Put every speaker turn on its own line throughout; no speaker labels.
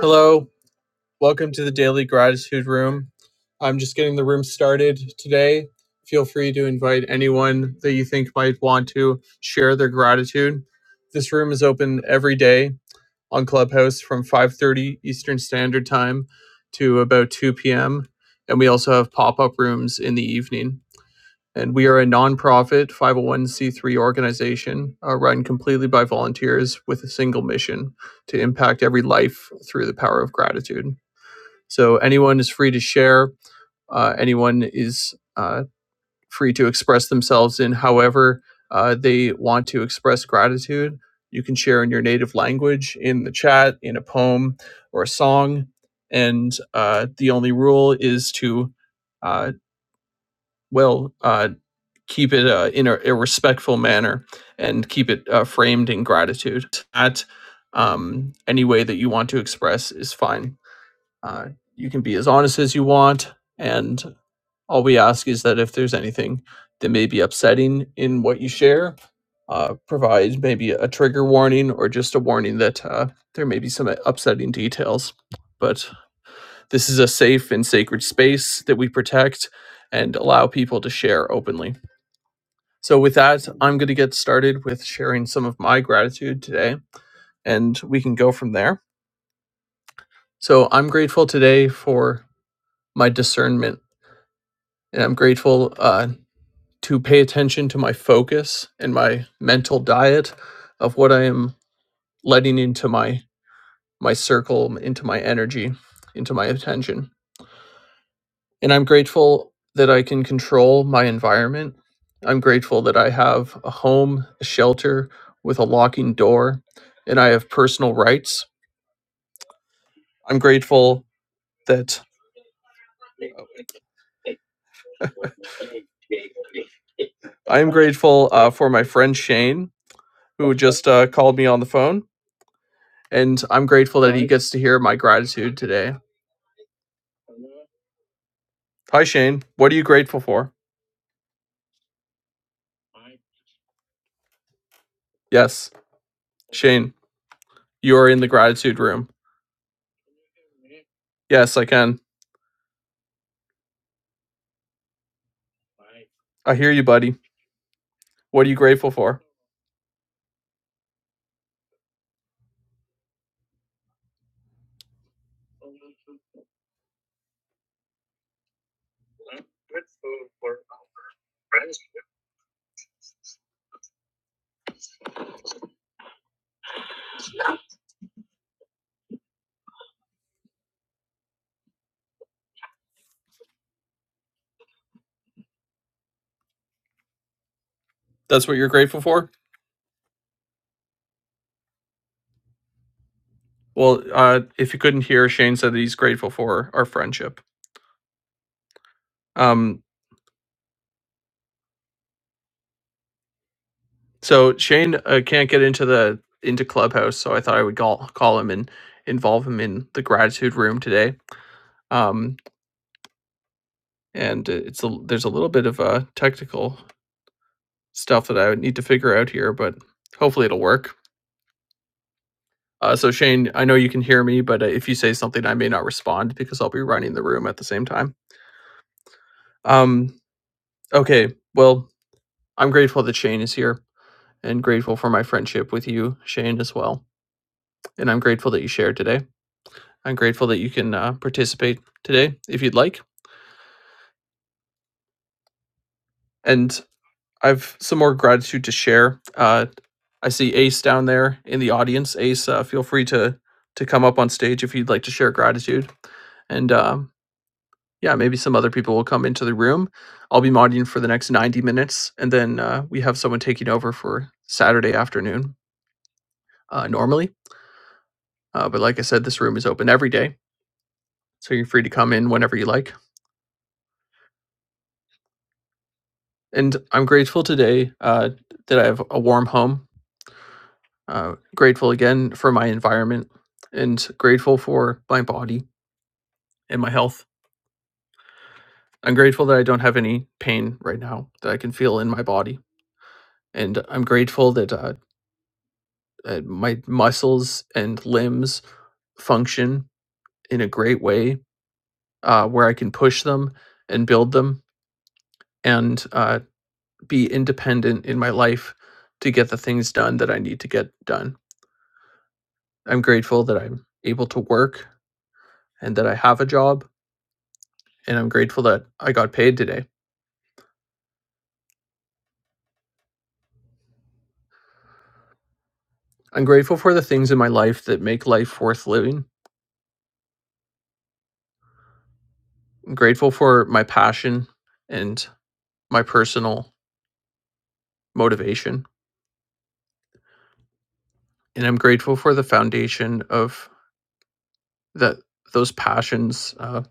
Hello, welcome to the Daily Gratitude Room. I'm just getting the room started today. Feel free to invite anyone that you think might want to share their gratitude. This room is open every day on Clubhouse from 5:30 Eastern Standard Time to about 2 p.m. and we also have pop-up rooms in the evening. And we are a nonprofit 501c3 organization uh, run completely by volunteers with a single mission to impact every life through the power of gratitude. So anyone is free to share. Uh, anyone is uh, free to express themselves in however uh, they want to express gratitude. You can share in your native language, in the chat, in a poem or a song. And uh, the only rule is to, uh, well, uh, keep it uh, in a, a respectful manner and keep it uh, framed in gratitude. At um, any way that you want to express is fine. Uh, you can be as honest as you want, and all we ask is that if there's anything that may be upsetting in what you share, uh, provide maybe a trigger warning or just a warning that uh, there may be some upsetting details. But this is a safe and sacred space that we protect and allow people to share openly. So, with that, I'm going to get started with sharing some of my gratitude today, and we can go from there. So, I'm grateful today for my discernment and I'm grateful uh, to pay attention to my focus and my mental diet of what I am letting into my my circle, into my energy, into my attention. And I'm grateful that I can control my environment. I'm grateful that I have a home, a shelter with a locking door, and I have personal rights. I'm grateful that I am grateful uh, for my friend Shane, uh, called me on the phone, and I'm grateful gets to hear my gratitude today. Hi, Shane. What are you grateful for? Yes. Shane, you are in the gratitude room. Yes, I can. I hear you, buddy. What are you grateful for? That's what you're grateful for? Well, uh, if you couldn't hear, Shane said that he's grateful for our friendship. Um, so Shane uh, can't get into the into Clubhouse, so I thought I would call call him and involve him in the gratitude room today. Um, and uh, it's a, there's a little bit of uh, technical stuff that I would need to figure out here, but hopefully it'll work. Uh, so Shane, I know you can hear me, but uh, if you say something, I may not respond because I'll be running the room at the same time. Um, okay, well, I'm grateful that Shane is here and grateful for my friendship with you, Shane, as well. And I'm grateful that you shared today. I'm grateful that you can uh, participate today if you'd like. And I've some more gratitude to share. Uh, I see Ace down there in the audience. Ace, uh, feel free to to come up on stage if you'd like to share gratitude. And um, Yeah, maybe some other people will come into the room. I'll be modding for the next 90 minutes, and then, uh, we have someone taking over for Saturday afternoon, uh, normally. Uh, but like I said, this room is open every day, so you're free to come in whenever you like. And I'm grateful today, uh, that I have a warm home, uh, grateful again for my environment, and grateful for my body and my health. I'm grateful that I don't have any pain right now that I can feel in my body. And I'm grateful that, uh, uh, my muscles and limbs function in a great way uh, where I can push them and build them and uh, be independent in my life to get the things done that I need to get done. I'm grateful that I'm able to work and that I have a job. And I'm grateful that I got paid today. I'm grateful for the things in my life that make life worth living. I'm grateful for my passion and my personal motivation. And I'm grateful for the foundation of that those passions, uh,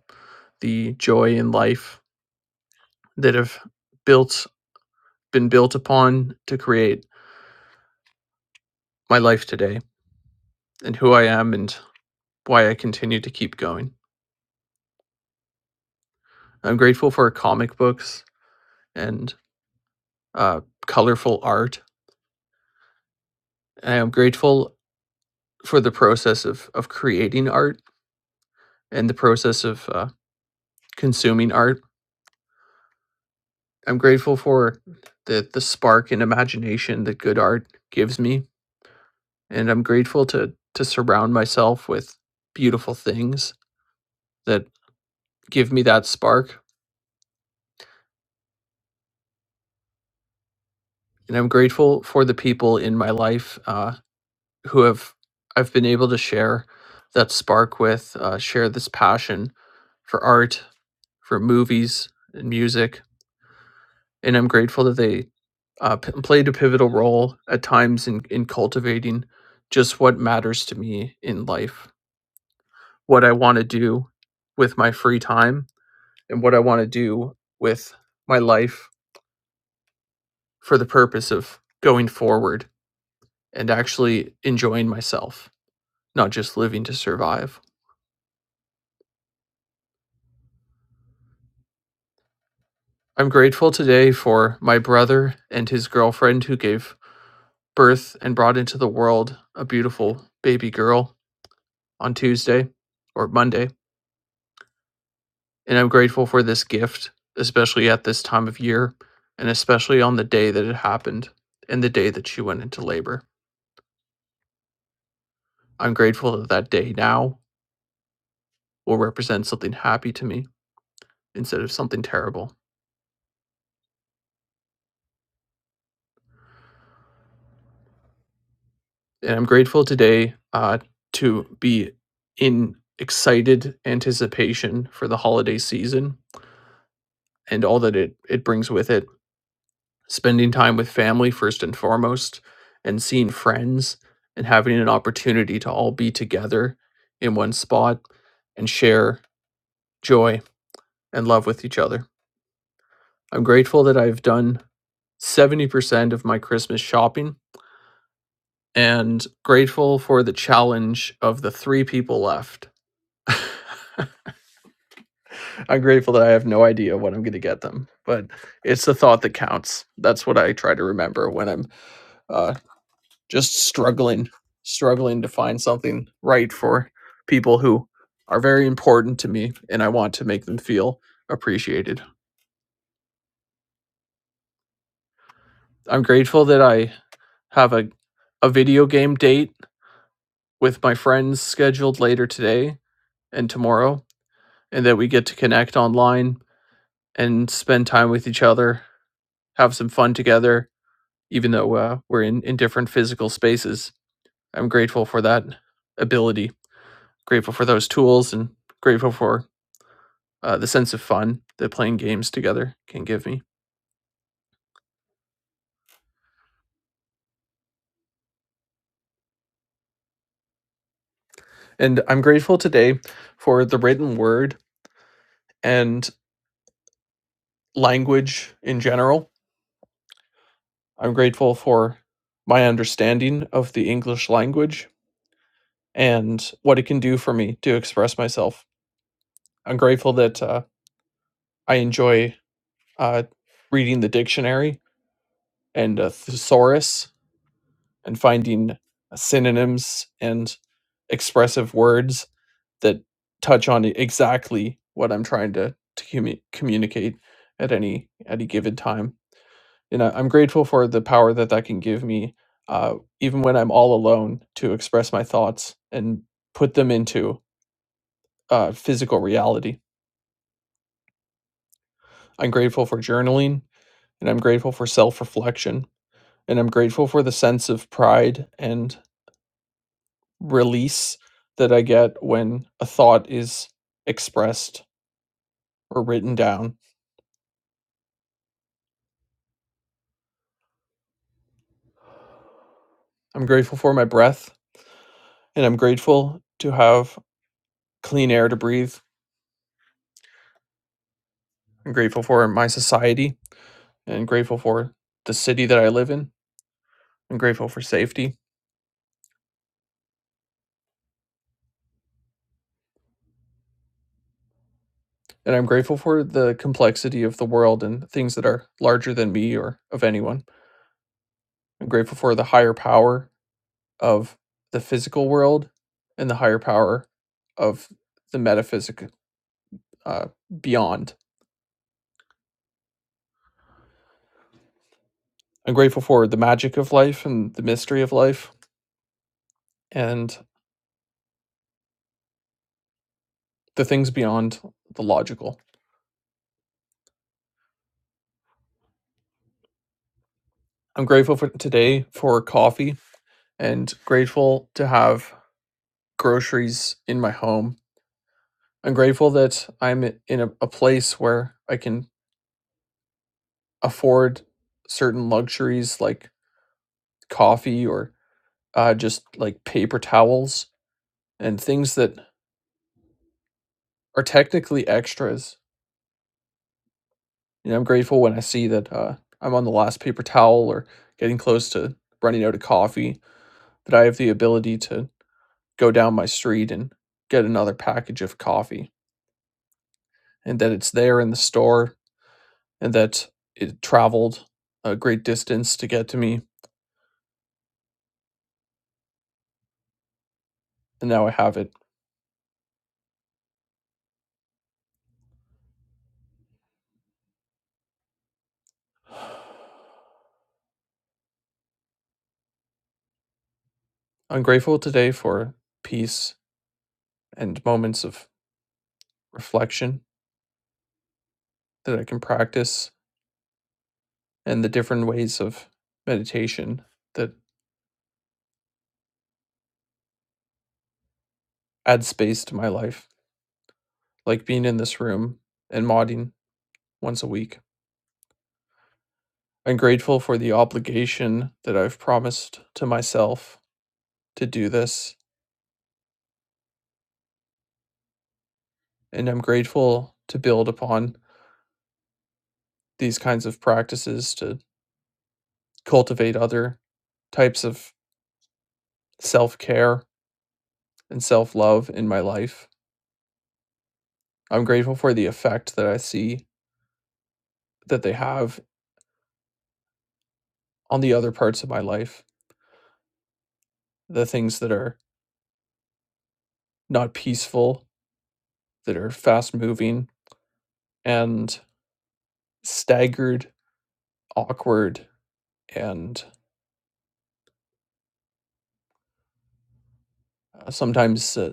the joy in life that have built been built upon to create my life today and who I am and why I continue to keep going. I'm grateful for comic books and uh, colorful art. I am grateful for the process of of creating art and the process of uh, consuming art. I'm grateful for the the spark and imagination that good art gives me and I'm grateful to to surround myself with beautiful things that give me that spark. And I'm grateful for the people in my life uh, who have I've been able to share that spark with, uh, share this passion for art, for movies and music. And I'm grateful that they uh, p- played a pivotal role at times in, in cultivating just what matters to me in life, what I want to do with my free time and what I want to do with my life for the purpose of going forward and actually enjoying myself, not just living to survive. I'm grateful today for my brother and his girlfriend who gave birth and brought into the world a beautiful baby girl on Tuesday or Monday. And I'm grateful for this gift, especially at this time of year and especially on the day that it happened and the day that she went into labor. I'm grateful that that day now will represent something happy to me instead of something terrible. And I'm grateful today uh, to be in excited anticipation for the holiday season and all that it, it brings with it. Spending time with family first and foremost, and seeing friends and having an opportunity to all be together in one spot and share joy and love with each other. I'm grateful that I've done 70% of my Christmas shopping and grateful for the challenge of the three people left. I'm grateful that I have no idea when I'm going to get them, but it's the thought that counts. That's what I try to remember when I'm uh, just struggling, struggling to find something right for people who are very important to me and I want to make them feel appreciated. I'm grateful that I have a, a video game date with my friends scheduled later today and tomorrow, and that we get to connect online and spend time with each other, have some fun together, even though uh, we're in, in different physical spaces. I'm grateful for that ability, grateful for those tools, and grateful for uh, the sense of fun that playing games together can give me. And I'm grateful today for the written word and language in general. I'm grateful for my understanding of the English language and what it can do for me to express myself. I'm grateful that uh, I enjoy Uh, reading the dictionary and a thesaurus and finding uh, synonyms and expressive words that touch on exactly what I'm trying to, to commu- communicate at any at any given time. And I, I'm grateful for the power that that can give me, uh, even when I'm all alone, to express my thoughts and put them into uh, physical reality. I'm grateful for journaling and I'm grateful for self reflection and I'm grateful for the sense of pride and release that I get when a thought is expressed or written down. I'm grateful for my breath, and I'm grateful to have clean air to breathe. I'm grateful for my society, and grateful for the city that I live in. I'm grateful for safety, and I'm grateful for the complexity of the world and things that are larger than me or of anyone. I'm grateful for the higher power of the physical world and the higher power of the metaphysic uh, beyond. I'm grateful for the magic of life and the mystery of life and the things beyond the logical. I'm grateful for today for coffee and grateful to have groceries in my home. I'm grateful that I'm in a, a place where I can afford certain luxuries like coffee or uh, just like paper towels and things that are technically extras, and I'm grateful when I see that, uh, I'm on the last paper towel or getting close to running out of coffee, that I have the ability to go down my street and get another package of coffee, and that it's there in the store, and that it traveled a great distance to get to me, and now I have it. I'm grateful today for peace and moments of reflection that I can practice and the different ways of meditation that add space to my life. like being in this room and modding once a week. I'm grateful for the obligation that I've promised to myself to do this. And I'm grateful to build upon these kinds of practices to cultivate other types of self care and self love in my life. I'm grateful for the effect that I see that they have on the other parts of my life, the things that are not peaceful, that are fast moving and staggered, awkward, and uh, sometimes uh,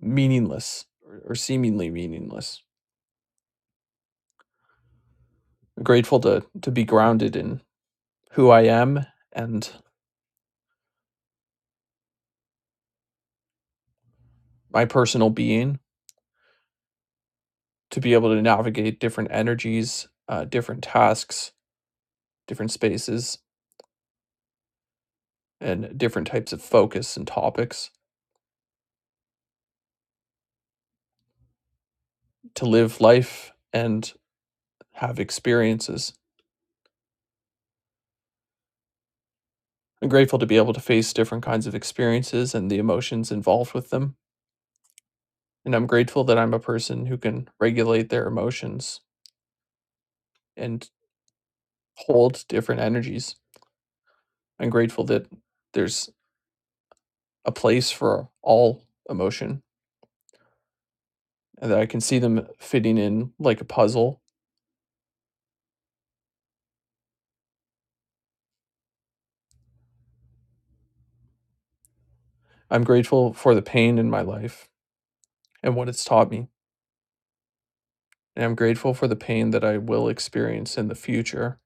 meaningless or, or seemingly meaningless. I'm grateful to to be grounded in who I am and my personal being, to be able to navigate different energies, uh, different tasks, different spaces, and different types of focus and topics. To live life and have experiences. I'm grateful to be able to face different kinds of experiences and the emotions involved with them. And I'm grateful that I'm a person who can regulate their emotions and. hold different energies. I'm grateful that there's a place for all emotion and that I can see them fitting in like a puzzle. I'm grateful for the pain in my life and what it's taught me. And I'm grateful for the pain that I will experience in the future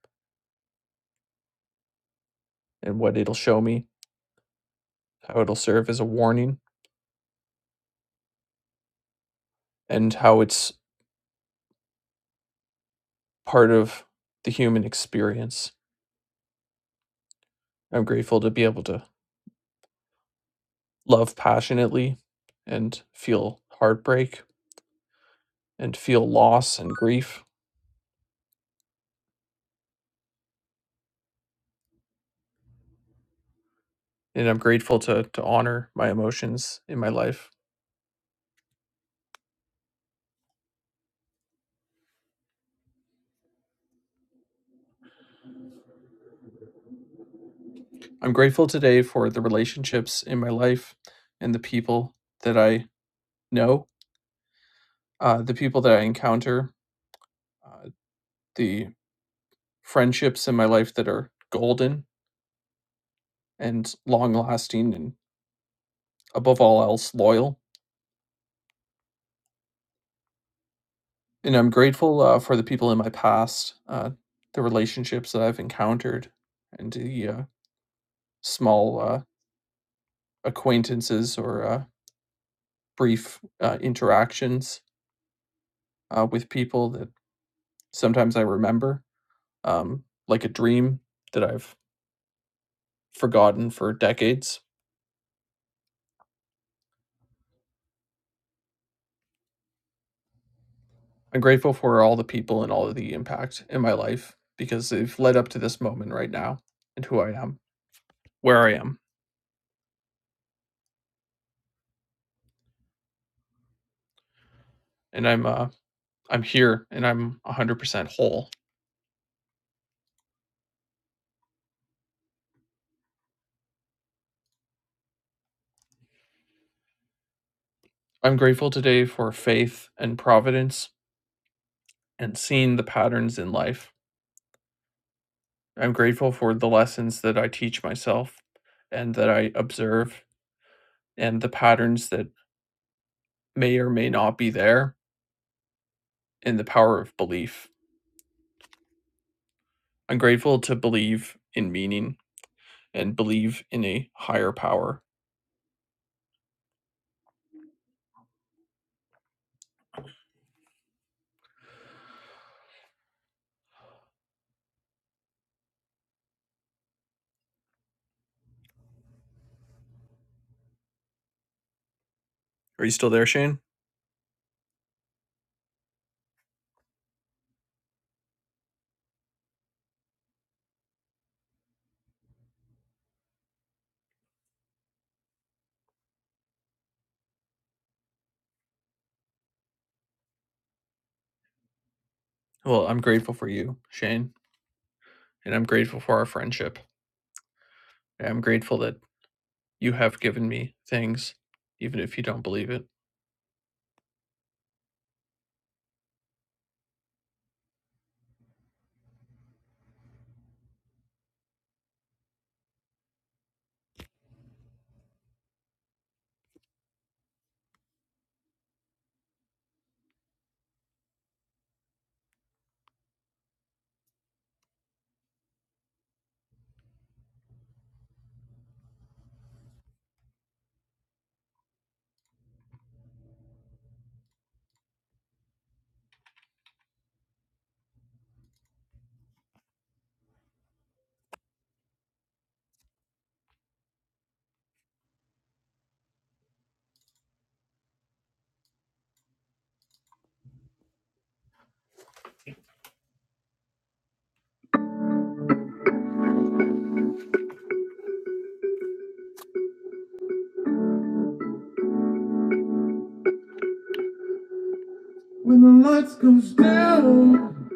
and what it'll show me, how it'll serve as a warning, and how it's part of the human experience. I'm grateful to be able to love passionately and feel heartbreak and feel loss and grief and I'm grateful to to honor my emotions in my life. I'm grateful today for the relationships in my life and the people that I know, uh, the people that I encounter, uh, the friendships in my life that are golden and long lasting, and above all else, loyal. And I'm grateful uh, for the people in my past, uh, the relationships that I've encountered, and the uh, small uh, acquaintances or uh, brief uh, interactions uh, with people that sometimes I remember, um, like a dream that I've forgotten for decades. I'm grateful for all the people and all of the impact in my life because they've led up to this moment right now and who I am, where I am, and I'm uh, I'm here and I'm 100% whole. I'm grateful today for faith and providence and seeing the patterns in life. I'm grateful for the lessons that I teach myself and that I observe and the patterns that may or may not be there, and the power of belief. I'm grateful to believe in meaning and believe in a higher power. Are you still there, Shane? Well, I'm grateful for you, Shane, and I'm grateful for our friendship. I'm grateful that you have given me things, even if you don't believe it. When the lights goes down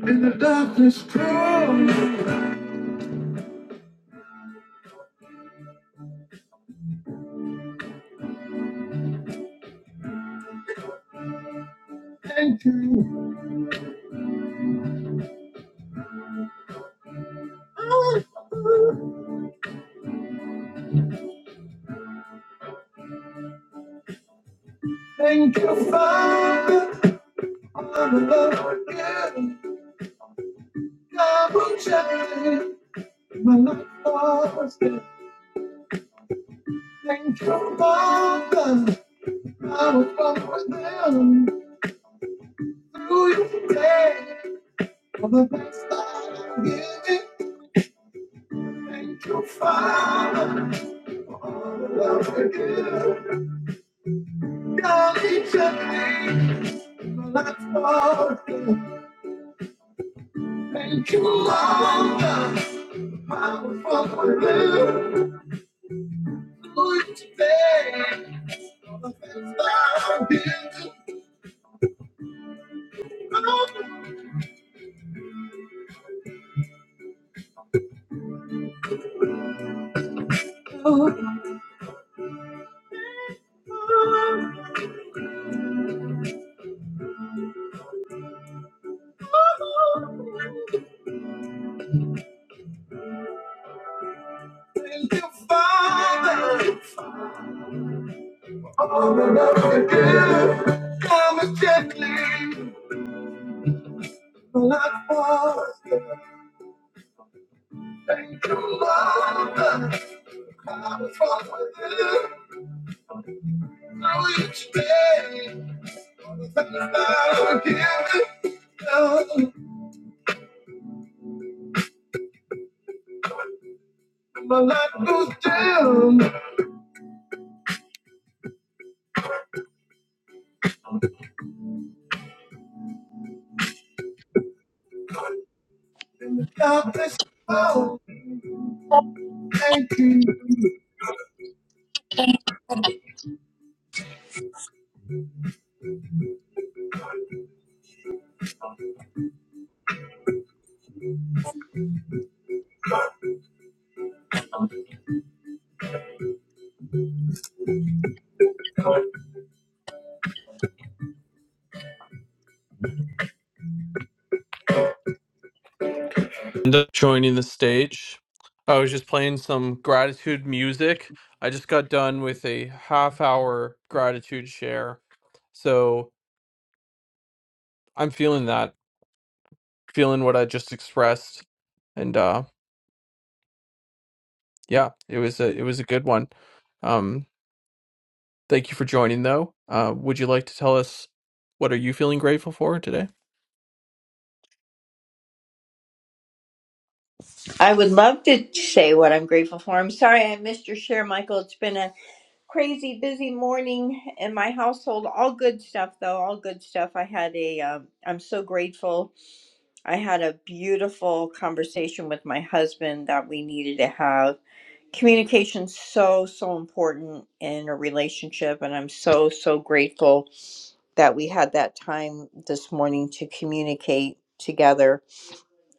and the darkness comes, thank you. Oh, Thank you, Father, for the love you give. God will check it. When I was it, then come on. I was almost down through your day. For the best I'll give it, thank you, Father. For all the love you give, God, each of these. When I lost it, thank you, Lord. I was almost there through your day. I'll give it, Father, Thank you, Father, for all the love you give. Come and gently, like water. Thank you, Father, I'm with you through each day. Thank you, Father, give it down. My life goes down in the darkness. Oh, thank you. end up joining the stage. I was just playing some gratitude music. I just got done with a half hour gratitude share. So I'm feeling that, feeling what I just expressed. And uh yeah, it was a it was a good one. Um Thank you for joining, though. Uh, would you like to tell us what are you feeling grateful for today?
I would love to say what I'm grateful for. I'm sorry I missed your share, Michael. It's been a crazy busy morning in my household. All good stuff, though. All good stuff. I had a, um, I'm so grateful. I had a beautiful conversation with my husband that we needed to have. Communication's so, so important in a relationship. And I'm so, so grateful that we had that time this morning to communicate together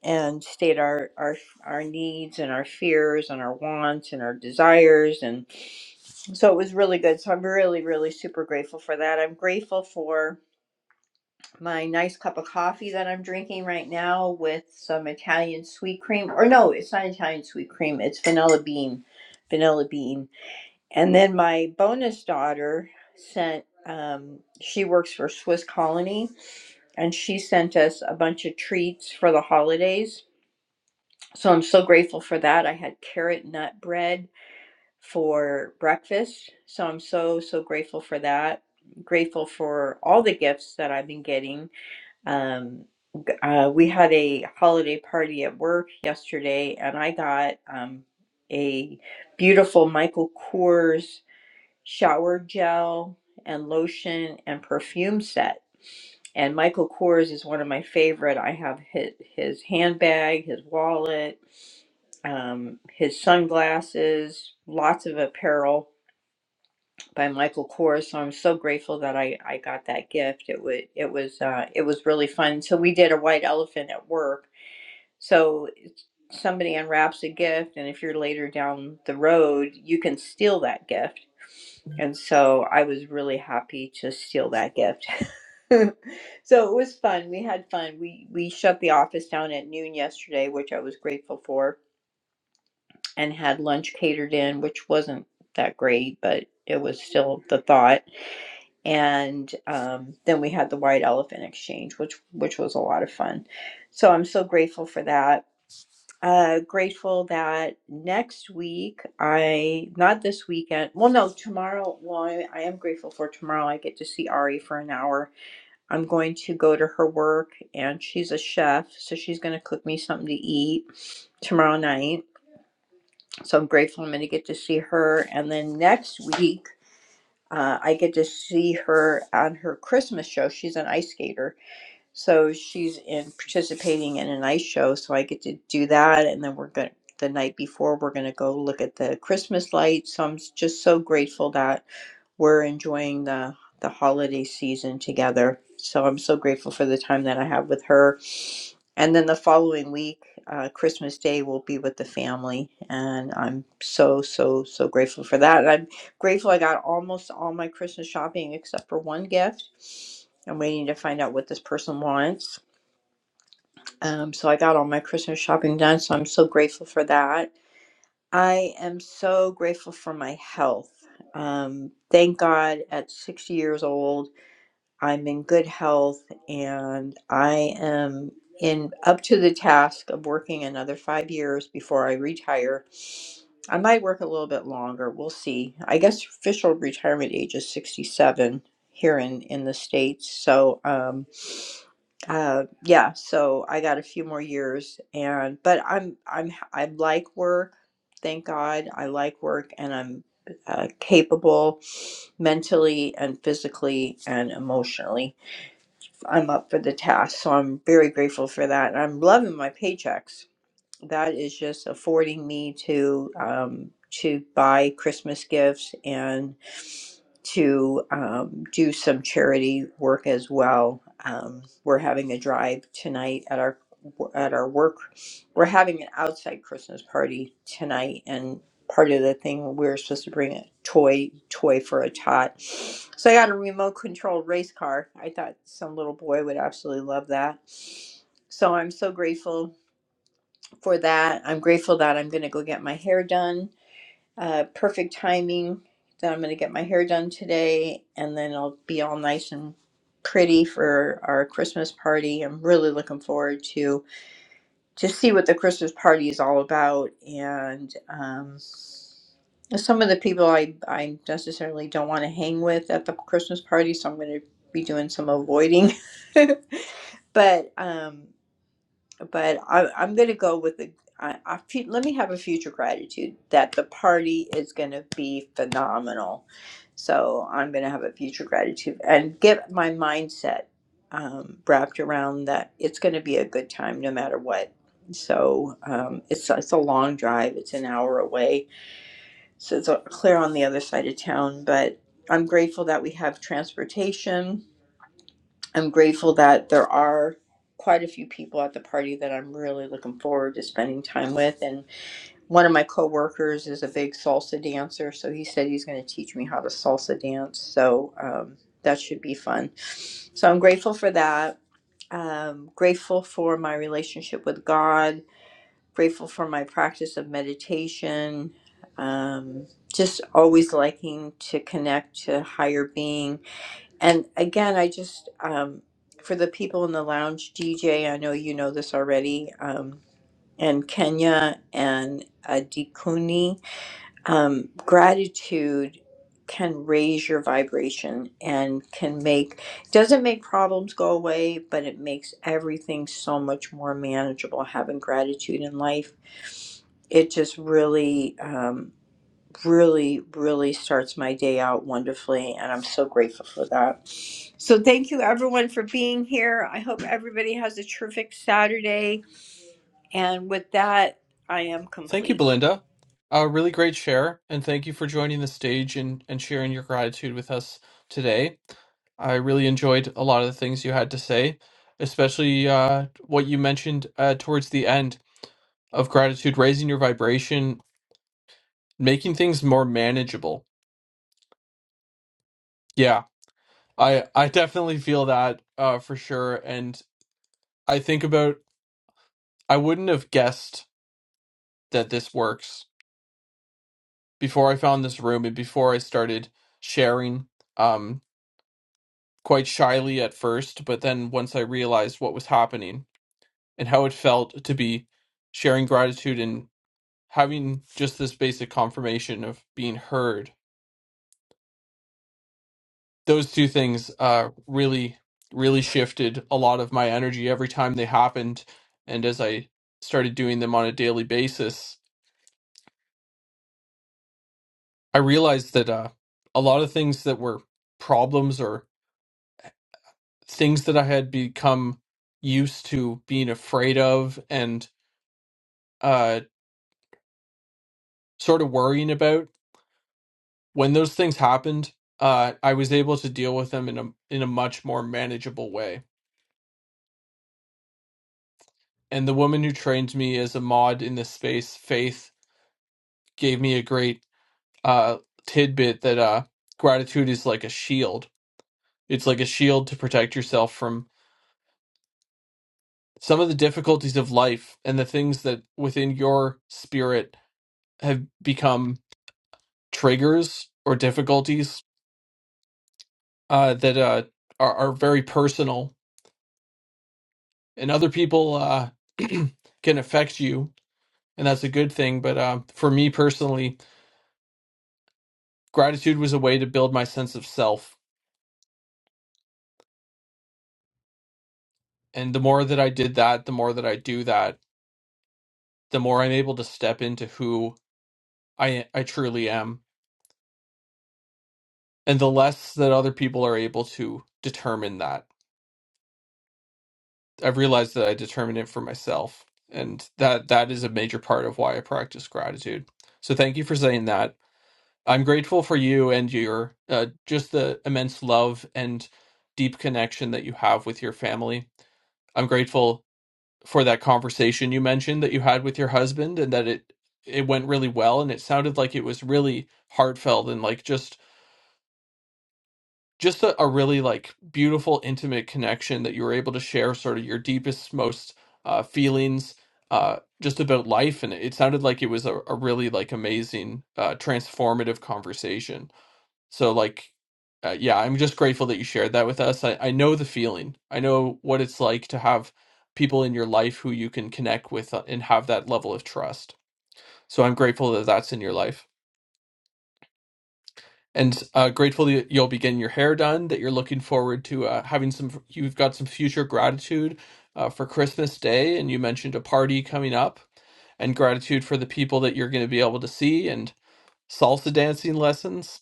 and state our our our needs and our fears and our wants and our desires and so it was really good so i'm really really super grateful for that i'm grateful for my nice cup of coffee that i'm drinking right now with some italian sweet cream or no it's not italian sweet cream it's vanilla bean vanilla bean and then my bonus daughter sent um, she works for swiss colony and she sent us a bunch of treats for the holidays So I'm so grateful for that. I had carrot nut bread for breakfast. So I'm so, so grateful for that. Grateful for all the gifts that I've been getting. Um, uh, we had a holiday party at work yesterday, and I got um, a beautiful Michael Kors shower gel and lotion and perfume set and Michael Kors is one of my favorite. I have his, his handbag, his wallet, um, his sunglasses, lots of apparel by Michael Kors. So I'm so grateful that I, I got that gift. It was it was uh, it was really fun. So we did a white elephant at work. So somebody unwraps a gift and if you're later down the road you can steal that gift and so i was really happy to steal that gift so it was fun we had fun we we shut the office down at noon yesterday which i was grateful for and had lunch catered in which wasn't that great but it was still the thought and um, then we had the white elephant exchange which which was a lot of fun so i'm so grateful for that uh, grateful that next week I not this weekend. Well, no, tomorrow. Well, I, I am grateful for tomorrow. I get to see Ari for an hour. I'm going to go to her work, and she's a chef, so she's going to cook me something to eat tomorrow night. So I'm grateful I'm going to get to see her. And then next week, uh, I get to see her on her Christmas show. She's an ice skater, so she's in participating in an ice show, so I get to do that, and then we're going the night before we're going to go look at the Christmas lights. So I'm s- just so grateful that we're enjoying the the holiday season together. So I'm so grateful for the time that I have with her. And then the following week, uh, Christmas Day, will be with the family, and I'm so so so grateful for that. And I'm grateful I got almost all my Christmas shopping except for one gift. I'm waiting to find out what this person wants. Um, so I got all my Christmas shopping done. So I'm so grateful for that. I am so grateful for my health. Um, thank God at 60 years old, I'm in good health and I am in up to the task of working another five years before I retire. I might work a little bit longer. We'll see. I guess official retirement age is 67 here in, in the States. So, um, uh yeah so i got a few more years and but i'm i'm h- i am i am I like work thank god i like work and i'm uh, capable mentally and physically and emotionally i'm up for the task so i'm very grateful for that and i'm loving my paychecks that is just affording me to um to buy christmas gifts and to um, do some charity work as well. Um, we're having a drive tonight at our at our work. We're having an outside Christmas party tonight, and part of the thing we were supposed to bring a toy toy for a tot. So I got a remote control race car. I thought some little boy would absolutely love that. So I'm so grateful for that. I'm grateful that I'm going to go get my hair done uh, perfect timing that I'm going to get my hair done today, and then I'll be all nice and pretty for our Christmas party. I'm really looking forward to to see what the Christmas party is all about, and um, some of the people I I necessarily don't want to hang with at the Christmas party, so I'm going to be doing some avoiding. but um, but I, I'm going to go with the. I, I fe- let me have a future gratitude that the party is going to be phenomenal. So I'm going to have a future gratitude and get my mindset um, wrapped around that it's going to be a good time no matter what. So um, it's it's a long drive. It's an hour away. So it's uh, clear on the other side of town, but I'm grateful that we have transportation I'm grateful that there are quite a few people at the party that I'm really looking forward to spending time with. And one of my coworkers is a big salsa dancer, so he said he's going to teach me how to salsa dance. So um, that should be fun. So I'm grateful for that. Um, grateful for my relationship with God. Grateful for my practice of meditation. Um, just always liking to connect to higher being and again, I just, um, for the people in the lounge, DJ, I know you know this already, um, and Kenya and uh, Dikuni, um, gratitude can raise your vibration and can make, doesn't make problems go away, but it makes everything so much more manageable having gratitude in life. It just really, um, really, really starts my day out wonderfully, and I'm so grateful for that. So, thank you everyone for being here. I hope everybody has a terrific Saturday. And with that, I am
Thank you,
complete.
Belinda. A really great share, and thank you for joining the stage and, and sharing your gratitude with us today. I really enjoyed a lot of the things you had to say, especially uh, what you mentioned uh, towards the end of gratitude, raising your vibration making things more manageable. Yeah, I I definitely feel that uh, for sure. And I think about I wouldn't have guessed that this works before I found this room and before I started sharing um, quite shyly at first, but then once I realized what was happening and how it felt to be sharing gratitude and having just this basic confirmation of being heard those two things uh really really shifted a lot of my energy every time they happened and as i started doing them on a daily basis i realized that uh a lot of things that were problems or things that i had become used to being afraid of and uh sort of worrying about when those things happened uh i was able to deal with them in a in a much more manageable way and the woman who trained me as a mod in this space faith gave me a great uh, tidbit that uh, gratitude is like a shield. It's like a shield to protect yourself from some of the difficulties of life and the things that within your spirit have become triggers or difficulties uh, that uh, are, are very personal and other people uh, can affect you. And that's a good thing. But uh, for me personally, gratitude was a way to build my sense of self. And the more that I did that, the more that I do that, the more I'm able to step into who I I truly am. And the less that other people are able to determine that, I've realized that I determine it for myself. And that that is a major part of why I practice gratitude. So thank you for saying that. I'm grateful for you and your uh, just the immense love and deep connection that you have with your family. I'm grateful for that conversation you mentioned that you had with your husband and that it it went really well and it sounded like it was really heartfelt and like just just a, a really like beautiful intimate connection that you were able to share sort of your deepest most uh, feelings uh, just about life and it sounded like it was a, a really like amazing uh, transformative conversation so like uh, yeah i'm just grateful that you shared that with us I, I know the feeling i know what it's like to have people in your life who you can connect with uh, and have that level of trust so i'm grateful that that's in your life and uh, grateful that you'll be getting your hair done. That you're looking forward to uh, having some. You've got some future gratitude uh, for Christmas Day, and you mentioned a party coming up, and gratitude for the people that you're going to be able to see, and salsa dancing lessons.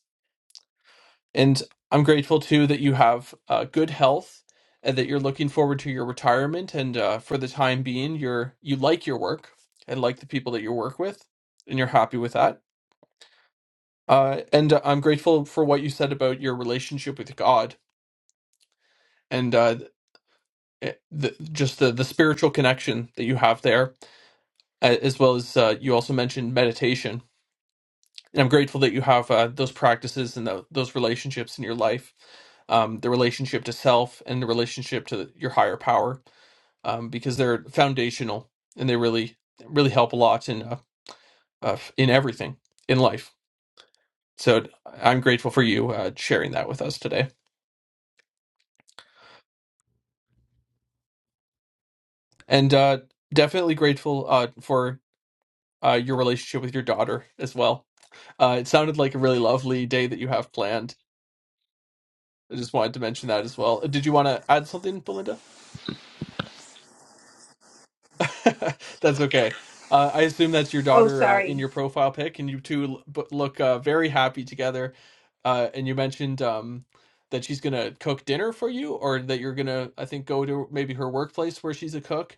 And I'm grateful too that you have uh, good health, and that you're looking forward to your retirement. And uh, for the time being, you're you like your work and like the people that you work with, and you're happy with that. Uh, and uh, I'm grateful for what you said about your relationship with God and uh, it- the, just the, the spiritual connection that you have there, uh, as well as uh, you also mentioned meditation. And I'm grateful that you have uh, those practices and tho- those relationships in your life, um, the relationship to self and the relationship to your higher power, um, because they're foundational and they really really help a lot in uh, uh, in everything in life. So I'm grateful for you uh, sharing that with us today, and uh, definitely grateful uh, for uh, your relationship with your daughter as well. Uh, it sounded like a really lovely day that you have planned. I just wanted to mention that as well. Did you want to add something, Belinda? That's okay. Uh, I assume that's your
Oh,
daughter uh, in
sorry.
your profile pic, and you two l- b- look uh, very happy together. Uh, and you mentioned um, that she's gonna cook dinner for you, or that you're gonna, I think, go to maybe her workplace where she's a cook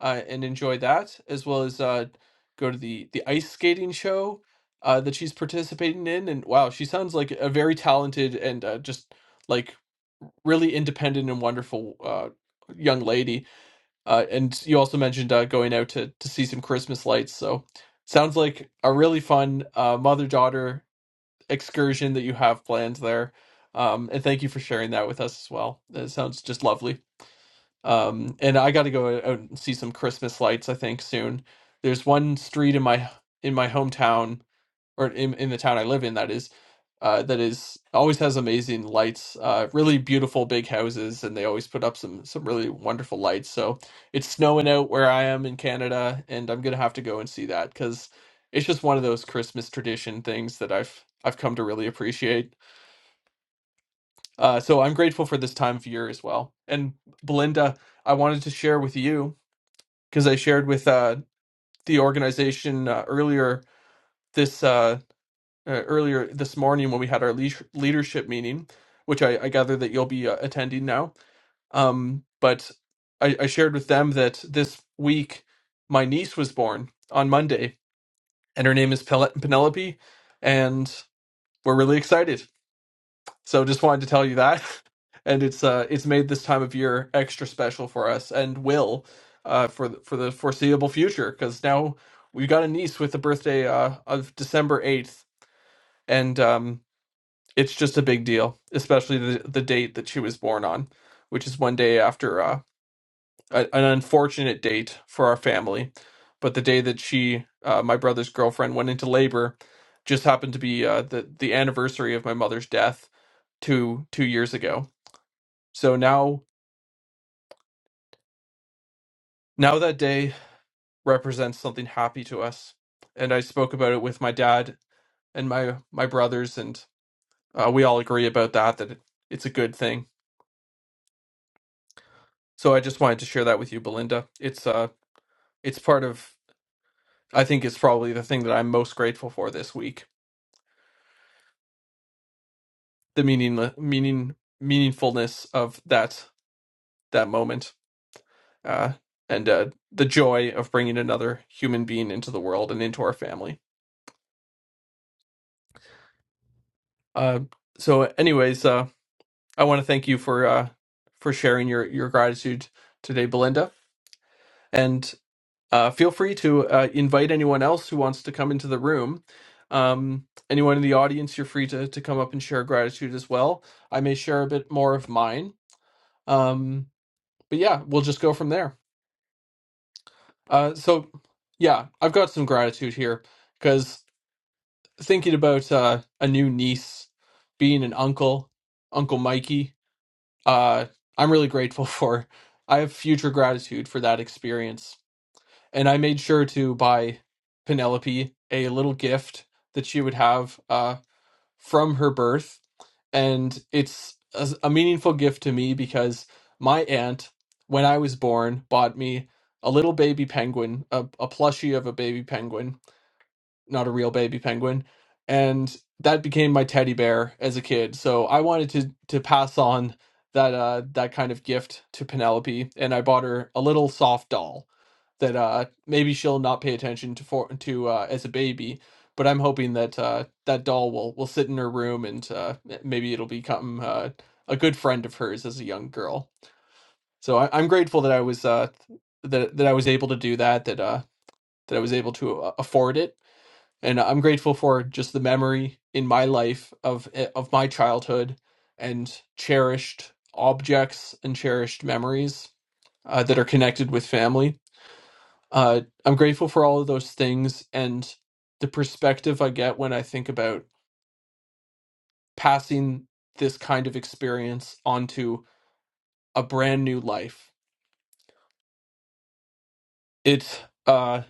uh, and enjoy that, as well as uh, go to the the ice skating show uh, that she's participating in. And wow, she sounds like a very talented and uh, just like really independent and wonderful uh, young lady uh, and you also mentioned uh, going out to, to see some Christmas lights. So sounds like a really fun uh, mother daughter excursion that you have planned there. Um, and thank you for sharing that with us as well. It sounds just lovely. Um, and I got to go out and see some Christmas lights. I think soon. There's one street in my in my hometown or in, in the town I live in, that is, uh, that is always has amazing lights, uh, really beautiful big houses, and they always put up some some really wonderful lights. So it's snowing out where I am in Canada, and I'm gonna have to go and see that because it's just one of those Christmas tradition things that I've I've come to really appreciate. Uh, so I'm grateful for this time of year as well. And Belinda, I wanted to share with you because I shared with uh, the organization uh, earlier this. Uh, uh, earlier this morning when we had our leash leadership meeting, which I, I gather that you'll be uh, attending now. Um, but I, I shared with them that this week my niece was born on Monday, and her name is Pel- Penelope, and we're really excited. So just wanted to tell you that, and it's uh it's made this time of year extra special for us, and will uh for the, for the foreseeable future because now we got a niece with a birthday uh of December eighth, and um it's just a big deal, especially the the date that she was born on, which is one day after uh, a, an unfortunate date for our family. But the day that she, uh, my brother's girlfriend, went into labor, just happened to be uh, the the anniversary of my mother's death two two years ago. So now now that day represents something happy to us, and I spoke about it with my dad and my my brothers, and uh, we all agree about that that it's a good thing. So I just wanted to share that with you, Belinda. It's uh it's part of I think it's probably the thing that I'm most grateful for this week. The meaning meaning meaningfulness of that that moment. Uh and uh the joy of bringing another human being into the world and into our family. Uh so anyways, uh I want to thank you for uh for sharing your your gratitude today Belinda. and. Uh, feel free to uh, invite anyone else who wants to come into the room. Um, anyone in the audience, you're free to, to come up and share gratitude as well. I may share a bit more of mine. Um, but yeah, we'll just go from there. Uh, so, yeah, I've got some gratitude here because thinking about uh, a new niece being an uncle, Uncle Mikey, uh, I'm really grateful for. I have future gratitude for that experience and I made sure to buy Penelope a little gift that she would have uh, from her birth, and it's a, a meaningful gift to me because my aunt, when I was born, bought me a little baby penguin, a, a plushie of a baby penguin, not a real baby penguin. And that became my teddy bear as a kid. So I wanted to to pass on that uh that kind of gift to Penelope and I bought her a little soft doll that uh maybe she'll not pay attention to for to uh as a baby, but I'm hoping that uh that doll will will sit in her room and uh m- maybe it'll become uh a good friend of hers as a young girl. So I, I'm grateful that I was uh that that I was able to do that that uh that I was able to uh, afford it and I'm grateful for just the memory in my life of eh, of my childhood and cherished objects and cherished memories uh, that are connected with family. Uh, I'm grateful for all of those things and the perspective I get when I think about passing this kind of experience onto a brand new life. It's uh,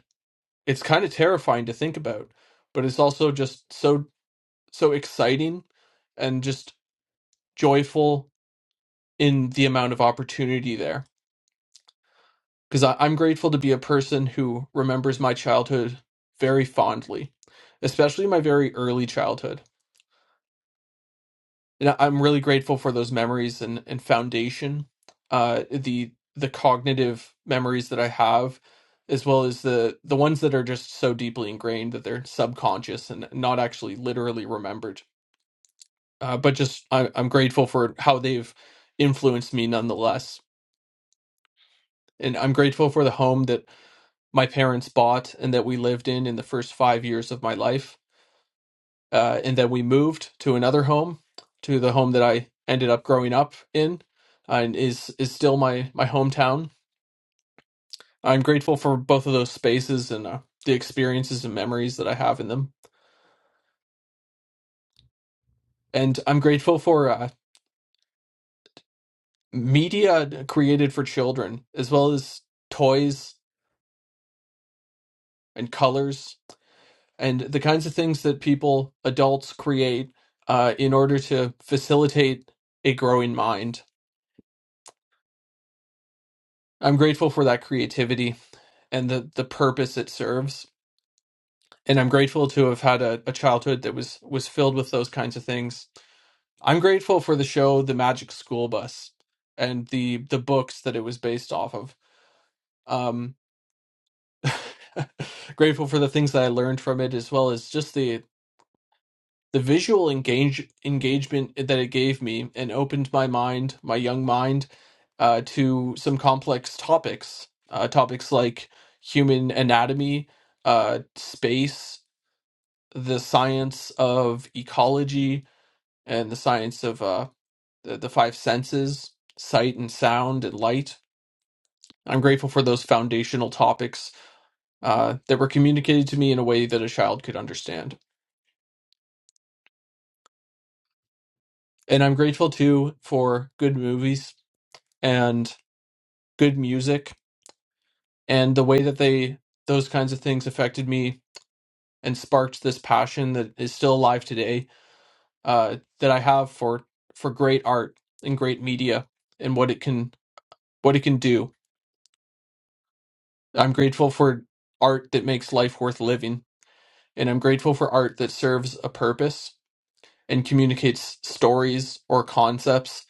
it's kind of terrifying to think about, but it's also just so so exciting and just joyful in the amount of opportunity there because I'm grateful to be a person who remembers my childhood very fondly, especially my very early childhood. And I- am really grateful for those memories and, and foundation, uh, the the cognitive memories that I have, as well as the the ones that are just so deeply ingrained that they're subconscious and not actually literally remembered. Uh, but just I, I'm grateful for how they've influenced me nonetheless, and I'm grateful for the home that my parents bought and that we lived in in the first five years of my life. Uh, and then we moved to another home, to the home that I ended up growing up in, uh, and is is still my my hometown. I'm grateful for both of those spaces and uh, the experiences and memories that I have in them. And I'm grateful for uh, media created for children, as well as toys and colors and the kinds of things that people, adults, create uh, in order to facilitate a growing mind. I'm grateful for that creativity and the, the purpose it serves. And I'm grateful to have had a, a childhood that was, was filled with those kinds of things. I'm grateful for the show The Magic School Bus and the, the books that it was based off of. Um, grateful for the things that I learned from it, as well as just the The visual engage engagement that it gave me and opened my mind, my young mind, uh, to some complex topics, uh, topics like human anatomy, uh, space, the science of ecology, and the science of uh, the, the five senses, sight and sound and light. I'm grateful for those foundational topics uh, that were communicated to me in a way that a child could understand. And I'm grateful too for good movies. And good music and the way that they those kinds of things affected me and sparked this passion that is still alive today uh, that I have for for great art and great media and what it can what it can do. I'm grateful for art that makes life worth living and I'm grateful for art that serves a purpose and communicates stories or concepts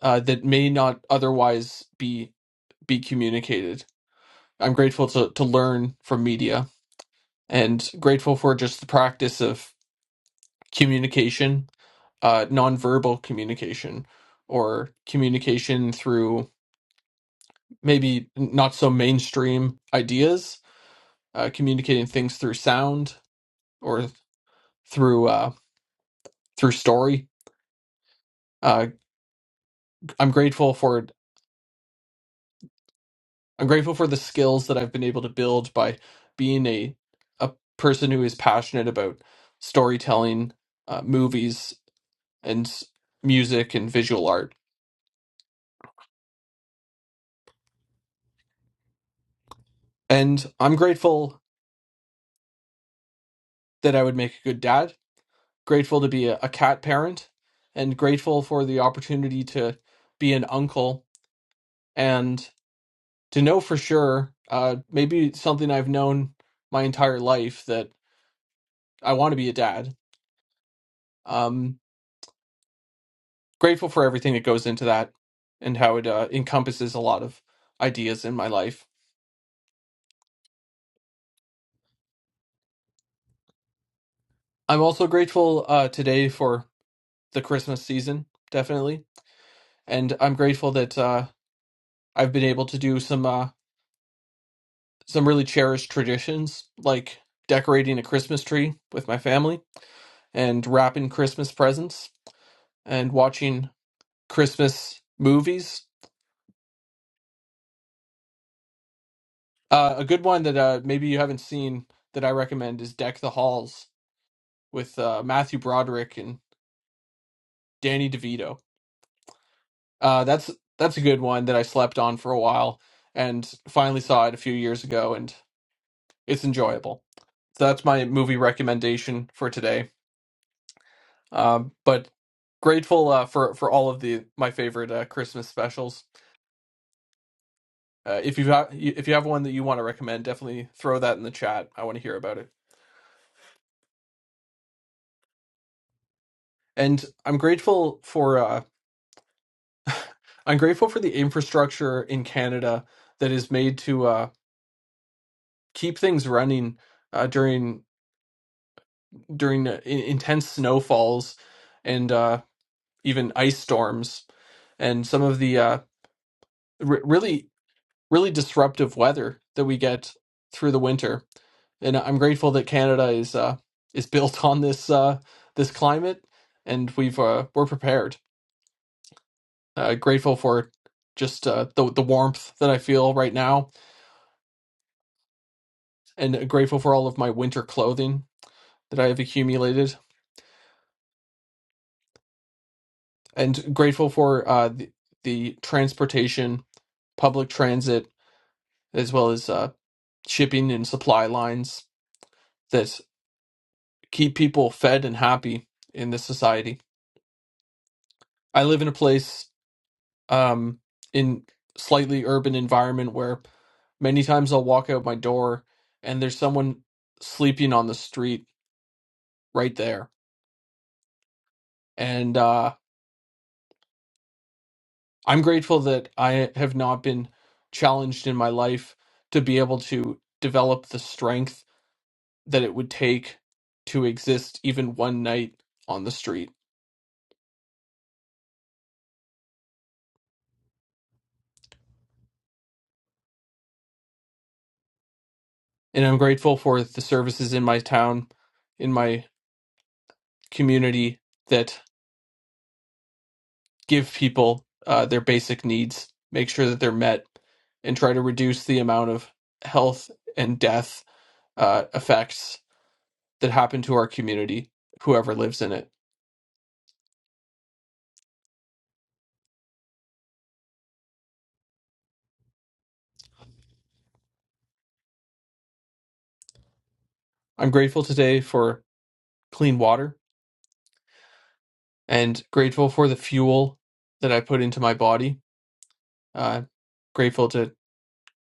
uh, that may not otherwise be be communicated. I'm grateful to to learn from media and grateful for just the practice of communication, uh, nonverbal communication, or communication through maybe not so mainstream ideas, uh, communicating things through sound or through uh, through story. Uh, I'm grateful for I'm grateful for the skills that I've been able to build by being a a person who is passionate about storytelling, uh, movies, and s- music and visual art. And I'm grateful that I would make a good dad, grateful to be a, a cat parent, and grateful for the opportunity to be an uncle and to know for sure, uh, maybe something I've known my entire life that I want to be a dad. Um, grateful for everything that goes into that and how it uh, encompasses a lot of ideas in my life. I'm also grateful uh, today for the Christmas season, definitely. And I'm grateful that uh, I've been able to do some. uh, some really cherished traditions, like decorating a Christmas tree with my family and wrapping Christmas presents and watching Christmas movies. Uh, a good one that uh, maybe you haven't seen that I recommend is Deck the Halls with uh, Matthew Broderick and Danny DeVito. Uh, that's that's a good one that I slept on for a while and finally saw it a few years ago, and it's enjoyable. So that's my movie recommendation for today. Um, but grateful uh, for for all of the my favorite uh, Christmas specials. Uh, if you have if you have one that you want to recommend, definitely throw that in the chat. I want to hear about it. And I'm grateful for uh, I'm grateful for the infrastructure in Canada that is made to uh, keep things running uh, during during uh, in- intense snowfalls and uh, even ice storms and some of the uh, re- really really disruptive weather that we get through the winter and I'm grateful that Canada is uh, is built on this uh, this climate, and we've uh, we're prepared. Uh, grateful for just uh, the the warmth that I feel right now, and grateful for all of my winter clothing that I have accumulated, and grateful for uh, the, the transportation, public transit, as well as uh, shipping and supply lines that keep people fed and happy in this society. I live in a place. um, in slightly urban environment where many times I'll walk out my door and there's someone sleeping on the street right there. And uh, I'm grateful that I have not been challenged in my life to be able to develop the strength that it would take to exist even one night on the street. And I'm grateful for the services in my town, in my community that. give people uh, their basic needs, make sure that they're met, and try to reduce the amount of health and death uh, effects that happen to our community, whoever lives in it. I'm grateful today for clean water and grateful for the fuel that I put into my body. Uh, grateful to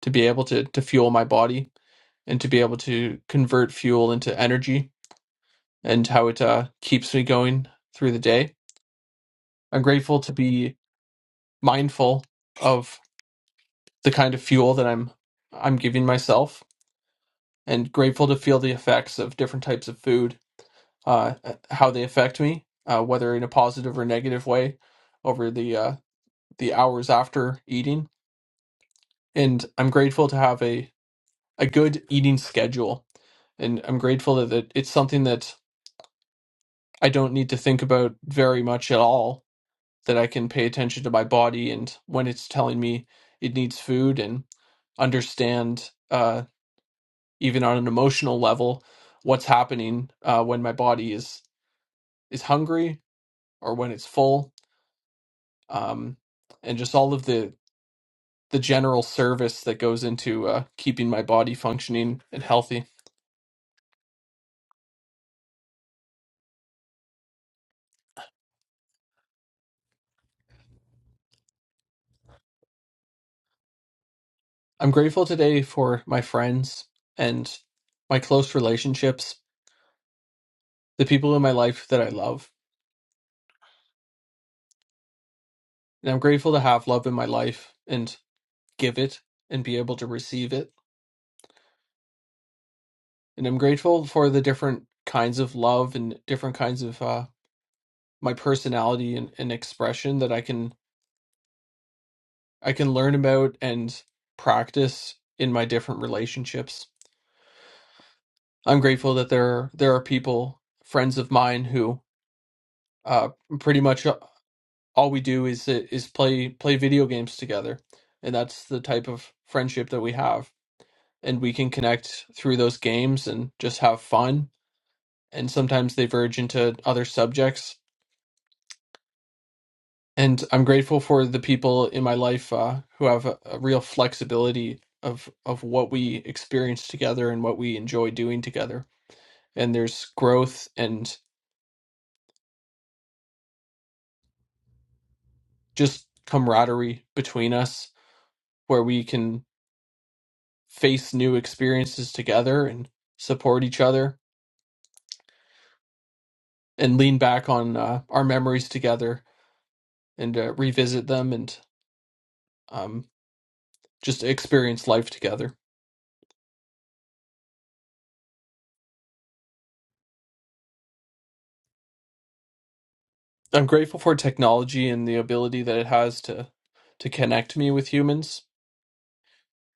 to be able to to fuel my body and to be able to convert fuel into energy and how it uh, keeps me going through the day. I'm grateful to be mindful of. the kind of fuel that I'm I'm giving myself, and grateful to feel the effects of different types of food, uh, how they affect me, uh, whether in a positive or negative way, over the uh, the hours after eating. And I'm grateful to have a a good eating schedule, and I'm grateful that it- it's something that I don't need to think about very much at all. That I can pay attention to my body and when it's telling me it needs food and understand. Uh, even on an emotional level what's happening uh, when my body is is hungry or when it's full um, and just all of the the general service that goes into uh, keeping my body functioning and healthy i'm grateful today for my friends and my close relationships the people in my life that i love and i'm grateful to have love in my life and give it and be able to receive it and i'm grateful for the different kinds of love and different kinds of uh, my personality and, and expression that I can I can learn about and practice in my different relationships. I'm grateful that there there are people, friends of mine, who uh, pretty much all we do is is play play video games together, and that's the type of friendship that we have, and we can connect through those games and just have fun. And sometimes they verge into other subjects, and I'm grateful for the people in my life uh, who have a, a real flexibility of of what we experience together and what we enjoy doing together. And there's growth and just camaraderie between us, where we can face new experiences together and support each other and lean back on uh, our memories together and uh, revisit them and um, just experience life together. I'm grateful for technology and the ability that it has to to connect me with humans,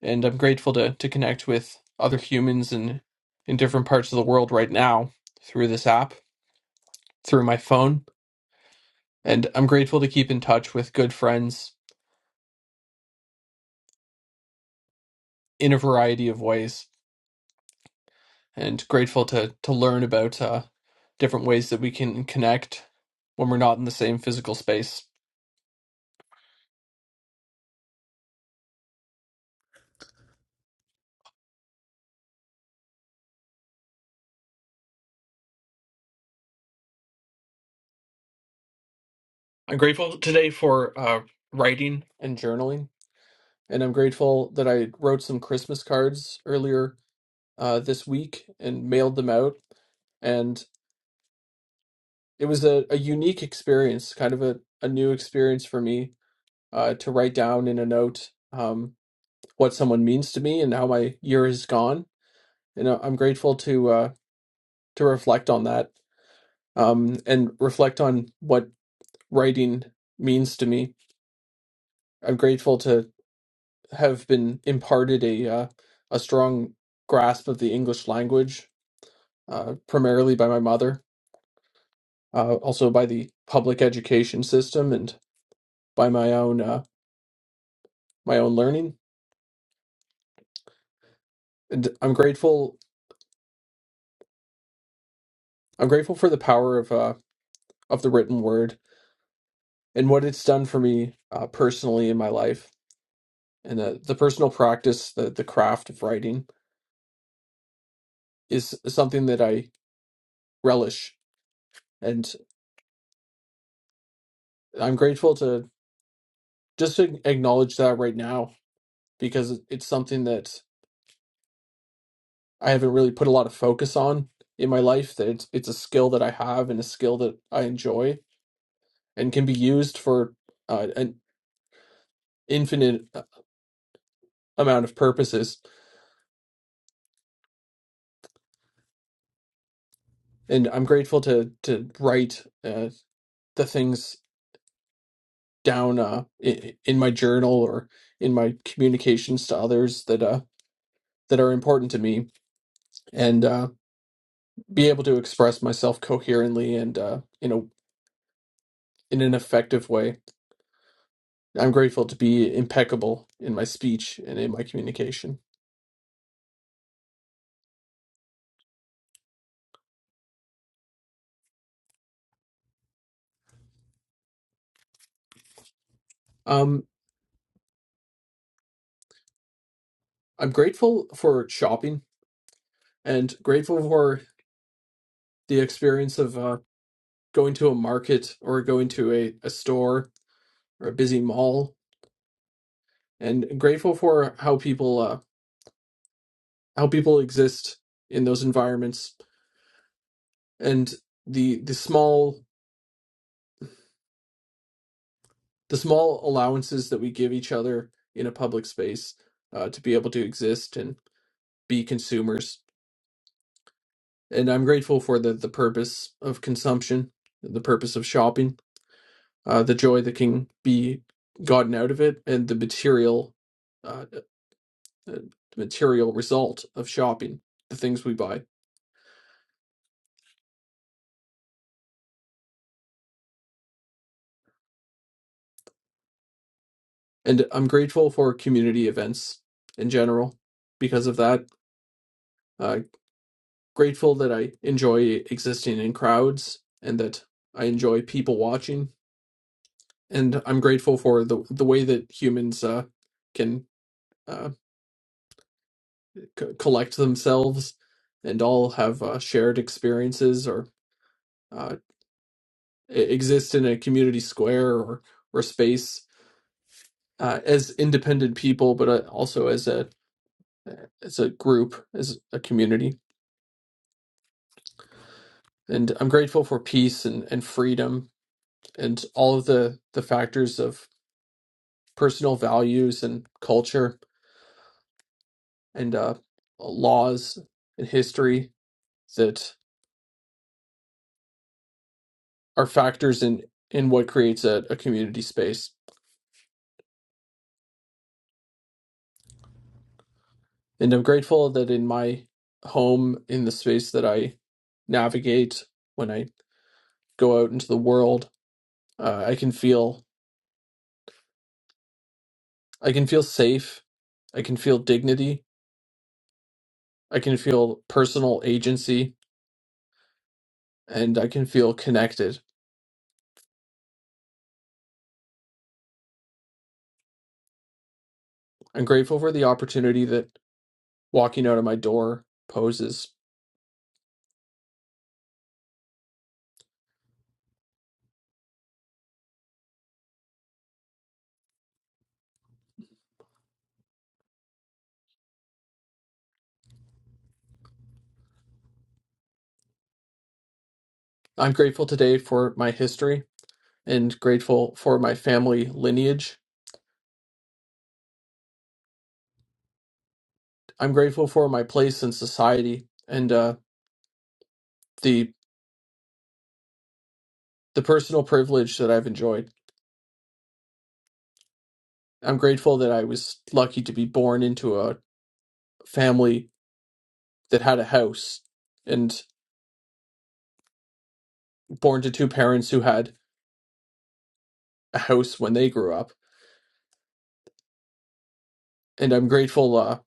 and I'm grateful to to connect with other humans in in different parts of the world right now through this app, through my phone, and I'm grateful to keep in touch with good friends in a variety of ways, and grateful to to learn about uh, different ways that we can connect when we're not in the same physical space. I'm grateful today for uh, writing and journaling and I'm grateful that I wrote some Christmas cards earlier uh, this week and mailed them out. And it was a, a unique experience, kind of a, a new experience for me uh, to write down in a note um, what someone means to me and how my year has gone. And I- I'm grateful to uh, to reflect on that um, and reflect on what writing means to me. I'm grateful to have been imparted a uh, a strong grasp of the English language uh, primarily by my mother, uh, also by the public education system, and by my own uh, my own learning. And I'm grateful. I'm grateful for the power of uh, of the written word and what it's done for me uh, personally in my life. And uh, the personal practice, the the craft of writing, is something that I relish, and I'm grateful to just to acknowledge that right now because it's something that I haven't really put a lot of focus on in my life. That it's it's a skill that I have and a skill that I enjoy and can be used for uh, an infinite uh, amount of purposes. And I'm grateful to to write uh, the things down uh, in, in my journal or in my communications to others that uh, that are important to me, and uh, be able to express myself coherently and uh, in a in an effective way I'm grateful to be impeccable in my speech and in my communication. Um, I'm grateful for shopping and grateful for the experience of uh, going to a market or going to a, a store or a busy mall, and grateful for how people uh, how people exist in those environments and the the small the small allowances that we give each other in a public space uh, to be able to exist and be consumers and I'm grateful for the the purpose of consumption, the purpose of shopping, uh, the joy that can be gotten out of it, and the material, uh, uh, material result of shopping, the things we buy. And I'm grateful for community events in general because of that. Uh, grateful that I enjoy existing in crowds and that I enjoy people watching. And I'm grateful for the the way that humans uh, can. uh, c- collect themselves and all have uh, shared experiences or uh, e- exist in a community square or or space uh, as independent people, but uh, also as a as a group, as a community. And I'm grateful for peace and, and freedom and all of the, the factors of personal values and culture and uh, laws and history that are factors in, in what creates a, a community space And I'm grateful that in my home, in the space that I navigate when I go out into the world, uh, I can feel I can feel safe. I can feel dignity. I can feel personal agency, and I can feel connected. I'm grateful for the opportunity that walking out of my door poses. I'm grateful today for my history and grateful for my family lineage. I'm grateful for my place in society and uh, the the personal privilege that I've enjoyed. I'm grateful that I was lucky to be born into a family that had a house and born to two parents who had a house when they grew up. And I'm grateful uh,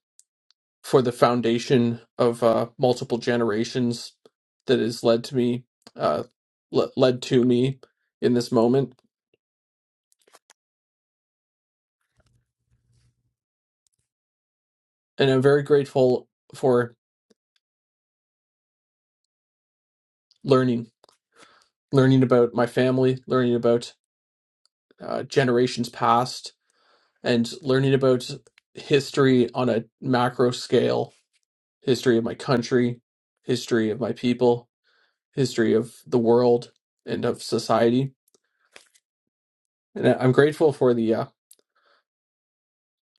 for the foundation of uh, multiple generations that has led to me, uh, le- led to me in this moment. And I'm very grateful for learning, learning about my family, learning about uh, generations past, and learning about history on a macro scale history of my country history of my people history of the world and of society and I- i'm grateful for the uh,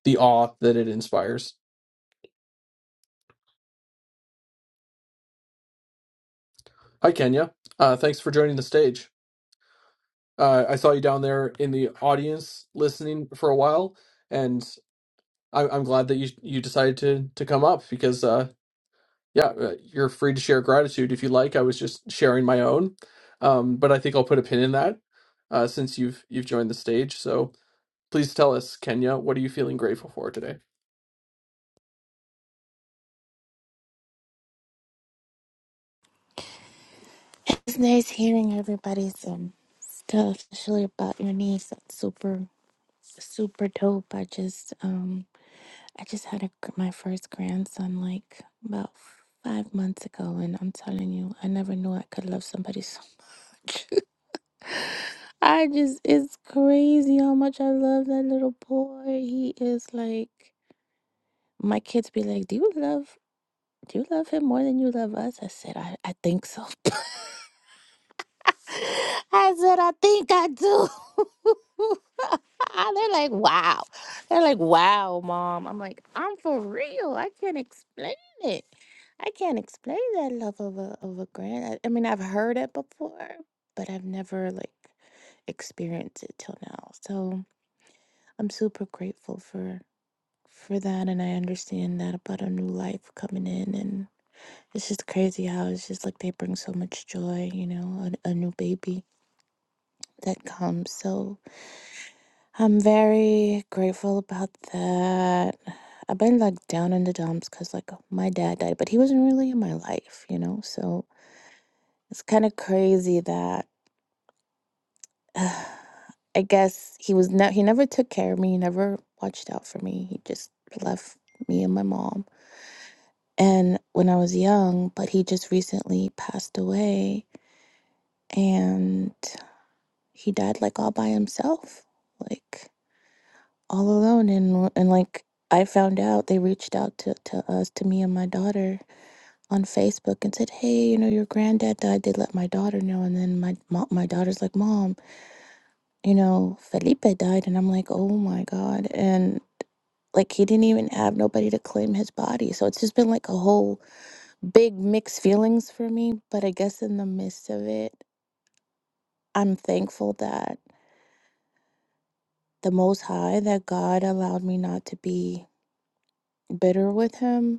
the awe that it inspires hi kenya uh, thanks for joining the stage uh, i saw you down there in the audience listening for a while and I- i'm glad that you you decided to to come up because uh, Yeah, uh, you're free to share gratitude if you like. I was just sharing my own, um, but I think I'll put a pin in that uh, since you've you've joined the stage. So please tell us, Kenya, what are you feeling grateful for today?
It's nice hearing everybody's um stuff, especially about your niece. That's super, super dope. I just um I just had a, gr- my first grandson like about five months ago, and I'm telling you, I never knew I could love somebody so much. I just it's crazy how much I love that little boy. He is like my kids be like, "Do you love?" Do you love him more than you love us? I said, I, I think so. I said, I think I do. They're like, wow. They're like, wow, mom. I'm like, I'm for real. I can't explain it. I can't explain that love of a of a grand. I, I mean, I've heard it before, but I've never like experienced it till now. So I'm super grateful for for that, and I understand that about a new life coming in, and it's just crazy how it's just like they bring so much joy, you know, a, a new baby that comes. So I'm very grateful about that. I've been like down in the dumps because like my dad died, but he wasn't really in my life, you know? So it's kind of crazy that I guess he was not, he never took care of me, he never watched out for me. He just left me and my mom. And when I was young, but he just recently passed away and he died like all by himself. Like, all alone and and like I found out they reached out to, to us to me and my daughter on Facebook and said, "Hey, you know your granddad died. They let my daughter know." And then my mo- my daughter's like, "Mom, you know Felipe died," and I'm like, "Oh my god!" And like he didn't even have nobody to claim his body, so it's just been like a whole big mixed feelings for me. But I guess in the midst of it, I'm thankful that the Most High, that God allowed me not to be bitter with Him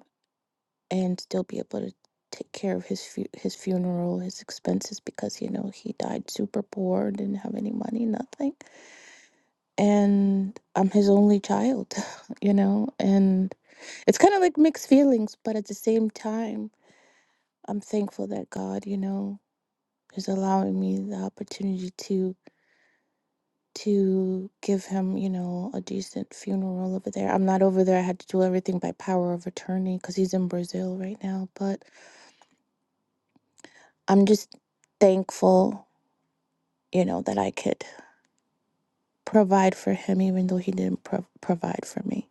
and still be able to take care of his fu- his funeral, his expenses because you know he died super poor, didn't have any money, nothing. And I'm his only child, you know, and it's kind of like mixed feelings, but at the same time, I'm thankful that God, you know, is allowing me the opportunity to to give him, you know, a decent funeral over there. I'm not over there. I had to do everything by power of attorney cuz he's in Brazil right now, but I'm just thankful you know, that I could provide for him, even though he didn't pro- provide for me.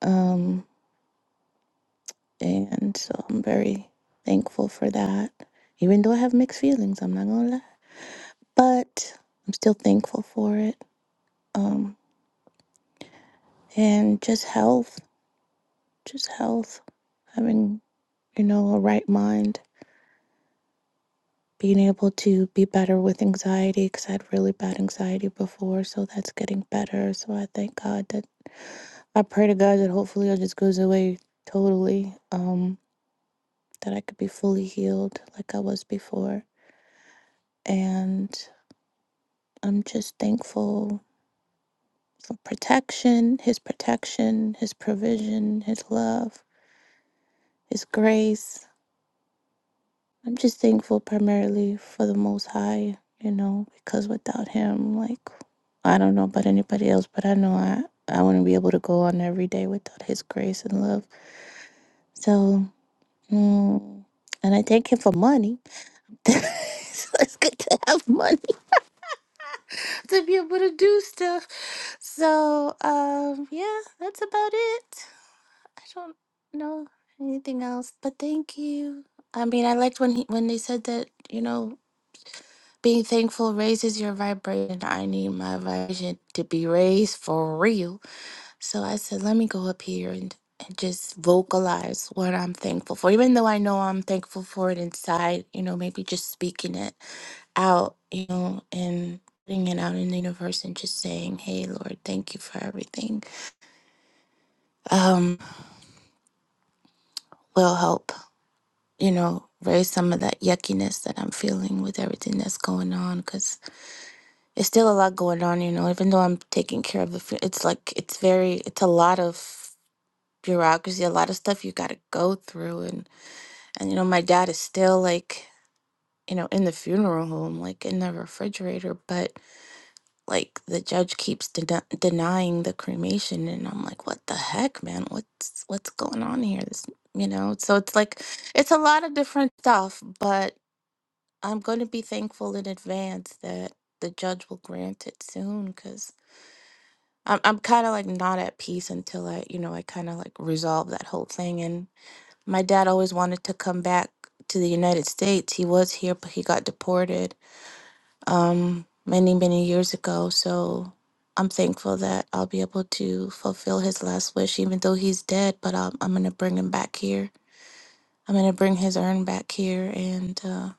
Um, and so I'm very thankful for that, even though I have mixed feelings, I'm not gonna lie. But I'm still thankful for it. Um, and just health, just health, having, you know, a right mind, being able to be better with anxiety because I had really bad anxiety before, so that's getting better. So I thank God that I pray to God that hopefully it just goes away totally. Um, that I could be fully healed like I was before. And I'm just thankful for protection, His protection, His provision, His love, His grace. I'm just thankful primarily for the Most High, you know, because without Him, like, I don't know about anybody else, but I know I, I wouldn't be able to go on every day without His grace and love. So, mm, and I thank Him for money. so it's good to have money to be able to do stuff So, um, yeah, that's about it. I don't know anything else, but thank you. I mean, I liked when he, when they said that, you know, being thankful raises your vibration. I need my vibration to be raised for real. So I said, let me go up here and, and just vocalize what I'm thankful for. Even though I know I'm thankful for it inside, you know, maybe just speaking it out, you know, and putting it out in the universe and just saying, hey, Lord, thank you for everything um, will help, you know, raise some of that yuckiness that I'm feeling with everything that's going on. Because it's still a lot going on, you know, even though I'm taking care of the food, it's like, it's very, it's a lot of bureaucracy, a lot of stuff you got to go through. And, and, you know, my dad is still like, you know, in the funeral home, like in the refrigerator, but. like the judge keeps den- denying the cremation and i'm like what the heck man what's what's going on here this you know so it's like it's a lot of different stuff but i'm going to be thankful in advance that the judge will grant it soon because i'm, I'm kind of like not at peace until i you know i kind of like resolve that whole thing and my dad always wanted to come back to the united states he was here but he got deported um, many, many years ago. So I'm thankful that I'll be able to fulfill his last wish, even though he's dead. But I'll, I'm going to bring him back here. I'm going to bring his urn back here and, uh,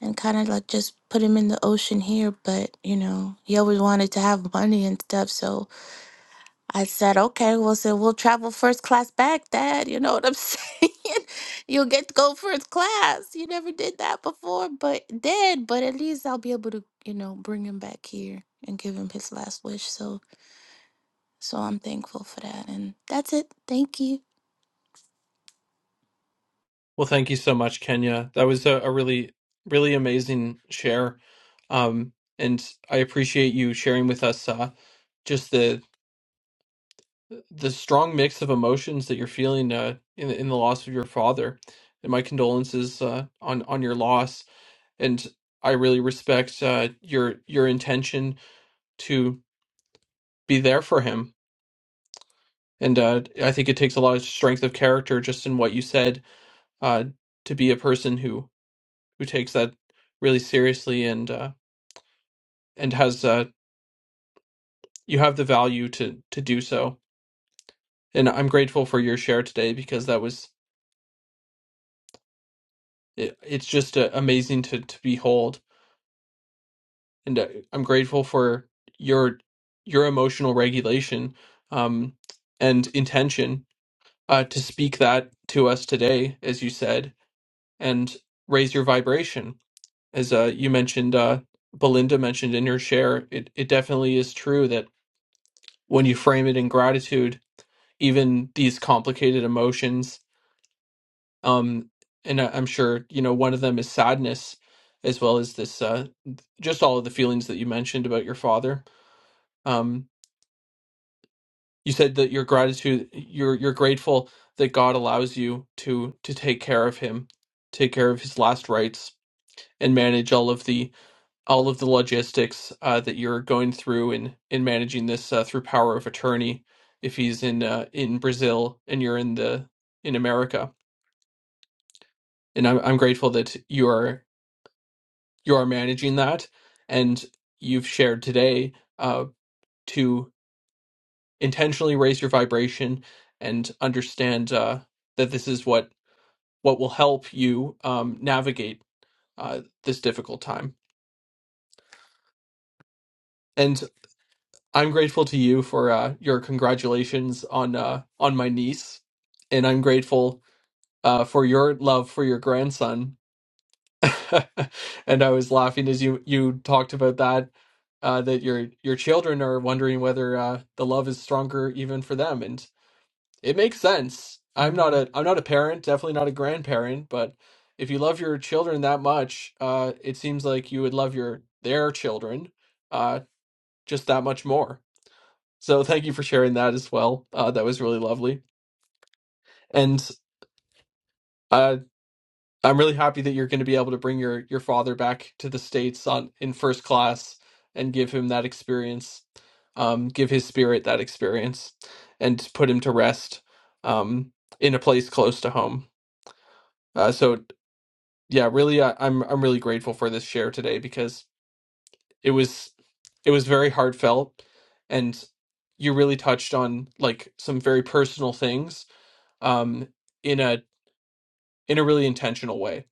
and kind of like just put him in the ocean here. But, you know, he always wanted to have money and stuff. So I said, okay, well, so we'll travel first class back, Dad. You know what I'm saying? You'll get to go first class. You never did that before, but did. But at least I'll be able to, you know, bring him back here and give him his last wish. So, so I'm thankful for that. And that's it. Thank you.
Well, thank you so much, Kenya. That was a, a really, really amazing share, um, and I appreciate you sharing with us uh, just the the strong mix of emotions that you're feeling uh, in in the loss of your father, and my condolences uh, on on your loss. And I really respect uh, your your intention to be there for him. And uh, I think it takes a lot of strength of character, just in what you said, uh, to be a person who who takes that really seriously and uh, and has uh, you have the value to to do so. And I'm grateful for your share today because that was it, it's just uh, amazing to to behold and uh, I'm grateful for your your emotional regulation um, and intention uh, to speak that to us today, as you said, and raise your vibration, as uh, you mentioned. Uh, Belinda mentioned in her share. It it definitely is true that when you frame it in gratitude, even these complicated emotions, um, and I- I'm sure you know one of them is sadness, as well as this uh, just all of the feelings that you mentioned about your father. Um, You said that your gratitude, you're you're grateful that God allows you to to take care of him, take care of his last rites, and manage all of the all of the logistics uh, that you're going through in in managing this uh, through power of attorney. If he's in uh, in Brazil and you're in the in America, and I'm I'm grateful that you are you are managing that, and you've shared today uh, to intentionally raise your vibration and understand uh, that this is what what will help you um, navigate uh, this difficult time. And I'm grateful to you for uh, your congratulations on uh, on my niece, and I'm grateful uh, for your love for your grandson. and I was laughing as you you talked about that uh, that your your children are wondering whether uh, the love is stronger even for them. and. It makes sense. I'm not a I'm not a parent, definitely not a grandparent, but if you love your children that much, uh, it seems like you would love your their children uh, just that much more. So thank you for sharing that as well. Uh, that was really lovely, and uh, I'm really happy that you're going to be able to bring your your father back to the states on in first class and give him that experience, um, give his spirit that experience, and put him to rest um, in a place close to home. Uh, so yeah, really, I, I'm I'm really grateful for this share today because it was it was very heartfelt, and you really touched on like some very personal things, um, in a in a really intentional way.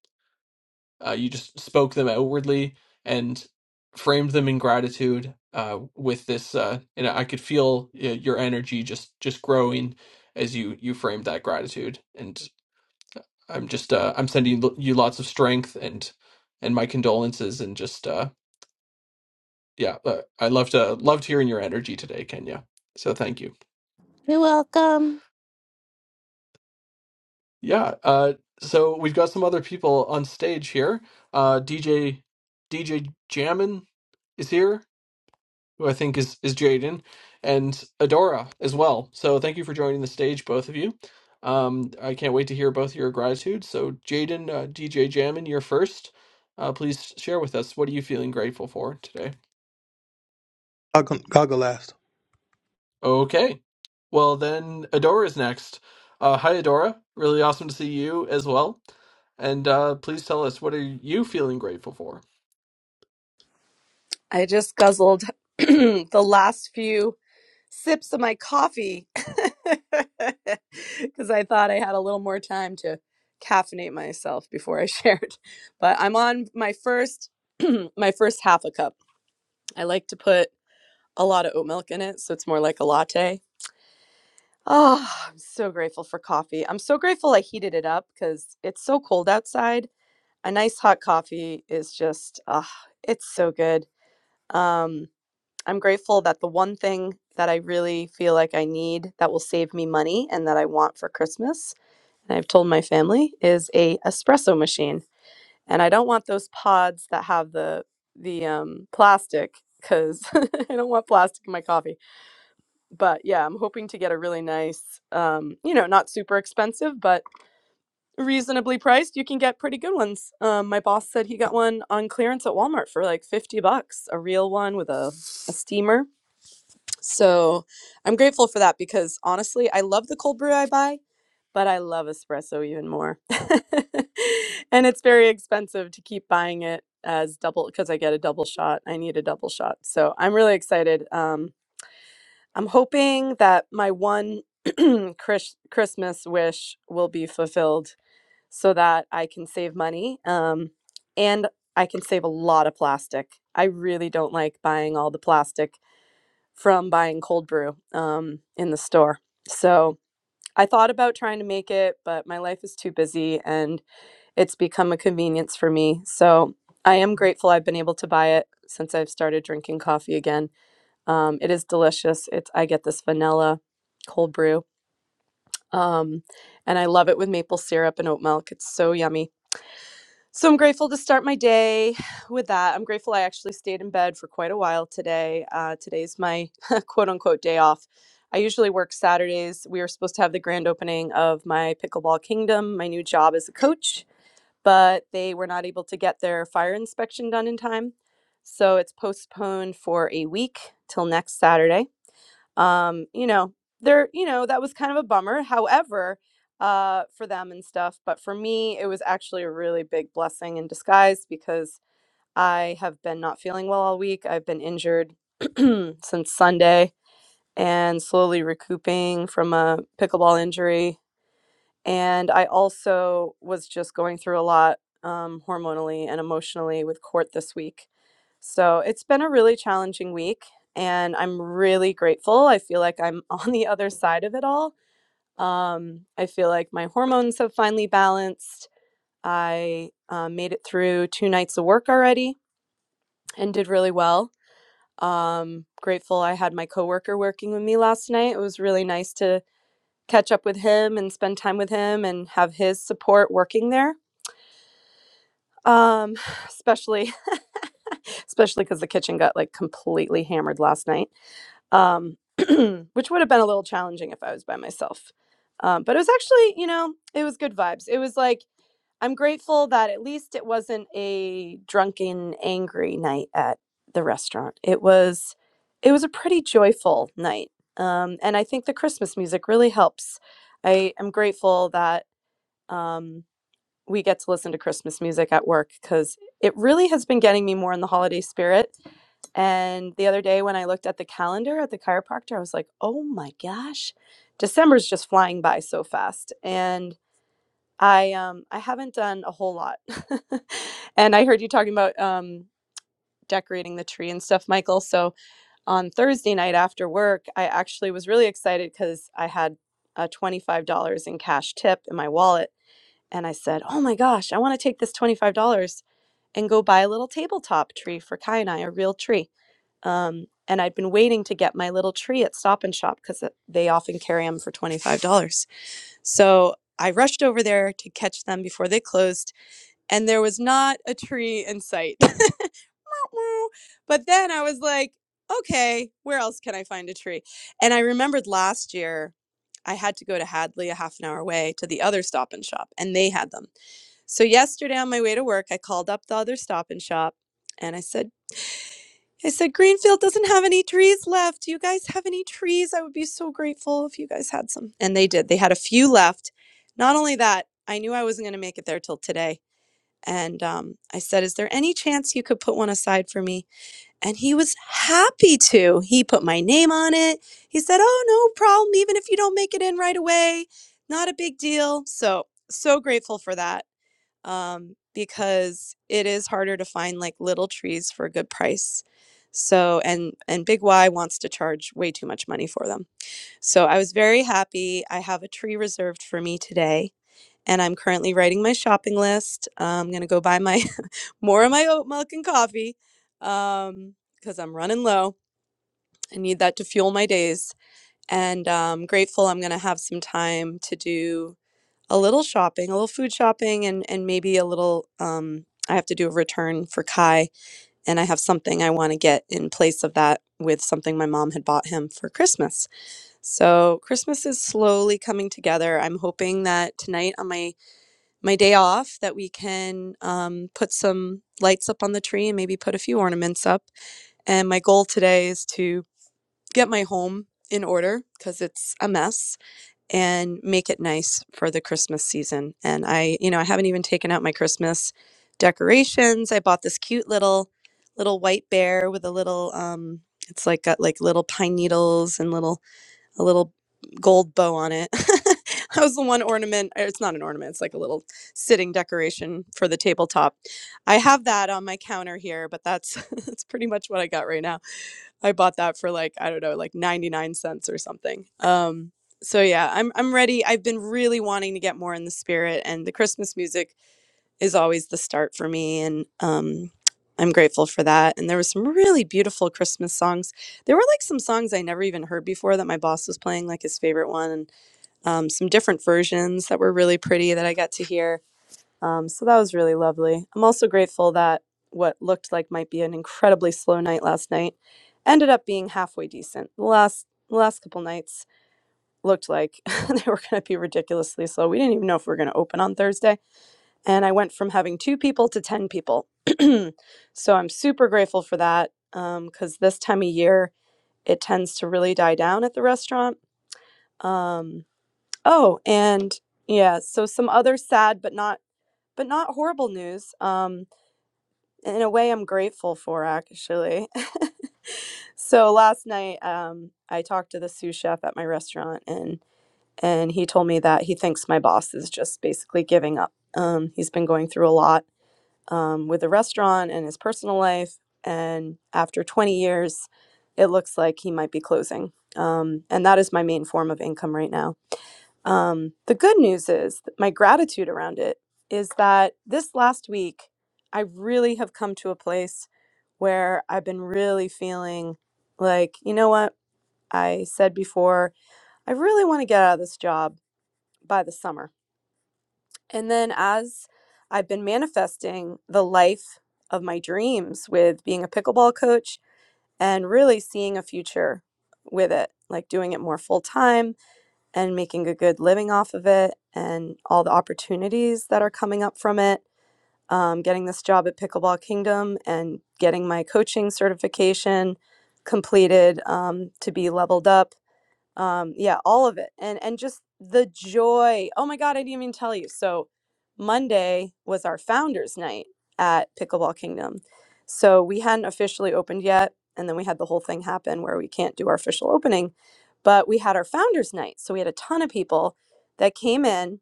Uh, you just spoke them outwardly and framed them in gratitude. Uh, with this, uh, and I could feel uh, your energy just just growing as you you framed that gratitude. And I'm just uh, I'm sending you lots of strength and and my condolences and just. uh yeah uh, i loved uh, loved hearing your energy today kenya so thank you
You're welcome.
yeah uh so we've got some other people on stage here uh dj dj jammin is here who i think is is jaden and adora as well so thank you for joining the stage both of you um i can't wait to hear both your gratitudes so jaden uh, dj jammin you're first uh please share with us what are you feeling grateful for today
I'll go, I'll go last.
Okay. Well, then Adora is next. Uh, hi, Adora. Really awesome to see you as well. And uh, please tell us what are you feeling grateful for?
I just guzzled the last few sips of my coffee because I thought I had a little more time to caffeinate myself before I shared. But I'm on my first my first half a cup. I like to put a lot of oat milk in it, so it's more like a latte. Oh, I'm so grateful for coffee. I'm so grateful I heated it up because it's so cold outside. A nice hot coffee is just, ah, it's so good. Um, I'm grateful that the one thing that I really feel like I need that will save me money and that I want for Christmas, and I've told my family, is a espresso machine. And I don't want those pods that have the the um, plastic because I don't want plastic in my coffee. But yeah, I'm hoping to get a really nice, um, you know, not super expensive, but reasonably priced. You can get pretty good ones. Um, my boss said he got one on clearance at Walmart for like 50 bucks, a real one with a, a steamer so I'm grateful for that because honestly, I love the cold brew I buy, but I love espresso even more. and it's very expensive to keep buying it as double because I get a double shot. I need a double shot. So I'm really excited. Um, I'm hoping that my one Chris- Christmas wish will be fulfilled so that I can save money um, and I can save a lot of plastic. I really don't like buying all the plastic from buying cold brew um, in the store. So I thought about trying to make it, but my life is too busy and it's become a convenience for me. So I am grateful I've been able to buy it since I've started drinking coffee again. Um, it is delicious. It's I get this vanilla cold brew. Um, and I love it with maple syrup and oat milk. It's so yummy. So I'm grateful to start my day with that. I'm grateful I actually stayed in bed for quite a while today. Uh, today's my quote unquote day off. I usually work Saturdays. We were supposed to have the grand opening of my Pickleball Kingdom, my new job as a coach, but they were not able to get their fire inspection done in time. So it's postponed for a week till next Saturday um you know there you know that was kind of a bummer however uh for them and stuff but for me it was actually a really big blessing in disguise because i have been not feeling well all week i've been injured since sunday and slowly recouping from a pickleball injury and I also was just going through a lot um, hormonally and emotionally with court this week. So it's been a really challenging week, and I'm really grateful. I feel like I'm on the other side of it all. Um, I feel like my hormones have finally balanced. I uh, made it through two nights of work already and did really well. Um, grateful I had my coworker working with me last night. It was really nice to catch up with him and spend time with him and have his support working there. Um, especially, especially because the kitchen got like completely hammered last night, um, which would have been a little challenging if I was by myself. Um, but it was actually, you know, it was good vibes. It was like I'm grateful that at least it wasn't a drunken, angry night at the restaurant. It was, it was a pretty joyful night. Um, and I think the Christmas music really helps. I am grateful that um, we get to listen to Christmas music at work because it really has been getting me more in the holiday spirit. And the other day when I looked at the calendar at the chiropractor, I was like, oh my gosh, December's just flying by so fast. And I um I haven't done a whole lot. and I heard you talking about um decorating the tree and stuff, Michael. So on Thursday night after work, I actually was really excited because I had uh, $25 in cash tip in my wallet and I said, Oh my gosh, I want to take this $25 and go buy a little tabletop tree for Kai and I, a real tree. Um, and I'd been waiting to get my little tree at Stop and Shop because they often carry them for $25. So I rushed over there to catch them before they closed and there was not a tree in sight. but then I was like, okay, where else can I find a tree? And I remembered last year I had to go to Hadley a half an hour away to the other stop and shop, and they had them. So yesterday on my way to work, I called up the other stop and shop and I said, I said, Greenfield doesn't have any trees left. Do you guys have any trees? I would be so grateful if you guys had some. And they did. They had a few left. Not only that, I knew I wasn't going to make it there till today and um, I said, Is there any chance you could put one aside for me? And he was happy to. He put my name on it. He said, Oh, no problem. Even if you don't make it in right away, not a big deal. So, so grateful for that um, because it is harder to find like little trees for a good price. So and and Big Y wants to charge way too much money for them. So I was very happy. I have a tree reserved for me today and I'm currently writing my shopping list. I'm gonna go buy my more of my oat milk and coffee um, because I'm running low. I need that to fuel my days, and I'm grateful I'm gonna have some time to do a little shopping, a little food shopping, and and maybe a little. Um, I have to do a return for Kai, and I have something I want to get in place of that with something my mom had bought him for Christmas. So Christmas is slowly coming together. I'm hoping that tonight on my my day off that we can um, put some lights up on the tree and maybe put a few ornaments up. And my goal today is to get my home in order because it's a mess and make it nice for the Christmas season. And I, you know, I haven't even taken out my Christmas decorations. I bought this cute little little white bear with a little um it's like got like little pine needles and little a little gold bow on it. that was the one ornament. It's not an ornament. It's like a little sitting decoration for the tabletop. I have that on my counter here, but that's that's pretty much what I got right now. I bought that for like I don't know, like ninety nine cents or something. Um, so yeah, I'm I'm ready. I've been really wanting to get more in the spirit, and the Christmas music is always the start for me and um I'm grateful for that. And there was some really beautiful Christmas songs. There were like some songs I never even heard before that my boss was playing, like his favorite one, and um, some different versions that were really pretty that I got to hear. Um, so that was really lovely. I'm also grateful that what looked like might be an incredibly slow night last night ended up being halfway decent. The last the last couple nights looked like they were going to be ridiculously slow. We didn't even know if we were going to open on Thursday and I went from having two people to 10 people. so I'm super grateful for that because um, this time of year it tends to really die down at the restaurant. Um, oh, and yeah, so some other sad but not but not horrible news. Um, in a way, I'm grateful for actually. so last night, um, I talked to the sous chef at my restaurant, and and he told me that he thinks my boss is just basically giving up. Um, he's been going through a lot um, with a restaurant and his personal life. And after 20 years, it looks like he might be closing. Um, and that is my main form of income right now. Um, the good news is my gratitude around it is that this last week, I really have come to a place where I've been really feeling like, you know what? I said before, I really want to get out of this job by the summer and then as I've been manifesting the life of my dreams with being a pickleball coach and really seeing a future with it, like doing it more full time and making a good living off of it and all the opportunities that are coming up from it. Um, getting this job at Pickleball Kingdom and getting my coaching certification completed um, to be leveled up um yeah all of it and and just the joy oh my god i didn't even tell you so monday was our founders night at pickleball kingdom so we hadn't officially opened yet and then we had the whole thing happen where we can't do our official opening but we had our founders night so we had a ton of people that came in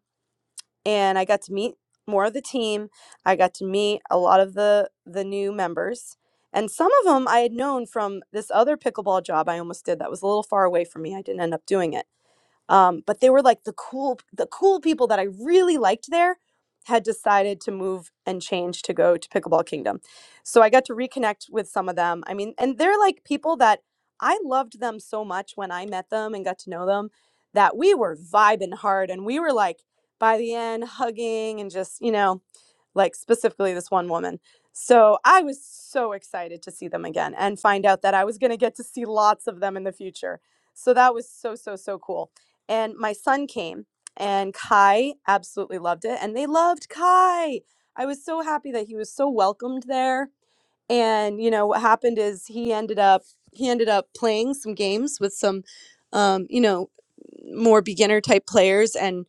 and i got to meet more of the team i got to meet a lot of the the new members and some of them i had known from this other pickleball job i almost did that was a little far away from me i didn't end up doing it um, but they were like the cool the cool people that i really liked there had decided to move and change to go to pickleball kingdom so i got to reconnect with some of them i mean and they're like people that i loved them so much when i met them and got to know them that we were vibing hard and we were like by the end hugging and just you know like specifically this one woman. So I was so excited to see them again and find out that I was going to get to see lots of them in the future. So that was so, so, so cool. And my son came and Kai absolutely loved it. And they loved Kai. I was so happy that he was so welcomed there and you know what happened is he ended up he ended up playing some games with some um, you know more beginner type players and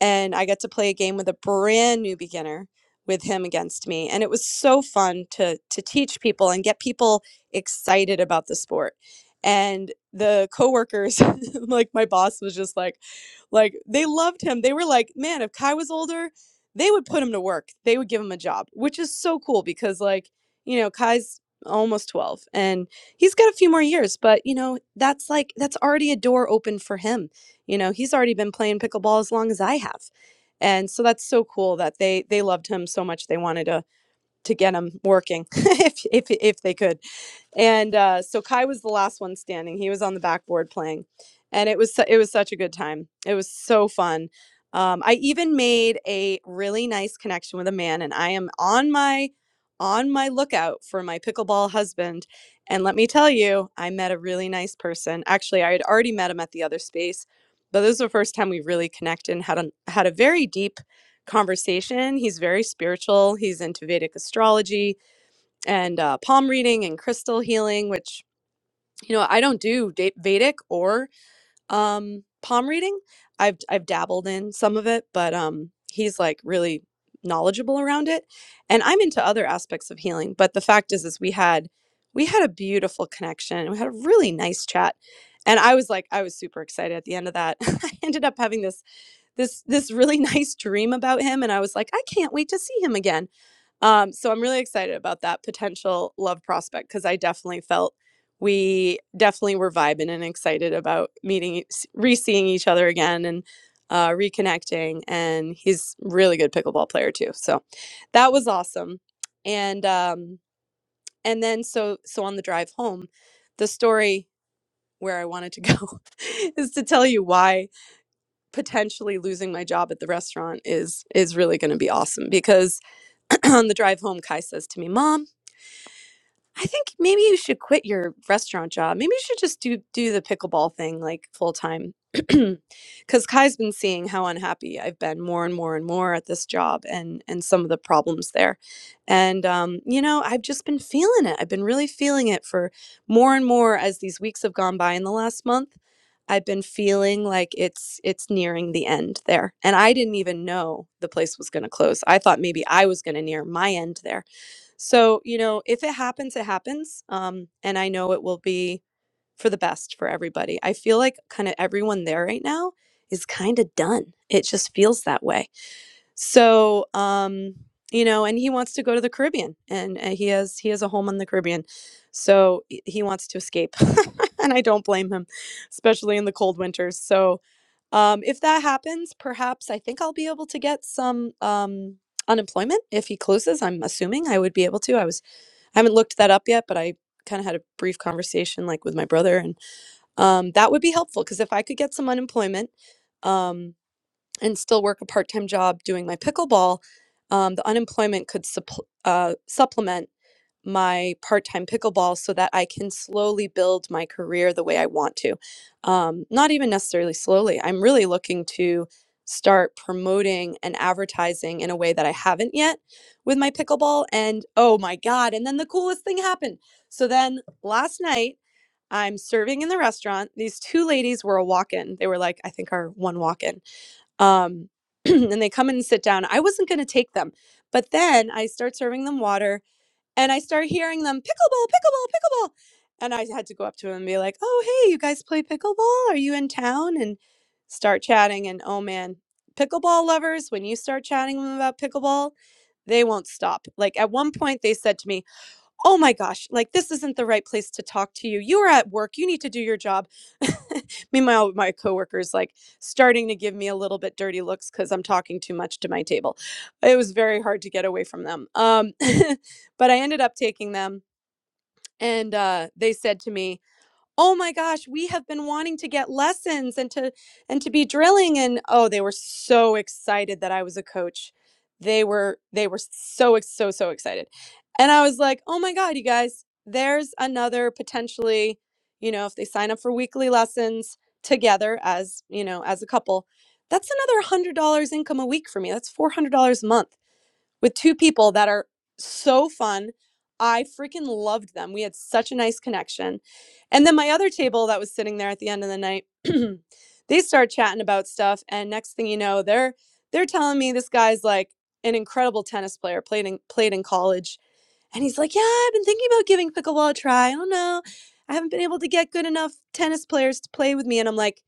and I got to play a game with a brand new beginner with him against me and it was so fun to to teach people and get people excited about the sport and the coworkers like my boss was just like like they loved him they were like man if Kai was older they would put him to work they would give him a job which is so cool because like you know, Kai's almost 12 and he's got a few more years, but you know, that's like that's already a door open for him. You know, he's already been playing pickleball as long as I have. And so that's so cool that they they loved him so much they wanted to to get him working if if if they could and uh, so Kai was the last one standing. He was on the backboard playing, and it was su- it was such a good time. It was so fun. Um, I even made a really nice connection with a man, and I am on my on my lookout for my pickleball husband. And let me tell you, I met a really nice person. Actually, I had already met him at the other space, but this was the first time we really connected and had a had a very deep conversation. He's very spiritual. He's into Vedic astrology and uh, palm reading and crystal healing, which you know I don't do da- Vedic or um, palm reading. I've I've dabbled in some of it, but um, he's like really knowledgeable around it, and I'm into other aspects of healing. But the fact is, is we had we had a beautiful connection. We had a really nice chat, and I was like, I was super excited at the end of that. I ended up having this this this really nice dream about him, and I was like, I can't wait to see him again. Um, so I'm really excited about that potential love prospect because I definitely felt we definitely were vibing and excited about meeting, e- s- re-seeing each other again, and uh, reconnecting. And he's really good pickleball player too, so that was awesome. And um, and then so so on the drive home, the story where I wanted to go is to tell you why potentially losing my job at the restaurant is is really going to be awesome because on the drive home kai says to me mom I think maybe you should quit your restaurant job. Maybe you should just do do the pickleball thing like full time. Cuz Kai's been seeing how unhappy I've been more and more and more at this job and and some of the problems there. And um you know, I've just been feeling it. I've been really feeling it for more and more as these weeks have gone by in the last month. I've been feeling like it's it's nearing the end there. And I didn't even know the place was going to close. I thought maybe I was going to near my end there so, you know, if it happens, it happens. Um, and I know it will be for the best for everybody. I feel like kind of everyone there right now is kind of done. It just feels that way. So, um, you know, and he wants to go to the Caribbean and uh, he has he has a home in the Caribbean. So he he wants to escape. and I don't blame him, especially in the cold winters. So, um, if that happens, perhaps I think I'll be able to get some um, unemployment if he closes i'm assuming i would be able to i was I haven't looked that up yet, but I kind of had a brief conversation like with my brother and um, that would be helpful because if I could get some unemployment um, and still work a part-time job doing my pickleball, um, the unemployment could supp- uh, supplement my part-time pickleball so that I can slowly build my career the way I want to. Um, not even necessarily slowly. I'm really looking to start promoting and advertising in a way that I haven't yet with my pickleball and oh my god, and then the coolest thing happened. So then last night I'm serving in the restaurant. These two ladies were a walk-in. They were like I think our one walk-in. Um and they come in and sit down. I wasn't going to take them. But then I start serving them water and I start hearing them pickleball, pickleball, pickleball. And I had to go up to him and be like, "Oh, hey, you guys play pickleball? Are you in town?" And start chatting. And oh man, pickleball lovers, when you start chatting them about pickleball, they won't stop. Like at one point, they said to me, oh my gosh, like this isn't the right place to talk to you. You're at work, you need to do your job. Meanwhile, my coworkers like starting to give me a little bit dirty looks because I'm talking too much to my table. It was very hard to get away from them. Um, but I ended up taking them, and uh, they said to me, oh my gosh we have been wanting to get lessons and to and to be drilling and oh they were so excited that i was a coach they were they were so so so excited and i was like oh my god you guys there's another potentially you know if they sign up for weekly lessons together as you know as a couple that's another $100 income a week for me that's $400 a month with two people that are so fun. I freaking loved them. We had such a nice connection. And then my other table that was sitting there at the end of the night, they start chatting about stuff and next thing you know, they're they're telling me this guy's like an incredible tennis player, played in played in college. And he's like, "Yeah, I've been thinking about giving pickleball a try. I don't know. I haven't been able to get good enough tennis players to play with me." And I'm like,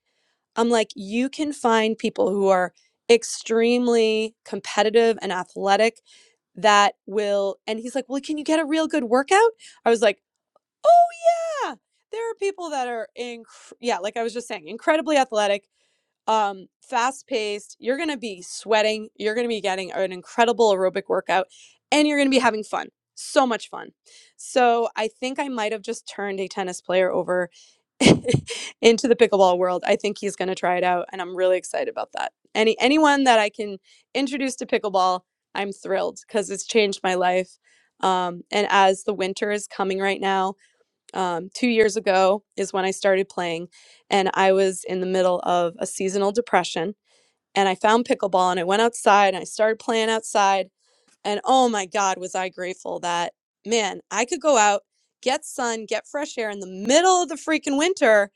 I'm like, you can find people who are extremely competitive and athletic that will. And he's like, well, can you get a real good workout? I was like, oh, yeah. There are people that are, inc- yeah, like I was just saying, incredibly athletic um, fast paced. You're going to be sweating. You're going to be getting an incredible aerobic workout and you're going to be having fun. So much fun. So I think I might have just turned a tennis player over into the pickleball world. I think he's going to try it out and I'm really excited about that. Any anyone that I can introduce to pickleball, I'm thrilled cuz it's changed my life. Um, and as the winter is coming right now, um, two years ago is when I started playing, and I was in the middle of a seasonal depression. And I found pickleball, and I went outside and I started playing outside. And oh my God, was I grateful that man, I could go out, get sun, get fresh air in the middle of the freaking winter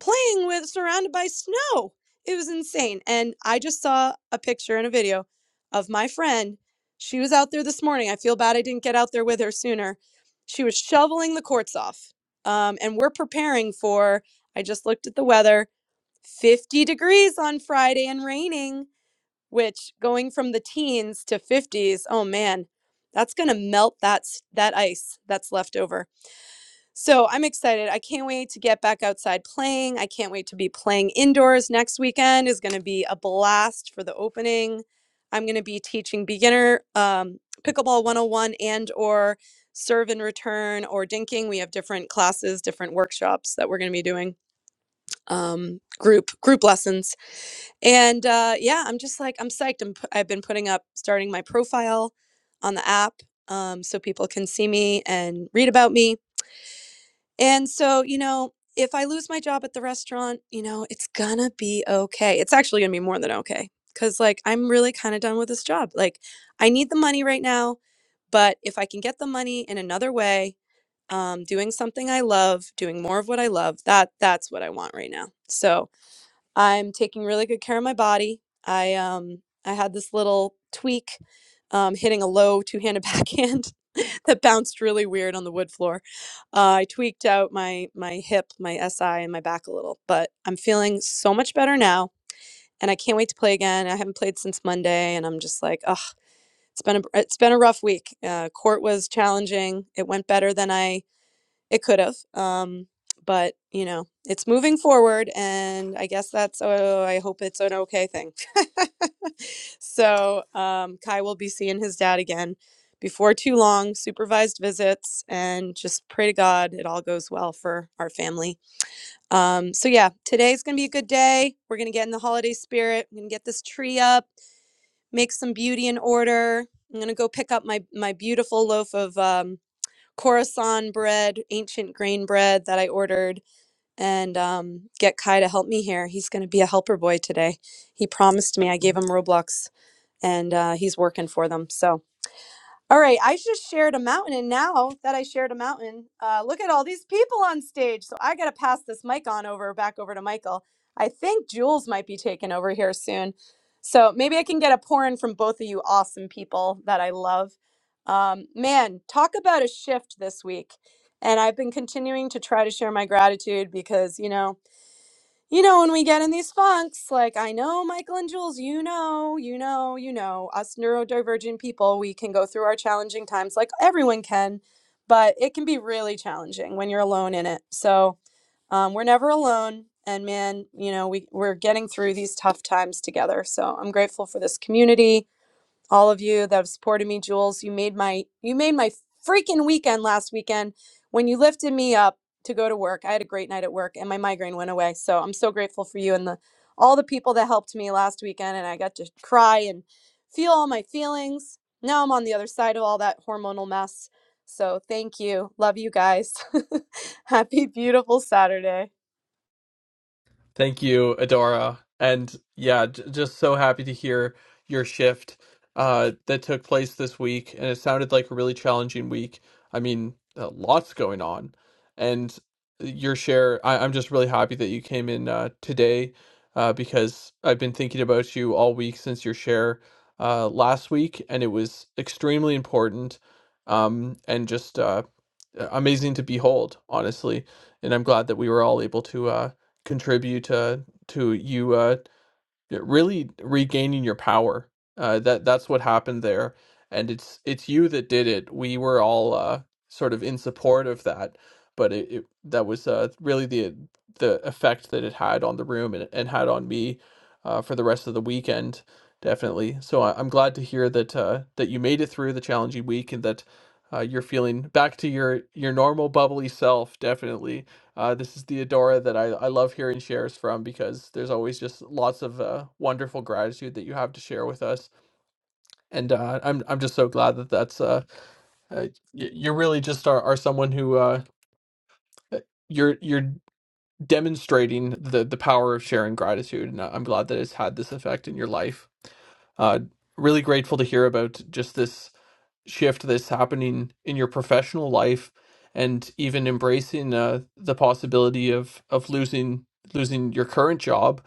playing with surrounded by snow. It was insane. And I just saw a picture and a video of my friend. She was out there this morning. I feel bad I didn't get out there with her sooner. She was shoveling the courts off. Um, and we're preparing for, I just looked at the weather, 50 degrees on Friday and raining, which going from the teens to 50s, oh man, that's going to melt that, s- that ice that's left over so I'm excited. I can't wait to get back outside playing. I can't wait to be playing indoors next weekend is going to be a blast for the opening. I'm going to be teaching beginner um, pickleball 101 and or serve and return or dinking. We have different classes, different workshops that we're going to be doing. Um, group group lessons and uh, yeah i'm just like i'm psyched I'm, pu- i've been putting up starting my profile on the app um, so people can see me and read about me and so, you know, if I lose my job at the restaurant, you know, it's gonna be okay. It's actually gonna be more than okay. Cause like I'm really kind of done with this job. Like I need the money right now, but if I can get the money in another way, um, doing something I love, doing more of what I love, that that's what I want right now. So I'm taking really good care of my body. I um I had this little tweak um, hitting a low two-handed backhand that bounced really weird on the wood floor. Uh, I tweaked out my my hip, my SI, and my back a little, but I'm feeling so much better now, and I can't wait to play again. I haven't played since Monday, and I'm just like, ugh, it's been a it's been a rough week. Uh, court was challenging. It went better than I it could have. Um, but you know, it's moving forward, and I guess that's. Oh, I hope it's an okay thing. so um, Kai will be seeing his dad again before too long, supervised visits, and just pray to God it all goes well for our family. Um, so yeah, today's gonna be a good day. We're gonna get in the holiday spirit. I'm gonna get this tree up, make some beauty in order. I'm gonna go pick up my my beautiful loaf of. Um, Coruscant bread, ancient grain bread that I ordered, and um, get Kai to help me here. He's going to be a helper boy today. He promised me. I gave him Roblox, and uh, he's working for them. So. All right, I just shared a mountain, and now that I shared a mountain, uh, look at all these people on stage. So I got to pass this mic on over back over to Michael. I think Jules might be taking over here soon, so maybe I can get a pour in from both of you awesome people that I love. Um, man, talk about a shift this week, and I've been continuing to try to share my gratitude because you know you know, when we get in these funks, like I know Michael and Jules, you know, you know, you know, us neurodivergent people, we can go through our challenging times like everyone can, but it can be really challenging when you're alone in it. So um, we're never alone. And man, you know, we, we're getting through these tough times together. So I'm grateful for this community all of you that have supported me jules you made my you made my freaking weekend last weekend when you lifted me up to go to work i had a great night at work and my migraine went away so i'm so grateful for you and the all the people that helped me last weekend and i got to cry and feel all my feelings now i'm on the other side of all that hormonal mess so thank you love you guys happy beautiful saturday
Thank you, Adora. And yeah, j- just so happy to hear your shift uh, that took place this week. And it sounded like a really challenging week. I mean, uh, lots going on. And your share, I- I'm just really happy that you came in uh, today uh, because I've been thinking about you all week since your share uh, last week. And it was extremely important. Um, and just uh, uh, amazing to behold, honestly. And I'm glad that we were all able to uh, contribute uh, to you uh, yeah, really regaining your power. Uh, that that's what happened there, and it's it's you that did it. We were all uh, sort of in support of that, but it, it that was uh, really the the effect that it had on the room and, and had on me uh, for the rest of the weekend, definitely. So I, I'm glad to hear that uh, that you made it through the challenging week and that uh, you're feeling back to your your normal bubbly self, definitely. Uh, this is the Adora that I I love hearing shares from because there's always just lots of uh, wonderful gratitude that you have to share with us, and uh, I'm I'm just so glad that that's uh, uh y- you really just are, are someone who uh uh, you're you're demonstrating the the power of sharing gratitude, and I'm glad that it's had this effect in your life. Uh, really grateful to hear about just this shift that's happening in your professional life, and even embracing uh, the possibility of of losing losing your current job,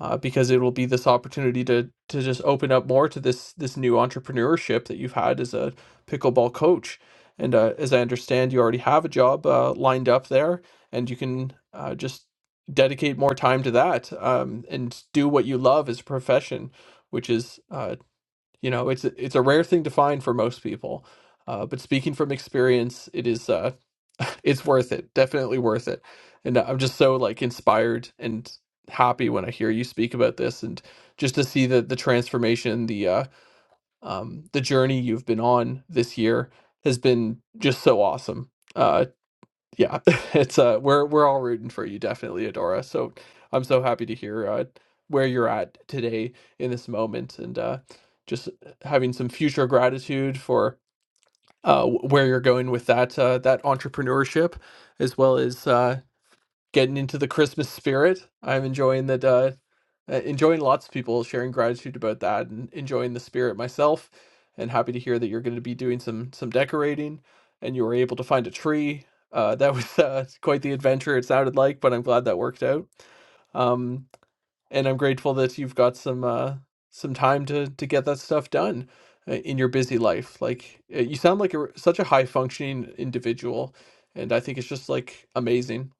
uh, because it will be this opportunity to to just open up more to this this new entrepreneurship that you've had as a pickleball coach. And uh, as I understand, you already have a job uh, lined up there and you can uh, just dedicate more time to that um, and do what you love as a profession, which is uh, you know it's it's a rare thing to find for most people. Uh, but speaking from experience, it is uh, it's worth it, definitely worth it. And I'm just so like inspired and happy when I hear you speak about this, and just to see that the transformation, the uh, um, the journey you've been on this year has been just so awesome. Uh, yeah, it's uh we're we're all rooting for you, definitely, Adora. So I'm so happy to hear uh where you're at today in this moment and uh just having some future gratitude for uh wh- where you're going with that uh that entrepreneurship as well as uh getting into the Christmas spirit. I'm enjoying that. Uh, uh, enjoying lots of people sharing gratitude about that, and enjoying the spirit myself. And happy to hear that you're going to be doing some some decorating, and you were able to find a tree. Uh, that was uh, quite the adventure. It sounded like, but I'm glad that worked out. Um and I'm grateful that you've got some uh some time to to get that stuff done uh, in your busy life. Like uh, you sound like a, such a high functioning individual, and I think it's just like amazing.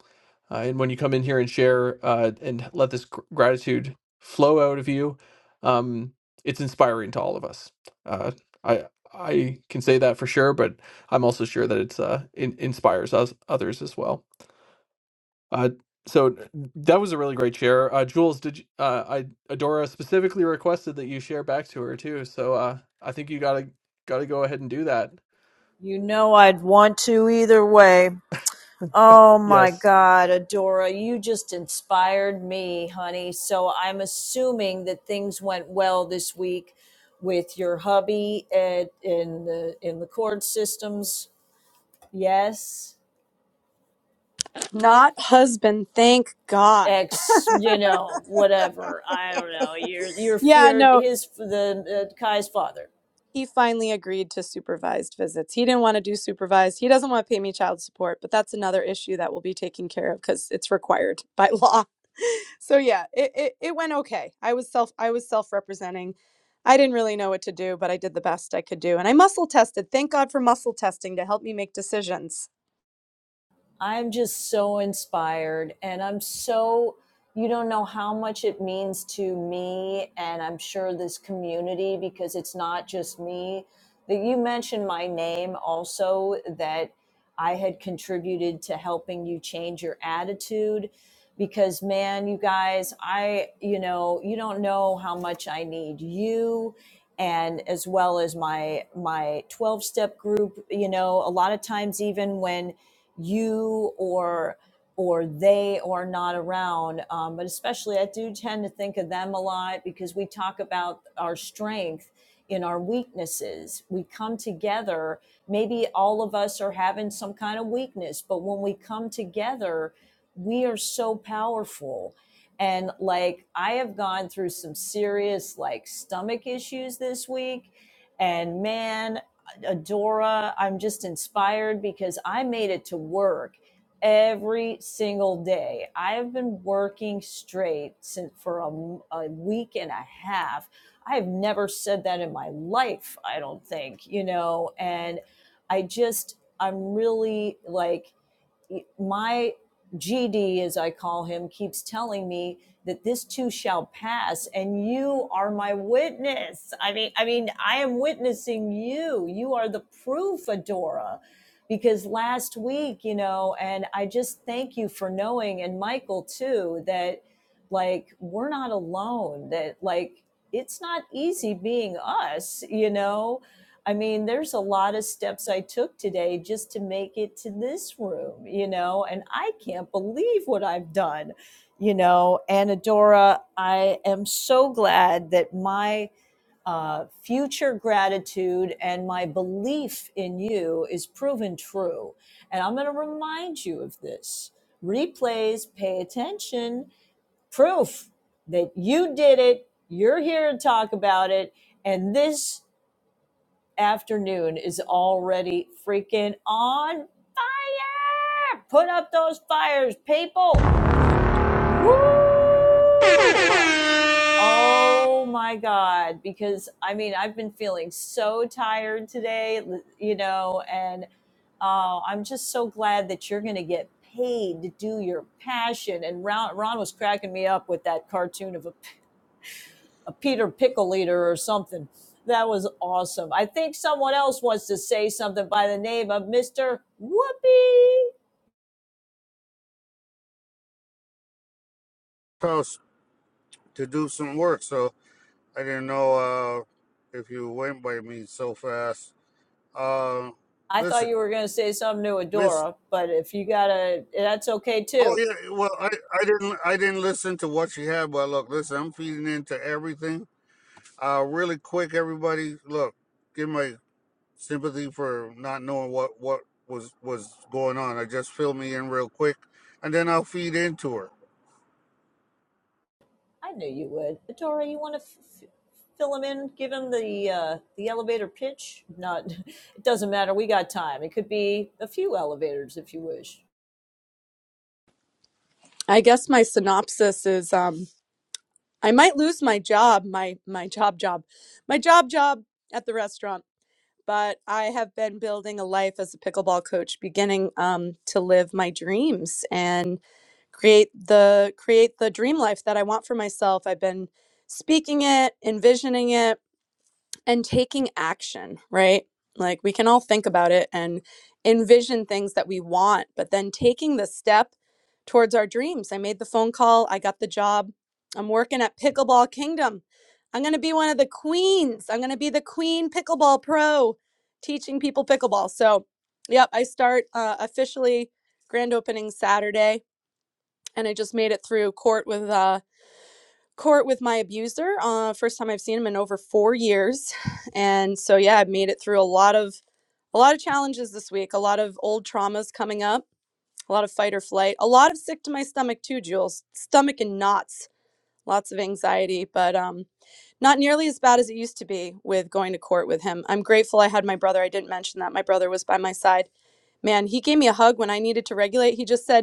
Uh, and when you come in here and share uh, and let this gr- gratitude flow out of you, um, it's inspiring to all of us. Uh, I I can say that for sure, but I'm also sure that it's uh, in, inspires us others as well. Uh, so that was a really great share. Uh, Jules, did you, uh, I Adora specifically requested that you share back to her too. So uh, I think you gotta gotta go ahead and do that.
You know I'd want to either way. Oh my
Yes.
God, Adora, you just inspired me, honey. So I'm assuming that things went well this week with your hubby at, in the in the court systems. Yes,
not husband thank god
ex, you know, whatever. I don't know. Your your
yeah
fear,
no
his the uh, Kai's father.
he finally agreed to supervised visits. He didn't want to do supervised. He doesn't want to pay me child support, but that's another issue that will be taken care of because it's required by law. So yeah, it, it it went okay. I was self I was self representing. I didn't really know what to do, but I did the best I could do, and I muscle tested. Thank God for muscle testing to help me make decisions.
I'm just so inspired and I'm so you don't know how much it means to me and I'm sure this community because it's not just me that you mentioned my name also that I had contributed to helping you change your attitude because man you guys I you know you don't know how much I need you and as well as my my 12 step group you know a lot of times even when you or or they are not around. Um, but especially, I do tend to think of them a lot because we talk about our strength in our weaknesses. We come together. Maybe all of us are having some kind of weakness, but when we come together, we are so powerful. And like, I have gone through some serious, like, stomach issues this week. And man, Adora. I'm just inspired because I made it to work every single day. I've been working straight since for a a week and a half. I've never said that in my life, I don't think, you know, and I just, I'm really like, my GD, as I call him, keeps telling me that this too shall pass, and you are my witness. I mean, I mean, I am witnessing you. You are the proof, Adora. Because last week, you know, and I just thank you for knowing, and Michael too, that like we're not alone, that like it's not easy being us, you know I mean, there's a lot of steps I took today just to make it to this room, you know, and I can't believe what I've done, you know. And Adora, I am so glad that my uh, future gratitude and my belief in you is proven true. And I'm going to remind you of this replays, pay attention, proof that you did it, you're here to talk about it, and this afternoon is already freaking on fire. Put up those fires, people. Woo! Oh my God. Because I mean, I've been feeling so tired today, you know, and uh, I'm just so glad that you're going to get paid to do your passion. And Ron, Ron was cracking me up with that cartoon of a a Peter Pickle Eater or something. That was awesome. I think someone else wants to say something by the name of Mr. Whoopi.
house to do some work, so I didn't know uh, if you went by me so fast. Uh,
I thought
listen,
you were going to say something to
Miss.
Adora, but if you got to, that's okay
Oh
too.
yeah, well I, I didn't I didn't listen to what she had, but look, listen, I'm feeding into everything. Uh, really quick, everybody, look, give my sympathy for not knowing what what was was going on. I just fill me in real quick, and then I'll feed into her.
I knew you would. Adora, you want to f- fill him in, give him the uh, the elevator pitch? Not, it doesn't matter. We got time. It could be a few elevators if you wish.
I guess my synopsis is um, I might lose my job, my my job job, my job job at the restaurant but I have been building a life as a pickleball coach, beginning um, to live my dreams and create the create the dream life that I want for myself. I've been speaking it, envisioning it, and taking action, right? Like we can all think about it and envision things that we want, but then taking the step towards our dreams. I made the phone call, I got the job. I'm working at Pickleball Kingdom. I'm going to be one of the queens. I'm going to be the queen pickleball pro teaching people pickleball. So, yep, I start uh, officially grand opening Saturday and I just made it through court with uh, court with my abuser. Uh, first time I've seen him in over four years, and so yeah, I've made it through a lot of a lot of challenges this week. A lot of old traumas coming up. A lot of fight or flight. A lot of sick to my stomach too, Jules. Stomach and knots. Lots of anxiety, but um, not nearly as bad as it used to be with going to court with him. I'm grateful I had my brother. I didn't mention that my brother was by my side. Man, he gave me a hug when I needed to regulate. He just said,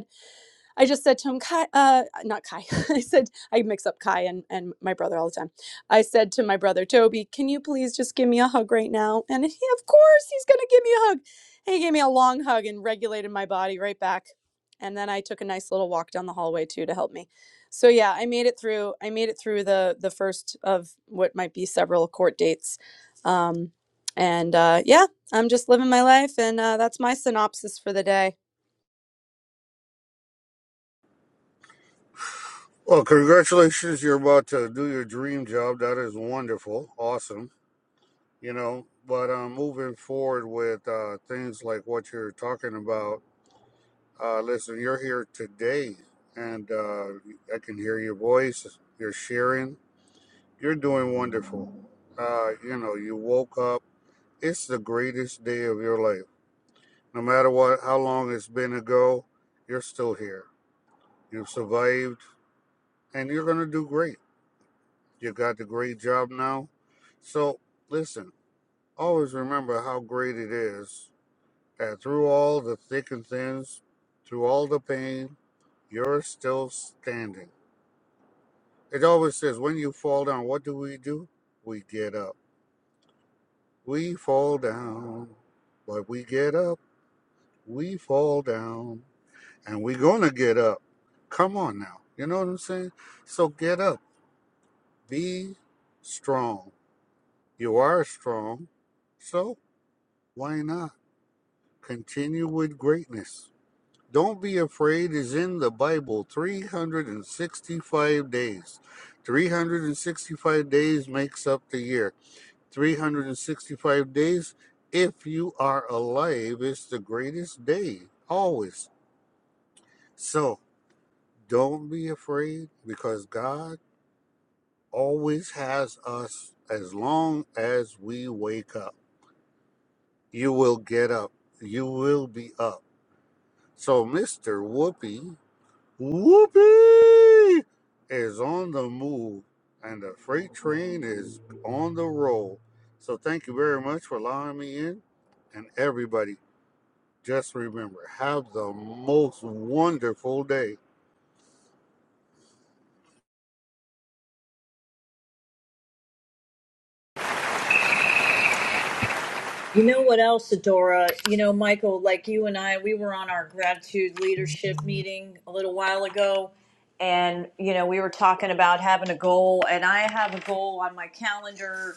I just said to him, Kai, uh, not Kai. I said, I mix up Kai and, and my brother all the time. I said to my brother, Toby, can you please just give me a hug right now? And he, of course, he's going to give me a hug. And he gave me a long hug and regulated my body right back. And then I took a nice little walk down the hallway too to help me. So yeah, I made it through. I made it through the the first of what might be several court dates. Um, and uh, yeah, I'm just living my life, and uh, that's my synopsis for the day.
Well, congratulations, you're about to do your dream job. That is wonderful, awesome you know but um moving forward with uh things like what you're talking about uh listen you're here today and uh i can hear your voice you're sharing you're doing wonderful uh you know you woke up it's the greatest day of your life no matter what how long it's been ago you're still here you've survived and you're gonna do great you got the great job now so listen always remember how great it is And through all the thick and thins, through all the pain, you're still standing. It always says, when you fall down, what do we do? We get up. We fall down, but we get up. We fall down, and we're going to get up. Come on now. You know what I'm saying? So get up. Be strong. You are strong. So why not? Continue with greatness. Don't be afraid is in the Bible 365 days. 365 days makes up the year. 365 days, if you are alive, is the greatest day, always. So don't be afraid because God always has us as long as we wake up. You will get up. You will be up. So, Mr. Whoopi, Whoopee is on the move and the freight train is on the roll. So thank you very much for allowing me in. And everybody, just remember, have the most wonderful day.
You know what else, Adora? You know, Michael, like you and I, we were on our gratitude leadership meeting a little while ago, and you know, we were talking about having a goal, and I have a goal on my calendar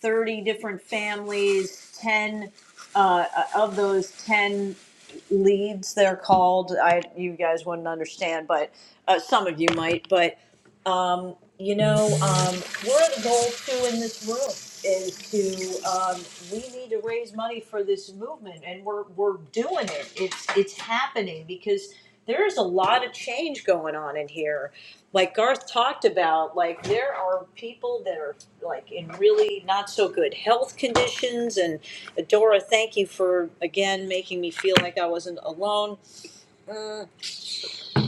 30 different families, 10 uh, uh, of those 10 leads they're called. I you guys wouldn't understand, but uh, some of you might, but um, you know, um, one of the goals too in this room is to um, we need to raise money for this movement, and we're we're doing it. It's it's happening because there is a lot of change going on in here, like Garth talked about, like there are people that are like in really not so good health conditions. And Dora, thank you for again making me feel like I wasn't alone. Mm,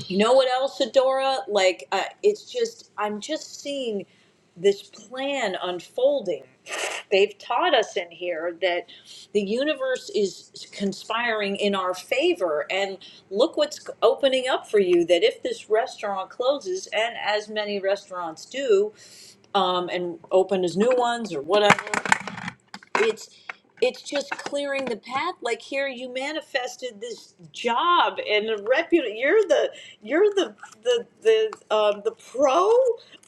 you know what else, Adora? Like, uh, it's just, I'm just seeing this plan unfolding. They've taught us in here that the universe is conspiring in our favor. And look what's opening up for you that if this restaurant closes, and as many restaurants do, um, and open as new ones or whatever, it's it's just clearing the path like here you manifested this job and a reputation. you're the you're the the the um the pro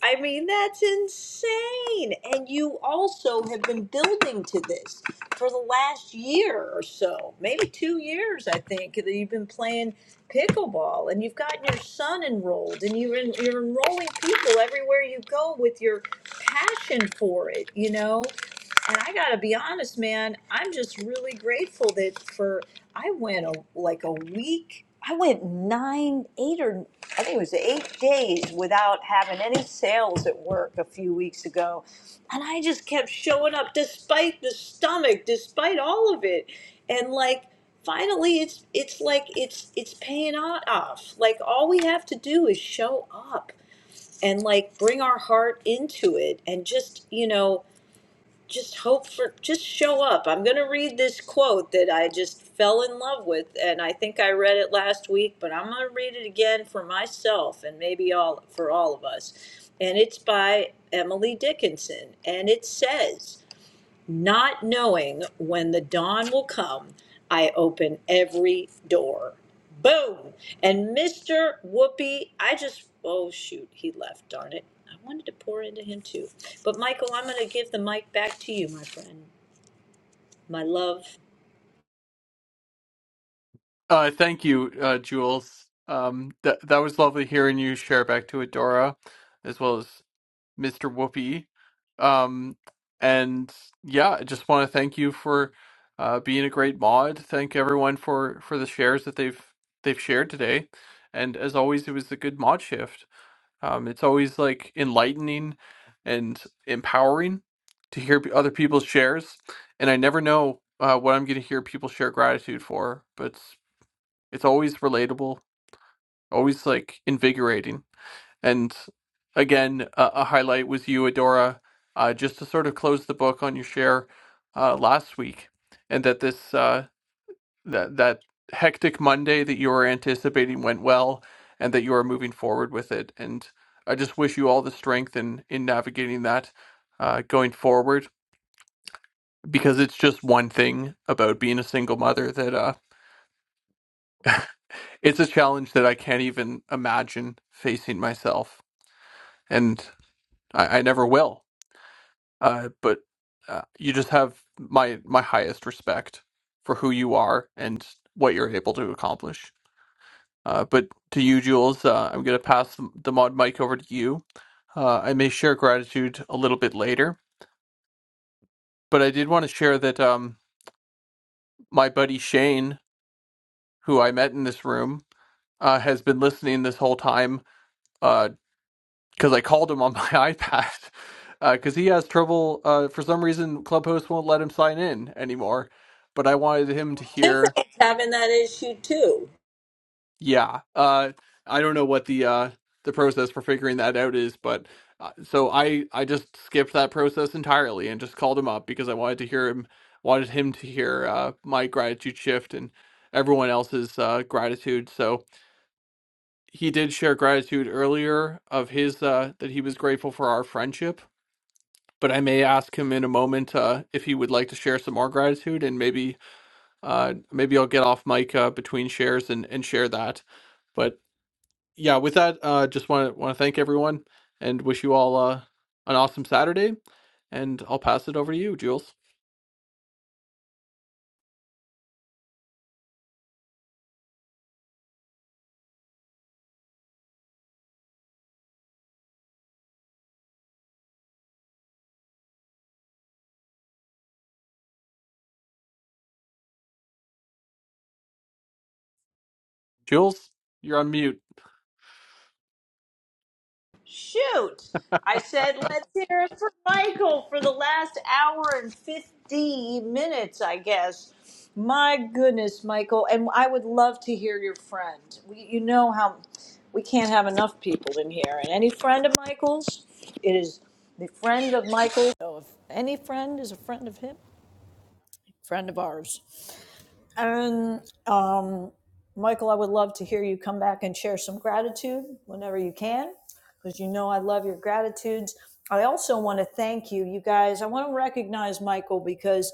i mean that's insane and you also have been building to this for the last year or so maybe two years i think that you've been playing pickleball and you've gotten your son enrolled and you're, en- you're enrolling people everywhere you go with your passion for it you know and I gotta be honest, man, I'm just really grateful that for I went a, like a week. I went nine, eight, or I think it was eight days without having any sales at work a few weeks ago. And I just kept showing up despite the stomach, despite all of it. And like, finally it's it's like it's it's paying o- off like all we have to do is show up and like bring our heart into it and just you know just hope for just show up. I'm going to read this quote that I just fell in love with and I think I read it last week, but I'm going to read it again for myself and maybe all for all of us. And it's by Emily Dickinson and it says not knowing when the dawn will come, I open every door. Boom! And Mr. Whoopi, I just, oh shoot, he left, darn it. I wanted to pour into him too. But Michael, I'm going to give the mic back to you, my friend. My love.
Uh, thank you, uh, Jules. Um, that that was lovely hearing you share back to Adora, as well as Mr. Whoopi. Um, and yeah, I just want to thank you for uh, being a great mod. Thank everyone for for the shares that they've they've shared today. And as always, it was a good mod shift. Um, it's always like enlightening and empowering to hear p- other people's shares, and I never know uh, what I'm going to hear people share gratitude for, but it's, it's always relatable, always like invigorating. And again, a, a highlight was you, Adora, uh, just to sort of close the book on your share uh, last week, and that this uh, that that hectic Monday that you were anticipating went well and that you are moving forward with it. And I just wish you all the strength in in navigating that uh, going forward because it's just one thing about being a single mother that uh, it's a challenge that I can't even imagine facing myself, and I, I never will. Uh, but uh, you just have my my highest respect for who you are and what you're able to accomplish. Uh, but to you, Jules, uh, I'm going to pass the the mod mic over to you. Uh, I may share gratitude a little bit later, but I did want to share that um, my buddy Shane, who I met in this room, uh, has been listening this whole time because I called him on my iPad because he has trouble. Uh, for some reason, Clubhost won't let him sign in anymore, but I wanted him to hear
Having that issue too.
Yeah. Uh, I don't know what the uh, the process for figuring that out is, but uh, so I I just skipped that process entirely and just called him up because I wanted to hear him wanted him to hear uh, my gratitude shift and everyone else's uh, gratitude. So he did share gratitude earlier of his uh, that he was grateful for our friendship. But I may ask him in a moment uh, if he would like to share some more gratitude, and maybe uh, maybe I'll get off mic uh, between shares and, and share that. but. yeah, with that, uh, just want to want to thank everyone and wish you all uh, an awesome Saturday. And I'll pass it over to you, Jules. Jules, you're on mute.
Shoot! I said, let's hear it for Michael for the last hour and 50 minutes, I guess. My goodness, Michael. And I would love to hear your friend. We, you know how we can't have enough people in here. And any friend of Michael's, it is the friend of Michael. So if any friend is a friend of him, friend of ours. And um, Michael, I would love to hear you come back and share some gratitude whenever you can, because you know I love your gratitudes. I also want to thank you, you guys. I want to recognize Michael because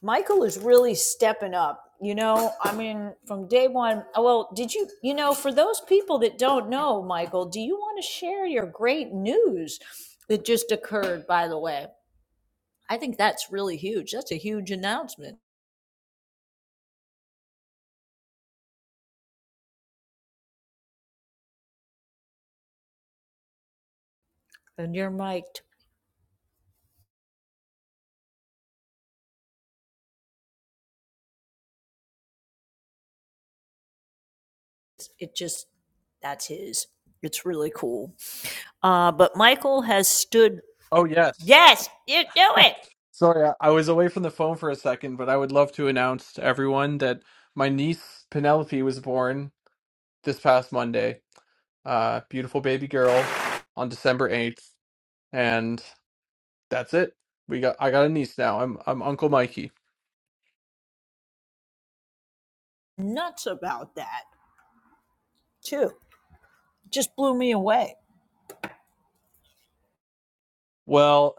Michael is really stepping up. You know, I mean, from day one. oh, Well, did you, you know, for those people that don't know, Michael, do you want to share your great news that just occurred, by the way? I think that's really huge. That's a huge announcement. And you're mic'd. it just that's his. It's really cool. Uh, but Michael has stood.
Oh yes.
Yes, you do it.
Sorry, I I was away from the phone for a second, but I would love to announce to everyone that my niece Penelope was born this past Monday. Uh, beautiful baby girl on December 8th, and that's it. We got I got a niece now. I'm I'm Uncle Mikey.
Nuts about that too. Just blew me away.
Well,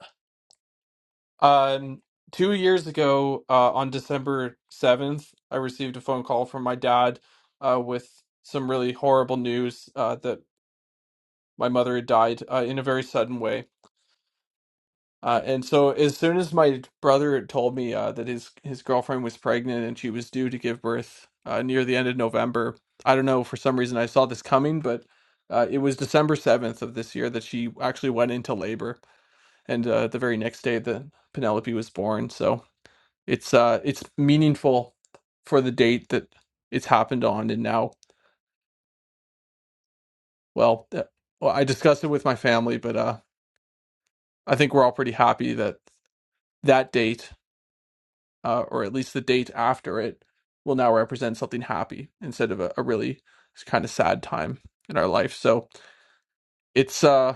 um, two years ago, uh, on December 7th, I received a phone call from my dad, uh, with some really horrible news, uh, that my mother had died, uh, in a very sudden way Uh, and so as soon as my brother had told me uh, that his his girlfriend was pregnant and she was due to give birth uh, near the end of November, I don't know for some reason I saw this coming, but uh, it was December seventh of this year that she actually went into labor, and uh, the very next day that Penelope was born. So it's uh it's meaningful for the date that it's happened on, and now well, uh, well I discussed it with my family, but uh I think we're all pretty happy that that date. uh, or at least the date after it, will now represent something happy instead of a, a really kind of sad time in our life. So it's uh,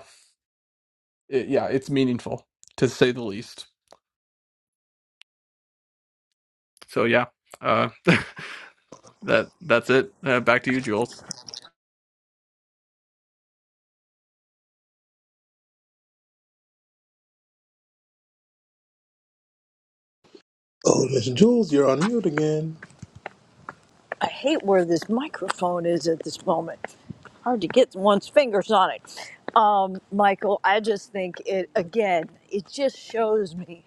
it, yeah, it's meaningful to say the least. So yeah, uh, that that's it. Uh, back to you, Jules.
Oh, Miss Jules, you're on mute again.
I hate where this microphone is at this moment. Hard to get one's fingers on it. Um, Michael, I just think it, again, it just shows me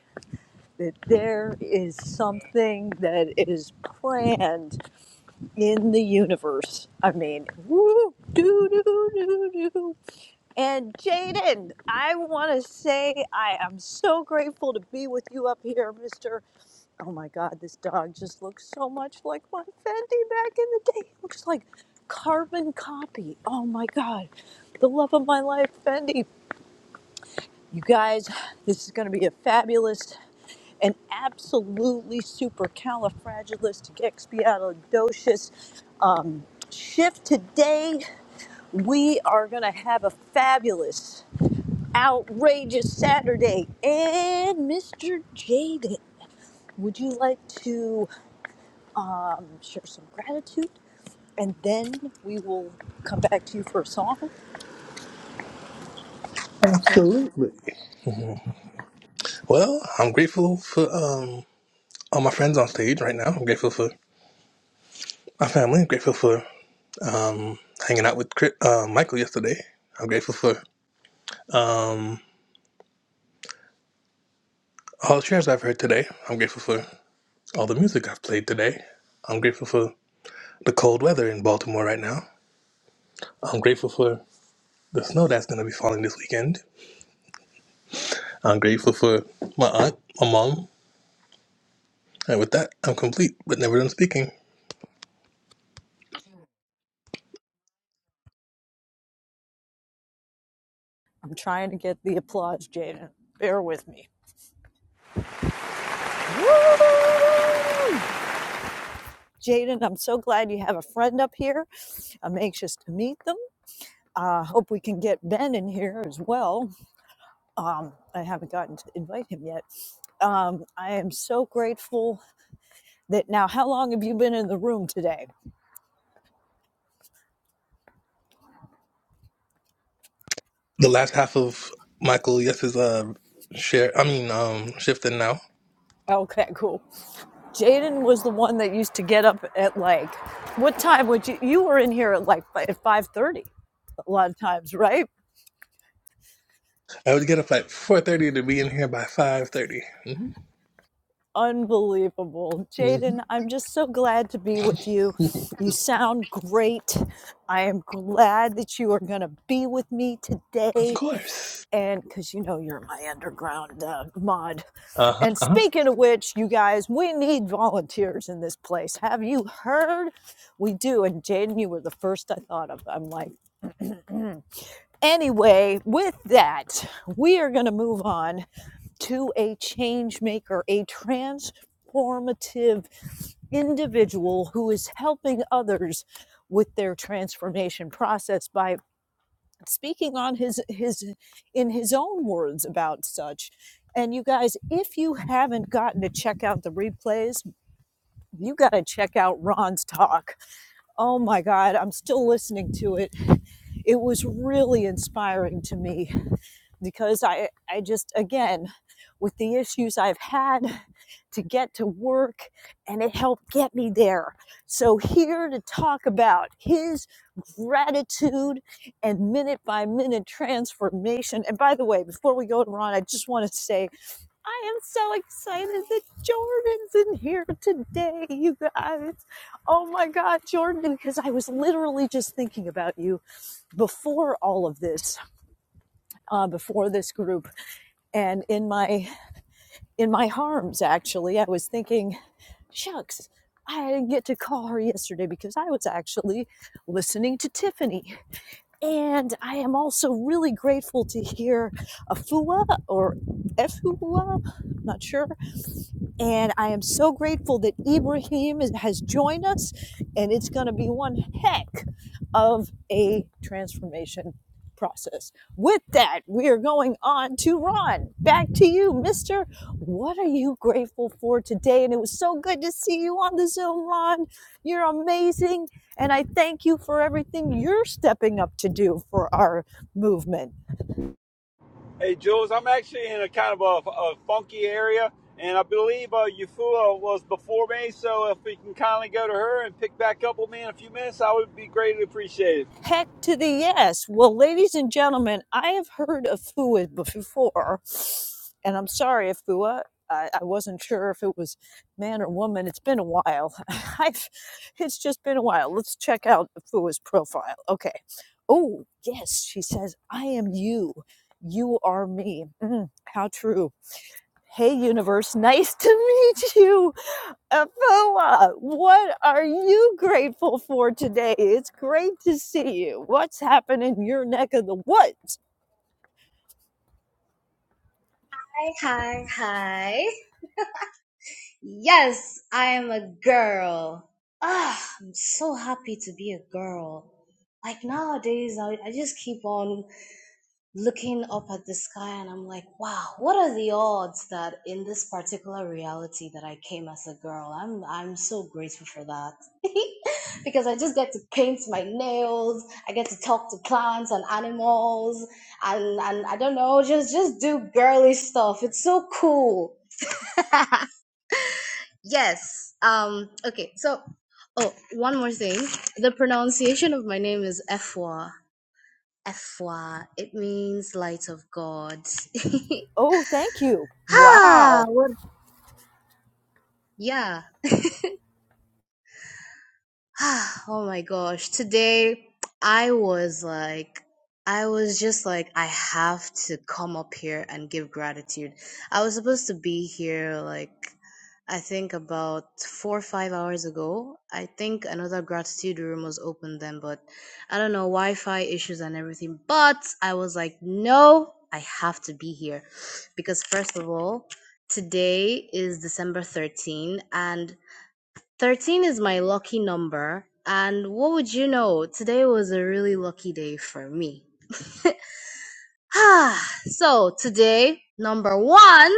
that there is something that is planned in the universe. I mean, woo, doo, doo, doo, doo. And Jaden, I want to say I am so grateful to be with you up here, Mister. Oh my God, this dog just looks so much like my Fendi back in the day. It looks like carbon copy. Oh my God, the love of my life, Fendi. You guys, this is going to be a fabulous and absolutely supercalifragilisticexpialidocious um, shift today. We are going to have a fabulous, outrageous Saturday. And Mr. Jaden, would you like to um, share some gratitude? And then we will come back to you for a song.
Absolutely. Well, I'm grateful for um all my friends on stage right now. I'm grateful for my family. I'm grateful for hanging out with Chris, uh, Michael yesterday. I'm grateful for um, all the shares I've heard today. I'm grateful for all the music I've played today. I'm grateful for the cold weather in Baltimore right now. I'm grateful for the snow that's going to be falling this weekend. I'm grateful for my aunt, my mom, and with that, I'm complete, but never done speaking.
I'm trying to get the applause, Jaden. Bear with me. Woo! Jaden, I'm so glad you have a friend up here. I'm anxious to meet them. I uh, hope we can get Ben in here as well. Um, I haven't gotten to invite him yet. Um, I am so grateful that now, how long have you been in the room today?
the last half of Michael Yes's uh share. I mean, um, shifting now.
Okay, cool. Jaden was the one that used to get up at like, what time would you, you were in here at like fi- at 5.30 a lot of times, right?
I would get up at four thirty to be in here by five thirty. mm hmm
Unbelievable. Jaden, I'm just so glad to be with you.
Mm-hmm.
You sound great. I am glad that you are going to be with me
of
today.
course.
And because you know you're my underground uh, mod.
Uh huh.
And
Uh-huh.
speaking of which, you guys, we need volunteers in this place. Have you heard? We do. And Jaden, you were the first I thought of. I'm like, anyway, with that, we are going to move on to a change maker, a transformative individual who is helping others with their transformation process by speaking on his his in his own words about such and you guys if you haven't gotten to check out the replays you got to check out Ron's talk oh my god I'm still listening to it it was really inspiring to me because I, I just, again, with the issues I've had to get to work, and it helped get me there. So, here to talk about his gratitude and minute by minute transformation. And by the way, before we go to Ron, I just want to say I am so excited that Jordan's in here today, you guys. Oh my God, Jordan, because I was literally just thinking about you before all of this, uh, before this group and in my in my arms actually i was thinking shucks i didn't get to call her yesterday because i was actually listening to tiffany and i am also really grateful to hear Afua or efua i'm not sure and I am so grateful that Ibrahim is, has joined us, and it's going to be one heck of a transformation process. With that, we are going on to Ron. Back to you, Mister. What are you grateful for today? And it was so good to see you on the Zoom, Ron. You're amazing, and I thank you for everything you're stepping up to do for our movement.
Hey, Jules, I'm actually in a kind of a, a funky area, and I believe uh, Eufua was before me, so if we can kindly go to her and pick back up with me in a few minutes, I would be greatly appreciated.
Heck to the yes. Well, ladies and gentlemen, I have heard of FUA before, and I'm sorry, FUA. I, I wasn't sure if it was man or woman. It's been a while. I've, it's just been a while. Let's check out FUA's profile. Okay. Oh, yes, she says, I am you. You are me. Mm, how true. Hey, universe, nice to meet you. Afua, what are you grateful for today? It's great to see you. What's happening in your neck of the woods?
Hi, hi, hi. Yes, I am a girl. Ah, I'm so happy to be a girl. Like nowadays, I, I just keep on looking up at the sky and I'm like, wow, what are the odds that in this particular reality that I came as a girl? I'm I'm so grateful for that. because I just get to paint my nails, I get to talk to plants and animals, and and I don't know, just just do girly stuff. It's so cool. Yes. Um. Okay. So, oh, one more thing. The pronunciation of my name is Efwa. Efwa. It means light of God.
Oh, thank you.
ah.
Wow.
What? Yeah. oh my gosh. Today I was like I was just like I have to come up here and give gratitude. I was supposed to be here like I think about 4 or 5 hours ago. I think another gratitude room was open then, but I don't know Wi-Fi issues and everything. But I was like, "No, I have to be here." Because first of all, today is December 13 and Thirteen is my lucky number, and what would you know, today was a really lucky day for me. so, today, number one,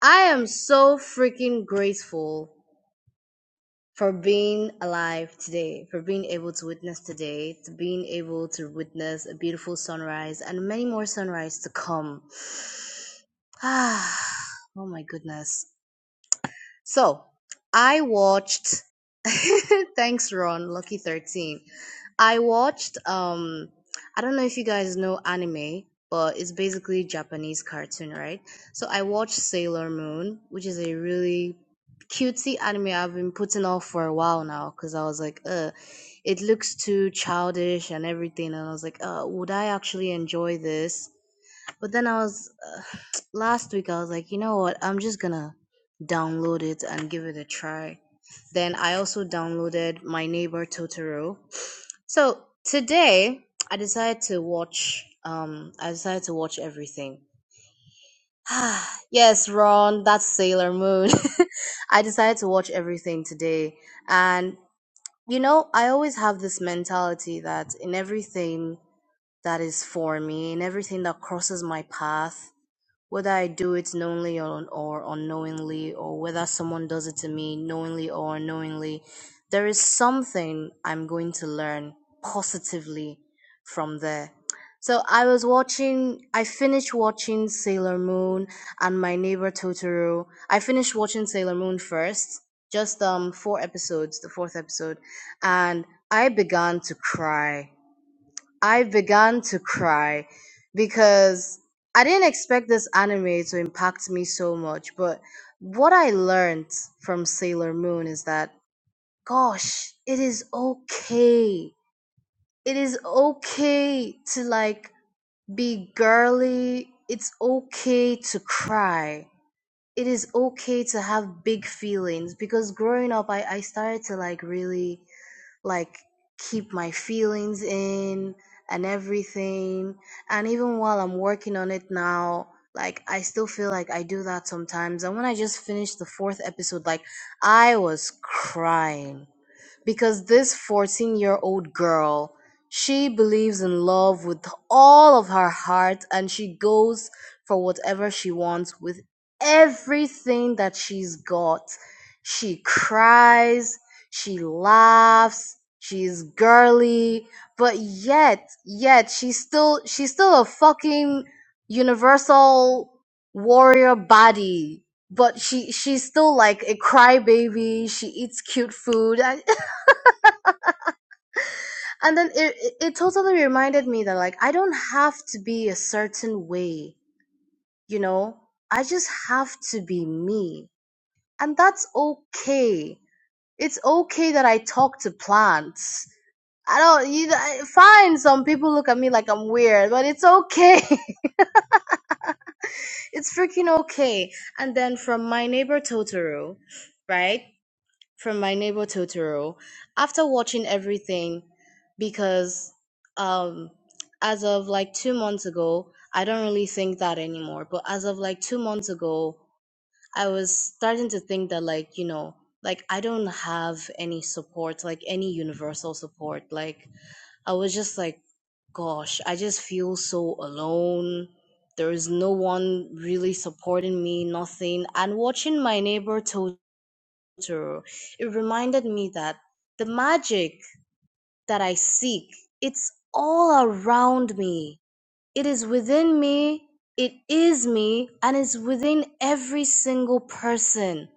I am so freaking grateful for being alive today, for being able to witness today, to being able to witness a beautiful sunrise and many more sunrise to come. oh my goodness. So I watched. Thanks, Ron. Lucky thirteen. I watched. Um, I don't know if you guys know anime, but it's basically Japanese cartoon, right? So I watched Sailor Moon, which is a really cutesy anime I've been putting off for a while now because I was like, uh, it looks too childish and everything, and I was like, uh, would I actually enjoy this? But then I was uh, last week. I was like, you know what? I'm just gonna download it and give it a try. Then I also downloaded My Neighbor Totoro. So today I decided to watch. Um, I decided to watch everything. Ah, yes, Ron, that's Sailor Moon. I decided to watch everything today, and you know, I always have this mentality that in everything that is for me, in everything that crosses my path whether I do it knowingly or, or unknowingly, or whether someone does it to me knowingly or unknowingly, there is something I'm going to learn positively from there. So I was watching, I finished watching Sailor Moon and My Neighbor Totoro. I finished watching Sailor Moon first, just um four episodes, the fourth episode, and I began to cry I began to cry because I didn't expect this anime to impact me so much. But what I learned from Sailor Moon is that, gosh, it is okay. It is okay to like be girly. It's okay to cry. It is okay to have big feelings because growing up, I, I started to like really like keep my feelings in and everything. And even while I'm working on it now, like I still feel like I do that sometimes. And when I just finished the fourth episode, like I was crying because this 14 year old girl she believes in love with all of her heart and she goes for whatever she wants with everything that she's got she cries she laughs she's girly but yet yet she's still she's still a fucking universal warrior body but she she's still like a crybaby. She eats cute food. I, and then it it it totally reminded me that like I don't have to be a certain way, you know? I just have to be me. And that's okay. It's okay that I talk to plants. I don't you I- fine some people look at me like I'm weird, but it's okay. it's freaking okay. And then from my neighbor Totoro, right? from My Neighbor Totoro after watching everything because um as of like 2 months ago, I don't really think that anymore, but as of like 2 months ago, I was starting to think that like, you know, like I don't have any support, like any universal support. Like I was just like gosh, I just feel so alone. There is no one really supporting me, nothing. And watching My Neighbor Totoro water, it reminded me that the magic that I seek, it's all around me. It is within me, it is me, and it's within every single person.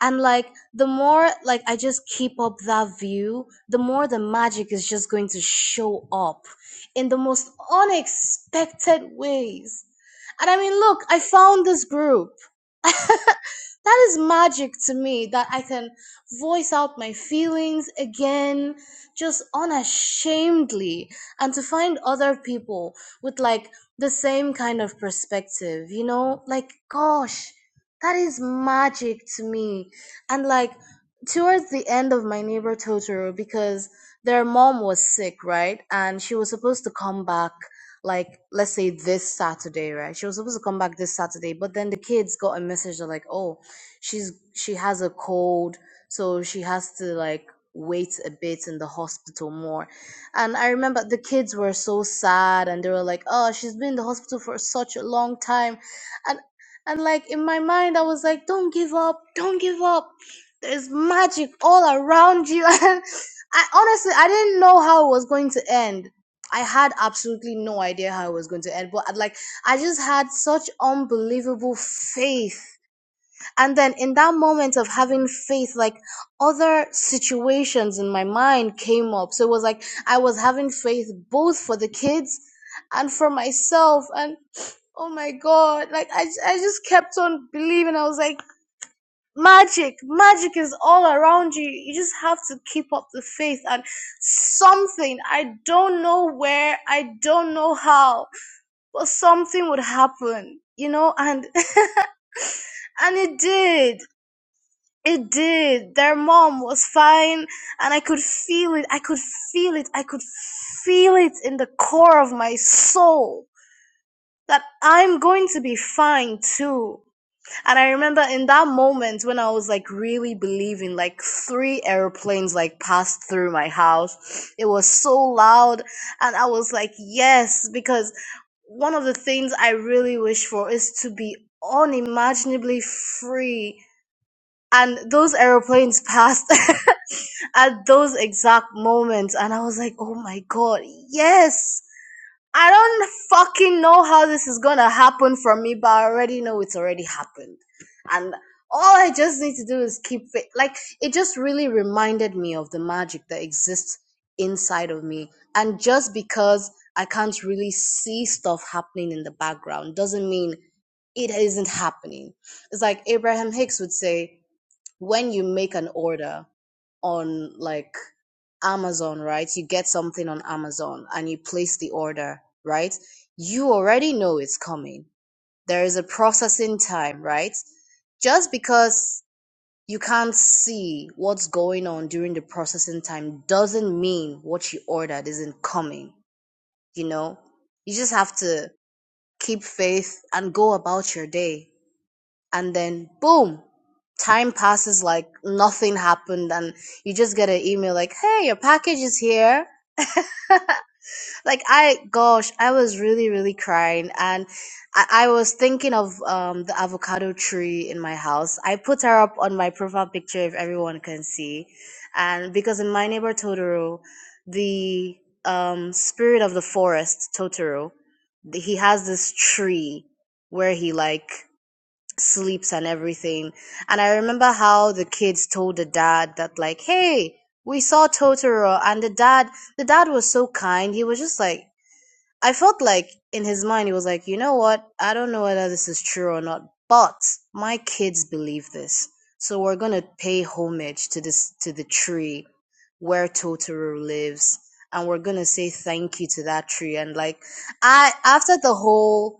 And like the more like I just keep up that view, the more the magic is just going to show up in the most unexpected ways and I mean, look, I found this group. that is magic to me that I can voice out my feelings again, just unashamedly, and to find other people with like the same kind of perspective, you know? Like, gosh, that is magic to me. And like, towards the end of my neighbor Totoro, because their mom was sick, right? And she was supposed to come back like let's say this Saturday, right? She was supposed to come back this Saturday, but then the kids got a message they're like, "Oh, she's she has a cold, so she has to like wait a bit in the hospital more." And I remember the kids were so sad and they were like, "Oh, she's been in the hospital for such a long time." And and like in my mind I was like, "Don't give up. Don't give up. There's magic all around you." And I honestly I didn't know how it was going to end I had absolutely no idea how it was going to end, but like I just had such unbelievable faith. And then in that moment of having faith, like other situations in my mind came up. So it was like I was having faith both for the kids and for myself. And oh my God, like I, I just kept on believing. I was like, magic magic is all around you you just have to keep up the faith and something i don't know where i don't know how but something would happen you know and and it did it did their mom was fine and i could feel it i could feel it i could feel it in the core of my soul that i'm going to be fine too And I remember in that moment when I was like really believing, like three airplanes like passed through my house. It was so loud. And I was like, yes, because one of the things I really wish for is to be unimaginably free. And those airplanes passed at those exact moments. And I was like, oh my God, yes. I don't fucking know how this is gonna happen for me, but I already know it's already happened. And all I just need to do is keep it. Like, it just really reminded me of the magic that exists inside of me. And just because I can't really see stuff happening in the background doesn't mean it isn't happening. It's like Abraham Hicks would say, when you make an order on like Amazon, right? You get something on Amazon and you place the order, right? You already know it's coming. There is a processing time, right? Just because you can't see what's going on during the processing time doesn't mean what you ordered isn't coming, you know? You just have to keep faith and go about your day and then boom time passes like nothing happened and you just get an email like hey your package is here like i gosh i was really really crying and i, I was thinking of um, the avocado tree in my house i put her up on my profile picture if everyone can see and because in my neighbor totoro the um, spirit of the forest totoro he has this tree where he like sleeps and everything. And I remember how the kids told the dad that like, "Hey, we saw Totoro." And the dad, the dad was so kind. He was just like, I felt like in his mind he was like, "You know what? I don't know whether this is true or not, but my kids believe this. So we're going to pay homage to this to the tree where Totoro lives." And we're gonna say thank you to that tree. And like, I, after the whole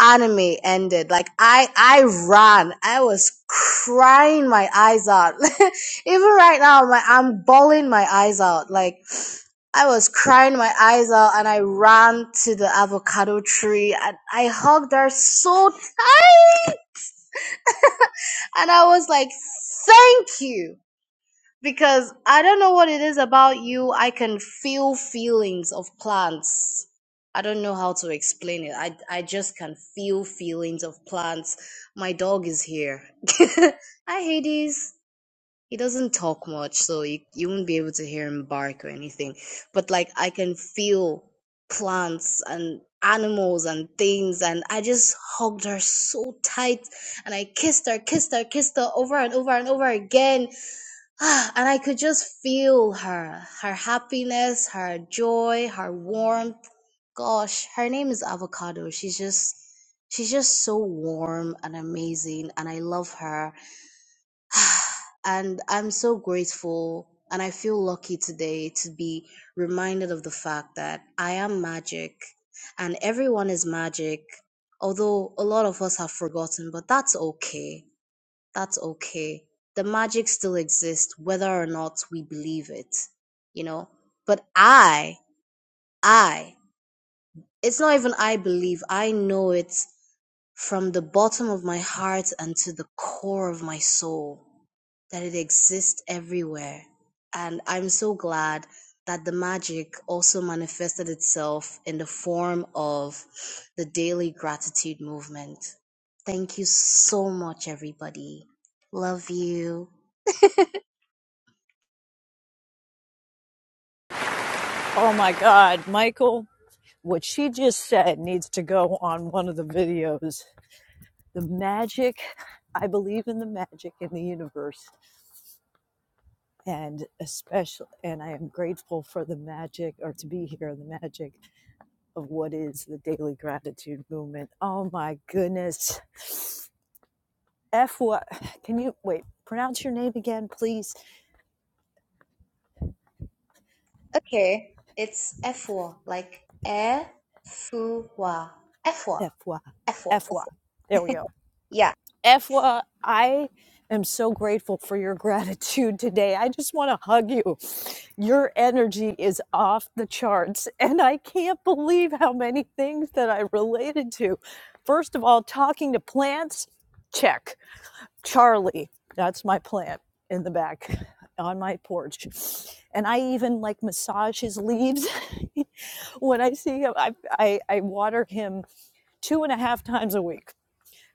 anime ended like i i ran i was crying my eyes out even right now my, i'm bawling my eyes out like i was crying my eyes out and i ran to the avocado tree and i hugged her so tight and i was like thank you because I don't know what it is about you. I can feel feelings of plants. I don't know how to explain it. I I just can feel feelings of plants. My dog is here. Hi Hades. He doesn't talk much, so you, you won't be able to hear him bark or anything. But like I can feel plants and animals and things and I just hugged her so tight and I kissed her, kissed her, kissed her over and over and over again Ah, and I could just feel her, her happiness, her joy, her warmth. Gosh, her name is Avocado. She's just she's just so warm and amazing and I love her and I'm so grateful and I feel lucky today to be reminded of the fact that I am magic and everyone is magic. Although a lot of us have forgotten, but that's okay that's okay. The magic still exists, whether or not we believe it, you know. But I, I, it's not even I believe, I know it from the bottom of my heart and to the core of my soul that it exists everywhere. And I'm so glad that the magic also manifested itself in the form of the daily gratitude movement. Thank you so much, everybody. Love you.
Oh my God, Michael, what she just said needs to go on one of the videos. The magic, I believe in the magic in the universe. And especially, and I am grateful for the magic or to be here, the magic of what is the daily gratitude movement. Oh my goodness FY. Can you wait? Pronounce your name again, please.
Okay, it's F4, like air, fu, wa, F4,
FY.
F4,
FY.
F4.
There we go.
Yeah.
FY, I am so grateful for your gratitude today. I just want to hug you. Your energy is off the charts, and I can't believe how many things that I related to. First of all, talking to plants, check Charlie. That's my plant in the back on my porch. And I even like massage his leaves when I see him. I, I, I water him two and a half times a week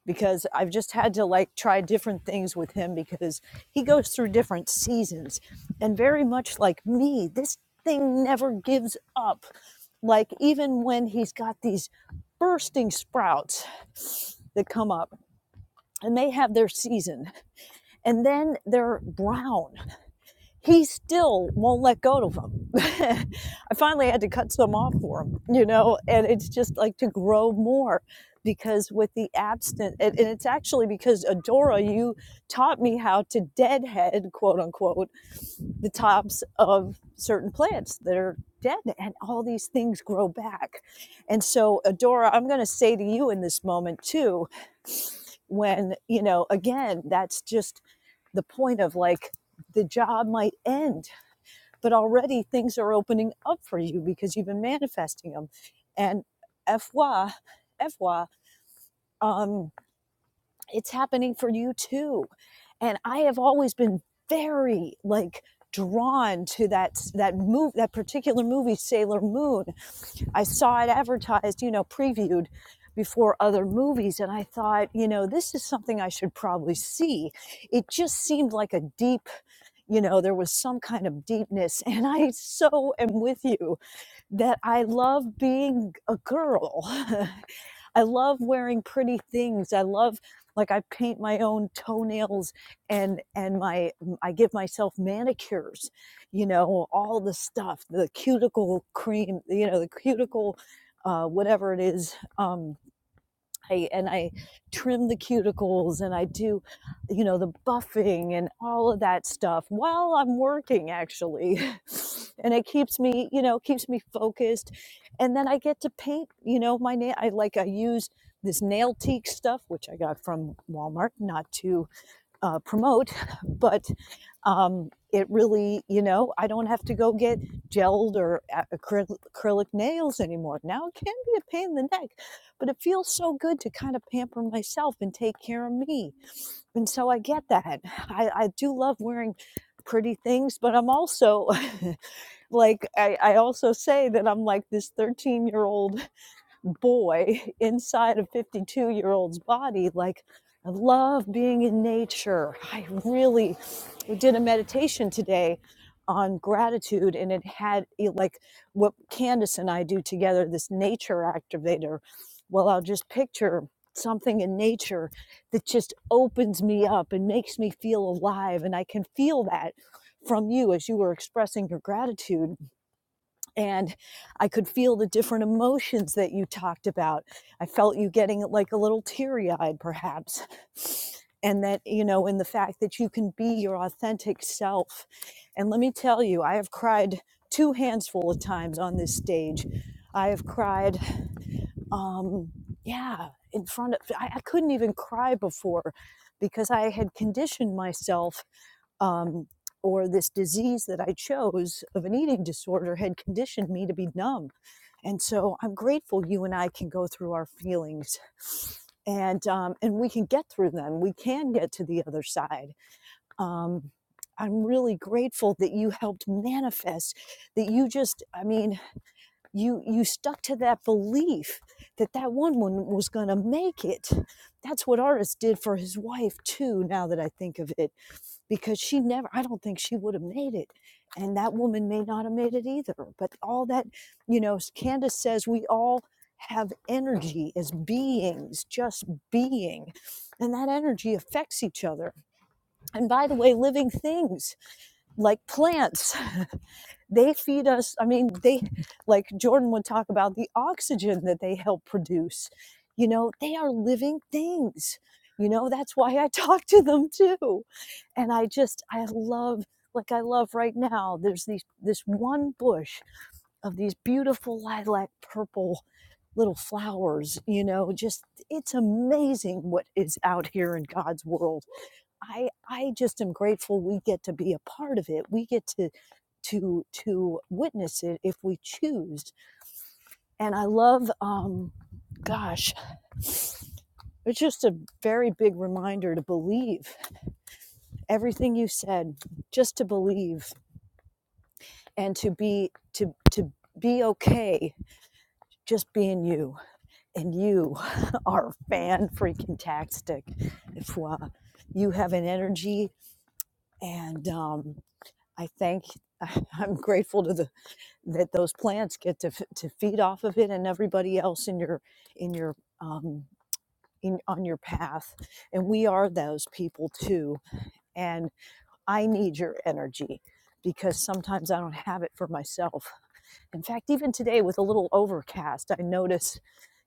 because I've just had to like try different things with him because he goes through different seasons. And very much like me, this thing never gives up. Like even when he's got these bursting sprouts that come up and they have their season and then they're brown. He still won't let go of them. I finally had to cut some off for him, you know, and it's just like to grow more because with the abstinence, and and it's actually because Adora, you taught me how to deadhead, quote unquote, the tops of certain plants that are dead and all these things grow back. And so, Adora, I'm going to say to you in this moment too, when, you know, again, that's just the point of like the job might end, but already things are opening up for you because you've been manifesting them. And FY, FY, um, it's happening for you too. And I have always been very like drawn to that that move that particular movie Sailor Moon. I saw it advertised, you know, previewed before other movies and I thought, you know, this is something I should probably see. It just seemed like a deep you know there was some kind of deepness and i so am with you that i love being a girl i love wearing pretty things i love like i paint my own toenails and and my i give myself manicures you know all the stuff the cuticle cream you know the cuticle uh, whatever it is um, I, and I trim the cuticles and I do, you know, the buffing and all of that stuff while I'm working actually. And it keeps me, you know, keeps me focused. And then I get to paint, you know, my nail. I like, I use this nail teak stuff, which I got from Walmart, not to uh, promote, but um, it really, you know, I don't have to go get gelled or acryl- acrylic nails anymore. Now it can be a pain in the neck, but it feels so good to kind of pamper myself and take care of me. And so I get that. I, I do love wearing pretty things, but I'm also like, I, I also say that I'm like this 13 year old boy inside a 52 year old's body like i love being in nature i really we did a meditation today on gratitude and it had eh, like what candace and i do together this nature activator well i'll just picture something in nature that just opens me up and makes me feel alive and i can feel that from you as you were expressing your gratitude and I could feel the different emotions that you talked about. I felt you getting like a little teary eyed, perhaps. And that, you know, in the fact that you can be your authentic self. And let me tell you, I have cried two handsful of times on this stage. I have cried, um, yeah, in front of, I, I couldn't even cry before because I had conditioned myself um, or this disease that I chose of an eating disorder had conditioned me to be numb. And so I'm grateful you and I can go through our feelings and um, and we can get through them. We can get to the other side. Um, I'm really grateful that you helped manifest that you just I mean you you stuck to that belief that that one woman was going to make it. That's what Artis did for his wife too now that I think of it because she never i don't think she would have made it and that woman may not have made it either but all that you know candace says we all have energy as beings just being and that energy affects each other and by the way living things like plants They feed us, I mean, they, like Jordan would talk about the oxygen that they help produce. You know, they are living things. You know, that's why I talk to them too. And I just, I love, like I love right now, there's these, this one bush of these beautiful lilac purple little flowers, you know, just, it's amazing what is out here in God's world I I just am grateful we get to be a part of it. We get to to to witness it if we choose. And I love um gosh, it's just a very big reminder to believe everything you said, just to believe and to be to to be okay just being you and you are fan freaking tastic if uh, you have an energy and um, i thank i'm grateful to the that those plants get to f- to feed off of it and everybody else in your in your um in, on your path and we are those people too and i need your energy because sometimes i don't have it for myself in fact even today with a little overcast i notice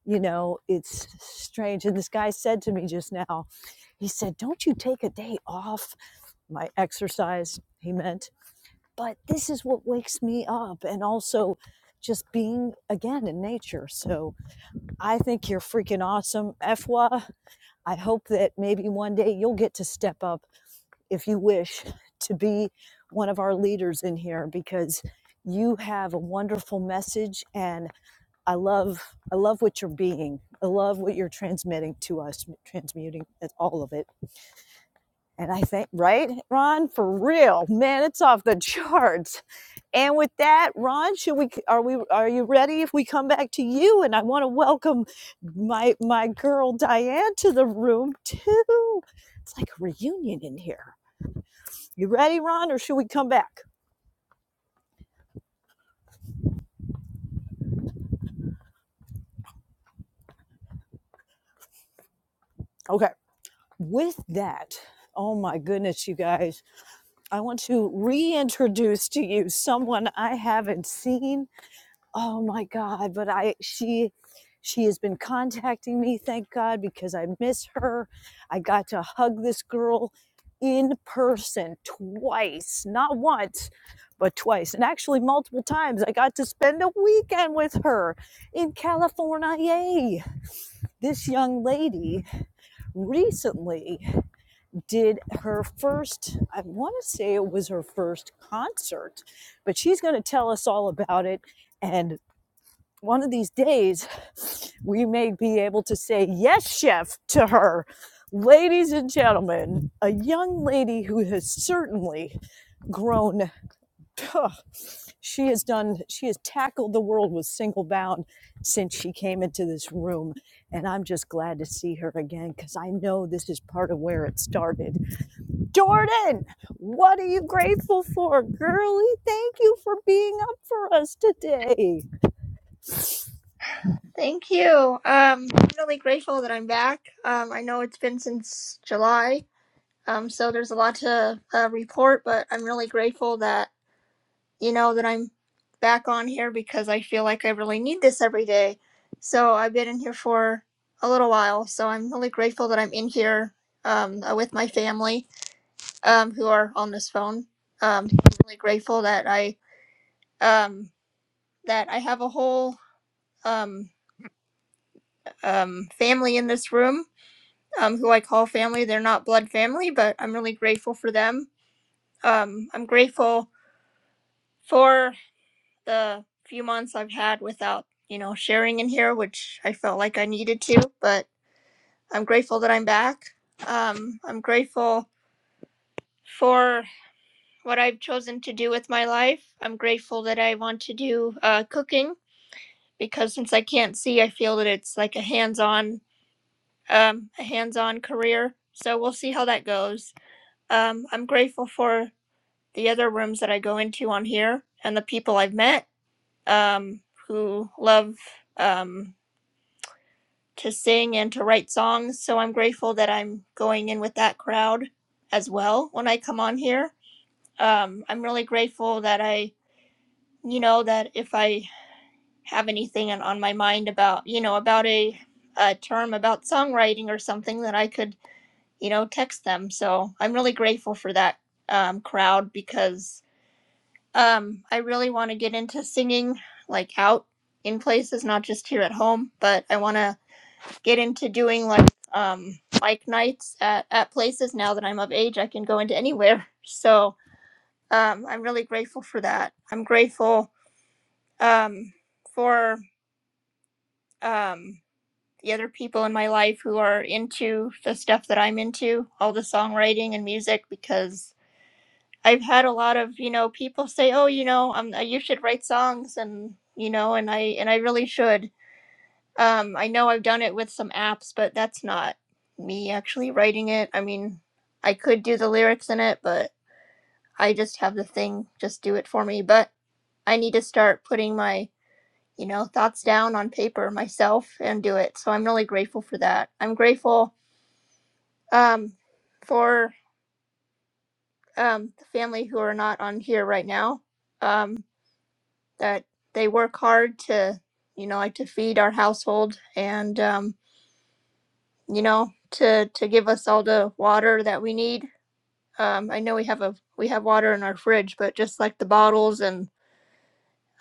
you know it's strange and this guy said to me just now he said don't you take a day off my exercise he meant but this is what wakes me up and also just being again in nature so i think you're freaking awesome efwa i hope that maybe one day you'll get to step up if you wish to be one of our leaders in here because you have a wonderful message and i love i love what you're being i love what you're transmitting to us transmuting all of it and i think right ron for real man it's off the charts and with that, Ron, should we are we are you ready if we come back to you? And I want to welcome my my girl Diane to the room too. It's like a reunion in here. You ready, Ron, or should we come back? Okay. With that, oh my goodness, you guys, I want to reintroduce to you someone I haven't seen oh my god but i she she has been contacting me thank god because i miss her i got to hug this girl in person twice not once but twice and actually multiple times i got to spend a weekend with her in california yay this young lady recently did her first i want to say it was her first concert but she's going to tell us all about it and one of these days, we may be able to say, Yes, chef, to her. Ladies and gentlemen, a young lady who has certainly grown. she has done, she has tackled the world with single bound since she came into this room. And I'm just glad to see her again because I know this is part of where it started. Jordan, what are you grateful for? Girlie, thank you for being up for us today.
Thank you. Um, I'm really grateful that I'm back. Um, I know it's been since July, um, so there's a lot to uh, report, but I'm really grateful that you know that I'm back on here because I feel like I really need this every day. So I've been in here for a little while, so I'm really grateful that I'm in here um, uh, with my family um, who are on this phone. Um, I'm really grateful that I um, that I have a whole um, um, family in this room um, who I call family. They're not blood family, but I'm really grateful for them. Um, I'm grateful for the few months I've had without, you know, sharing in here, which I felt like I needed to, but I'm grateful that I'm back. Um, I'm grateful for what I've chosen to do with my life. I'm grateful that I want to do uh, cooking because since I can't see, I feel that it's like a hands-on, um, a hands-on career. So we'll see how that goes. Um, I'm grateful for the other rooms that I go into on here and the people I've met um, who love um, to sing and to write songs. So I'm grateful that I'm going in with that crowd as well when I come on here. Um, I'm really grateful that I, you know, that if I have anything on my mind about, you know, about a, a term about songwriting or something, that I could, you know, text them. So I'm really grateful for that um, crowd because Um, I really want to get into singing like out in places, not just here at home, but I want to get into doing like um bike nights at at places now that I'm of age, I can go into anywhere. So, um I'm really grateful for that. I'm grateful um for um the other people in my life who are into the stuff that I'm into, all the songwriting and music because I've had a lot of, you know, people say, "Oh, you know, um, uh, you should write songs," and you know, and I and I really should. Um, I know I've done it with some apps, but that's not me actually writing it. I mean, I could do the lyrics in it, but I just have the thing just do it for me. But I need to start putting my, you know, thoughts down on paper myself and do it. So I'm really grateful for that. I'm grateful um, for um, the family who are not on here right now. um. that they work hard to you know like to feed our household and um, you know to to give us all the water that we need um, i know we have a we have water in our fridge but just like the bottles and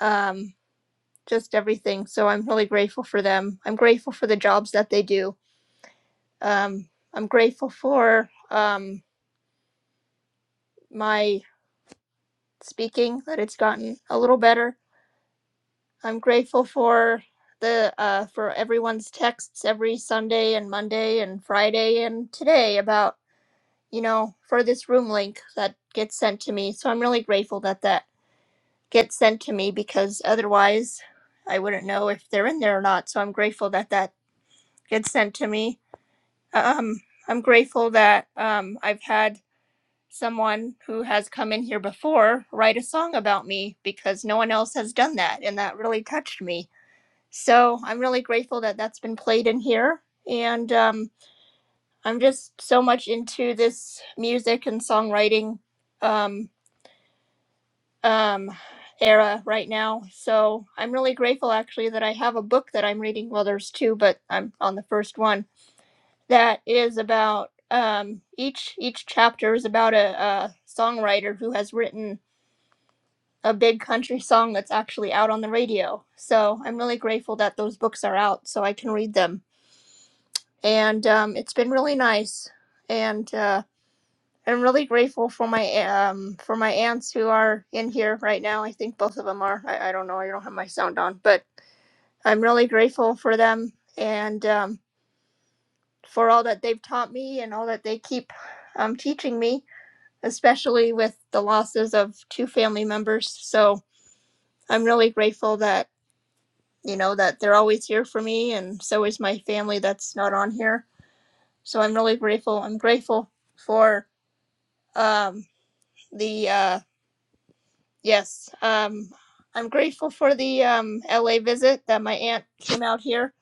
um, just everything so i'm really grateful for them i'm grateful for the jobs that they do um, i'm grateful for um, my speaking that it's gotten a little better I'm grateful for the uh, for everyone's texts every Sunday and Monday and Friday and today about you know for this room link that gets sent to me. So I'm really grateful that that gets sent to me because otherwise I wouldn't know if they're in there or not. So I'm grateful that that gets sent to me. Um, I'm grateful that um, I've had someone who has come in here before write a song about me because no one else has done that and that really touched me so I'm really grateful that that's been played in here. And um, I'm just so much into this music and songwriting um, um, era right now. So I'm really grateful actually that I have a book that I'm reading. Well, there's two, but I'm on the first one that is about um, each each chapter is about a, a songwriter who has written a big country song that's actually out on the radio. So I'm really grateful that those books are out so I can read them and um, it's been really nice. And uh, I'm really grateful for my um, for my aunts who are in here right now. I think both of them are. I, I don't know. I don't have my sound on, but I'm really grateful for them and um, for all that they've taught me and all that they keep um, teaching me, especially with the losses of two family members. So I'm really grateful that you know that they're always here for me, and so is my family that's not on here. So I'm really grateful. I'm grateful for um the uh yes um i'm grateful for the um la visit that my aunt came out here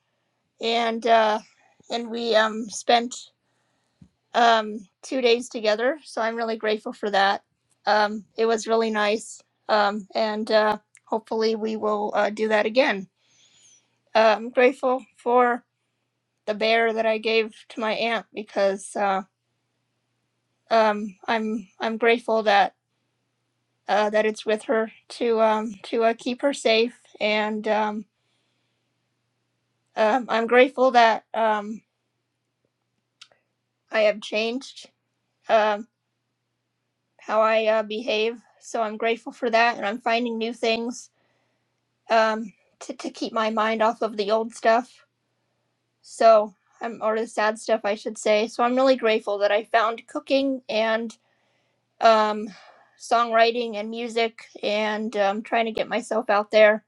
and uh and we um spent um two days together so i'm really grateful for that um it was really nice um and uh hopefully we will uh, do that again uh, i'm grateful for the bear that i gave to my aunt because uh um i'm i'm grateful that uh, that it's with her to um, to uh, keep her safe. And um, um, I'm grateful that um, I have changed um, how I uh, behave. So I'm grateful for that, and I'm finding new things um, to to keep my mind off of the old stuff. So I'm or the sad stuff, I should say. So I'm really grateful that I found cooking and um, songwriting and music, and um, trying to get myself out there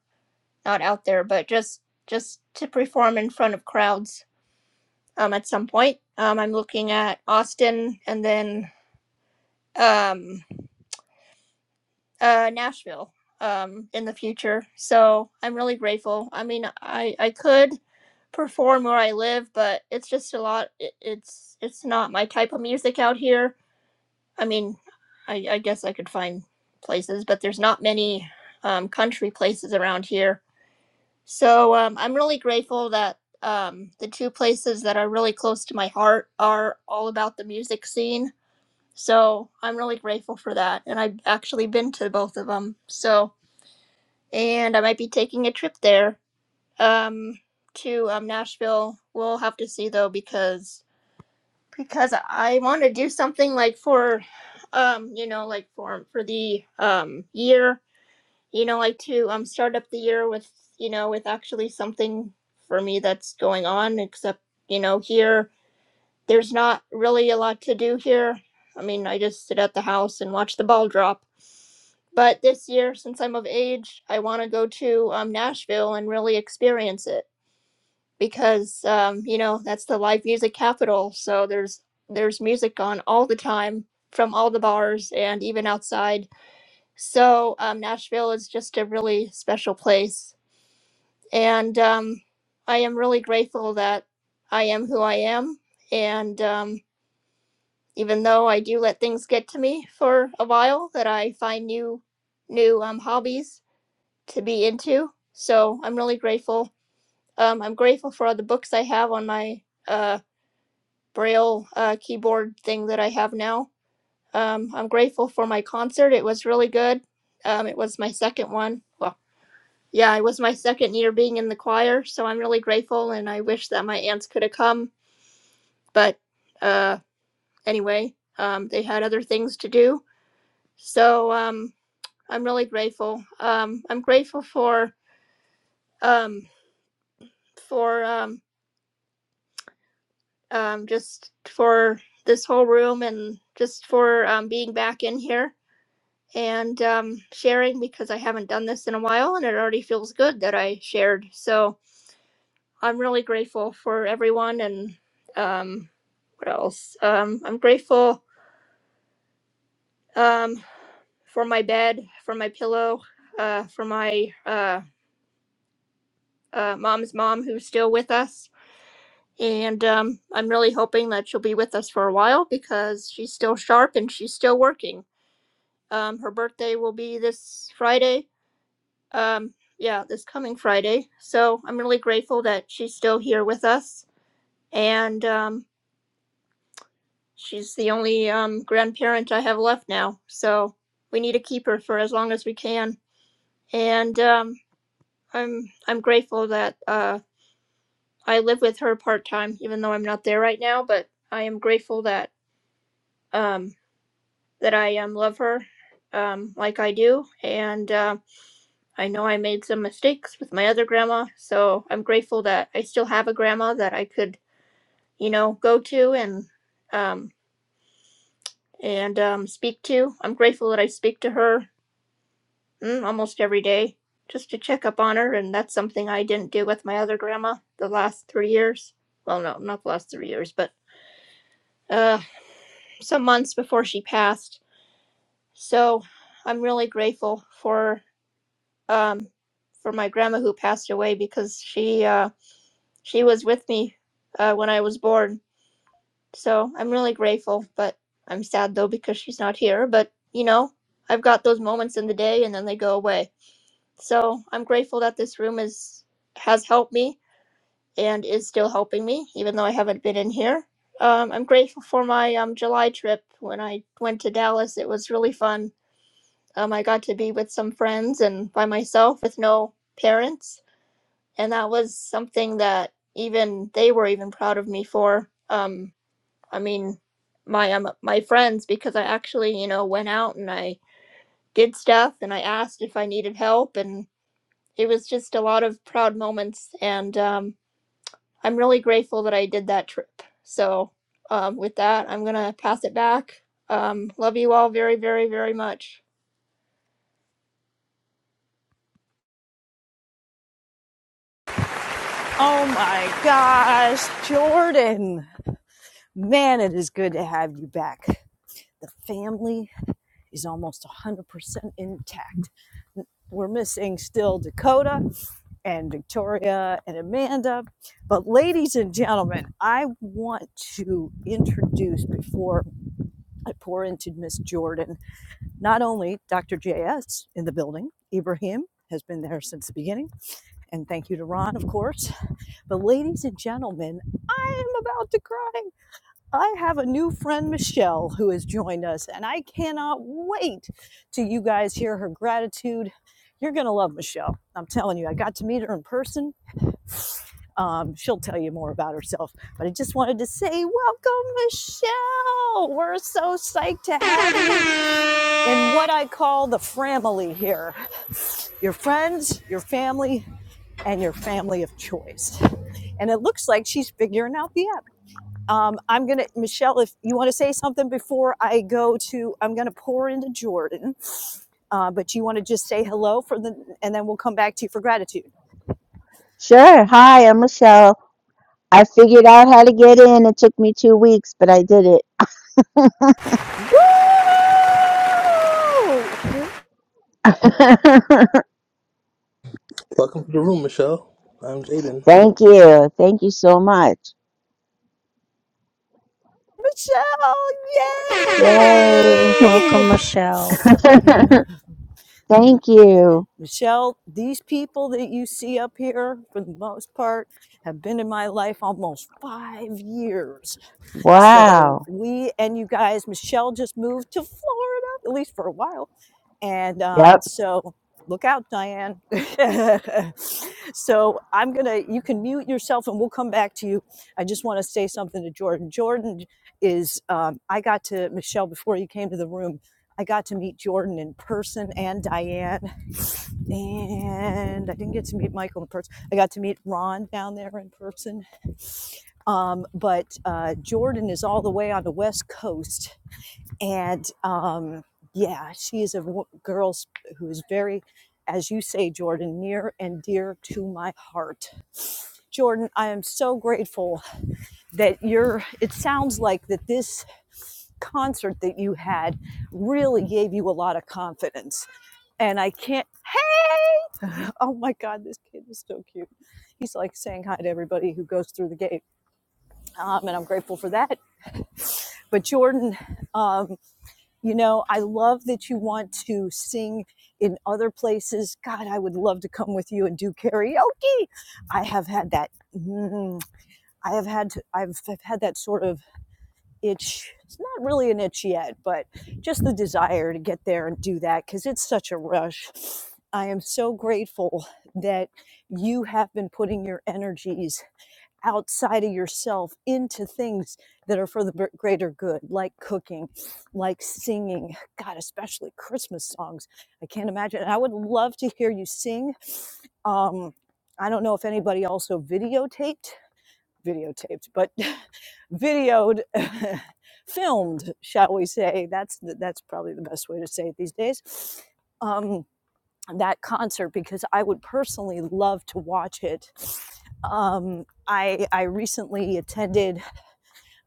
not out there, but just just to perform in front of crowds um, at some point. Um, I'm looking at Austin and then um, uh, Nashville um, in the future. So I'm really grateful. I mean, I I could perform where I live, but it's just a lot. It, it's it's not my type of music out here. I mean, I, I guess I could find places, but there's not many um, country places around here So um, I'm really grateful that um, the two places that are really close to my heart are all about the music scene. So I'm really grateful for that. And I've actually been to both of them. So, and I might be taking a trip there um, to um, Nashville. We'll have to see though, because because I want to do something like for, um, you know, like for for the um, year you know, like to um start up the year with, you know, with actually something for me that's going on, except, you know, here there's not really a lot to do here. I mean, I just sit at the house and watch the ball drop. But this year, since I'm of age, I want to go to um, Nashville and really experience it because, um, you know, that's the live music capital. So there's there's music on all the time from all the bars and even outside. So um, Nashville is just a really special place And um, I am really grateful that I am who I am. And um, even though I do let things get to me for a while, that I find new, new um, hobbies to be into. So I'm really grateful. Um, I'm grateful for all the books I have on my uh, braille uh, keyboard thing that I have now. Um, I'm grateful for my concert. It was really good. Um, it was my second one. Yeah, it was my second year being in the choir, so I'm really grateful and I wish that my aunts could have come. But uh, anyway, um, they had other things to do. So um, I'm really grateful. Um, I'm grateful for um, for um, um, just for this whole room and just for um, being back in here and um, sharing because I haven't done this in a while and it already feels good that I shared. So I'm really grateful for everyone and um what else? Um I'm grateful um for my bed, for my pillow, uh for my uh uh mom's mom who's still with us. And um I'm really hoping that she'll be with us for a while because she's still sharp and she's still working. Um her birthday will be this Friday. Um yeah, this coming Friday. So I'm really grateful that she's still here with us. And um She's the only um, grandparent I have left now, so we need to keep her for as long as we can. And um, I'm I'm grateful that uh, I live with her part time, even though I'm not there right now. But I am grateful that um, that I um, love her um, like I do, and uh, I know I made some mistakes with my other grandma, so I'm grateful that I still have a grandma that I could you know go to and um, and um, speak to. I'm grateful that I speak to her mm, almost every day just to check up on her. And that's something I didn't do with my other grandma the last three years. Well, no, not the last three years, but uh, some months before she passed. So I'm really grateful for um, for my grandma who passed away because she uh, she was with me uh, when I was born. So I'm really grateful, but I'm sad though because she's not here. But you know, I've got those moments in the day and then they go away. So I'm grateful that this room is has helped me and is still helping me, even though I haven't been in here. Um, I'm grateful for my um, July trip. When I went to Dallas, it was really fun. Um, I got to be with some friends and by myself with no parents, and that was something that even they were even proud of me for. Um, I mean, my um, my friends because I actually you know went out and I did stuff and I asked if I needed help and it was just a lot of proud moments and um, i'm really grateful that i did that trip so um, with that i'm gonna pass it back um, love you all very very very much
Oh my gosh, Jordan. Man, it is good to have you back. The family is almost 100% intact. We're missing still Dakota and Victoria and Amanda. But, ladies and gentlemen, I want to introduce before I pour into Miss Jordan, not only Dr. JS in the building, Ibrahim has been there since the beginning, and thank you to Ron, of course But, ladies and gentlemen, I am about to cry. I have a new friend, Michelle, who has joined us, and I cannot wait till you guys hear her gratitude. You're going to love Michelle. I'm telling you, I got to meet her in person. Um, she'll tell you more about herself, but I just wanted to say, welcome, Michelle. We're so psyched to have you in what I call the family here your friends, your family, and your family of choice. And it looks like she's figuring out the app. Um, I'm going to, Michelle, if you want to say something before I go to, I'm going to pour into Jordan, uh, but you want to just say hello for the, and then we'll come back to you for gratitude.
Sure. Hi, I'm Michelle. I figured out how to get in. It took me two weeks, but I did
Oh,
it.
Welcome to the room, Michelle. I'm Jaden.
Thank you. Thank you so much.
Michelle,
Yay.
Welcome, Michelle.
yay!
Thank you.
Michelle, these people that you see up here, for the most part, have been in my life almost five years. So
Wow.
we and you guys, Michelle just moved to Florida, at least for a while and um,
Yep.
so look out, Diane. so I'm going to, you can mute yourself and we'll come back to you. I just want to say something to Jordan. Jordan is, um, I got to, Michelle, before you came to the room, I got to meet Jordan in person and Diane. And I didn't get to meet Michael in person. I got to meet Ron down there in person. Um, but uh, Jordan is all the way on the West Coast and um, yeah, she is a w- girl who is very, as you say, Jordan, near and dear to my heart. Jordan, I am so grateful that you're. It sounds like that this concert that you had really gave you a lot of confidence, and I can't. Hey! Oh my God, this kid is so cute. He's like saying hi to everybody who goes through the gate, um, and I'm grateful for that. But Jordan, um, You know, I love that you want to sing in other places. God, I would love to come with you and do karaoke. I have had that. Mm, I have had to, I've, I've had that sort of itch. It's not really an itch yet, but just the desire to get there and do that because it's such a rush. I am so grateful that you have been putting your energies outside of yourself into things that are for the greater good, like cooking, like singing. God, especially Christmas songs. I can't imagine. And I would love to hear you sing. Um, I don't know if anybody also videotaped, videotaped, but videoed, filmed, shall we say? That's that's probably the best way to say it these days. Um, that concert because I would personally love to watch it. Um, I I recently attended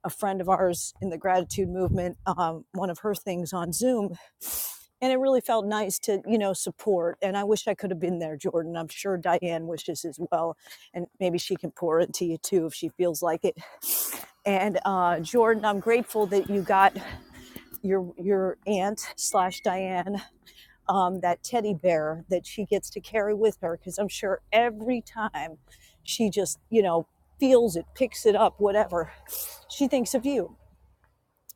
a friend of ours in the gratitude movement, um, one of her things on Zoom, and it really felt nice to you know support. And I wish I could have been there, Jordan. I'm sure Diane wishes as well, and maybe she can pour into you too if she feels like it. And uh, Jordan, I'm grateful that you got your your aunt slash Diane um, that teddy bear that she gets to carry with her because I'm sure every time she just, you know, feels it, picks it up, whatever, she thinks of you.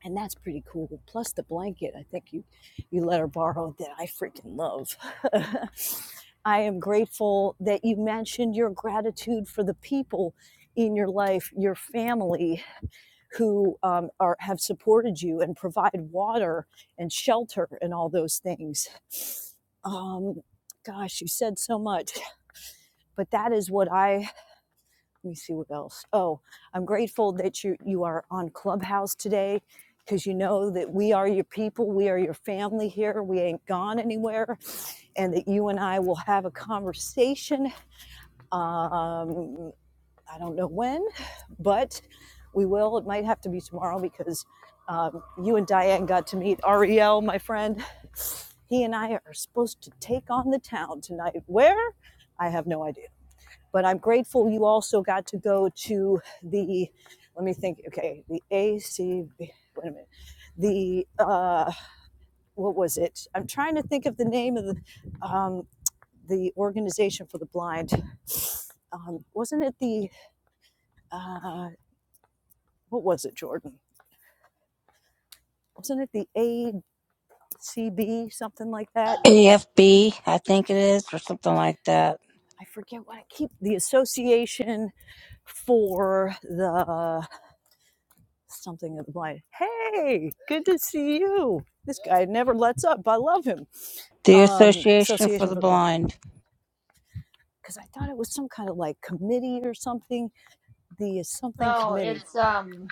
And that's pretty cool. Plus the blanket, I think you, you let her borrow that I freaking love. I am grateful that you mentioned your gratitude for the people in your life, your family, who um, are have supported you and provide water and shelter and all those things. Um, gosh, you said so much, but that is what I. Let me see what else. Oh, I'm grateful that you you are on Clubhouse today because you know that we are your people, we are your family here. We ain't gone anywhere, and that you and I will have a conversation. Um, I don't know when, but we will. It might have to be tomorrow because um, you and Diane got to meet Ariel, my friend. He and I are supposed to take on the town tonight. Where? I have no idea. But I'm grateful you also got to go to the, let me think, okay, the ACB, wait a minute, the, uh, what was it? I'm trying to think of the name of the, um, the organization for the blind. Um, wasn't it the, uh, what was it, Jordan? wasn't it the ACB, something like that?
AFB, I think it is, or something like that.
I forget what I keep the Association for the something of blind. Hey, good to see you. This guy never lets up. I love him.
The
Um,
Association for
Association
the
for the Blind.
Blind.
Because I thought it was some kind of like committee or something, the something
no
committee,
it's um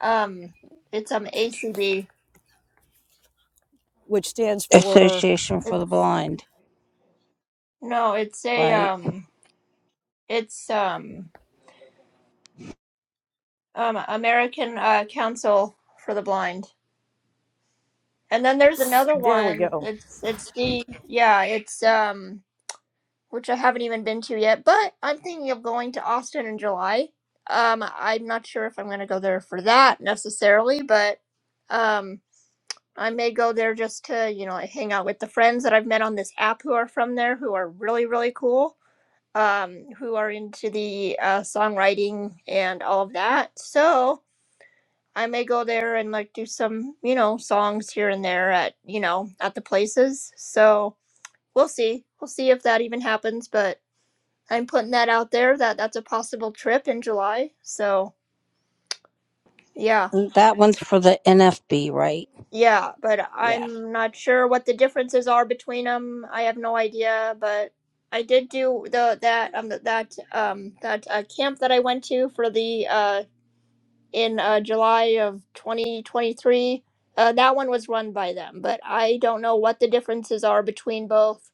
um it's um acb
which stands for,
Association for
it's
the Blind,
no it's a
right?
um it's um, um american uh, council for the blind and then there's another
there we
one
go,
it's it's the yeah it's um which I haven't even been to yet, but I'm thinking of going to Austin in July. Um, I'm not sure if I'm going to go there for that necessarily, but um, I may go there just to, you know, hang out with the friends that I've met on this app who are from there who are really, really cool, um, who are into the uh, songwriting and all of that. So I may go there and like do some, you know, songs here and there at, you know, at the places. So we'll see. We'll see if that even happens, but I'm putting that out there that that's a possible trip in July. So, yeah.
That one's for the NFB, right?
Yeah, but
Yeah.
I'm not sure what the differences are between them. I have no idea, but I did do the that um that um that uh, camp that I went to for the uh in uh July of 2023. Uh that one was run by them, but I don't know what the differences are between both.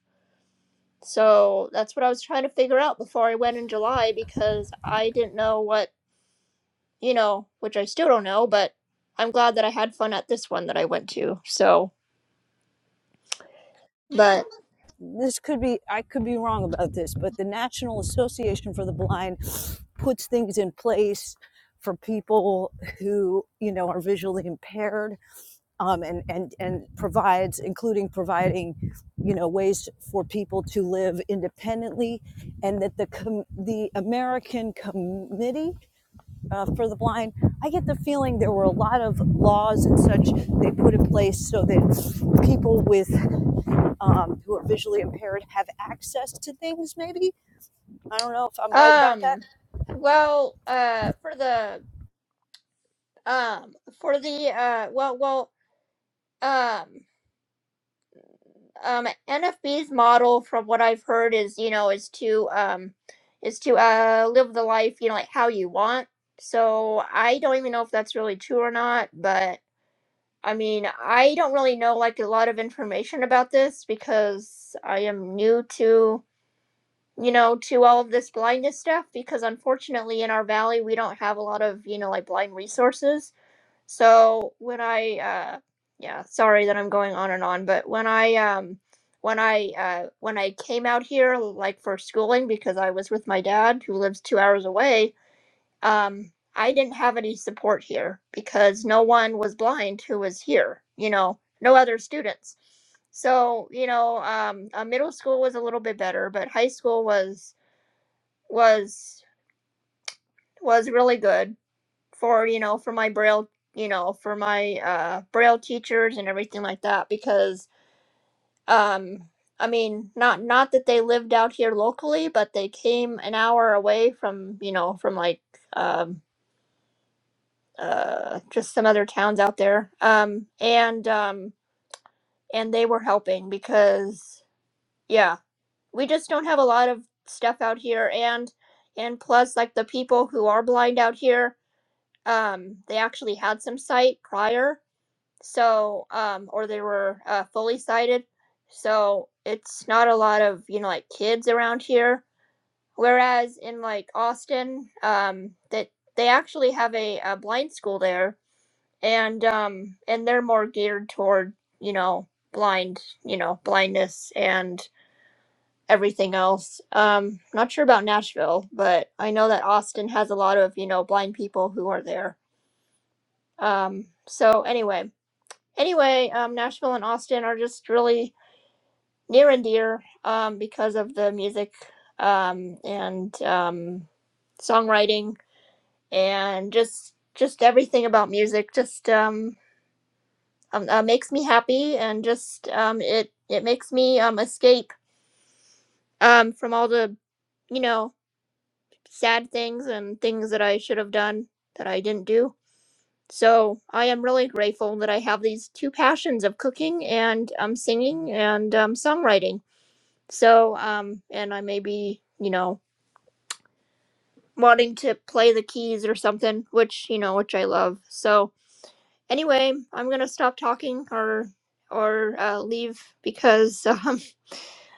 So, that's what I was trying to figure out before I went in July because I didn't know what you know, which I still don't know, but I'm glad that I had fun at this one that I went to. So, but
this could be I could be wrong about this, but the National Association for the Blind puts things in place for people who you know are visually impaired um, and and and provides including providing you know ways for people to live independently and that the com- the American committee uh, for the blind. I get the feeling there were a lot of laws and such they put in place so that people with um, who are visually impaired have access to things. Maybe I don't know if I'm right about that.
um well, uh for the um for the uh well well um um NFB's model from what I've heard is, you know, is to um is to uh live the life, you know, like how you want. So, I don't even know if that's really true or not, but I mean, I don't really know like a lot of information about this because I am new to you know, to all of this blindness stuff because unfortunately in our valley we don't have a lot of, you know, like blind resources. So when I uh yeah, sorry that I'm going on and on, but when I um when I uh when I came out here like for schooling because I was with my dad who lives 2 hours away, um I didn't have any support here because no one was blind who was here, you know, no other students. So, you know, um, uh, middle school was a little bit better, but high school was was was really good for you know for my braille you know for my uh braille teachers and everything like that because um i mean not not that they lived out here locally but they came an hour away from you know from like um uh just some other towns out there um and um and they were helping because yeah we just don't have a lot of stuff out here and and plus like the people who are blind out here um, they actually had some sight prior, so um, or they were uh, fully sighted. So it's not a lot of you know like kids around here. Whereas in like Austin, um, that they actually have a, a blind school there, and um, and they're more geared toward you know blind you know blindness and everything else. Um, not sure about Nashville, but I know that Austin has a lot of you know blind people who are there. Um, so anyway, anyway, um, Nashville and Austin are just really near and dear um, because of the music um, and um, songwriting and just just everything about music just um, um, uh, makes me happy and just um, it it makes me um, escape um, from all the you know sad things and things that I should have done that I didn't do So I am really grateful that I have these two passions of cooking and um, singing and um, songwriting. So, um, and I may be, you know, wanting to play the keys or something, which, you know, which I love. So anyway, I'm going to stop talking or or uh, leave because um,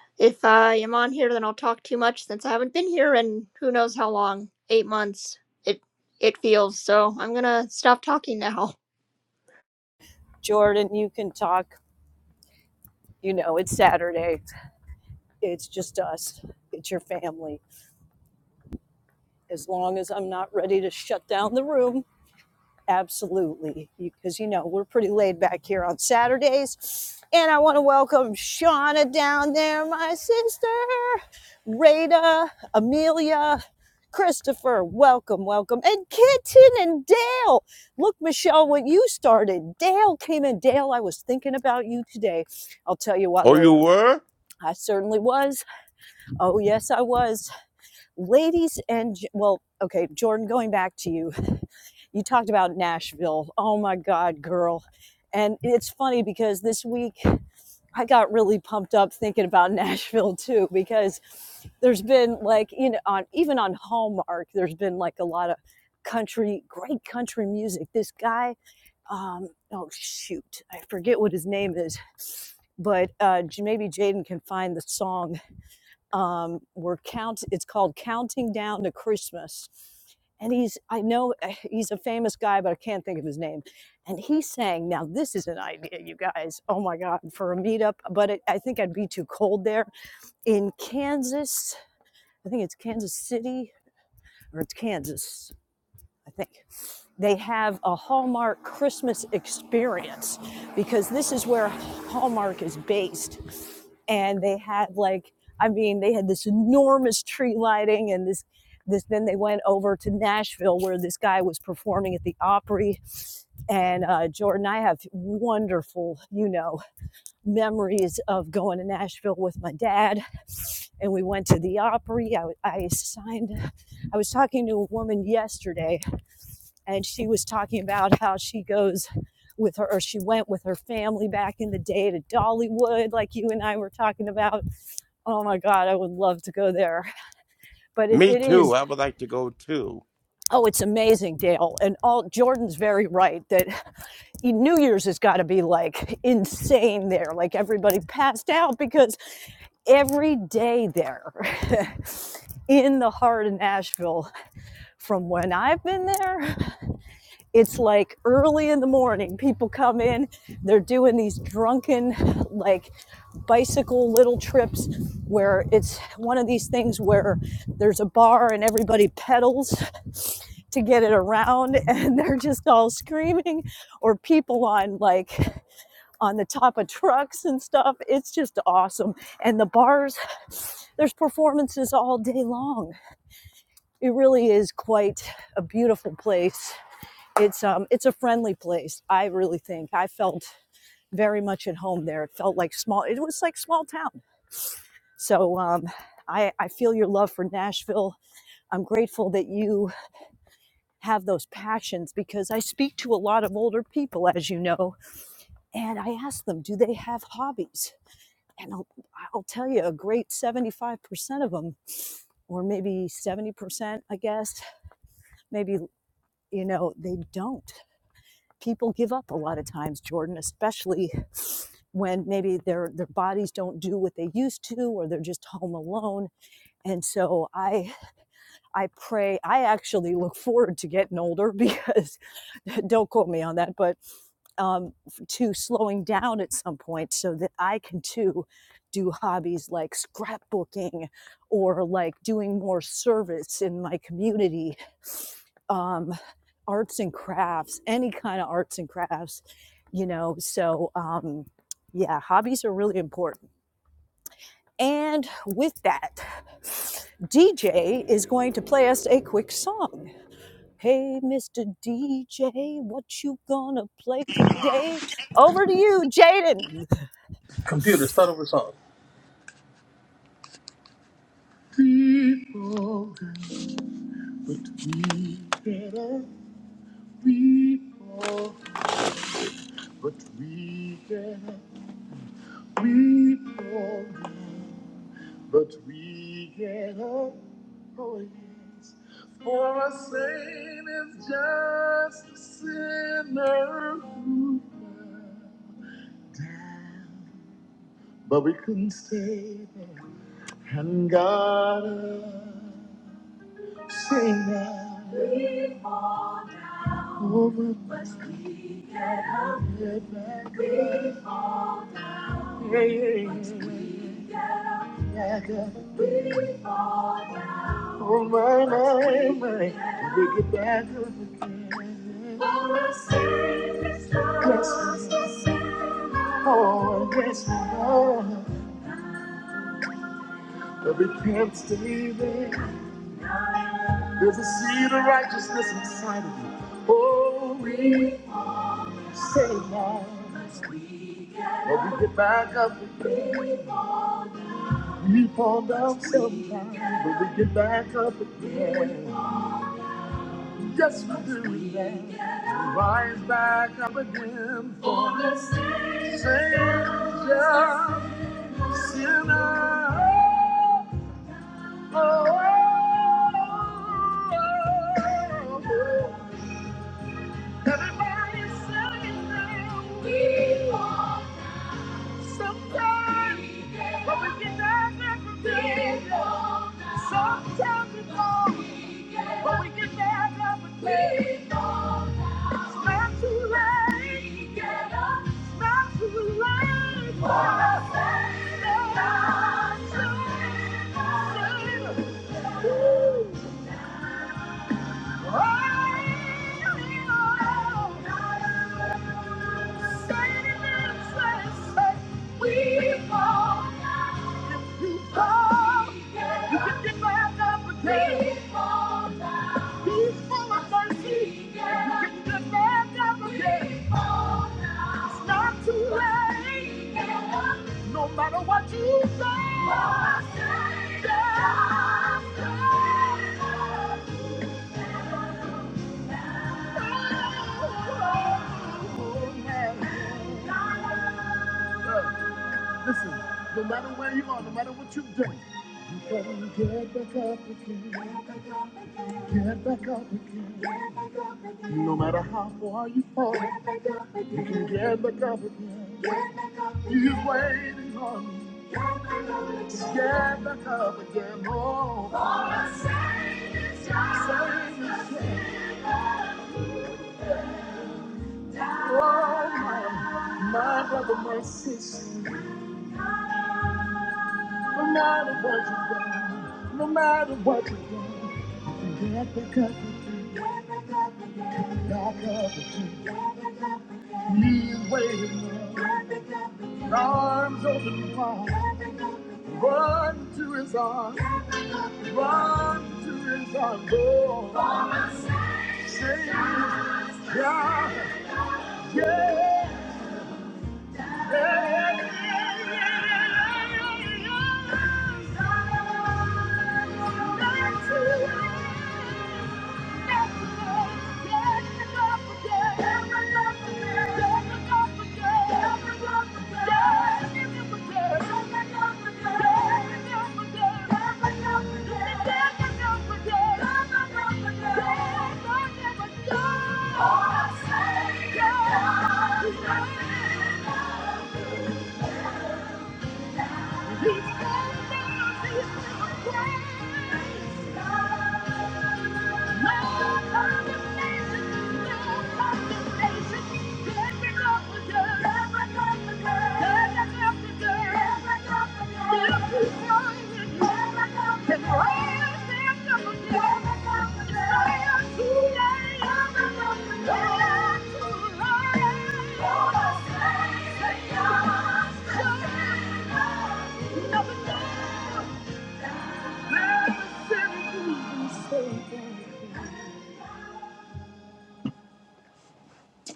if I am on here, then I'll talk too much since I haven't been here in who knows how long, eight months, it, it feels. So I'm going to stop talking now.
Jordan, you can talk. You know, it's Saturday. It's just us. It's your family. As long as I'm not ready to shut down the room, Absolutely. Because, you know, we're pretty laid back here on Saturdays. And I want to welcome Shauna down there, my sister, Rada, Amelia, Christopher. Welcome, welcome. And Kitten and Dale. Look, Michelle, what you started. Dale came in. Dale, I was thinking about you today. I'll tell you why
Oh, you
later.
were?
I certainly was. Oh, yes, I was. Ladies and, well, okay, Jordan, going back to you you talked about Nashville. Oh my God, girl. And it's funny because this week I got really pumped up thinking about Nashville too, because there's been like, you know, on even on Hallmark, there's been like a lot of country, great country music. This guy, um, oh shoot, I forget what his name is, but uh, maybe Jaden can find the song um, we're count. It's called Counting Down to Christmas, and he's I know eh, he's a famous guy, but I can't think of his name. And he sang. Now this is an idea, you guys. Oh my God, for a meetup, but it, I think I'd be too cold there in Kansas. I think it's Kansas City or it's Kansas. I think they have a Hallmark Christmas experience because this is where Hallmark is based. And they had like, I mean, they had this enormous tree lighting and this, this. Then they went over to Nashville where this guy was performing at the Opry. And uh, Jordan, I have wonderful, you know, memories of going to Nashville with my dad. And we went to the Opry. I I signed, I was talking to a woman yesterday and she was talking about how she goes with her or she went with her family back in the day to dollywood like you and i were talking about oh my god i would love to go there but it,
Me
it
too.
is
I would like to go too.
oh it's amazing dale and all jordan's very right that e- new year's has got to be like insane there like everybody passed out because every day there in the heart of nashville from when I've been there it's like early in the morning people come in they're doing these drunken like bicycle little trips where it's one of these things where there's a bar and everybody pedals to get it around and they're just all screaming or people on like on the top of trucks and stuff it's just awesome and the bars there's performances all day long it really is quite a beautiful place it's um it's a friendly place. I really think I felt very much at home there. It felt like small. It was like small town. So um, I I feel your love for Nashville. I'm grateful that you have those passions because I speak to a lot of older people, as you know, and I ask them, do they have hobbies? And I'll, I'll tell you, a great 75% of them, or maybe 70%, I guess, maybe, you know, they don't. people give up a lot of times, Jordan, especially when maybe their their bodies don't do what they used to or they're just home alone. And so I I pray I actually look forward to getting older because don't quote me on that, but um, to slowing down at some point so that I can too do hobbies like scrapbooking or like doing more service in my community. Um, arts and crafts, any kind of arts and crafts, you know. So, um, yeah, hobbies are really important. And with that, DJ is going to play us a quick song. Hey, Mr. DJ, what you gonna play today? Over to you, Jaden.
Computer, start over song. But we get up, we fall, but we get up, oh yes. For a saint is just a sinner. who But we couldn't stay there. And God say now, over my head back up. Yeah, yeah, yeah. Back up. Oh my, my, my. we get back up again. Bless me. Oh, bless me, Lord. But we can't stay there. There's a seed of righteousness inside of you. Oh, we say now. But we get back up again. We fall down sometimes, but we get back up again. Yes, we do that. we Rise back up again for the Savior, sinner. Oh, oh, oh, oh. Everybody sing now. We fall. Sometimes but we get down everything. Sometimes we fall, but we get down everything. It's not too late. It's not too late. For us. to Save, save, save. No matter what you say, Listen, no matter where you are, no matter what you have done, you can get back up again. Get back up again. No matter how far you fall, you can get back up again. He's waiting on you. Get back up again. Oh, save me, Oh, my, my brother, my sister, no matter what you've done, no matter what you've done, get back up, back up again. Knees waiting, arms open wide, run to his arms, run to his arms, oh, say, yeah, yeah. All I say, Yeah. is nothing. Never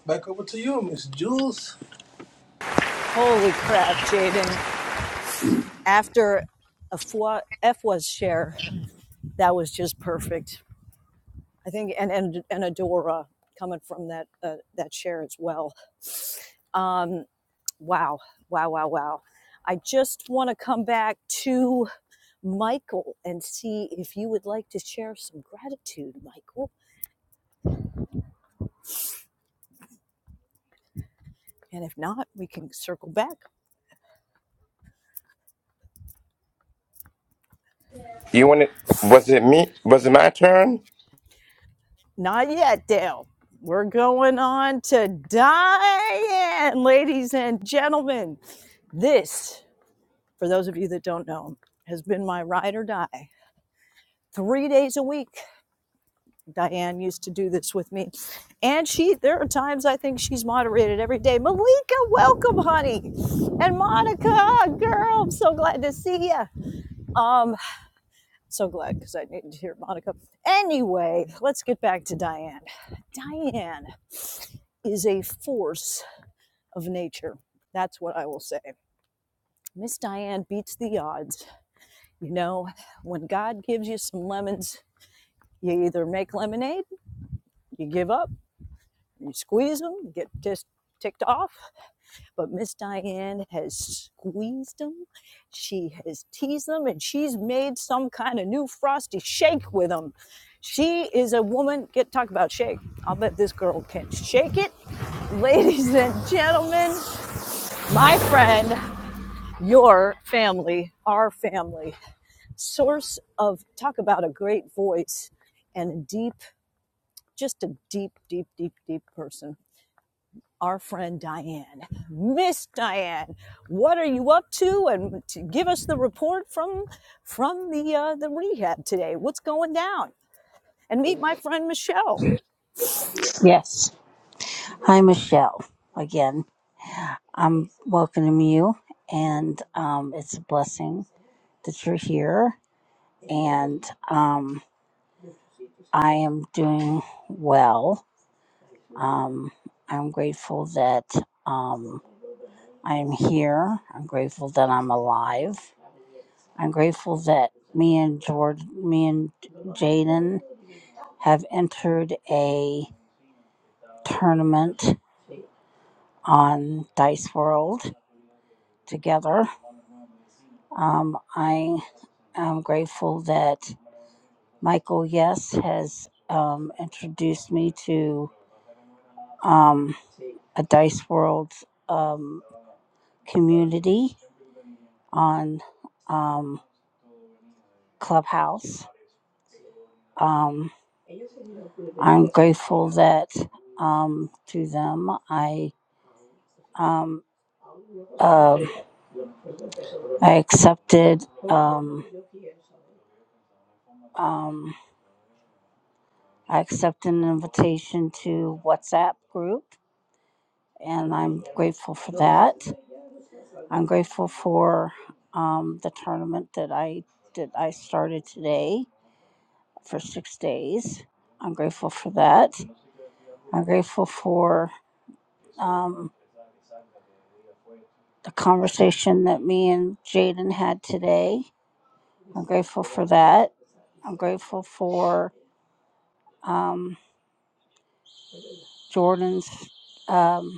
Back over to you, Miss Jules.
Holy crap, Jaden. After a Fwa- was share, that was just perfect. I think, and and and Adora coming from that uh, that share as well. Um, wow, wow, wow, wow. I just want to come back to Michael and see if you would like to share some gratitude, Michael. And if not, we can circle back.
You want to? Was it me? Was it my turn?
Not yet, Dale. We're going on to Diane, ladies and gentlemen. This, for those of you that don't know, has been my ride or die. Three days a week Diane used to do this with me. And she, there are times I think she's moderated every day. Malika, welcome, honey. And Monica, girl, I'm so glad to see you. Um, so glad because I needed to hear Monica. Anyway, let's get back to Diane. Diane is a force of nature. That's what I will say. Miss Diane beats the odds. You know, when God gives you some lemons, you either make lemonade, you give up, you squeeze them, you get just ticked off, But Miss Diane has squeezed them, she has teased them, and she's made some kind of new frosty shake with them. She is a woman. Get talk about shake. I'll bet this girl can shake it. Ladies and gentlemen, my friend, your family, our family, source of talk about a great voice and a deep, just a deep, deep, deep, deep person. our friend Diane. Miss Diane, what are you up to? And to give us the report from from the uh, the rehab today. What's going down? And meet my friend Michelle.
Yes. Hi, Michelle. Again, I'm welcoming you, and um, it's a blessing that you're here. And um, I am doing well. I'm grateful that um, I'm here. I'm grateful that I'm alive I'm grateful that me and George, me and Jaden have entered a tournament on Dice World together. Um, I am grateful that Michael Yes has um, introduced me to um, a Dice World um, community on um, Clubhouse. Um, I'm grateful that um, to them I. Um, Um, I accepted. Um, um, I accepted an invitation to WhatsApp group, and I'm grateful for that. I'm grateful for um, the tournament that I that I started today for six days. I'm grateful for that. I'm grateful for um, the conversation that me and Jaden had today. I'm grateful for that. I'm grateful for um, Jordan's. Um,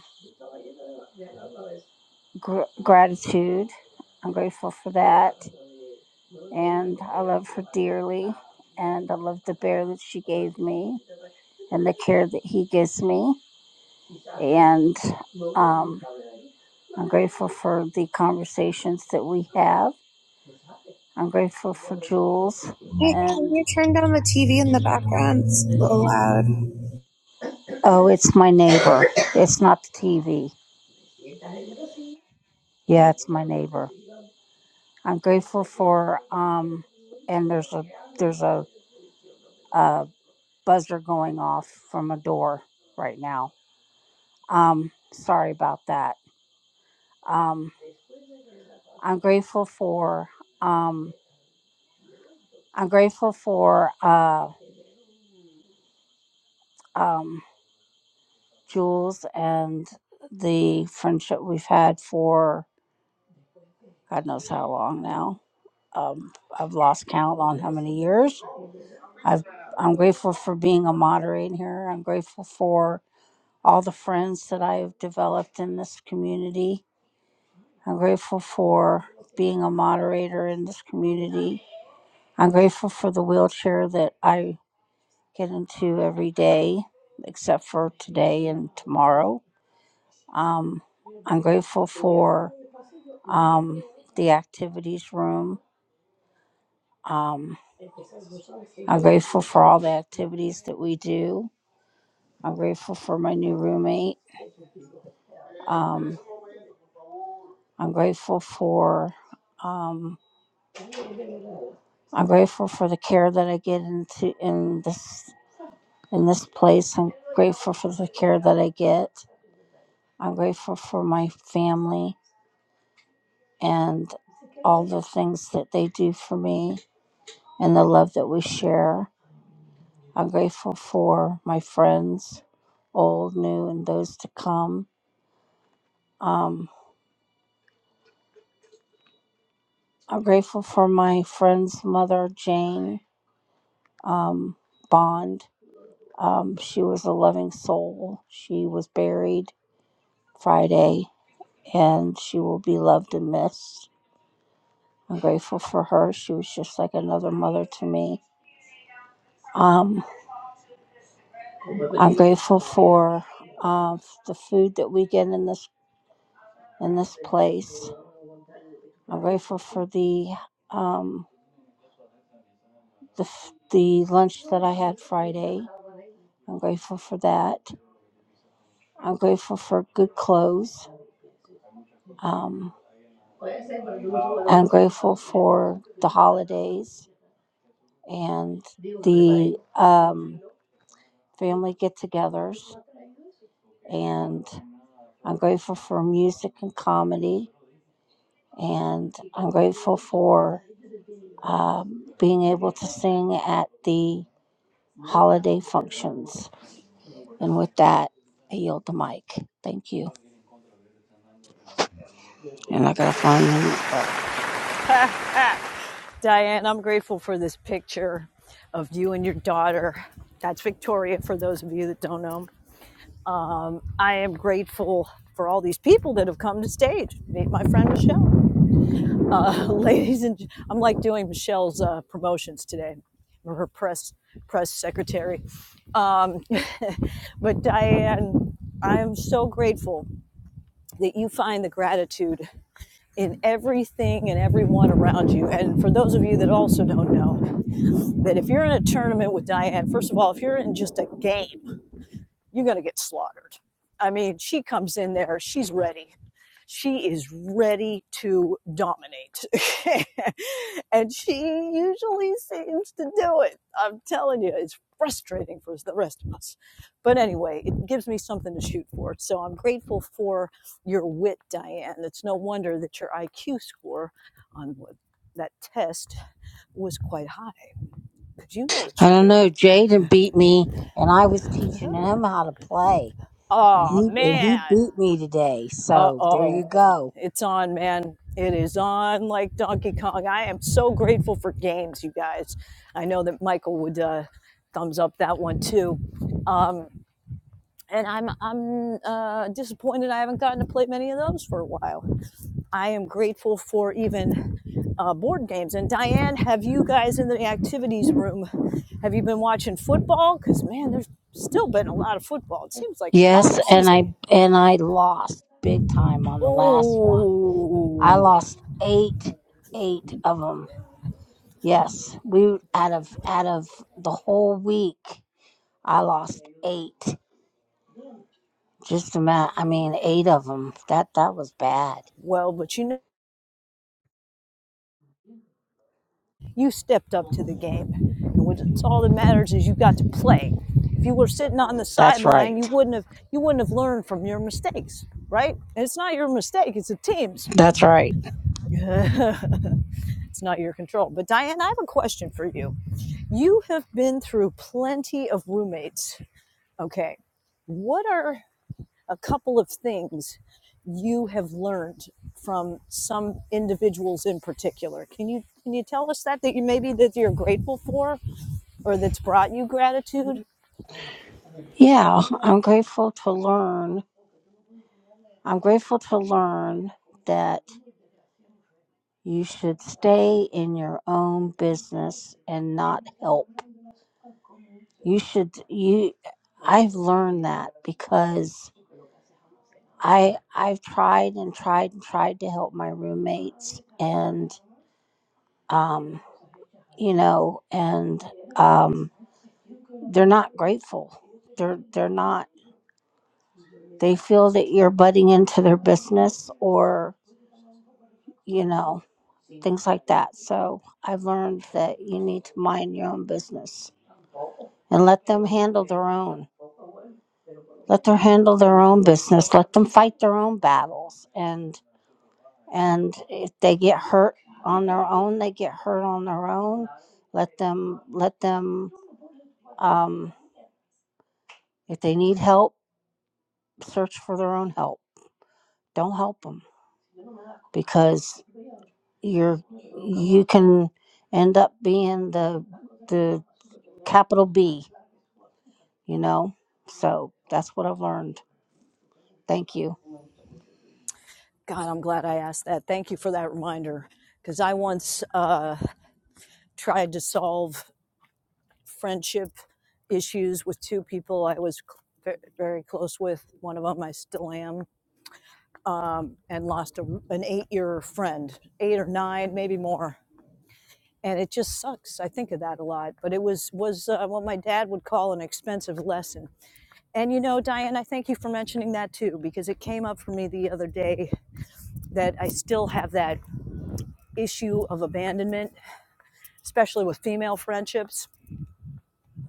gr- gratitude. I'm grateful for that. And I love her dearly. And I love the bear that she gave me and the care that he gives me. And um, I'm grateful for the conversations that we have. I'm grateful for Jules.
Hey, can
And
you turn down the TV in the background? It's a little loud.
oh, it's my neighbor. It's not the TV. Yeah, it's my neighbor. I'm grateful for um, and there's a there's a, a buzzer going off from a door right now. Um, sorry about that. Um, I'm grateful for um, I'm grateful for uh, um, Jules and the friendship we've had for God knows how long now. Um, I've lost count on how many years. I've, I'm grateful for being a moderator here. I'm grateful for all the friends that I've developed in this community. I'm grateful for being a moderator in this community. I'm grateful for the wheelchair that I get into every day, except for today and tomorrow. Um, I'm grateful for um, the activities room. Um, I'm grateful for all the activities that we do. I'm grateful for my new roommate. Um, I'm grateful for um, I'm grateful for the care that I get into in this in this place. I'm grateful for the care that I get. I'm grateful for my family and all the things that they do for me and the love that we share. I'm grateful for my friends, old, new, and those to come. Um, I'm grateful for my friend's mother, Jane um, Bond. Um, she was a loving soul. She was buried Friday, and she will be loved and missed. I'm grateful for her. She was just like another mother to me. Um, I'm grateful for uh, the food that we get in this in this place. I'm grateful for the um, the f- the lunch that I had Friday. I'm grateful for that. I'm grateful for good clothes. Um, I'm grateful for the holidays and the um, family get-togethers, and I'm grateful for music and comedy. And I'm grateful for um, being able to sing at the holiday functions. And with that, I yield the mic. Thank you. And I gotta find the mute button.
Diane, I'm grateful for this picture of you and your daughter. That's Victoria, for those of you that don't know. Um, I am grateful for all these people that have come to stage. Meet my friend Michelle. uh, ladies and i I'm like doing Michelle's uh, promotions today, or her press press secretary. Um, but Diane, I am so grateful that you find the gratitude in everything and everyone around you. And for those of you that also don't know, that if you're in a tournament with Diane, first of all, if you're in just a game you're going to get slaughtered. I mean, she comes in there, she's ready. She is ready to dominate. and she usually seems to do it. I'm telling you, it's frustrating for the rest of us. But anyway, it gives me something to shoot for. So I'm grateful for your wit, Diane. It's no wonder that your IQ score on that test was quite high because you know what
I
you're
don't
doing.
know. Jaden beat me, and I was teaching
Uh-huh.
him how to play, and
Oh,
he and he
man.
beat me today.
Uh
So there
oh.
you go.
It's on, man. It is on like Donkey Kong. I am so grateful for games, you guys. I know that Michael would uh, thumbs up that one too. And I'm I'm uh, disappointed I haven't gotten to play many of those for a while. I am grateful for even uh, board games. And Diane, have you guys in the activities room? Have you been watching football? Because man, there's still been a lot of football. It seems like a
Yes,
long
and
season.
I and I lost big time on the last one. I
Oh,
lost eight, eight of them. Yes, we out of out of the whole week. I lost eight. Just a minute. I mean, eight of them. That that was bad.
well, but you know. You stepped up to the game. And what- it's all that matters is you got to play. If you were sitting on the
That's
sideline, you
right.
wouldn't have you wouldn't have learned from your mistakes, right? And it's not your mistake, it's the team's.
That's right.
it's not your control. But Diane, I have a question for you. You have been through plenty of roommates. Okay. What are a couple of things you have learned from some individuals in particular? Can you can you tell us that that you maybe that you're grateful for? or that's brought you gratitude.
Yeah, I'm grateful to learn. I'm grateful to learn that you should stay in your own business and not help. You should you I've learned that because I I've tried and tried and tried to help my roommates and um you know and um they're not grateful. They're they're not. They feel that you're butting into their business or you know things like that. So I've learned that you need to mind your own business and let them handle their own. Let them handle their own business. Let them fight their own battles. And and if they get hurt on their own, they get hurt on their own. Let them let them. Um, if they need help, search for their own help. Don't help them because you're you can end up being the the capital B, you know. So that's what I've learned. Thank you.
God, I'm glad I asked that. Thank you for that reminder. Because I once uh, tried to solve friendship issues with two people I was cl- very close with. One of them I still am, and lost a, an eight year friend, eight or nine, maybe more. And it just sucks. I think of that a lot. But it was was uh, what my dad would call an expensive lesson. And you know, Diane, I thank you for mentioning that too, because it came up for me the other day that I still have that issue of abandonment, especially with female friendships.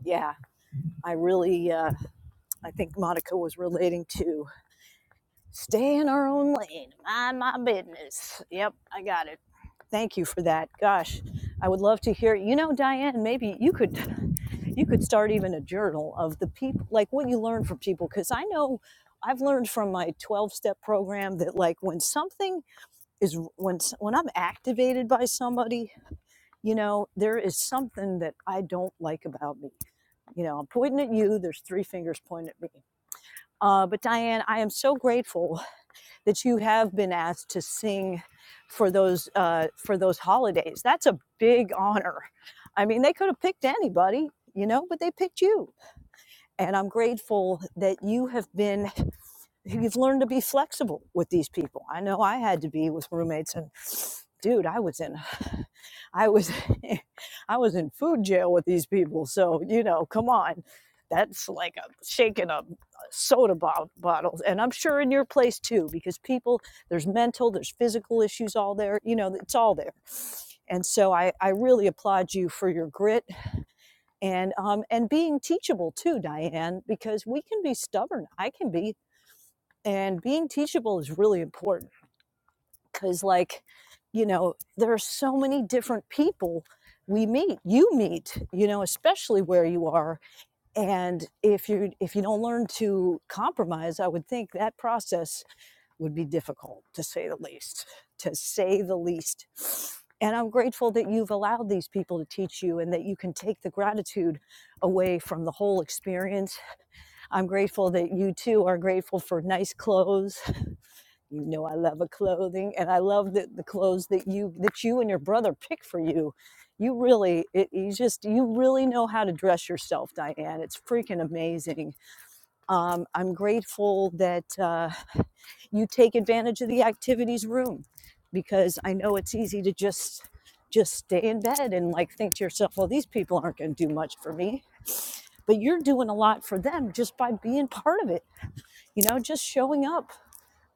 Yeah, I really, uh, I think Monica was relating to stay in our own lane, mind my business. Yep, I got it. Thank you for that. Gosh, I would love to hear. You know, Diane, maybe you could, you could start even a journal of the people, like what you learn from people, because I know. I've learned from my 12 step program that like when something is when when I'm activated by somebody You know, there is something that I don't like about me. You know, I'm pointing at you, there's three fingers pointing at me. Uh, but Diane, I am so grateful that you have been asked to sing for those uh, for those holidays. That's a big honor. I mean, they could have picked anybody, you know, but they picked you. And I'm grateful that you have been you've learned to be flexible with these people. I know I had to be with roommates and dude, I was in I was I was in food jail with these people, so you know, come on. That's like a shaking a soda bo- bottle, and I'm sure in your place too, because people there's mental, there's physical issues all there. You know, it's all there. And so I, I really applaud you for your grit and um and being teachable too, Diane, because we can be stubborn. I can be, and being teachable is really important because like you know there are so many different people we meet you meet you know especially where you are and if you if you don't learn to compromise i would think that process would be difficult to say the least to say the least and i'm grateful that you've allowed these people to teach you and that you can take the gratitude away from the whole experience i'm grateful that you too are grateful for nice clothes you know I love a clothing and I love the, the clothes that you that you and your brother pick for you. You really it, you just you really know how to dress yourself, Diane. It's freaking amazing. Um, I'm grateful that uh, you take advantage of the activities room because I know it's easy to just just stay in bed and like think to yourself, well, these people aren't going to do much for me. But you're doing a lot for them just by being part of it. You know, just showing up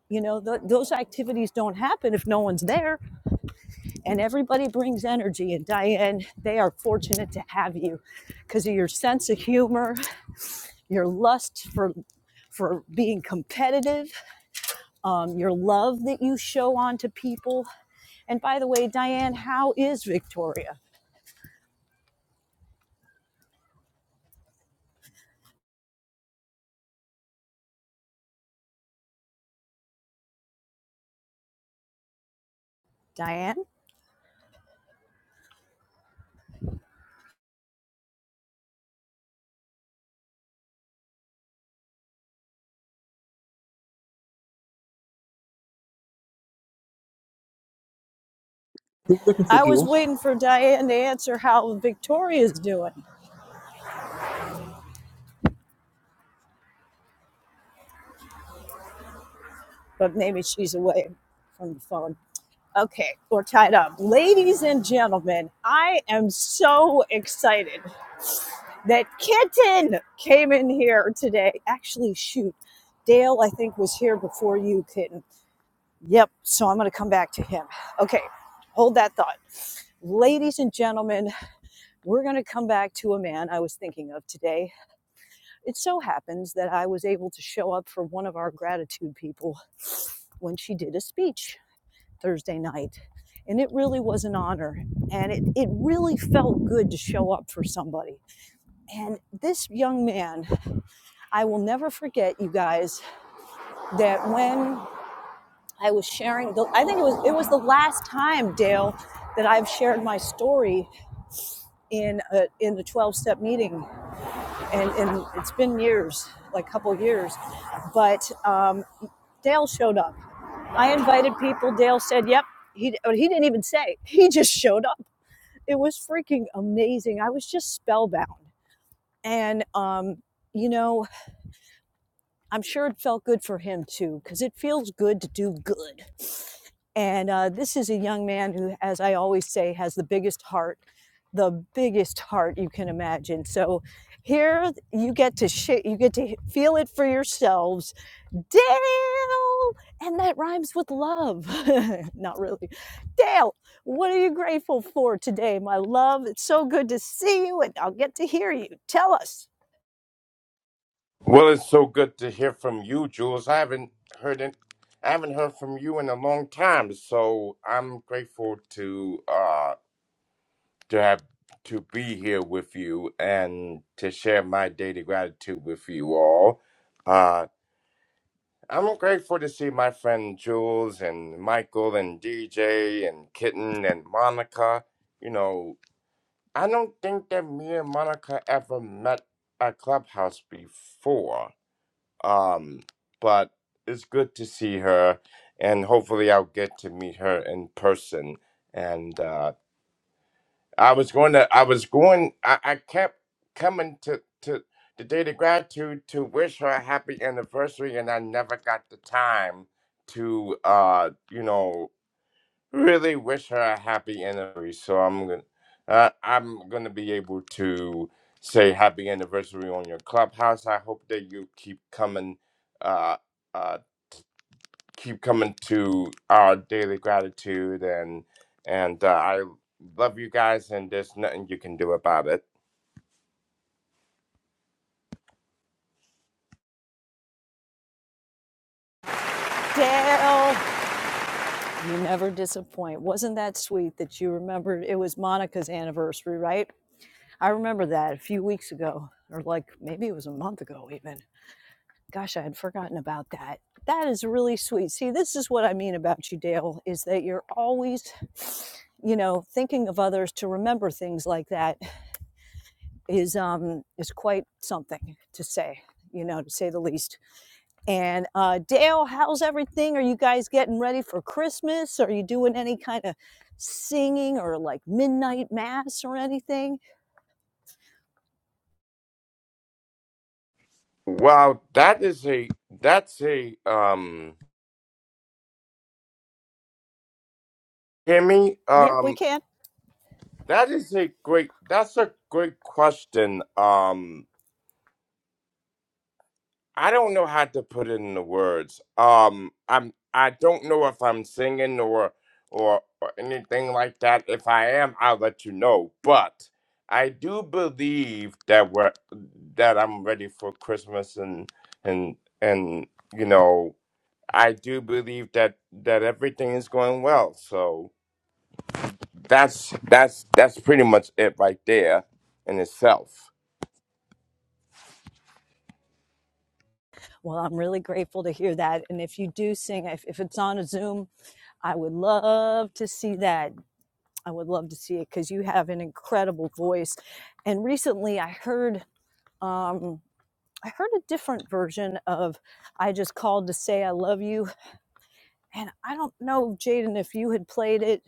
you know, th- those activities don't happen if no one's there, and everybody brings energy. And Diane, they are fortunate to have you because of your sense of humor, your lust for for being competitive, um, your love that you show onto people. And by the way, Diane, how is Victoria? Diane,
What are you looking for,
I was
Jules?
waiting for Diane to answer how Victoria's doing, but maybe she's away from the phone. Okay, we're tied up. Ladies and gentlemen, I am so excited that Kitten came in here today. Actually, shoot, Dale, I think, was here before you, Kitten. Yep, so I'm going to come back to him. Okay, hold that thought. Ladies and gentlemen, we're going to come back to a man I was thinking of today. It so happens that I was able to show up for one of our gratitude people when she did a speech Thursday night. And it really was an honor. And it, it really felt good to show up for somebody. And this young man, I will never forget, you guys, that when I was sharing, the, I think it was, it was the last time, Dale, that I've shared my story in a, in the 12 step meeting. And, and it's been years, like a couple years. But um, Dale showed up. I invited people. Dale said, yep. He, he didn't even say. He just showed up it was freaking amazing. I was just spellbound. And, um, you know, I'm sure it felt good for him too, because it feels good to do good. And uh, this is a young man who, as I always say, has the biggest heart, the biggest heart you can imagine. So here you get to sh- you get to feel it for yourselves Dale, and that rhymes with love. Not really. Dale, what are you grateful for today, my love? It's so good to see you, and I'll get to hear you. Tell us.
Well, it's so good to hear from you, Jules. I haven't heard it. I haven't heard from you in a long time, so I'm grateful to uh to have to be here with you and to share my daily gratitude with you all. Uh, I'm grateful to see my friend Jules and Michael and DJ and Kitten and Monica. You know. I don't think that me and Monica ever met at Clubhouse before. Um, but it's good to see her, and hopefully I'll get to meet her in person. And uh, I was going to, I was going, I, I kept coming to to the day of gratitude to wish her a happy anniversary, and I never got the time to, uh, you know really wish her a happy anniversary. So I'm gonna, uh, I'm gonna be able to say happy anniversary on your clubhouse. I hope that you keep coming, uh, uh, keep coming to our daily gratitude, and and uh, I love you guys, and there's nothing you can do about it.
Dale, you never disappoint. Wasn't that sweet that you remembered it was Monica's anniversary, right? I remember that a few weeks ago, or like maybe it was a month ago, even Gosh, I had forgotten about that. That is really sweet. See, this is what I mean about you, Dale, is that you're always, you know, thinking of others to remember things like that is um is quite something to say, you know, to say the least. And uh Dale, how's everything? Are you guys getting ready for Christmas? Are you doing any kind of singing or like midnight mass or anything?
Wow, that is a that's a um, Kimmy,
Yep, we
um,
can.
that is a great that's a great question, um. I don't know how to put it in the words. Um, I'm I don't know if I'm singing or or, or anything like that. If I am, I'll let you know. But I do believe that we're that I'm ready for Christmas and and and you know I do believe that that everything is going well. So that's that's that's pretty much it right there in itself.
Well, I'm really grateful to hear that. And if you do sing, if, if it's on a Zoom I would love to see that. I would love to see it because you have an incredible voice. And recently, I heard um, I heard a different version of "I Just Called to Say I Love You," and I don't know, Jaden, if you had played it,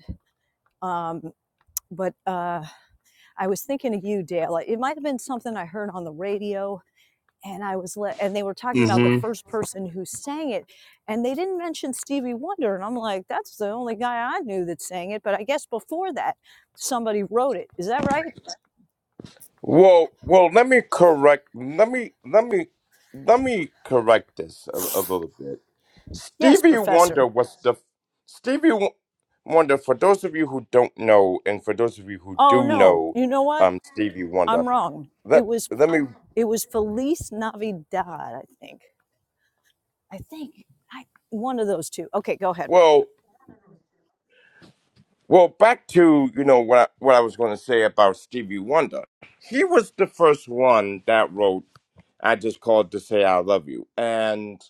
um, but uh, I was thinking of you, Dale. It might have been something I heard on the radio and I was let, and they were talking about the first person who sang it, and they didn't mention Stevie Wonder, and I'm like, that's the only guy I knew that sang it, but I guess before that, somebody wrote it. Is that right?
Well, well, let me correct. Let me let me let me correct this a, a little bit.
Yes,
Stevie Wonder
Professor.
was the Stevie Wo- Wonder. For those of you who don't know, and for those of you who
Oh
do
no,
know,
you know what?
um, Stevie Wonder.
I'm wrong.
Let
It was
let me.
it was Feliz Navidad, I think. I think I one of those two. Okay, go ahead.
Well, well, back to you know what I, what I was going to say about Stevie Wonder. He was the first one that wrote "I Just Called to Say I Love You," and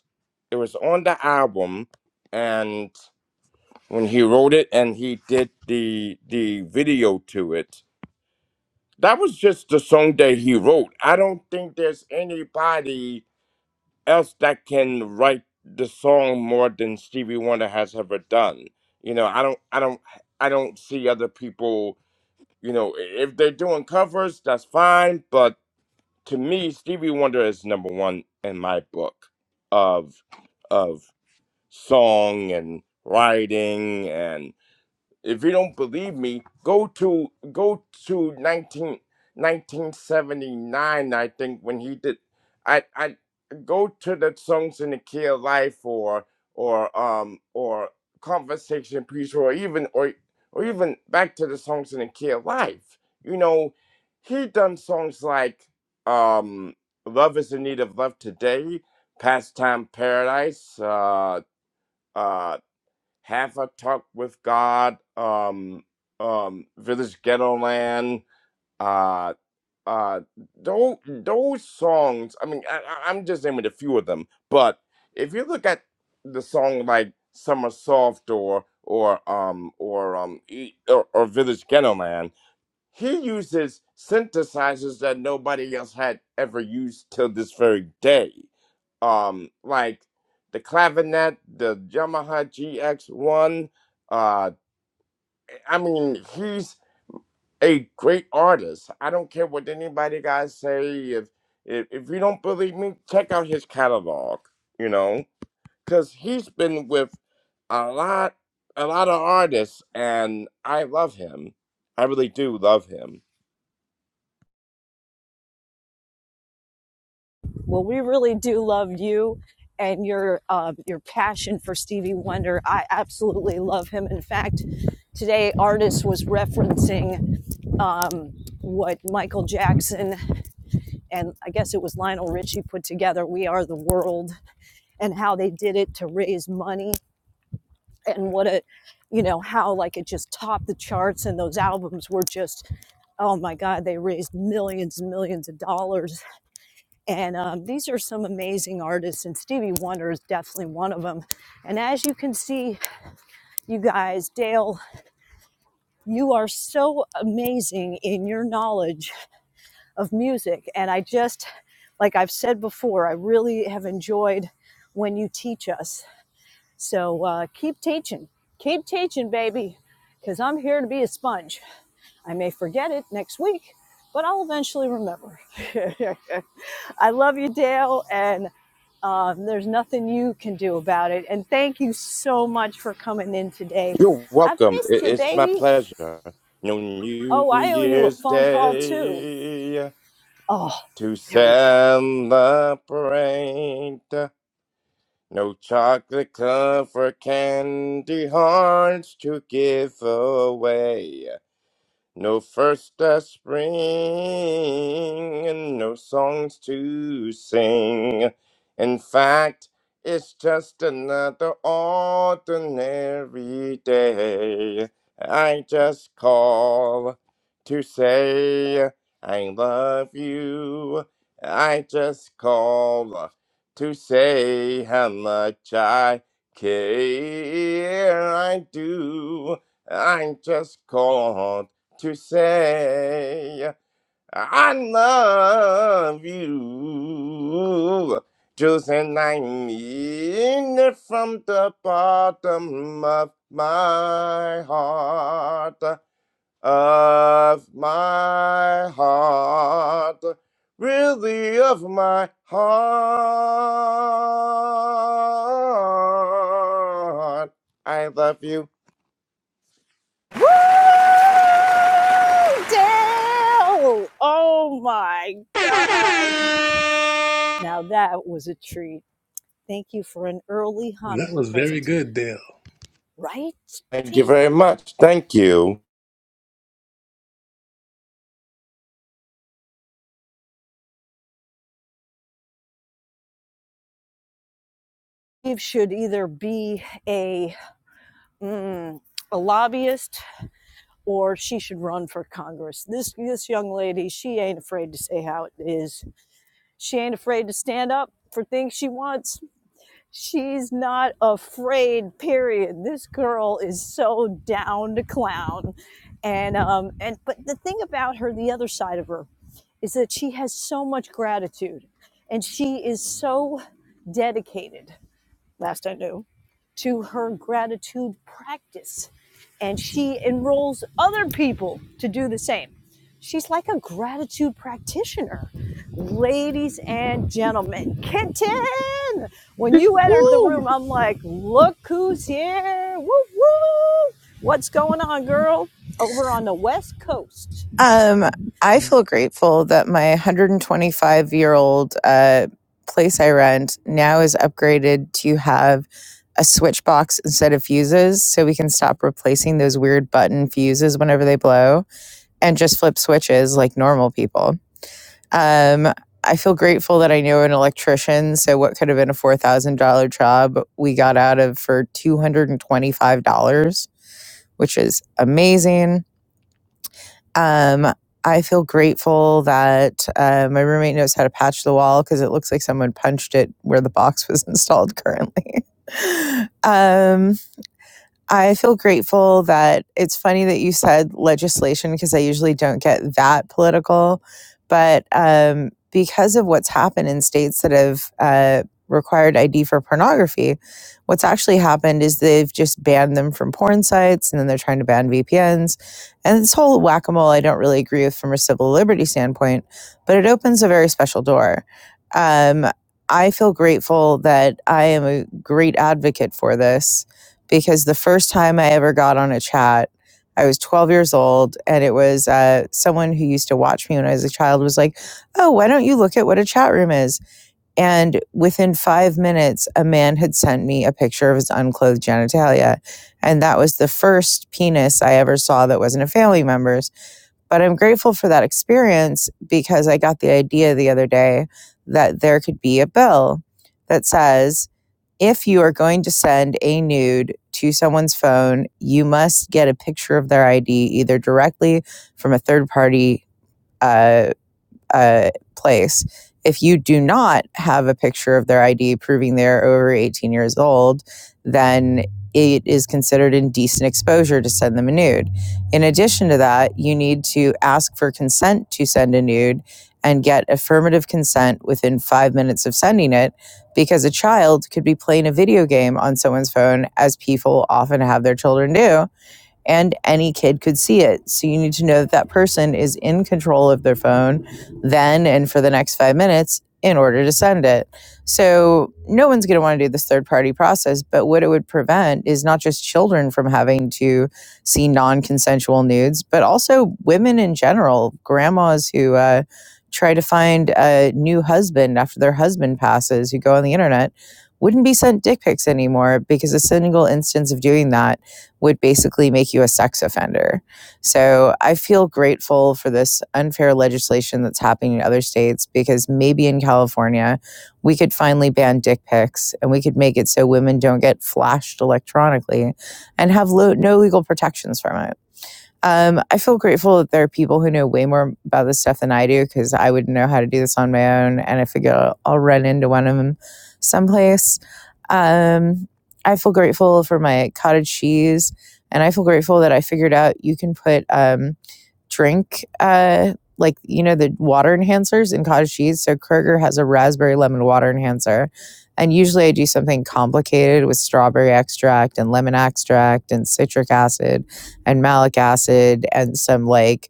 it was on the album, and when he wrote it and he did the the video to it. That was just the song that he wrote. I don't think there's anybody else that can write the song more than Stevie Wonder has ever done. You know, I don't I don't I don't see other people, you know, i- if they're doing covers, that's fine, but to me Stevie Wonder is number 1 in my book of of song and writing If you don't believe me, go to go to 19 1979. I think, when he did. I I go to the songs in the key of life or or um or conversation piece or even or or even back to the songs in the key of life. You know, he done songs like um "Love Is in Need of Love Today," "Pastime Paradise," uh, uh, have a talk with God, um, um, Village Ghetto Land, uh, uh, those, those songs. I mean, I, I- I'm just naming a few of them, but if you look at the song like Summer Soft or or um or um E- or, or Village Ghetto Land he uses synthesizers that nobody else had ever used till this very day. Um, like the clavinet, the Yamaha GX1. Uh, I mean, he's a great artist. I don't care what anybody guys say. If, if if you don't believe me, check out his catalog. You know, because he's been with a lot, a lot of artists, and I love him. I really do love him.
Well, we really do love you and your uh, your passion for Stevie Wonder. I absolutely love him. In fact, today artist was referencing um, what Michael Jackson and I guess it was Lionel Richie put together, "We Are the World," and how they did it to raise money and what a you know how like it just topped the charts and those albums were just oh my god they raised millions and millions of dollars and um, these are some amazing artists, and Stevie Wonder is definitely one of them. And as you can see, you guys, Dale, you are so amazing in your knowledge of music. And I just, like I've said before, I really have enjoyed when you teach us. So uh, keep teaching, keep teaching, baby, because I'm here to be a sponge. I may forget it next week, but I'll eventually remember. I love you, Dale, and Um, there's nothing you can do about it. And thank you so much for coming in today.
You're
I've
welcome. I-
missed you,
It's my
baby.
pleasure. No New
Oh, I owe you a
Year's
phone call too.
Day
Oh,
to
there we go.
celebrate. No chocolate cover candy hearts to give away. No first of spring, and no songs to sing. In fact, it's just another ordinary day. I just call to say I love you. I just call to say how much I care. I do. I just called to say I love you. Just and I mean it from the bottom of my heart, of my heart, really of my heart. I love you.
Dale! Oh my. Now that was a treat. Thank you for an early
That
Hanukkah
was very
present,
good, Dale.
right,
Thank you very
Jaden?
much. Thank you.
Eve should either be a mm, a lobbyist or she should run for Congress. This this young lady, she ain't afraid to say how it is. She ain't afraid to stand up for things she wants. She's not afraid, period. This girl is so down to clown. And um and but the thing about her, the other side of her, is that she has so much gratitude and she is so dedicated last I knew, to her gratitude practice. And she enrolls other people to do the same. She's like a gratitude practitioner. Ladies and gentlemen, Kitten! When you entered the
Woo!
room, I'm like, look who's here! Woo woo! What's going on, girl? Over on the West Coast.
Um, I feel grateful that my 125 year old uh, place I rent now is upgraded to have a switch box instead of fuses so we can stop replacing those weird button fuses whenever they blow and just flip switches like normal people. Um, I feel grateful that I know an electrician. So, what could have been a $4,000 job we got out of for $225 which is amazing. Um, I feel grateful that uh, my roommate knows how to patch the wall because it looks like someone punched it where the box was installed currently. um, I feel grateful that it's funny that you said legislation because I usually don't get that political. But um, because of what's happened in states that have uh, required ID for pornography, what's actually happened is they've just banned them from porn sites and then they're trying to ban VPNs. And this whole whack a mole, I don't really agree with from a civil liberty standpoint, but it opens a very special door. Um, I feel grateful that I am a great advocate for this because the first time I ever got on a chat, I was 12 years old, and it was uh, someone who used to watch me when I was a child was like, Oh, why don't you look at what a chat room is? And within five minutes, a man had sent me a picture of his unclothed genitalia. And that was the first penis I ever saw that wasn't a family member's. But I'm grateful for that experience because I got the idea the other day that there could be a bill that says, if you are going to send a nude to someone's phone, you must get a picture of their ID either directly from a third party uh, uh, place. If you do not have a picture of their ID proving they're over 18 years old, then it is considered indecent exposure to send them a nude. In addition to that, you need to ask for consent to send a nude and get affirmative consent within five minutes of sending it because a child could be playing a video game on someone's phone, as people often have their children do and any kid could see it. So you need to know that that person is in control of their phone then and for the next five minutes in order to send it. So no one's going to want to do this third party process. But what it would prevent is not just children from having to see non consensual nudes, but also women in general, grandmas who, uh, Try to find a new husband after their husband passes, who go on the internet, wouldn't be sent dick pics anymore because a single instance of doing that would basically make you a sex offender. So I feel grateful for this unfair legislation that's happening in other states because maybe in California, we could finally ban dick pics and we could make it so women don't get flashed electronically and have lo- no legal protections from it. Um, I feel grateful that there are people who know way more about this stuff than I do because I wouldn't know how to do this on my own. And I figure I'll, run into one of them someplace. Um, I feel grateful for my cottage cheese. And I feel grateful that I figured out you can put um, drink uh like you know the water enhancers in cottage cheese so kroger has a raspberry lemon water enhancer and usually i do something complicated with strawberry extract and lemon extract and citric acid and malic acid and some like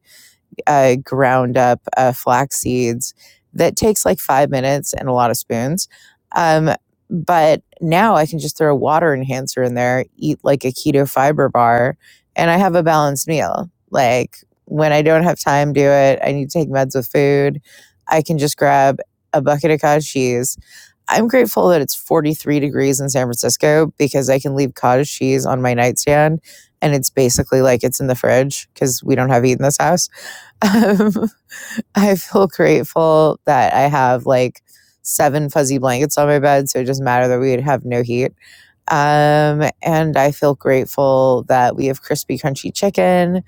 uh, ground up uh, flax seeds that takes like five minutes and a lot of spoons. Um, but now I can just throw a water enhancer in there, eat like a keto fiber bar, and I have a balanced meal. Like when I don't have time to do it, I need to take meds with food. I can just grab a bucket of cottage cheese. I'm grateful that it's 43 degrees in San Francisco because I can leave cottage cheese on my nightstand and it's basically like it's in the fridge because we don't have heat in this house um, I feel grateful that I have like seven fuzzy blankets on my bed, so it doesn't matter that we would have no heat. Um, and I feel grateful that we have crispy, crunchy chicken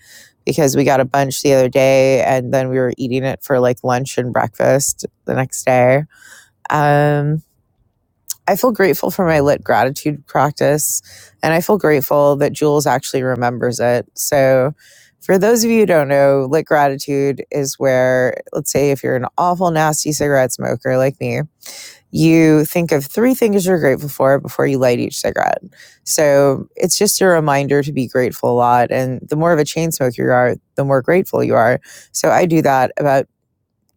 because we got a bunch the other day and then we were eating it for like lunch and breakfast the next day. Um, I feel grateful for my lit gratitude practice, and I feel grateful that Jules actually remembers it. So, for those of you who don't know, lit gratitude is where, let's say, if you're an awful, nasty cigarette smoker like me, you think of three things you're grateful for before you light each cigarette. So, it's just a reminder to be grateful a lot. And the more of a chain smoker you are, the more grateful you are. So, I do that about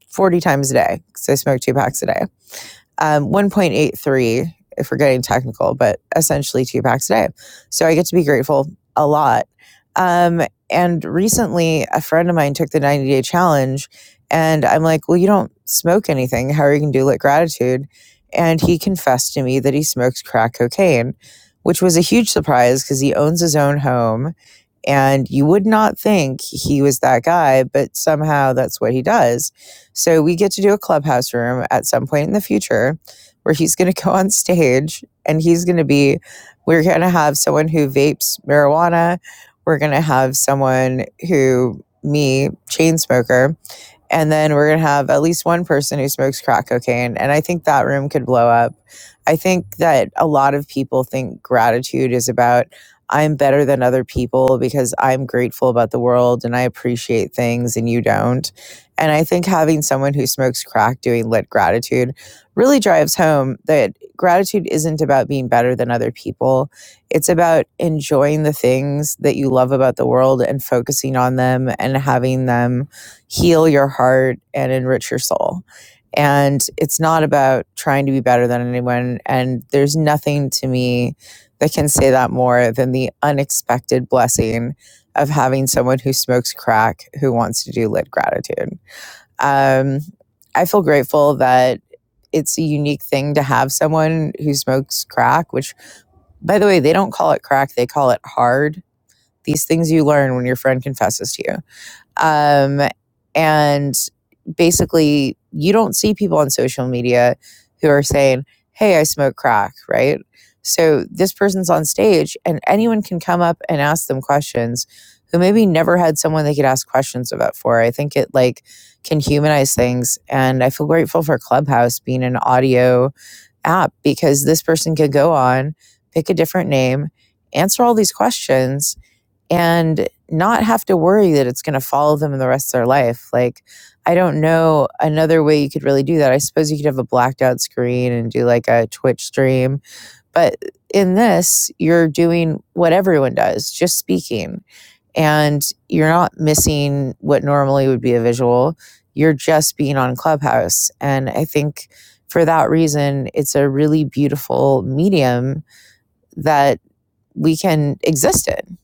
40 times a day because I smoke two packs a day um, 1.83 if we're getting technical, but essentially two packs a day. So I get to be grateful a lot. Um, and recently, a friend of mine took the 90 day challenge, and I'm like, Well, you don't smoke anything. How are you going to do lit gratitude? And he confessed to me that he smokes crack cocaine, which was a huge surprise because he owns his own home. And you would not think he was that guy, but somehow that's what he does. So we get to do a clubhouse room at some point in the future where he's going to go on stage and he's going to be, we're going to have someone who vapes marijuana. We're going to have someone who, me, chain smoker and then we're going to have at least one person who smokes crack cocaine and i think that room could blow up i think that a lot of people think gratitude is about i'm better than other people because i'm grateful about the world and i appreciate things and you don't and i think having someone who smokes crack doing lit gratitude really drives home that gratitude isn't about being better than other people it's about enjoying the things that you love about the world and focusing on them and having them heal your heart and enrich your soul. And it's not about trying to be better than anyone. And there's nothing to me that can say that more than the unexpected blessing of having someone who smokes crack who wants to do lit gratitude. Um, I feel grateful that it's a unique thing to have someone who smokes crack, which, by the way, they don't call it crack, they call it hard. These things you learn when your friend confesses to you. Um, and basically, you don't see people on social media who are saying, Hey, I smoke crack, right? So this person's on stage, and anyone can come up and ask them questions who maybe never had someone they could ask questions about for. I think it like can humanize things. And I feel grateful for Clubhouse being an audio app because this person could go on, pick a different name, answer all these questions, and not have to worry that it's going to follow them in the rest of their life. Like, I don't know another way you could really do that. I suppose you could have a blacked out screen and do like a Twitch stream, but in this, you're doing what everyone does, just speaking, and you're not missing what normally would be a visual. You're just being on Clubhouse. And I think for that reason, it's a really beautiful medium that we can exist in.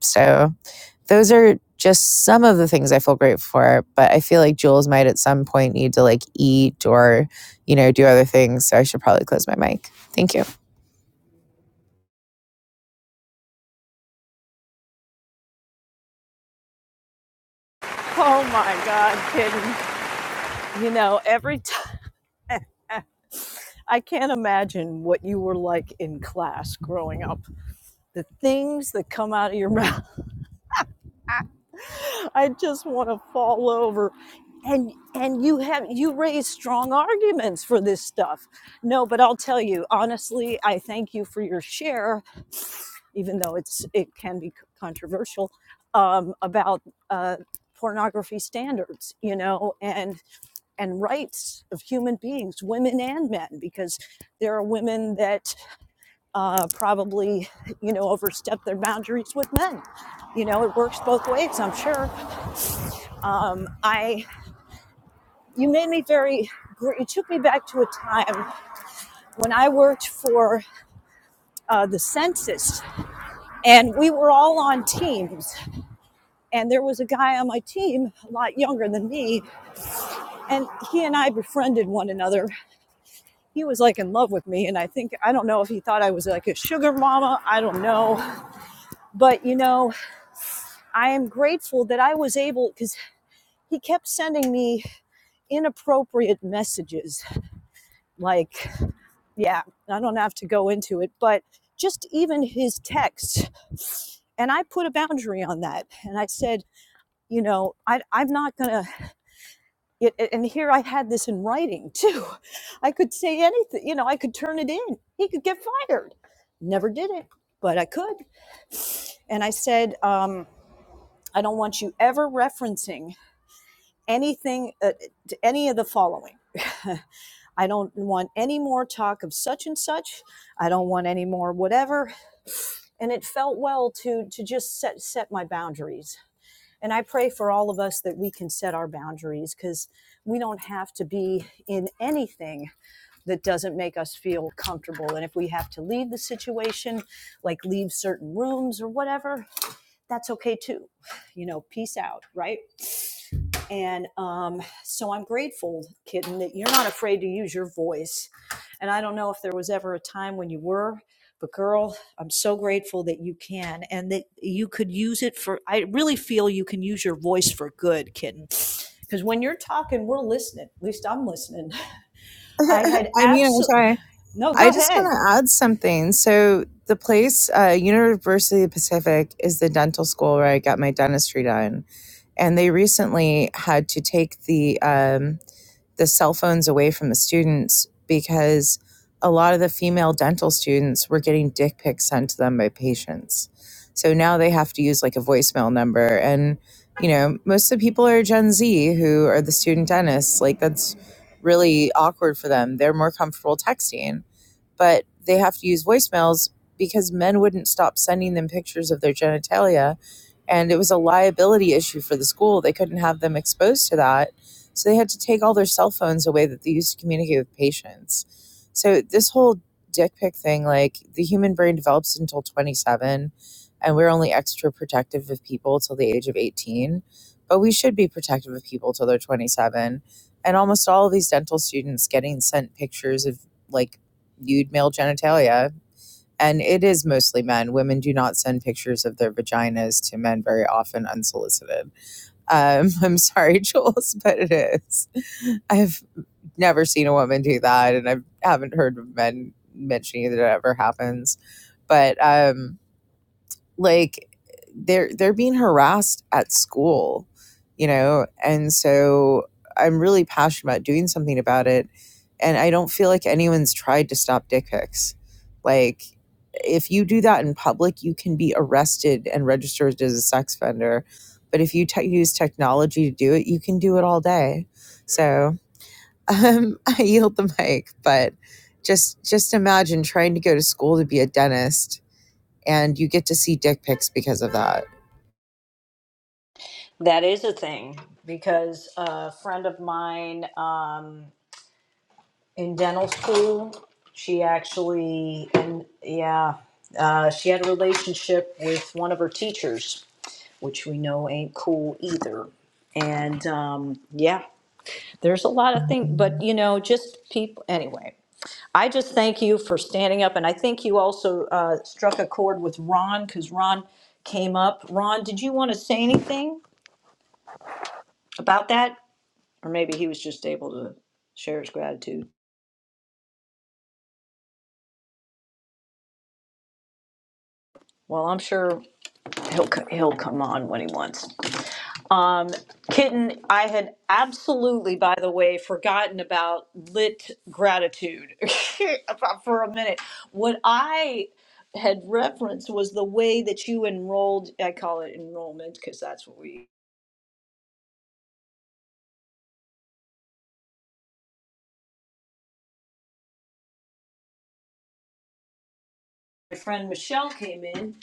So those are just some of the things I feel grateful for. But I feel like Jules might at some point need to like eat or, you know, do other things. So I should probably close my mic. Thank you.
Oh my God, Kitten. You know, every time. I can't imagine what you were like in class growing up. The things that come out of your mouth, I just want to fall over. And and you have you raise strong arguments for this stuff. No, but I'll tell you honestly, I thank you for your share, even though it's it can be controversial um, about uh, pornography standards, you know, and and rights of human beings, women and men, because there are women that uh, probably, you know, overstep their boundaries with men. You know, it works both ways, I'm sure. Um, I, you made me very, you took me back to a time when I worked for uh, the census and we were all on teams. And there was a guy on my team, a lot younger than me, and he and I befriended one another. He was like in love with me. And I think, I don't know if he thought I was like a sugar mama, I don't know. But, you know, I am grateful that I was able because. he kept sending me inappropriate messages. Like, yeah, I don't have to go into it, but just even his texts. And I put a boundary on that. And I said, you know, I, I'm not going to. And here I had this in writing too. I could say anything, you know, I could turn it in. He could get fired. Never did it, but I could. And I said, um, I don't want you ever referencing anything, uh, to any of the following. I don't want any more talk of such and such. I don't want any more whatever. And it felt well to to just set set my boundaries. And I pray for all of us that we can set our boundaries because we don't have to be in anything that doesn't make us feel comfortable. And if we have to leave the situation, like leave certain rooms or whatever, that's okay too. You know, peace out, right? And um, so I'm grateful, Kitten, that you're not afraid to use your voice. And I don't know if there was ever a time when you were, but girl, I'm so grateful that you can and that you could use it for. I really feel you can use your voice for good, Kitten. Because when you're talking, we're listening. At least I'm listening. I had
I mean, I
absolutely.
try.
No,
I
go
just want
ahead.
to add something. So the place, uh, University of Pacific, is the dental school where I got my dentistry done, and they recently had to take the um, the cell phones away from the students because a lot of the female dental students were getting dick pics sent to them by patients. So now they have to use like a voicemail number. And, you know, most of the people are Gen Z who are the student dentists. Like, that's really awkward for them. They're more comfortable texting but they have to use voicemails because men wouldn't stop sending them pictures of their genitalia. And it was a liability issue for the school. They couldn't have them exposed to that. So they had to take all their cell phones away that they used to communicate with patients. So this whole dick pic thing, like the human brain develops until 27, and we're only extra protective of people till the age of 18. But we should be protective of people till they're 27. And almost all of these dental students getting sent pictures of like nude male genitalia. And it is mostly men. Women do not send pictures of their vaginas to men very often unsolicited. Um, I'm sorry, Jules, but it is. I've never seen a woman do that, and I haven't heard of men mentioning that it ever happens. But um, like they're they're being harassed at school you know and so i'm really passionate about doing something about it and i don't feel like anyone's tried to stop dick pics like if you do that in public you can be arrested and registered as a sex offender but if you te- use technology to do it you can do it all day so um, i yield the mic but just just imagine trying to go to school to be a dentist and you get to see dick pics because of that.
That is a thing because a friend of mine. Um, in dental school. She actually, and yeah, uh, she had a relationship with one of her teachers, which we know ain't cool either. And um, yeah, there's a lot of things, but you know, just people. Anyway, I just thank you for standing up, and I think you also uh, struck a chord with Ron because Ron came up. Ron, did you want to say anything about that, or maybe he was just able to share his gratitude? Well, I'm sure. He'll he'll come on when he wants. Um, kitten, I had absolutely, by the way, forgotten about lit gratitude for a minute. What I had referenced was the way that you enrolled. I call it enrollment because that's what we my friend Michelle came in,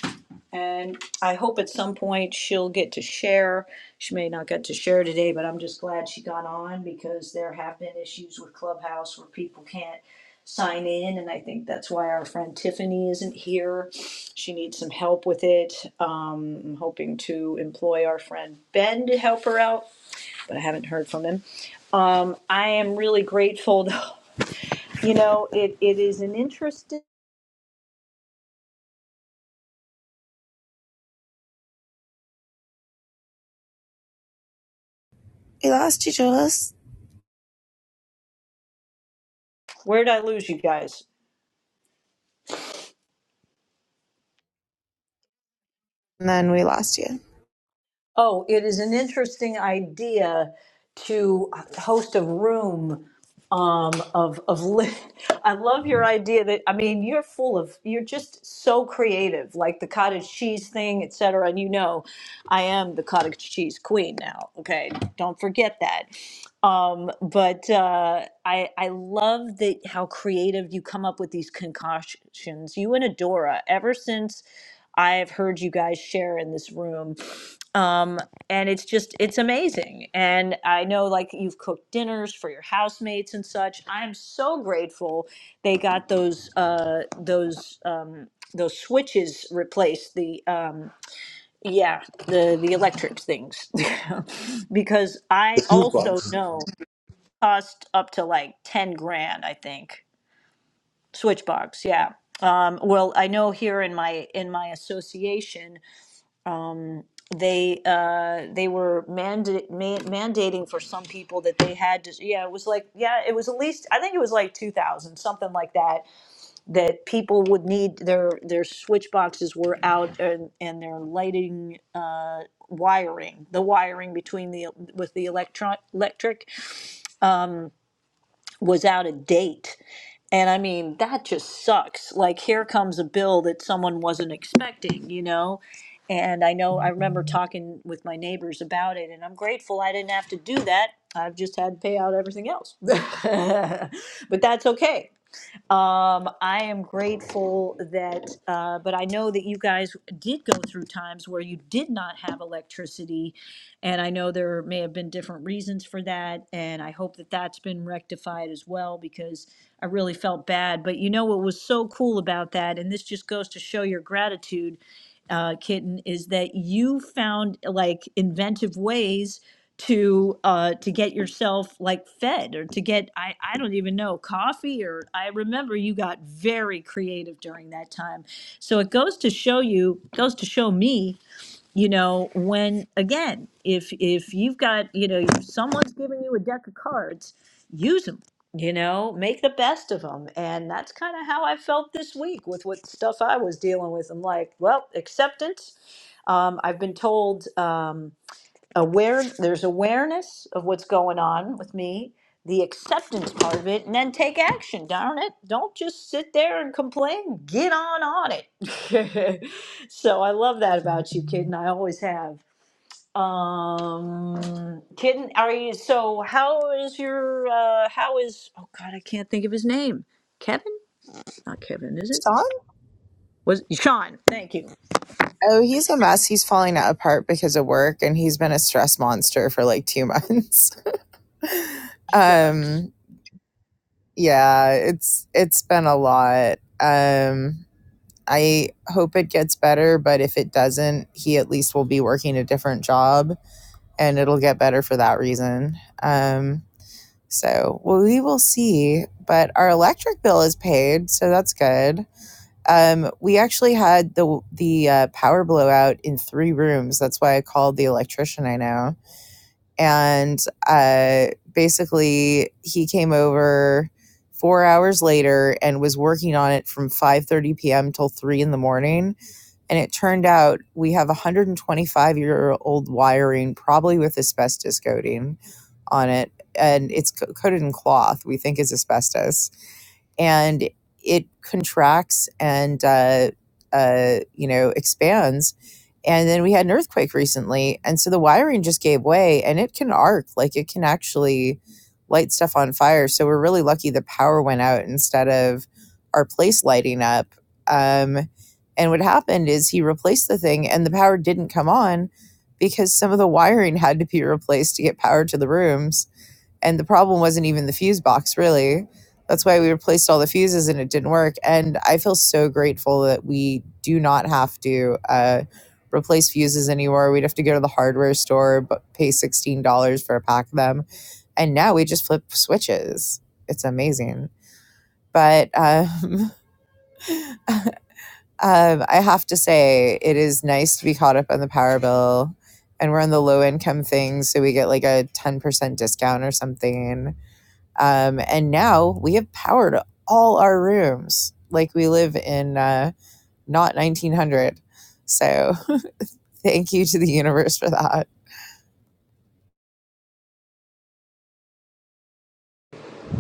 and I hope at some point she'll get to share. She may not get to share today, but I'm just glad she got on because there have been issues with Clubhouse where people can't sign in, and I think that's why our friend Tiffany isn't here. She needs some help with it. Um, I'm hoping to employ our friend Ben to help her out, but I haven't heard from him. Um, I am really grateful, though. You know, it, it is an interesting.
We lost you, Jules.
Where'd I lose you guys?
And then we lost you.
Oh, it is an interesting idea to host a room um, of of. Li- I love your idea that I mean you're full of you're just so creative, like the cottage cheese thing, et cetera. And you know, I am the cottage cheese queen now. Okay, don't forget that. Um, but uh, I I love that how creative you come up with these concoctions. You and Adora, ever since I've heard you guys share in this room, um, and it's just it's amazing. And I know like you've cooked dinners for your housemates and such. I'm so grateful they got those uh, those um, those switches replaced. The um, yeah, the the electric things because I
The fuse
also
box.
know cost up to like 10 grand i think switchbox yeah um, well i know here in my in my association they uh, they were manda- ma- mandating for some people that they had to yeah it was like yeah it was at least i think it was like 2000 something like that that people would need their their switch boxes were out and, and their lighting uh, wiring the wiring between the with the electron electric was out of date. And I mean, that just sucks. Like, here comes a bill that someone wasn't expecting, you know? And I know I remember talking with my neighbors about it, and I'm grateful I didn't have to do that. I've just had to pay out everything else. but that's okay. Um, I am grateful that, uh, but I know that you guys did go through times where you did not have electricity, and I know there may have been different reasons for that, and I hope that that's been rectified as well because I really felt bad. But you know what was so cool about that, and this just goes to show your gratitude uh, Kitten, is that you found like inventive ways to uh to get yourself like fed or to get I I don't even know coffee or I remember you got very creative during that time. So it goes to show you goes to show me you know when again if if you've got you know if someone's giving you a deck of cards use them you know make the best of them and that's kind of how i felt this week with what stuff i was dealing with i'm like well acceptance um, i've been told um, aware there's awareness of what's going on with me the acceptance part of it and then take action darn it don't just sit there and complain get on on it so i love that about you kid and i always have um kitten are you so how is your uh how is oh god i can't think of his name kevin not kevin is it
Sean?
was sean thank you
Oh, he's a mess. He's falling apart because of work and he's been a stress monster for like two months.
shucks
Um yeah, it's it's been a lot. Um I hope it gets better, but if it doesn't, he at least will be working a different job and it'll get better for that reason. Um So well, we will see. But our electric bill is paid, so that's good. Um, we actually had the the uh, power blowout in three rooms. That's why I called the electrician I know, and uh, basically he came over four hours later and was working on it from 5.30 p.m till 3 in the morning and it turned out we have 125 year old wiring, probably with asbestos coating on it. And it's co- coated in cloth, we think is asbestos. And it contracts and, uh, uh, you know, expands. And then we had an earthquake recently. And so the wiring just gave way and it can arc, like it can actually light stuff on fire. So we're really lucky the power went out instead of our place lighting up. Um, and what happened is he replaced the thing and the power didn't come on because some of the wiring had to be replaced to get power to the rooms. And the problem wasn't even the fuse box, really. That's why we replaced all the fuses and it didn't work. And I feel so grateful that we do not have to uh, replace fuses anymore. We'd have to go to the hardware store, but pay $16 for a pack of them. And now we just flip switches. It's amazing. But um, Um, I have to say, it is nice to be caught up on the power bill, and we're on the low income thing, so we get like a ten percent discount or something. Um, and now we have power to all our rooms, like we live in uh, not nineteen hundred. So Thank you to the universe for that.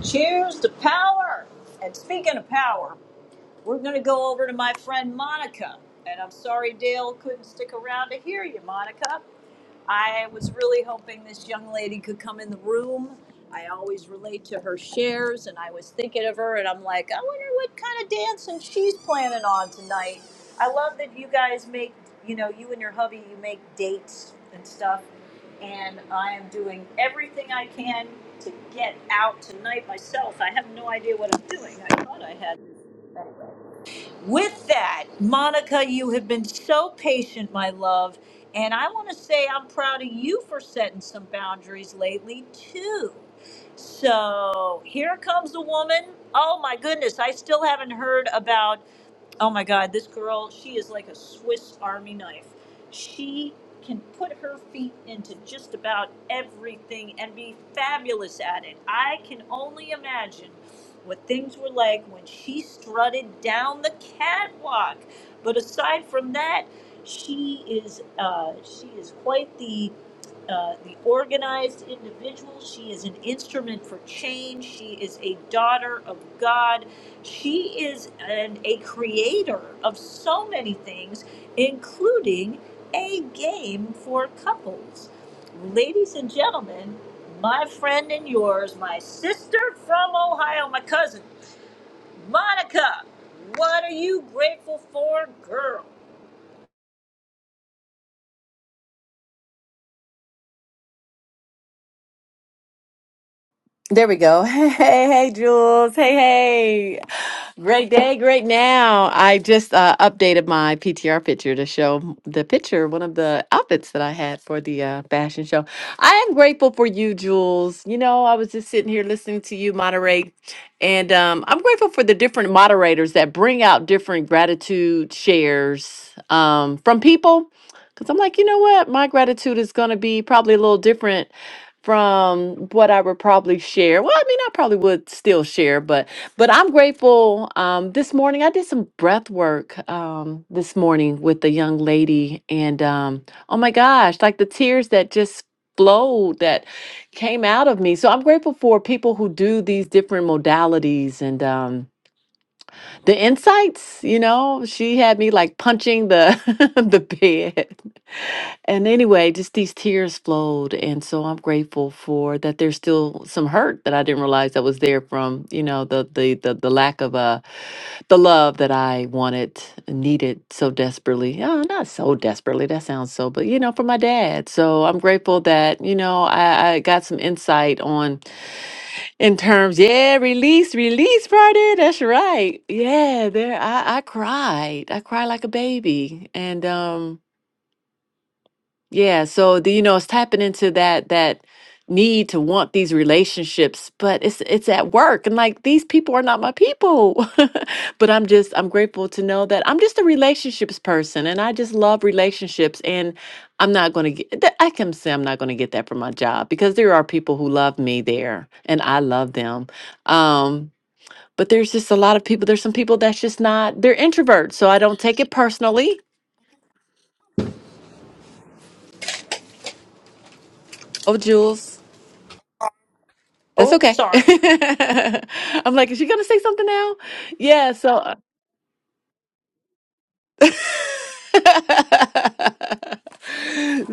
cheers to power and speaking of power We're going to go over to my friend Monica. And I'm sorry Dale couldn't stick around to hear you, Monica. I was really hoping this young lady could come in the room. I always relate to her shares, and I was thinking of her, and I'm like, I wonder what kind of dancing she's planning on tonight. I love that you guys make, you know, you and your hubby, you make dates and stuff. And I am doing everything I can to get out tonight myself. I have no idea what I'm doing. I thought I had. Anyway. With that, Monica, you have been so patient, my love. And I want to say I'm proud of you for setting some boundaries lately, too. So here comes the woman. Oh, my goodness. I still haven't heard about. Oh my God, this girl, she is like a Swiss Army knife. She can put her feet into just about everything and be fabulous at it. I can only imagine what things were like when she strutted down the catwalk. But aside from that, she is uh, she is quite the uh, the organized individual. She is an instrument for change. She is a daughter of God. She is an, a creator of so many things, including a game for couples. Ladies and gentlemen, my friend and yours, my sister from Ohio, my cousin, Monica, what are you grateful for, girl?
There we go. Hey, hey, hey, Jules. Hey, hey. Great day, great now. I just uh, updated my PTR picture to show the picture, one of the outfits that I had for the uh, fashion show. I am grateful for you, Jules. You know, I was just sitting here listening to you moderate, and um, I'm grateful for the different moderators that bring out different gratitude shares um, from people. Because I'm like, you know what? My gratitude is going to be probably a little different from what I would probably share. Well, I mean, I probably would still share, but but I'm grateful. Um, this morning, I did some breath work um, this morning with the young lady, and um, oh my gosh, like the tears that just flowed that came out of me. So I'm grateful for people who do these different modalities and um, the insights. You know, she had me like punching the the bed and anyway, just these tears flowed. And so I'm grateful for that there's still some hurt that I didn't realize that was there from, you know, the the the, the lack of uh the love that I wanted and needed so desperately. Oh, not so desperately, that sounds so, but you know, for my dad. So I'm grateful that, you know, I, I got some insight on in terms, yeah, release, release Friday. That's right. Yeah, there I, I cried. I cried like a baby. And um yeah, so the, you know, it's tapping into that that need to want these relationships, but it's it's at work and like these people are not my people. But I'm just I'm grateful to know that I'm just a relationships person and I just love relationships and I'm not going to get that I can say I'm not going to get that from my job because there are people who love me there and I love them. Um but there's just a lot of people there's some people that's just not they're introverts, so I don't take it personally. Oh, Jules. That's
Oh,
okay.
sorry.
I'm like, is she gonna say something now? Yeah, so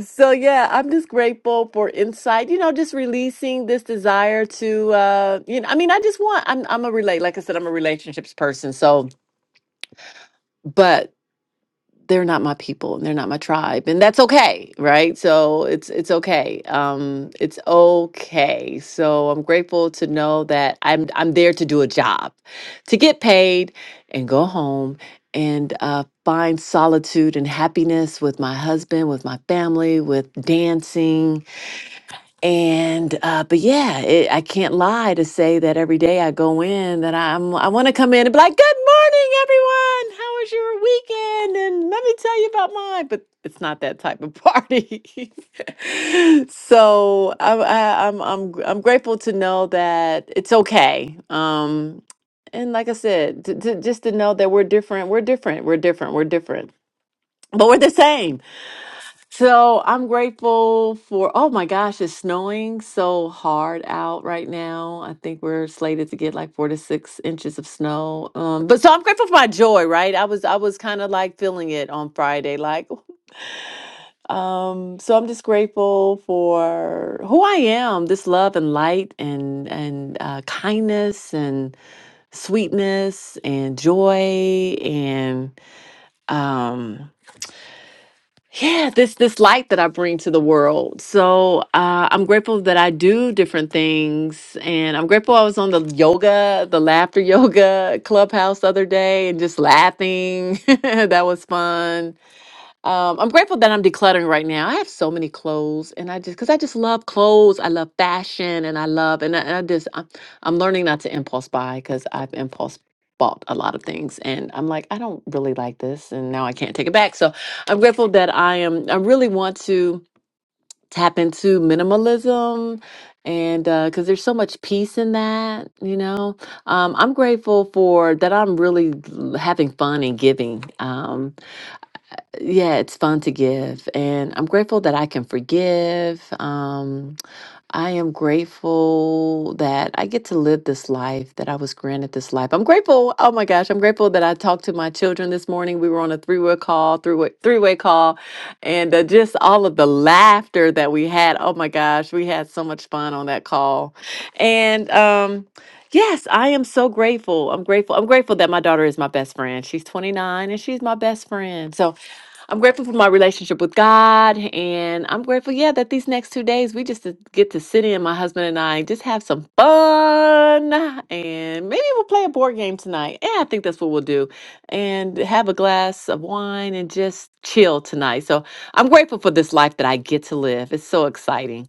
So yeah, I'm just grateful for insight, you know, just releasing this desire to uh you know, I mean, I just want I'm I'm a relate like I said, I'm a relationships person. So but. they're not my people and they're not my tribe and that's okay right so it's it's okay um it's okay so i'm grateful to know that i'm i'm there to do a job to get paid and go home and uh, find solitude and happiness with my husband with my family with dancing and uh, but yeah, it, I can't lie to say that every day I go in that I'm I want to come in and be like, "Good morning, everyone. How was your weekend?" And let me tell you about mine. But it's not that type of party. so I'm I, I'm I'm gr- I'm grateful to know that it's okay. Um, and like I said, to, to, just to know that we're different. We're different. We're different. We're different. But we're the same so I'm grateful for, oh my gosh, it's snowing so hard out right now. I think we're slated to get like four to six inches of snow. Um, but so I'm grateful for my joy, right? I was I was kind of like feeling it on Friday, like um, so I'm just grateful for who I am, this love and light and and uh, kindness and sweetness and joy and um yeah this this light that i bring to the world so uh, i'm grateful that i do different things and i'm grateful i was on the yoga the laughter yoga clubhouse the other day and just laughing that was fun um, I'm grateful that I'm decluttering right now. I have so many clothes, and I just because I just love clothes. I love fashion, and I love and I, and I just I'm, I'm learning not to impulse buy because I've impulse bought a lot of things, and I'm like I don't really like this, and now I can't take it back. So I'm grateful that I am. I really want to tap into minimalism, and because there's so much peace in that, you know. Um, I'm grateful for that. I'm really having fun and giving. Um, yeah, it's fun to give. And I'm grateful that I can forgive. Um, I am grateful that I get to live this life, that I was granted this life. I'm grateful. Oh my gosh, I'm grateful that I talked to my children this morning. We were on a three-way call, three-way, three-way call, and uh, just all of the laughter that we had. Oh my gosh, we had so much fun on that call. And um, Yes, I am so grateful. I'm grateful. I'm grateful that my daughter is my best friend. She's 29 and she's my best friend. So I'm grateful for my relationship with God. And I'm grateful, yeah, that these next two days we just to get to sit in, my husband and I, just have some fun. And maybe we'll play a board game tonight. Yeah, I think that's what we'll do. And have a glass of wine and just chill tonight. So I'm grateful for this life that I get to live. It's so exciting.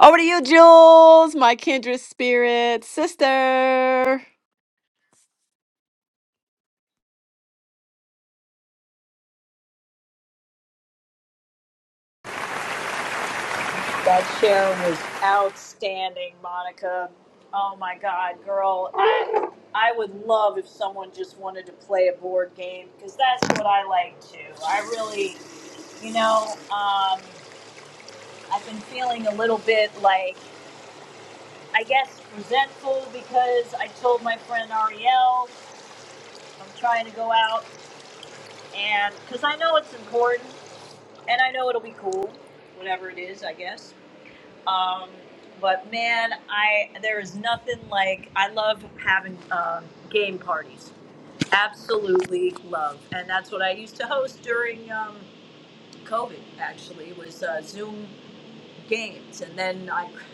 Over to you, Jules, my kindred spirit sister.
That show was outstanding, Monica. Oh my God, girl. I, I would love if someone just wanted to play a board game because that's what I like to. I really, you know, um, I've been feeling a little bit like, I guess, resentful because I told my friend Ariel I'm trying to go out and because I know it's important and I know it'll be cool, whatever it is, I guess. Um, but man, I there is nothing like I love having um, game parties. Absolutely love, and that's what I used to host during um, COVID. Actually, was uh, Zoom games, and then I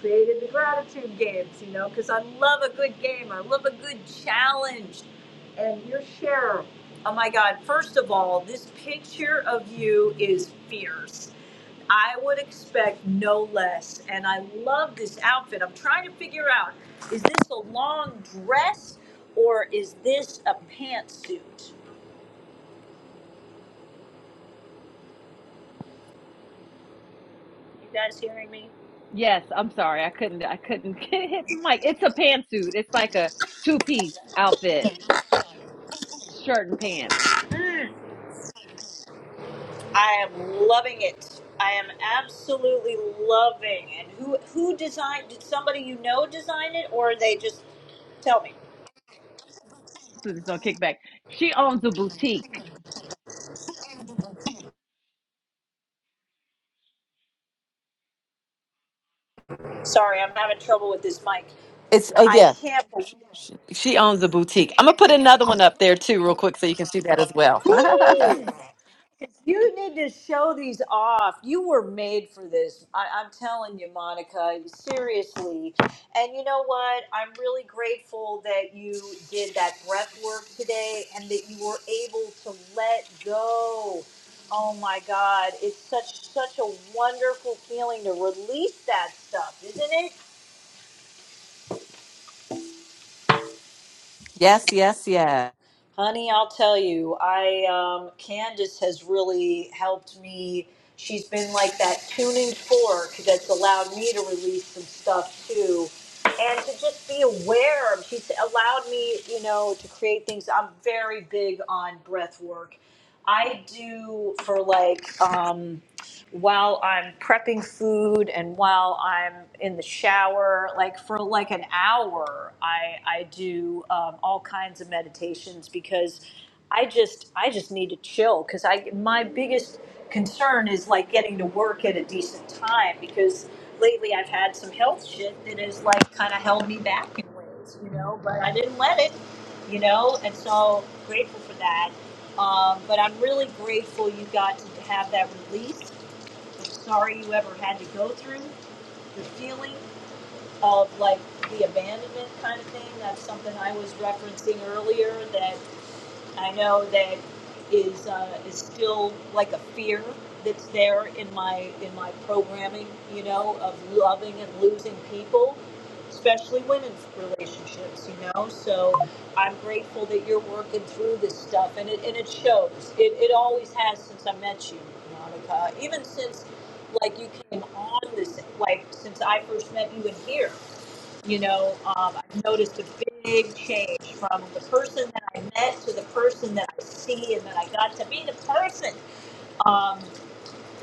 created the gratitude games, you know, because I love a good game. I love a good challenge. And your share, oh my God, first of all, this picture of you is fierce. I would expect no less. And I love this outfit. I'm trying to figure out is this a long dress or is this a pantsuit? You guys hearing me?
Yes, I'm sorry. I couldn't I couldn't hit the mic. It's a pantsuit. It's like a two-piece outfit, shirt and pants.
I am loving it. I am absolutely loving. And who who designed? Did somebody you know design it, or they just tell me?
So There's no kickback. She owns teak.
Sorry, I'm having trouble with this mic.
It's oh
I
yeah,
can't. believe-
she owns the boutique. I'm gonna put another one up there too, real quick, so you can see that as well.
Please. You need to show these off. You were made for this. I, I'm telling you, Monica, seriously. And you know what? I'm really grateful that you did that breath work today and that you were able to let go. Oh my God. It's such such a wonderful feeling to release that stuff, isn't it?
yes, yes, yes.
Honey, I'll tell you, I um, Candace has really helped me. She's been like that tuning fork that's allowed me to release some stuff too, and to just be aware of. She's allowed me, you know, to create things. I'm very big on breath work. I do for like. Um, while I'm prepping food and while I'm in the shower, like for like an hour, I I do um, all kinds of meditations because I just I just need to chill because I my biggest concern is like getting to work at a decent time because lately I've had some health shit that has like kind of held me back in ways, you know. But I didn't let it, you know, and so grateful for that. Um, but I'm really grateful you got to have that release sorry you ever had to go through, the feeling of like the abandonment kind of thing. That's something I was referencing earlier that I know that is uh, is still like a fear that's there in my in my programming, you know, of loving and losing people, especially women's relationships, you know. So I'm grateful that you're working through this stuff, and it and it shows. It it always has since I met you, Monica. Even since like you came on this, like since I first met you in here. You know, um, I've noticed a big change from the person that I met to the person that I see and that I got to be the person. Um,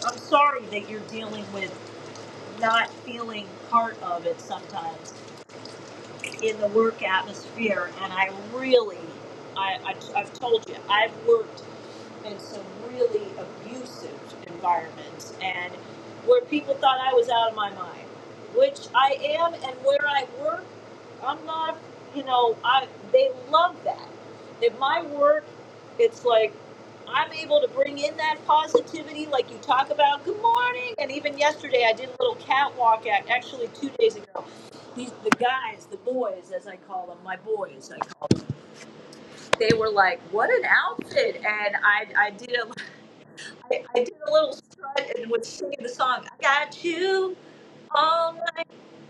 I'm sorry that you're dealing with not feeling part of it sometimes in the work atmosphere. And I really, I, I, I've told you, I've worked in some really abusive environments and where people thought I was out of my mind, which I am, and where I work, I'm not, you know, I they love that. At my work, it's like I'm able to bring in that positivity, like you talk about. Good morning, and even yesterday I did a little catwalk act. Actually, two days ago, these the guys, the boys, as I call them, my boys, I call them. They were like, "What an outfit!" And I, I did a I, I did a little strut and was singing the song. I got you all my,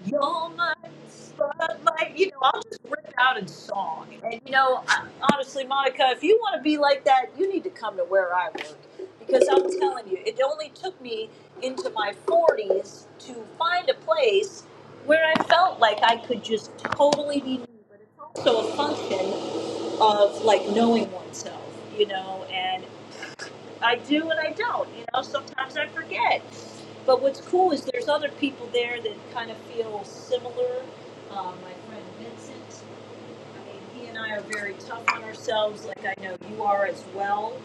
you're my spotlight. You know, I'll just rip out in song. And you know, I, honestly, Monica, if you want to be like that, you need to come to where I work because I'm telling you, it only took me into my 40s to find a place where I felt like I could just totally be me. But it's also a function of like knowing oneself, you know. and. I do and I don't. You know, sometimes I forget. But what's cool is there's other people there that kind of feel similar. Um, my friend Vincent, I mean, he and I are very tough on ourselves, like I know you are as well.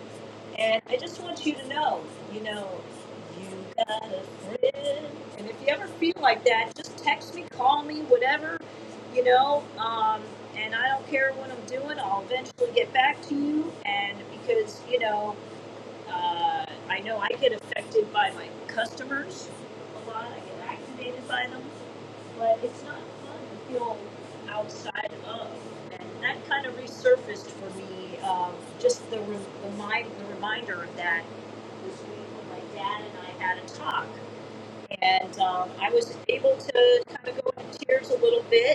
And I just want you to know, you know, you got a friend. And if you ever feel like that, just text me, call me, whatever, you know. Um, and I don't care what I'm doing, I'll eventually get back to you. And because, you know, uh, I know I get affected by my customers a lot. I get activated by them, but it's not fun to feel outside of. And that kind of resurfaced for me. Um, just the re- the, mind, the reminder of that this week when my dad and I had a talk, and um, I was able to kind of go into tears a little bit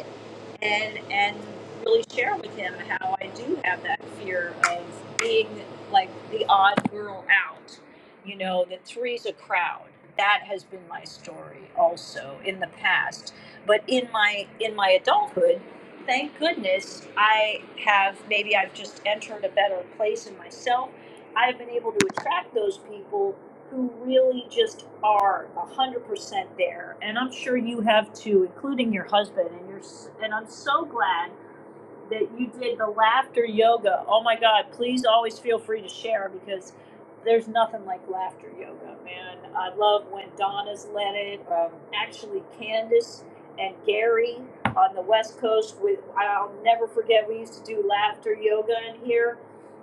and and really share with him how I do have that fear of being like the odd girl out. You know, that three's a crowd. That has been my story also in the past. But in my in my adulthood, thank goodness I have maybe I've just entered a better place in myself. I've been able to attract those people who really just are 100% there. And I'm sure you have too, including your husband. And you're, s- and I'm so glad that you did the laughter yoga. Oh my God, please always feel free to share because there's nothing like laughter yoga, man. I love when Donna's led it. Um, actually, Candace and Gary on the West Coast, with, I'll never forget, we used to do laughter yoga in here.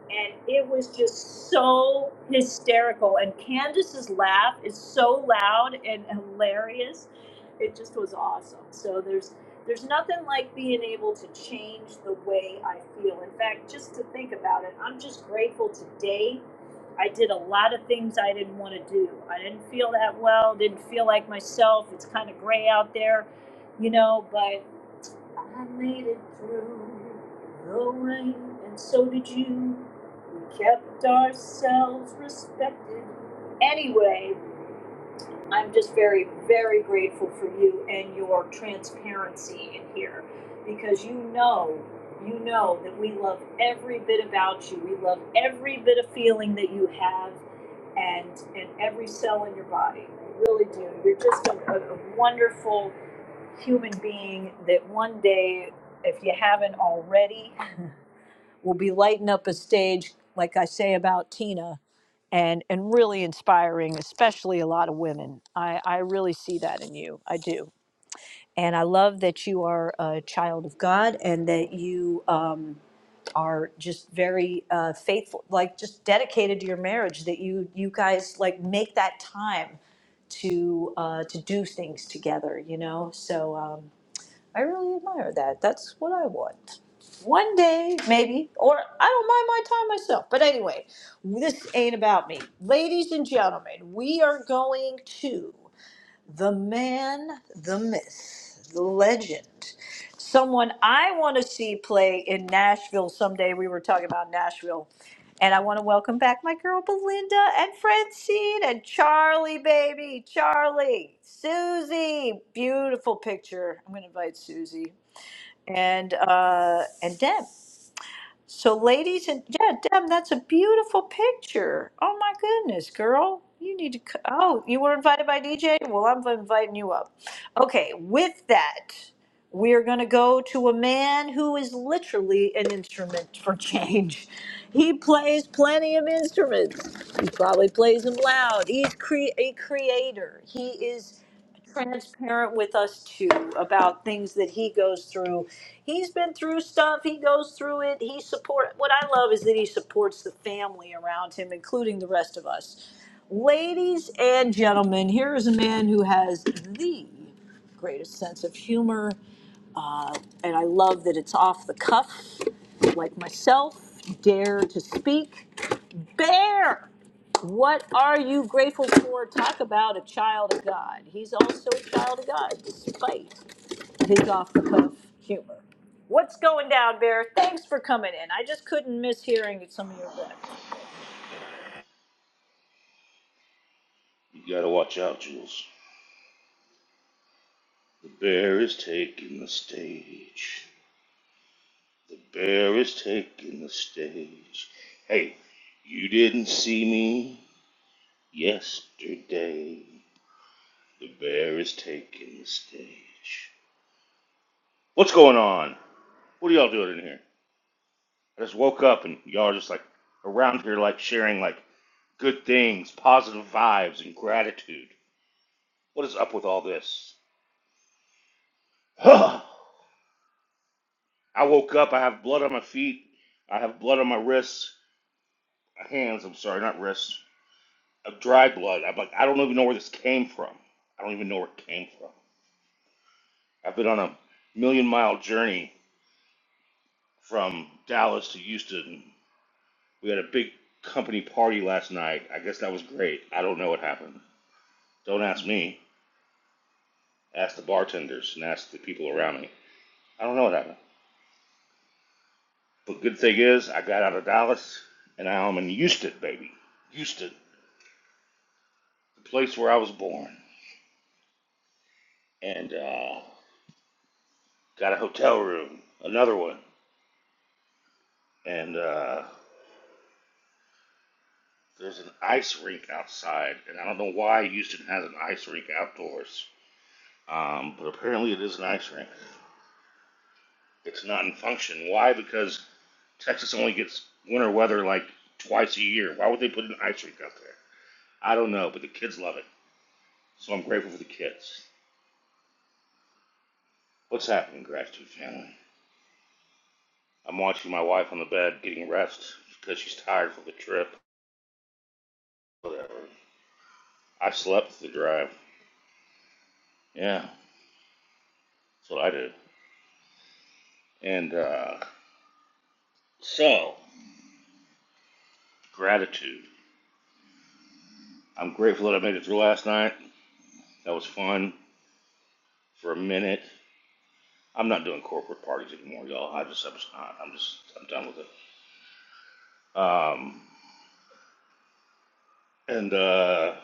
And it was just so hysterical. And Candace's laugh is so loud and hilarious. It just was awesome. So there's there's nothing like being able to change the way I feel. In fact, just to think about it, I'm just grateful today. I did a lot of things I didn't want to do. I didn't feel that well, didn't feel like myself. It's kind of gray out there, you know, but I made it through the rain, and so did you. We kept ourselves respected. Anyway, I'm just very, very grateful for you and your transparency in here because you know, you know that we love every bit about you. We love every bit of feeling that you have and and every cell in your body. We really do. You're just a, a, a wonderful human being that one day, if you haven't already, will be lighting up a stage, like I say about Tina and and really inspiring, especially a lot of women. I, I really see that in you. I do, and I love that you are a child of God and that you um, are just very uh, faithful, like just dedicated to your marriage. That you you guys like make that time to uh, to do things together. You know, so. Um, I really admire that. That's what I want. One day, maybe, or I don't mind my time myself. But anyway, this ain't about me. Ladies and gentlemen, we are going to the man, the myth, the legend, someone I want to see play in Nashville someday. We were talking about Nashville. And I want to welcome back my girl Belinda and Francine and Charlie, baby. Charlie, Susie, beautiful picture. I'm going to invite Susie and uh, and Deb. So, ladies and yeah, Deb, that's a beautiful picture. Oh my goodness, girl, you need to. c- Oh, you were invited by DJ. Well, I'm inviting you up. Okay, with that, we are going to go to a man who is literally an instrument for change. He plays plenty of instruments. He probably plays them loud. He's cre- a creator. He is transparent with us too about things that he goes through. He's been through stuff. He goes through it. He support. What I love is that he supports the family around him, including the rest of us. Ladies and gentlemen, here is a man who has the greatest sense of humor, uh, and I love that it's off the cuff, like myself. Dare to speak, bear. What are you grateful for? Talk about a child of God. He's also a child of God, despite his off the cuff humor. What's going down, Bear? Thanks for coming in. I just couldn't miss hearing some of your breath.
You gotta watch out, Jules. The bear is taking the stage. The bear is taking the stage. Hey, you didn't see me yesterday. The bear is taking the stage. What's going on? What are y'all doing in here? I just woke up and y'all are just like around here, like sharing like good things, positive vibes, and gratitude. What is up with all this? I woke up. I have blood on my feet. I have blood on my wrists. hands. I'm sorry, not wrists. Of dry blood. I'm like, I don't even know where this came from. I don't even know where it came from. I've been on a million mile journey from Dallas to Houston. We had a big company party last night. I guess that was great. I don't know what happened. Don't ask me. Ask the bartenders and ask the people around me. I don't know what happened. But good thing is, I got out of Dallas and now I'm in Houston, baby. Houston, the place where I was born. And uh, got a hotel room, another one. and uh, there's an ice rink outside, and I don't know why Houston has an ice rink outdoors, um, but apparently it is an ice rink. It's not in function. Why? Because Texas only gets winter weather like twice a year. Why would they put an ice rink out there? I don't know, but the kids love it, so I'm grateful for the kids. What's happening, gratitude family? I'm watching my wife on the bed getting rest because she's tired from the trip. Whatever. I slept the drive. Yeah, that's what I do. And uh, so Gratitude. I'm grateful that I made it through last night. That was fun for a minute. I'm not doing corporate parties anymore, y'all. I just, I'm just I'm just, I'm done with it. Um, and uh,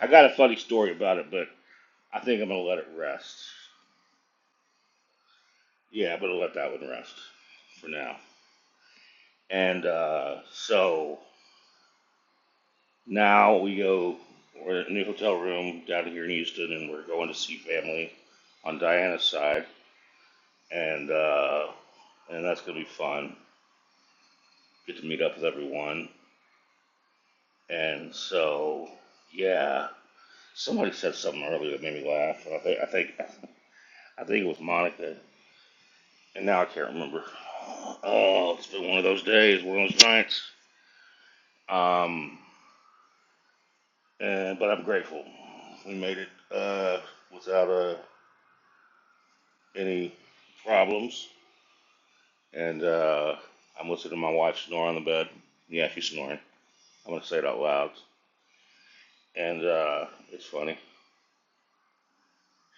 I got a funny story about it, but I think I'm gonna let it rest. Yeah, I'm gonna let that one rest for now. And uh, so now we go. We're in a new hotel room down here in Houston, and we're going to see family on Diana's side, and uh, and that's gonna be fun. Good to meet up with everyone. And so, yeah, somebody said something earlier that made me laugh. And I think I think I think it was Monica, and now I can't remember. Oh, it's been one of those days, one of those nights. Um, and but I'm grateful we made it uh, without uh, any problems. And uh, I'm listening to my wife snore on the bed. Yeah, she's snoring. I'm gonna say it out loud, and uh, it's funny.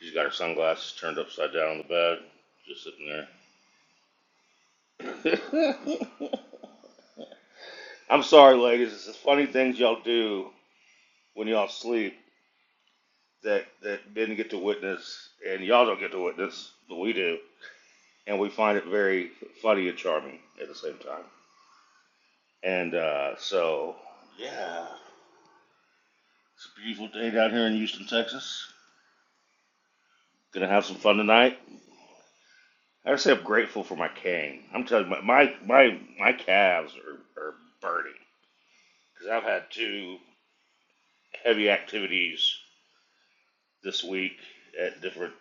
She's got her sunglasses turned upside down on the bed, just sitting there. I'm sorry, ladies. It's the funny things y'all do when y'all sleep that that didn't get to witness, and y'all don't get to witness, but we do, and we find it very funny and charming at the same time. And uh, so, yeah, it's a beautiful day down here in Houston, Texas. Gonna have some fun tonight. I gotta say, I'm grateful for my cane. I'm telling you, my my my, my calves are, are burning. because I've had two heavy activities this week at different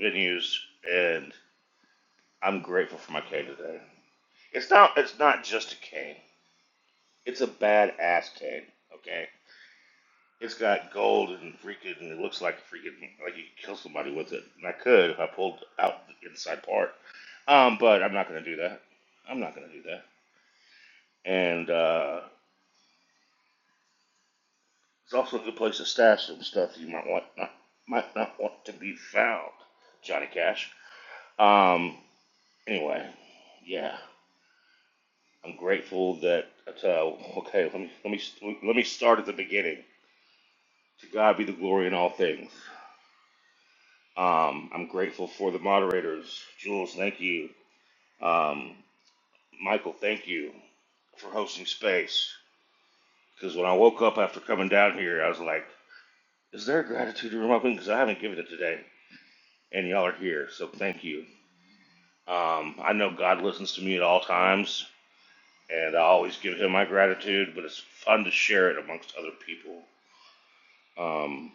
venues, and I'm grateful for my cane today. It's not it's not just a cane. It's a badass cane. Okay, it's got gold and freaking. and It looks like a freaking like you could kill somebody with it. And I could if I pulled out the inside part. Um, but I'm not gonna do that. I'm not gonna do that. And uh, it's also a good place to stash some stuff you might want not might not want to be found. Johnny Cash. Um. Anyway, yeah, I'm grateful that. That's, uh, okay, let me let me let me start at the beginning. To God be the glory in all things. Um, I'm grateful for the moderators, Jules. Thank you, um, Michael. Thank you for hosting space. Because when I woke up after coming down here, I was like, "Is there a gratitude room open?" Because I haven't given it today, and y'all are here, so thank you. Um, I know God listens to me at all times, and I always give him my gratitude, but it's fun to share it amongst other people. Um,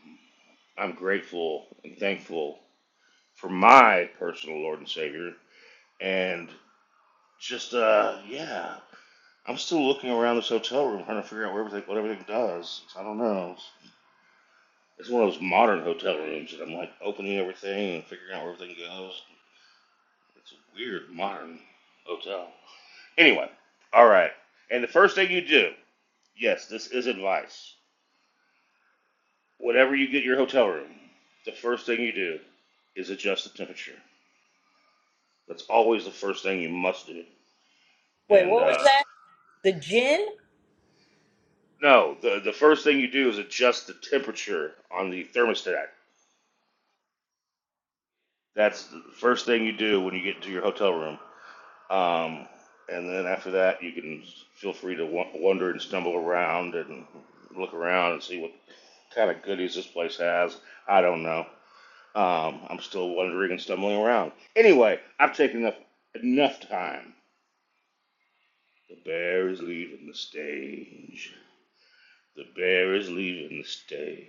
I'm grateful and thankful for my personal Lord and Savior, and just uh, yeah, I'm still looking around this hotel room trying to figure out where everything, what everything does. I don't know. It's one of those modern hotel rooms that I'm like opening everything and figuring out where everything goes. It's a weird modern hotel. Anyway, all right. And the first thing you do, yes, this is advice Whenever you get your hotel room, the first thing you do is adjust the temperature. That's always the first thing you must do.
Wait,
And
what was
uh,
that? The gin?
no, the the first thing you do is adjust the temperature on the thermostat. That's the first thing you do when you get into your hotel room. Um, and then after that, you can feel free to wa- wander and stumble around and look around and see what kind of goodies this place has. I don't know. Um, I'm still wondering and stumbling around. Anyway, I've taken up enough time. The bear is leaving the stage. The bear is leaving the stage.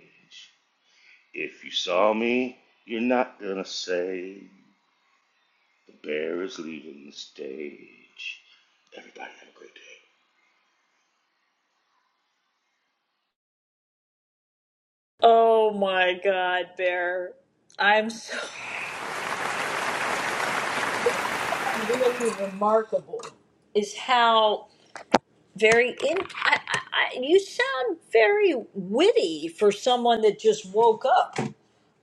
If you saw me, you're not gonna say the bear is leaving the stage. Everybody have a great day.
Oh my God, Bear. I'm so really remarkable is how very in I, I, I, you sound very witty for someone that just woke up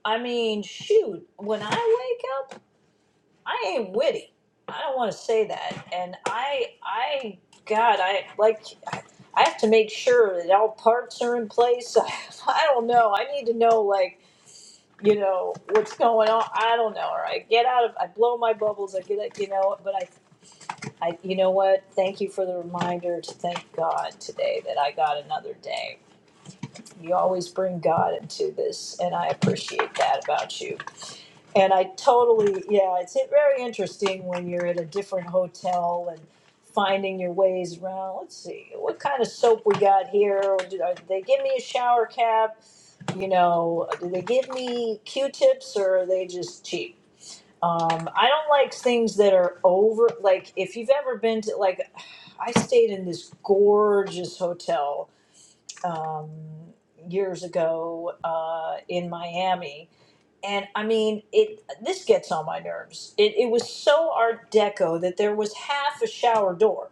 I mean, shoot, when I wake up, I ain't witty. I don't want to say that. And I, I, God, I like, I have to make sure that all parts are in place. I don't know. I need to know, like, you know, what's going on. I don't know. Or I get out of, I blow my bubbles. I get it, you know, but I, I, you know what? Thank you for the reminder to thank God today that I got another day. You always bring God into this, and I appreciate that about you And I totally, yeah, it's very interesting when you're at a different hotel and finding your ways around. Let's see, what kind of soap we got here? Or Do are- do they give me a shower cap? You know, do they give me Q-tips or are they just cheap? Um, I don't like things that are over, like if you've ever been to, like, I stayed in this gorgeous hotel um, years ago uh, in Miami and I mean it. This gets on my nerves. It, it was so Art Deco that there was half a shower door.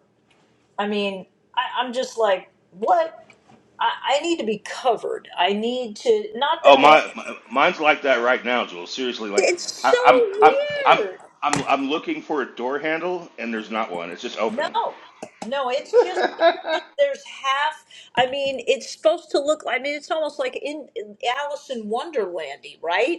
I mean, I, I'm just like, what? I, I need to be covered. I need to. Not that
Oh
I.
my, my mine's like that right now, Joel. Seriously, like
It's
I,
so
I'm I'm I'm
weird.
I'm I'm looking for a door handle and there's not one. It's just open.
No, no. It's just. it's just There's half. I mean, it's supposed to look. I mean, it's almost like in, in Alice in Wonderlandy, right?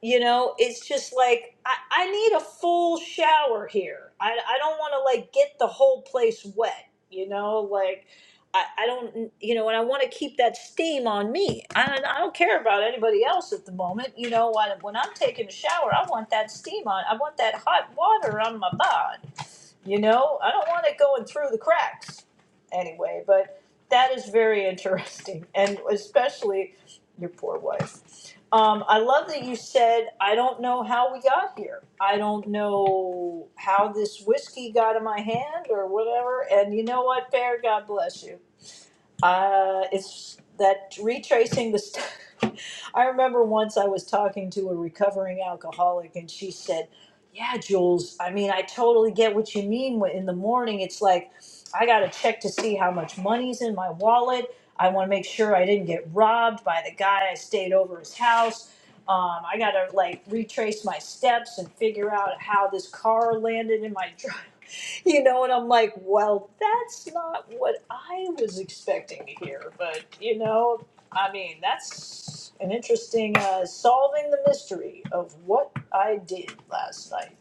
You know, it's just like I, I need a full shower here. I, I don't want to like get the whole place wet. You know, like I, I don't you know, and I want to keep that steam on me. I don't, I don't care about anybody else at the moment. You know, when, when I'm taking a shower, I want that steam on. I want that hot water on my body you know i don't want it going through the cracks anyway but that is very interesting and especially your poor wife um, i love that you said i don't know how we got here i don't know how this whiskey got in my hand or whatever and you know what Bear? god bless you uh, it's that retracing the. St- I remember once I was talking to a recovering alcoholic, and she said, "Yeah, Jules. I mean, I totally get what you mean. when- In the morning, it's like I got to check to see how much money's in my wallet. I want to make sure I didn't get robbed by the guy I stayed over his house." Um, I gotta like retrace my steps and figure out how this car landed in my drive you know, and I'm like, well, that's not what I was expecting to hear. But, you know, I mean, that's an interesting uh, solving the mystery of what I did last night.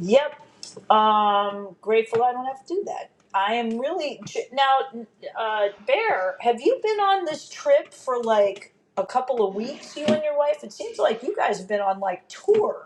Yep. Um, grateful I don't have to do that. I am really now, uh, Bear. Have you been on this trip for like a couple of weeks? You and your wife. It seems like you guys have been on like tour.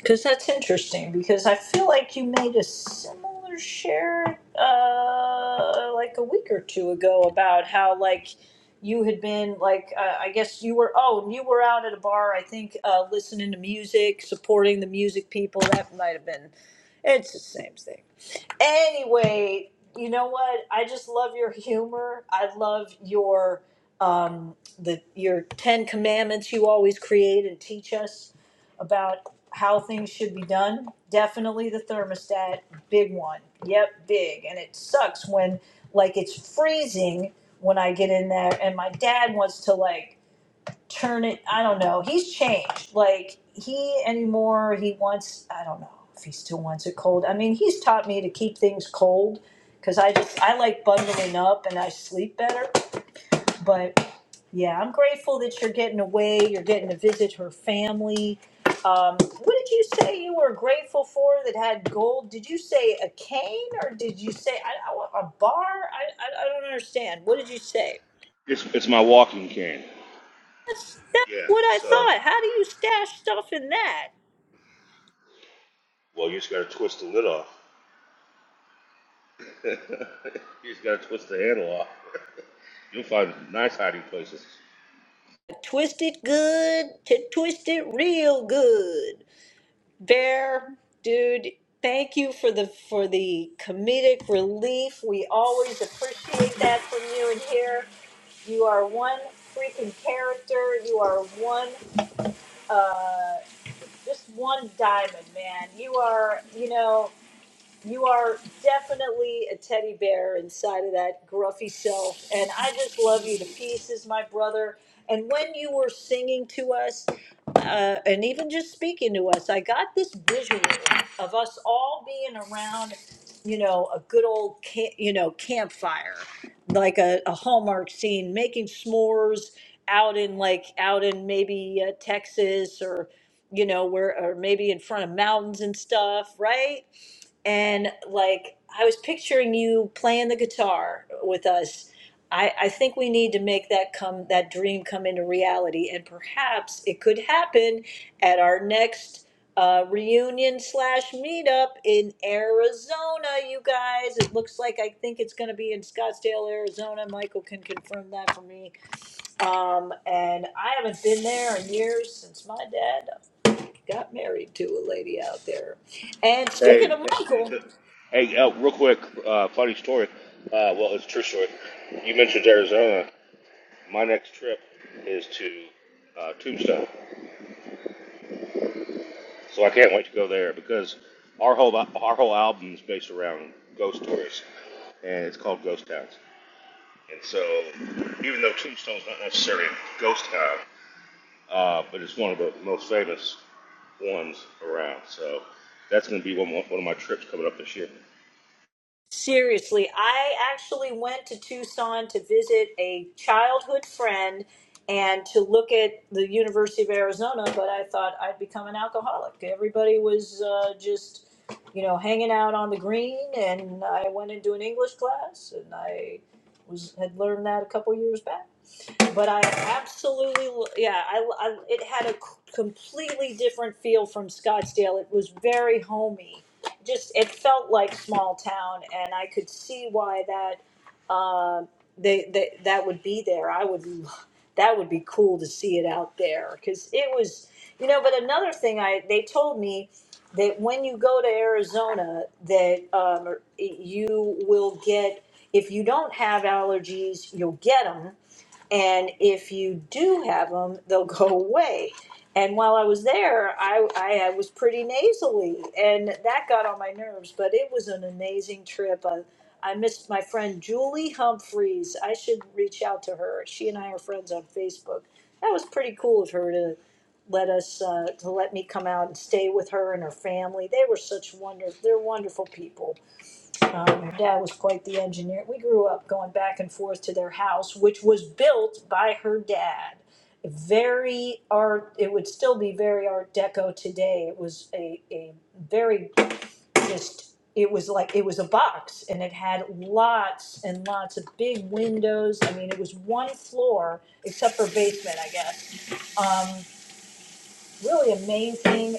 Because that's interesting. Because I feel like you made a similar share, uh, like a week or two ago, about how like you had been like uh, I guess you were oh and you were out at a bar I think uh, listening to music, supporting the music people. That might have been. It's the same thing. Anyway, you know what? I just love your humor. I love your um the your 10 commandments you always create and teach us about how things should be done. Definitely the thermostat, big one. Yep, big. And it sucks when like it's freezing when I get in there and my dad wants to like turn it i don't know he's changed like he anymore he wants i don't know if he still wants it cold i mean he's taught me to keep things cold because i just i like bundling up and i sleep better but yeah i'm grateful that you're getting away you're getting to visit her family um, what did you say you were grateful for that had gold did you say a cane or did you say I, I, want a bar I, I, I don't understand what did you say
It's it's my walking cane.
That's
Yeah.
what I
So.
thought. How do you stash stuff in that?
Well, you just gotta twist the lid off. you just gotta twist the handle off. You'll find nice hiding places.
Twist it good to twist it real good. Bear, dude, thank you for the for the comedic relief. We always appreciate that from you in here. You are one freaking character. You are one uh just one diamond, man. You are, you know, You are definitely a teddy bear inside of that gruffy self. And I just love you to pieces, my brother. And when you were singing to us, uh, and even just speaking to us, I got this visual of us all being around, you know, a good old, ca- you know, campfire, like a, a Hallmark scene, making s'mores out in like out in maybe uh, Texas or you know where or maybe in front of mountains and stuff, right? and like I was picturing you playing the guitar with us. I, I think we need to make that come that dream come into reality, and perhaps it could happen at our next uh, reunion slash meetup in Arizona. You guys, it looks like I think it's going to be in Scottsdale, Arizona. Michael can confirm that for me. Um, and I haven't been there in years since my dad got married to a lady out there. And speaking
Hey,
of Michael.
hey, uh, real quick, uh, funny story. Uh, well, it's a true story. You mentioned Arizona. My next trip is to uh, Tombstone, so I can't wait to go there because our whole our whole album is based around ghost stories, and it's called Ghost Towns. And so, even though Tombstone's not necessarily a ghost town, uh, but it's one of the most famous ones around. So that's going to be one, one of my trips coming up this year.
Seriously, I actually went to Tucson to visit a childhood friend and to look at the University of Arizona, but I thought I'd become an alcoholic. Everybody was uh, just, you know, hanging out on the green, and I went into an English class, and I was had learned that a couple years back but I absolutely, yeah, I, I, it had a c- completely different feel from Scottsdale. It was very homey. Just, it felt like small town, and I could see why that, uh, they, they, that would be there. I would, lo- that would be cool to see it out there, because it was, you know, but another thing I, they told me that when you go to Arizona, that, um, you will get, if you don't have allergies, you'll get them and if you do have them, they'll go away. And while I was there, I, I, I was pretty nasally, and that got on my nerves, but it was an amazing trip. I, I missed my friend Julie Humphreys. I should reach out to her. She and I are friends on Facebook. That was pretty cool of her to let us uh, to let me come out and stay with her and her family. They were such wonderful. They're wonderful people. Um, her dad was quite the engineer. We grew up going back and forth to their house, which was built by her dad. Very art, it would still be very art deco today. It was a, a very just, it was like, it was a box and it had lots and lots of big windows. I mean, it was one floor except for basement, I guess um, really amazing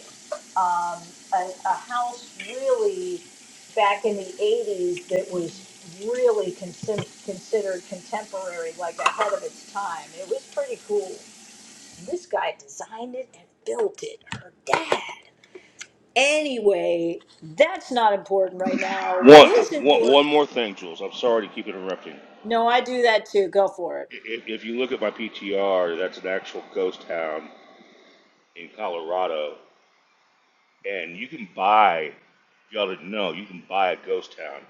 um, a, a house really back in the 80s that was really considered considered contemporary, like ahead of its time. It was pretty cool. This guy designed it and built it, her dad. Anyway, that's not important right now. What
One,
is
one,
important?
one more thing, Jules. I'm sorry to keep interrupting.
No, I do that too. Go for it.
If, if you look at my PTR, that's an actual ghost town in Colorado, and you can buy. Y'all didn't know you can buy a ghost town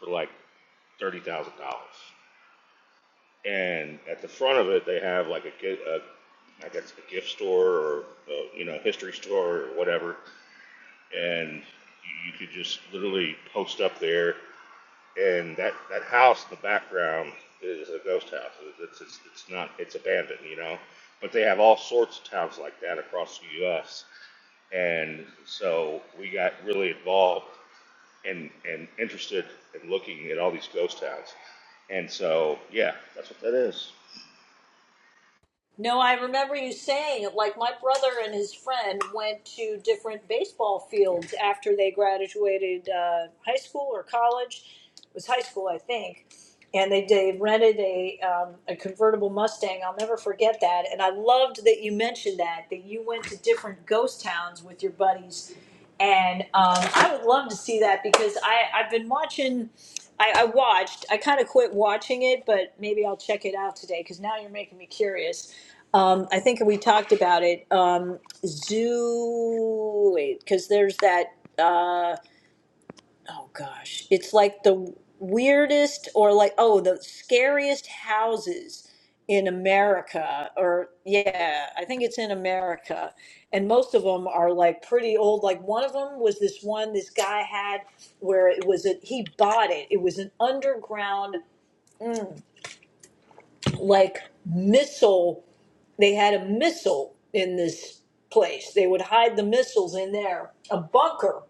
for like thirty thousand dollars. And at the front of it, they have like a a I guess a gift store or uh you know history store or whatever. and you, you could just literally post up there, and that that house in the background is a ghost house. It's it's, it's not it's abandoned, you know. But they have all sorts of towns like that across the U.S. And so we got really involved and, and interested in looking at all these ghost towns. And so, yeah, that's what that is.
No, I remember you saying, like, my brother and his friend went to different baseball fields after they graduated uh, high school or college. It was high school, I think. And they, they rented a, um, a convertible Mustang. I'll never forget that. And I loved that you mentioned that, that you went to different ghost towns with your buddies. And um, I would love to see that because I, I've been watching. I, I watched. I kind of quit watching it, but maybe I'll check it out today because now you're making me curious. Um, I think we talked about it. Um, zoo, wait, because there's that. Uh, oh gosh, it's like the weirdest or like oh the scariest houses in America. Or yeah, I think it's in America, and most of them are like pretty old. Like one of them was this one this guy had where it was a he bought it. It was an underground like missile they had a missile in this place. They would hide the missiles in there, a bunker.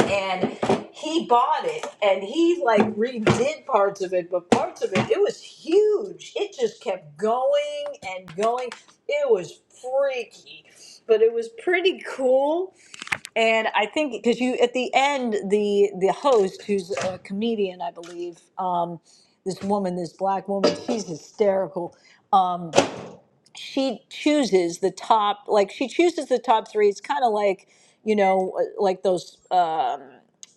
And he bought it and he like redid parts of it, but parts of it, it was huge. It just kept going and going. It was freaky, but it was pretty cool. And I think because you, at the end, the, the host, who's a comedian, I believe, um, this woman, this black woman, she's hysterical. Um, she chooses the top like she chooses the top three it's kind of like you know uh, like those um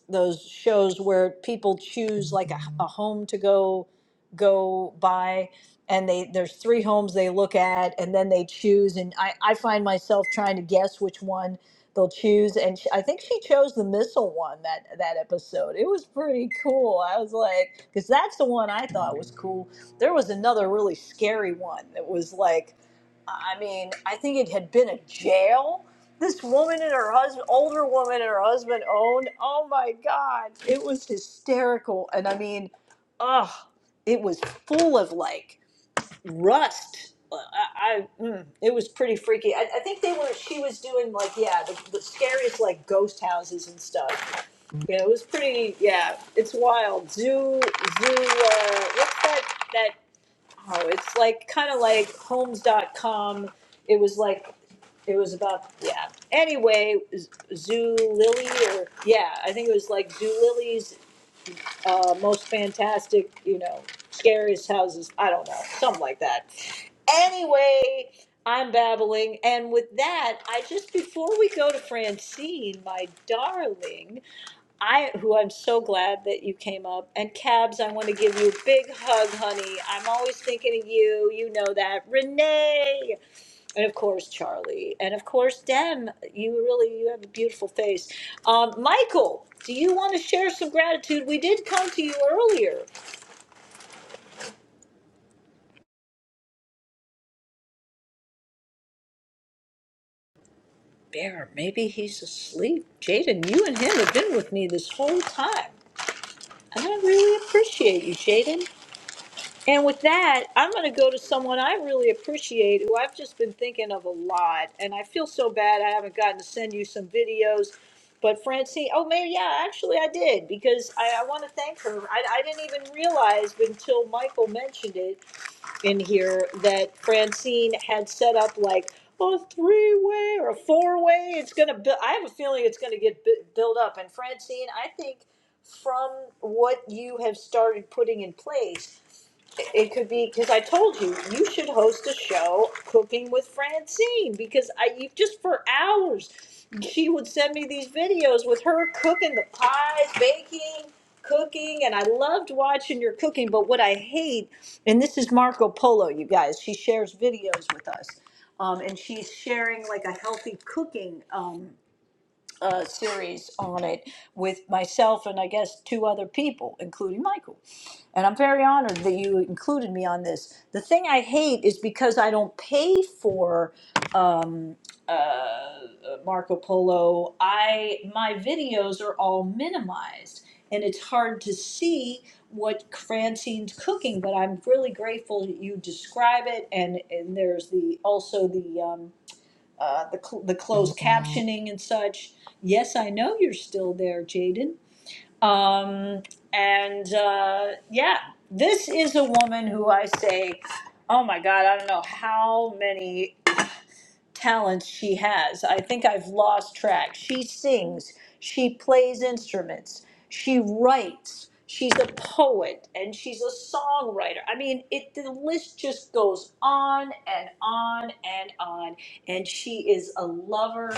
those shows where people choose like a, a home to go go buy and they there's three homes they look at and then they choose and i i find myself trying to guess which one they'll choose and she, i think she chose the missile one that that episode it was pretty cool i was like because that's the one i thought was cool there was another really scary one that was like I mean, I think it had been a jail. This woman and her husband, older woman and her husband owned. Oh my God. It was hysterical. And I mean, ugh, it was full of like rust. Uh, I, I mm, it was pretty freaky. I, I think they were, she was doing like, yeah, the, the scariest like ghost houses and stuff. Yeah, it was pretty, yeah, it's wild. Zoo, zoo, uh, what's that? That Oh, it's like kind of like homes dot com. It was like it was about yeah. Anyway, Z- Zulily or yeah, I think it was like Zulily's uh, most fantastic, you know, scariest houses. I don't know, something like that. Anyway, I'm babbling, and with that, I just before we go to Francine, my darling. I, who I'm so glad that you came up, and Cabs, I want to give you a big hug, honey. I'm always thinking of you. You know that, Renee, and of course Charlie, and of course Dem. You really, you have a beautiful face. Um, Michael, do you want to share some gratitude? We did come to you earlier. Bear, maybe he's asleep. Jaden, you and him have been with me this whole time, and I really appreciate you, Jaden. And with that, I'm going to go to someone I really appreciate who I've just been thinking of a lot. And I feel so bad I haven't gotten to send you some videos. But Francine, oh, maybe, yeah, actually I did because I, I want to thank her. I, I didn't even realize until Michael mentioned it in here that Francine had set up like a three way or a four way. It's going to, bu- I have a feeling it's going to get bu- built up. And Francine, I think from what you have started putting in place, it could be because I told you you should host a show cooking with Francine because I you just for hours she would send me these videos with her cooking the pies, baking, cooking, and I loved watching your cooking. But what I hate, and this is Marco Polo, you guys, she shares videos with us, um, and she's sharing like a healthy cooking um, uh, series on it with myself and I guess two other people, including Michael and I'm very honored that you included me on this. The thing I hate is because I don't pay for um, uh, Marco Polo. I my videos are all minimized, and it's hard to see what Francine's cooking. But I'm really grateful that you describe it, and, and there's the also the um, uh, the cl- the closed captioning and such. Yes, I know you're still there, Jaden um, and uh, yeah, this is a woman who I say, oh my God, I don't know how many talents she has. I think I've lost track. She sings, she plays instruments, she writes, she's a poet, and she's a songwriter. I mean, it the list just goes on and on and on. And she is a lover.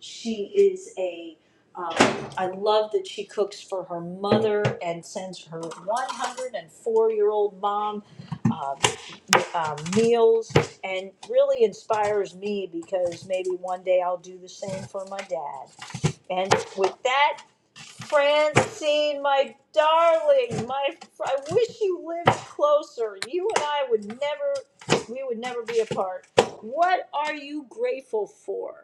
She is a um, I love that she cooks for her mother and sends her 104 year old mom. uh, um, meals and really inspires me because maybe one day I'll do the same for my dad. And with that, Francine, my darling, my I wish you lived closer. You and I would never, we would never be apart. What are you grateful for?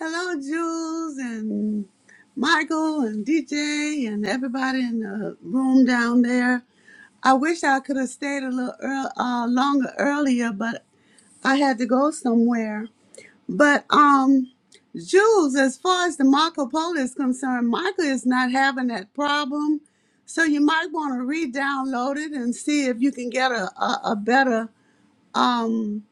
Hello, Jules and Michael and DJ and everybody in the room down there. I wish I could have stayed a little earl uh, longer earlier, but I had to go somewhere. But um, Jules, as far as the Marco Polo is concerned, Michael is not having that problem. So you might want to re-download it and see if you can get a a, a better um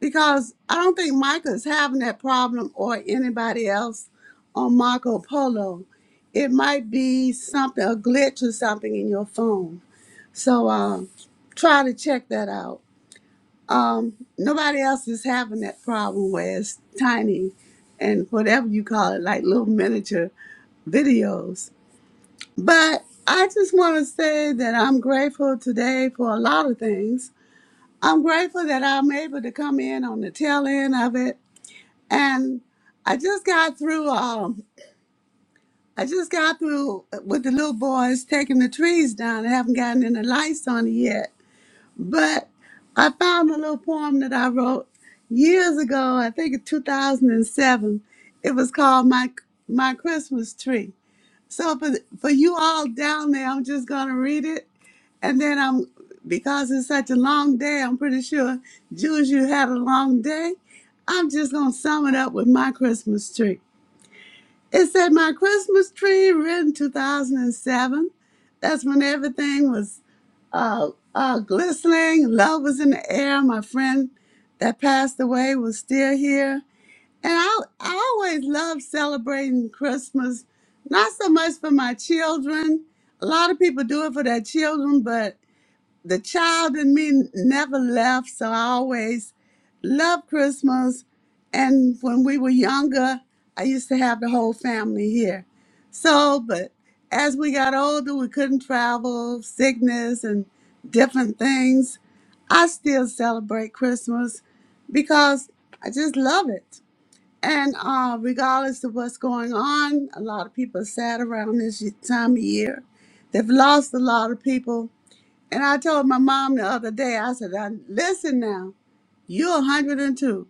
because I don't think Michael is having that problem or anybody else on Marco Polo. It might be something, a glitch or something in your phone. So um, try to check that out. Um, nobody else is having that problem where it's tiny and whatever you call it, like little miniature videos. But I just want to say that I'm grateful today for a lot of things. I'm grateful that I'm able to come in on the tail end of it and I just got through. Um, I just got through with the little boys taking the trees down. I haven't gotten any lights on it yet, but I found a little poem that I wrote years ago. I think in 2007. It was called my my Christmas tree. So for for you all down there, I'm just gonna read it, and then I'm because it's such a long day. I'm pretty sure Jews, you had a long day. I'm just gonna sum it up with my Christmas tree. It said my Christmas tree written 2007. That's when everything was uh, uh, glistening. Love was in the air. My friend that passed away was still here. And I, I always loved celebrating Christmas, not so much for my children. A lot of people do it for their children, but the child in me never left, so I always loved Christmas. And when we were younger, I used to have the whole family here. So, but as we got older, we couldn't travel, sickness, and different things. I still celebrate Christmas because I just love it. And uh, regardless of what's going on, a lot of people are sad around this y- time of year. They've lost a lot of people and I told my mom the other day, I said, "I- listen now, you're 102.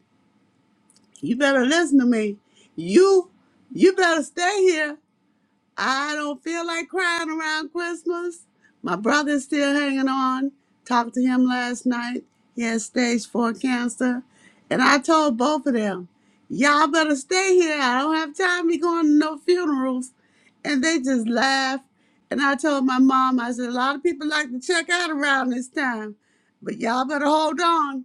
You better listen to me. You you better stay here I don't feel like crying around Christmas. My brother's still hanging on. Talked to him last night. He has stage four cancer. And I told both of them, y'all better stay here. I don't have time to be going to no funerals. And they just laughed. And I told my mom, I said, a lot of people like to check out around this time, but y'all better hold on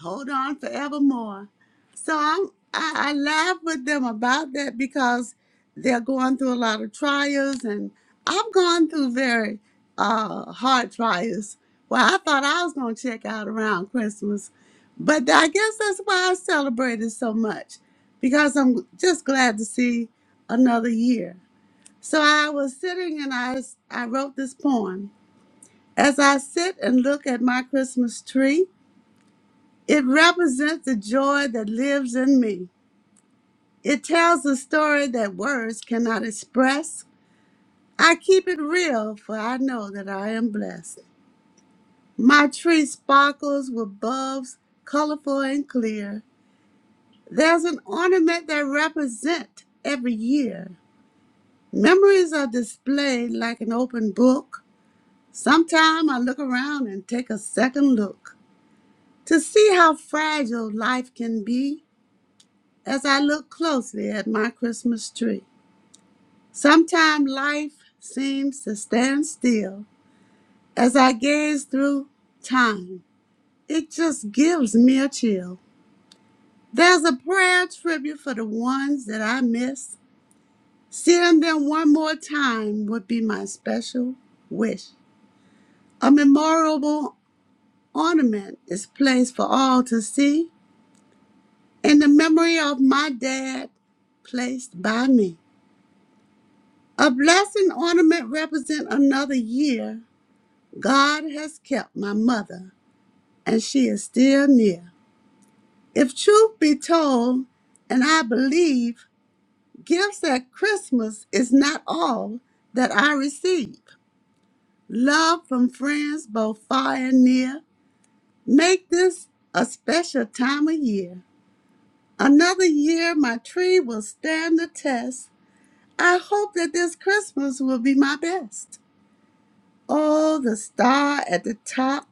hold on forevermore. So I'm, I, I laugh with them about that because they're going through a lot of trials, and I've gone through very uh, hard trials. Well, I thought I was going to check out around Christmas, but I guess that's why I celebrated so much because I'm just glad to see another year. So I was sitting and I, I wrote this poem. As I sit and look at my Christmas tree, it represents the joy that lives in me. It tells a story that words cannot express. I keep it real, for I know that I am blessed. My tree sparkles with bulbs, colorful and clear. There's an ornament that represents every year. Memories are displayed like an open book. Sometime I look around and take a second look to see how fragile life can be. as I look closely at my Christmas tree. Sometimes life seems to stand still as I gaze through time. It just gives me a chill. There's a prayer tribute for the ones that I miss. Seeing them one more time would be my special wish. A memorable ornament is placed for all to see in the memory of my dad placed by me. A blessing ornament represent another year. God has kept my mother, and she is still near. If truth be told, and I believe, gifts at Christmas is not all that I receive. Love from friends both far and near make this a special time of year. Another year my tree will stand the test. I hope that this Christmas will be my best. Oh, the star at the top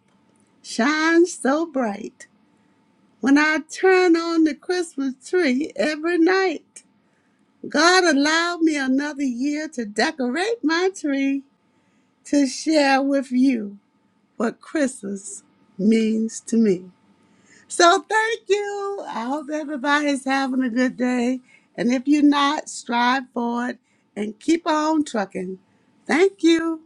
shines so bright. When I turn on the Christmas tree every night, God allowed me another year to decorate my tree to share with you what Christmas means to me. So thank you. I hope everybody's having a good day. And if you're not, strive for it and keep on trucking. Thank you.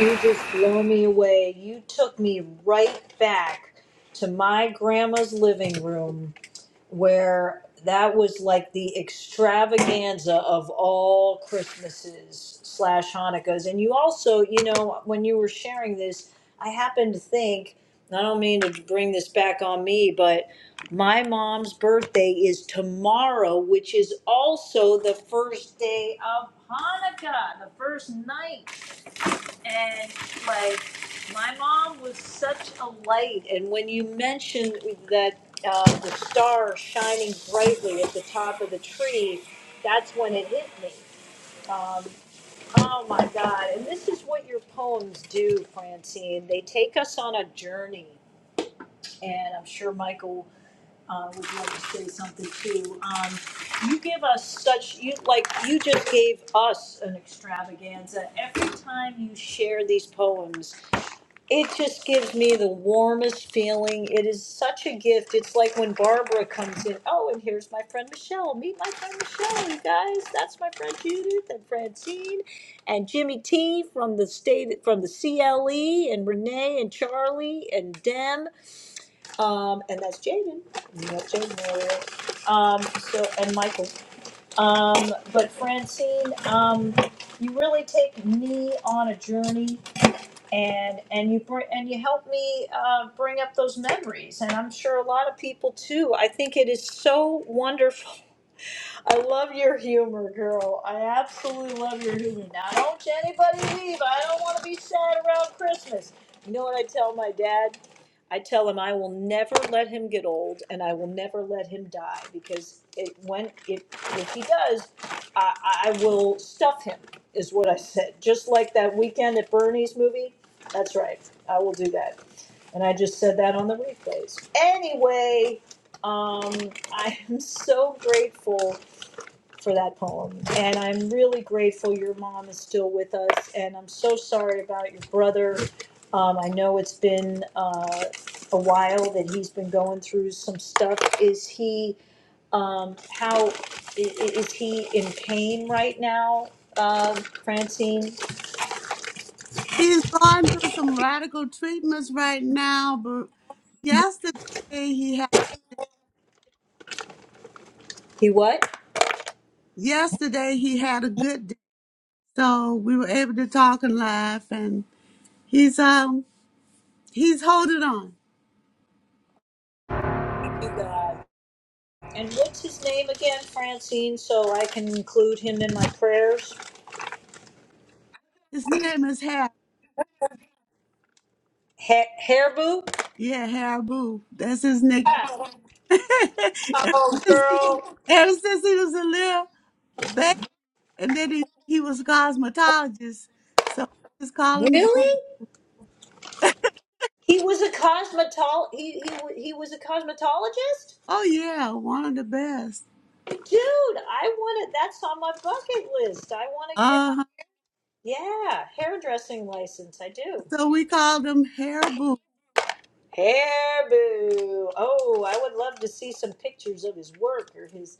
You just blow me away. You took me right back to my grandma's living room where that was like the extravaganza of all Christmases slash Hanukkahs. And you also, you know, when you were sharing this, I happened to think, and I don't mean to bring this back on me, but my mom's birthday is tomorrow, which is also the first day of Hanukkah, the first night. And like, my mom was such a light. And when you mentioned that uh, the star shining brightly at the top of the tree, that's when it hit me. Um, oh my God. And this is what your poems do, Francine. They take us on a journey. And I'm sure Michael uh, would like to say something too. Um, you give us such you like you just gave us an extravaganza every time you share these poems it just gives me the warmest feeling. It is such a gift. It's like when Barbara comes in. Oh, and here's my friend Michelle. Meet my friend Michelle, you guys. That's my friend Judith and Francine and Jimmy T from the state from the CLE and Renee and Charlie and Dem. Um, and that's Jaden. You know Jaden earlier. Um, so and Michael. Um, but Francine, um, you really take me on a journey and and you bring and you help me uh, bring up those memories and i'm sure a lot of people too i think it is so wonderful I love your humor, girl. I absolutely love your humor. Now, don't you anybody leave. I don't want to be sad around Christmas. You know what I tell my dad? I tell him I will never let him get old, and I will never let him die because it, when if if he does, I, I will stuff him. Is what I said. Just like that weekend at Bernie's movie. That's right. I will do that, and I just said that on the replays. Anyway, um, I am so grateful for that poem. And I'm really grateful your mom is still with us. And I'm so sorry about your brother. Um, I know it's been uh, a while that he's been going through some stuff. Is he, um, how, i- i- is he in pain right now, um, Francine?
He's going through some radical treatments right now, but yesterday he had
He what?
yesterday he had a good day. So we were able to talk and laugh and he's um he's holding on.
You God. And what's his name again, Francine, so I can include him in my prayers?
His name is Har.
Ha- Hairbo?
Yeah, Haribo. That's his nickname. ever, since he, ever since he was a little baby and then he, he was a cosmetologist. So we just call him Har-
Really? He was a cosmetol. He, he he was a cosmetologist,
Oh yeah, one of the best.
dude. I want to. That's on my bucket list. I want to get my
Uh huh.
yeah hairdressing license. I do
So we called him Haribo.
hair boo. Oh, I would love to see some pictures of his work or his.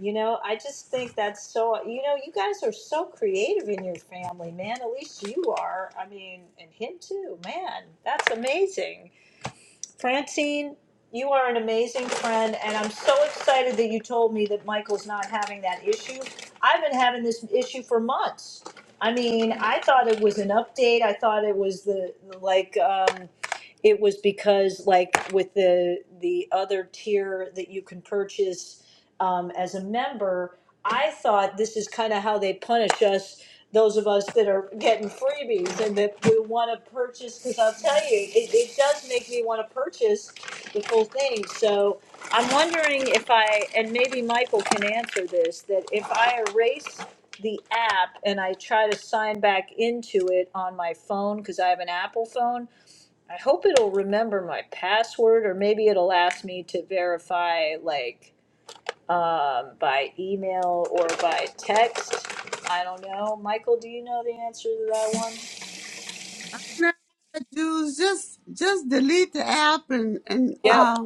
You know, I just think that's so. You know, you guys are so creative in your family, man. At least you are. I mean, and him too, man. That's amazing. Francine, you are an amazing friend, and I'm so excited that you told me that Michael's not having that issue. I've been having this issue for months. I mean, I thought it was an update. I thought it was the like um, it was because like with the the other tier that you can purchase um, as a member. I thought this is kind of how they punish us those of us that are getting freebies and that we want to purchase because i'll tell you it, it does make me want to purchase the full thing so i'm wondering if i and maybe michael can answer this that if i erase the app and i try to sign back into it on my phone because i have an apple phone i hope it'll remember my password or maybe it'll ask me to verify like um, by email or by text. I don't know. Michael, do you know the answer to that one?
No, Jews, just just delete the app and and
Yep.
uh,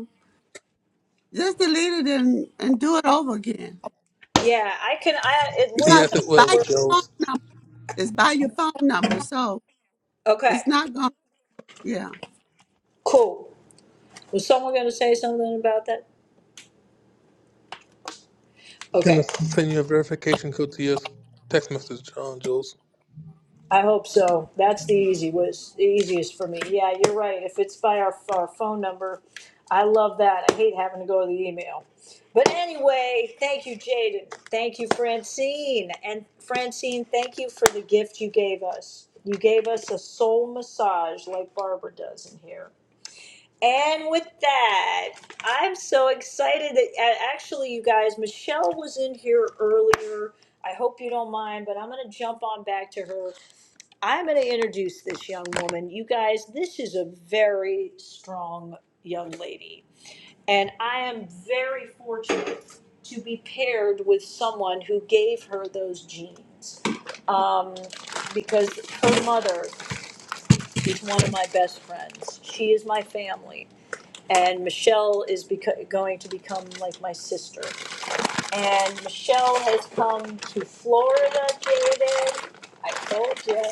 just delete it and and do it over again
Yeah, I can. I it
because
worst.
Yes,
comes
it
it's by
to
will,
your
worst-
Jules.
phone number. It's by your phone number, so
Okay.
it's not going. to Yeah.
Cool. Was someone going to say something about that?
It's gonna
Okay.
send you a verification code to your text message, uh, Jules.
I hope so. That's the easy was the easiest for me. Yeah, you're right. If it's by our, our phone number, I love that. I hate having to go to the email. But anyway, thank you, Jaden. Thank you, Francine. And Francine, thank you for the gift you gave us. You gave us a soul massage like Barbara does in here. And with that, I'm so excited that uh, actually, you guys, Michelle was in here earlier. I hope you don't mind, but I'm going to jump on back to her. I'm going to introduce this young woman. You guys, this is a very strong young lady. And I am very fortunate to be paired with someone who gave her those genes. Um, because her mother is one of my best friends. She is my family. And Michelle is beco- going to become like my sister. And Michelle has come to Florida, David. I told you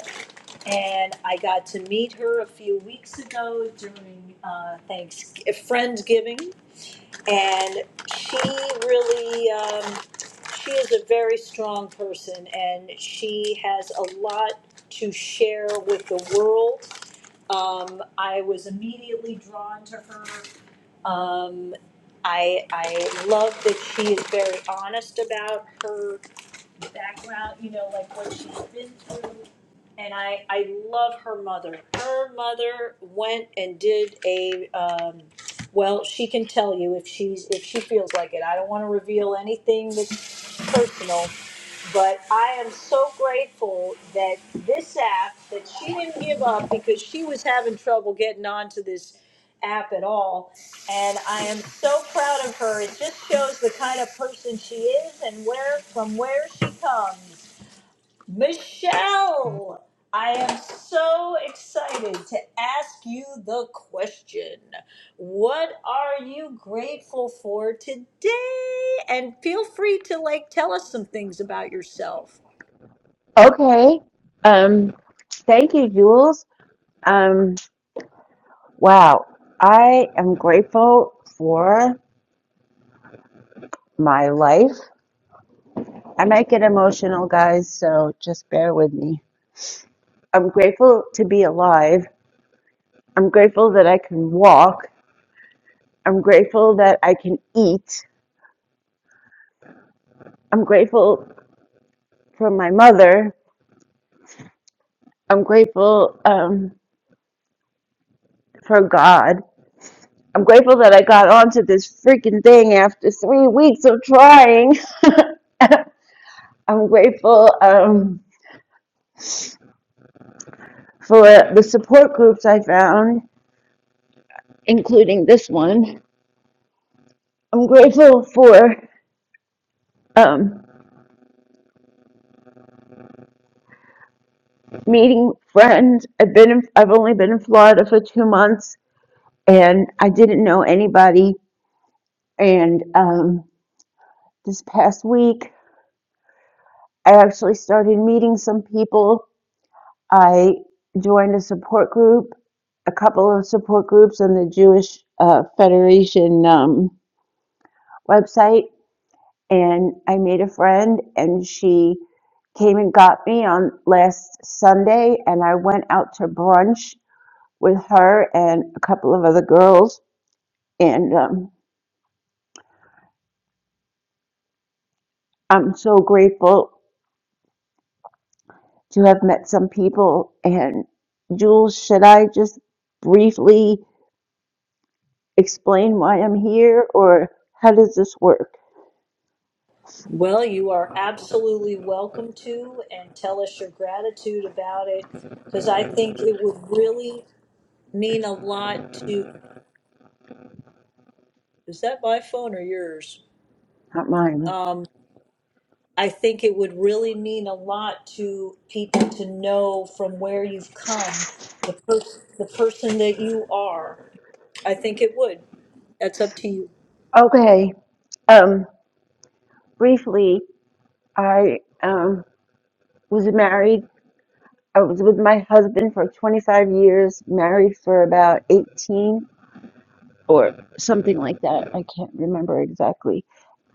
and I got to meet her a few weeks ago during uh, Thanks Friendsgiving, and she really um, she is a very strong person, and she has a lot to share with the world. Um, I was immediately drawn to her. Um, I I love that she is very honest about her background, you know, like what she's been through. And I, I love her mother. Her mother went and did a, um, well, she can tell you if she's, if she feels like it. I don't wanna reveal anything that's personal, but I am so grateful that this app that she didn't give up because she was having trouble getting onto this app at all. And I am so proud of her. It just shows the kind of person she is and where from where she comes. Michelle, I am so excited to ask you the question. What are you grateful for today? And feel free to like tell us some things about yourself.
Okay. Um, thank you, Jules. Um, wow. I am grateful for my life. I might get emotional, guys, so just bear with me. I'm grateful to be alive. I'm grateful that I can walk. I'm grateful that I can eat. I'm grateful for my mother. I'm grateful um, for God. I'm grateful that I got onto this freaking thing after three weeks of trying. I'm grateful um, for the support groups I found, including this one. I'm grateful for um, meeting friends. I've been in, I've only been in Florida for two months, and I didn't know anybody. And um, this past week, I actually started meeting some people. I joined a support group, a couple of support groups on the Jewish uh, Federation um, website, and I made a friend, and she came and got me on last Sunday, and I went out to brunch with her and a couple of other girls, and um, I'm so grateful to have met some people. And Jules, should I just briefly? explain why I'm here, or how does this work?
Well, you are absolutely welcome to and tell us your gratitude about it because I think it would really mean a lot to. Is that my phone or yours?
Not mine.
Um, I think it would really mean a lot to people to know from where you've come, the person, the person that you are. I think it would. That's up to you.
Okay. Um, briefly, I um, was married. I was with my husband for 25 years, married for about 18 or something like that. I can't remember exactly.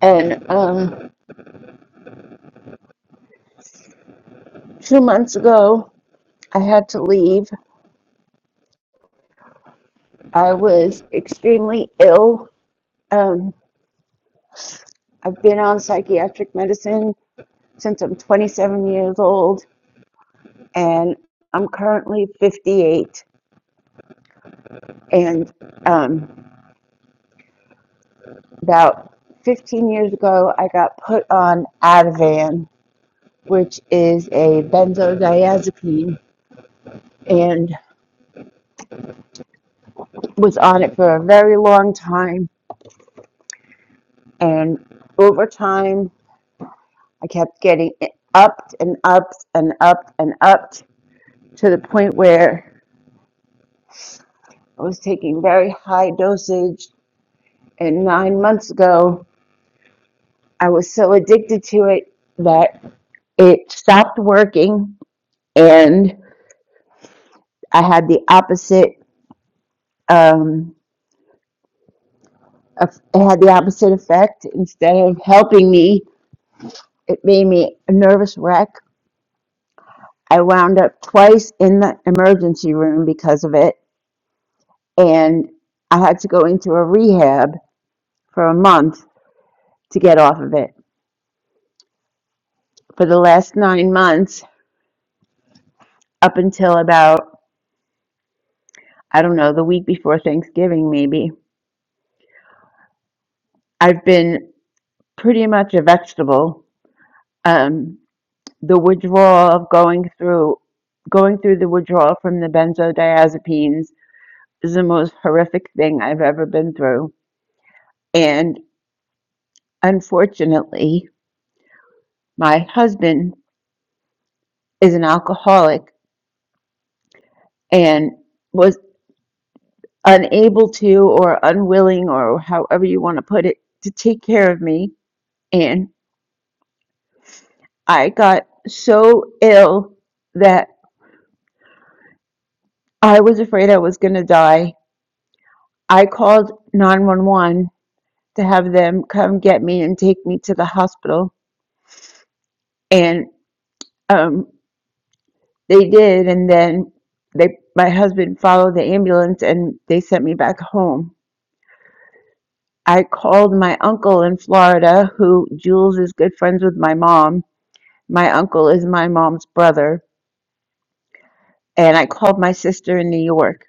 And um, two months ago, I had to leave. I was extremely ill. Um, I've been on psychiatric medicine since I'm 27 years old. and I'm currently 58. And um, about 15 years ago, I got put on Ativan, which is a benzodiazepine, and was on it for a very long time. And over time, I kept getting upped and upped and upped and upped to the point where I was taking very high dosage. And nine months ago, I was so addicted to it that it stopped working and i had the opposite um eff- it had the opposite effect instead of helping me it made me a nervous wreck i wound up twice in the emergency room because of it and i had to go into a rehab for a month to get off of it for the last nine months up until about i don't know the week before thanksgiving maybe i've been pretty much a vegetable um, the withdrawal of going through going through the withdrawal from the benzodiazepines is the most horrific thing I've ever been through. And unfortunately, my husband is an alcoholic and was unable to or unwilling or however you want to put it to take care of me and I got so ill that I was afraid I was going to die. I called 911 to have them come get me and take me to the hospital. And um, they did, and then they my husband followed the ambulance and they sent me back home. I called my uncle in Florida, who Jules is good friends with my mom. My uncle is my mom's brother, and I called my sister in New York.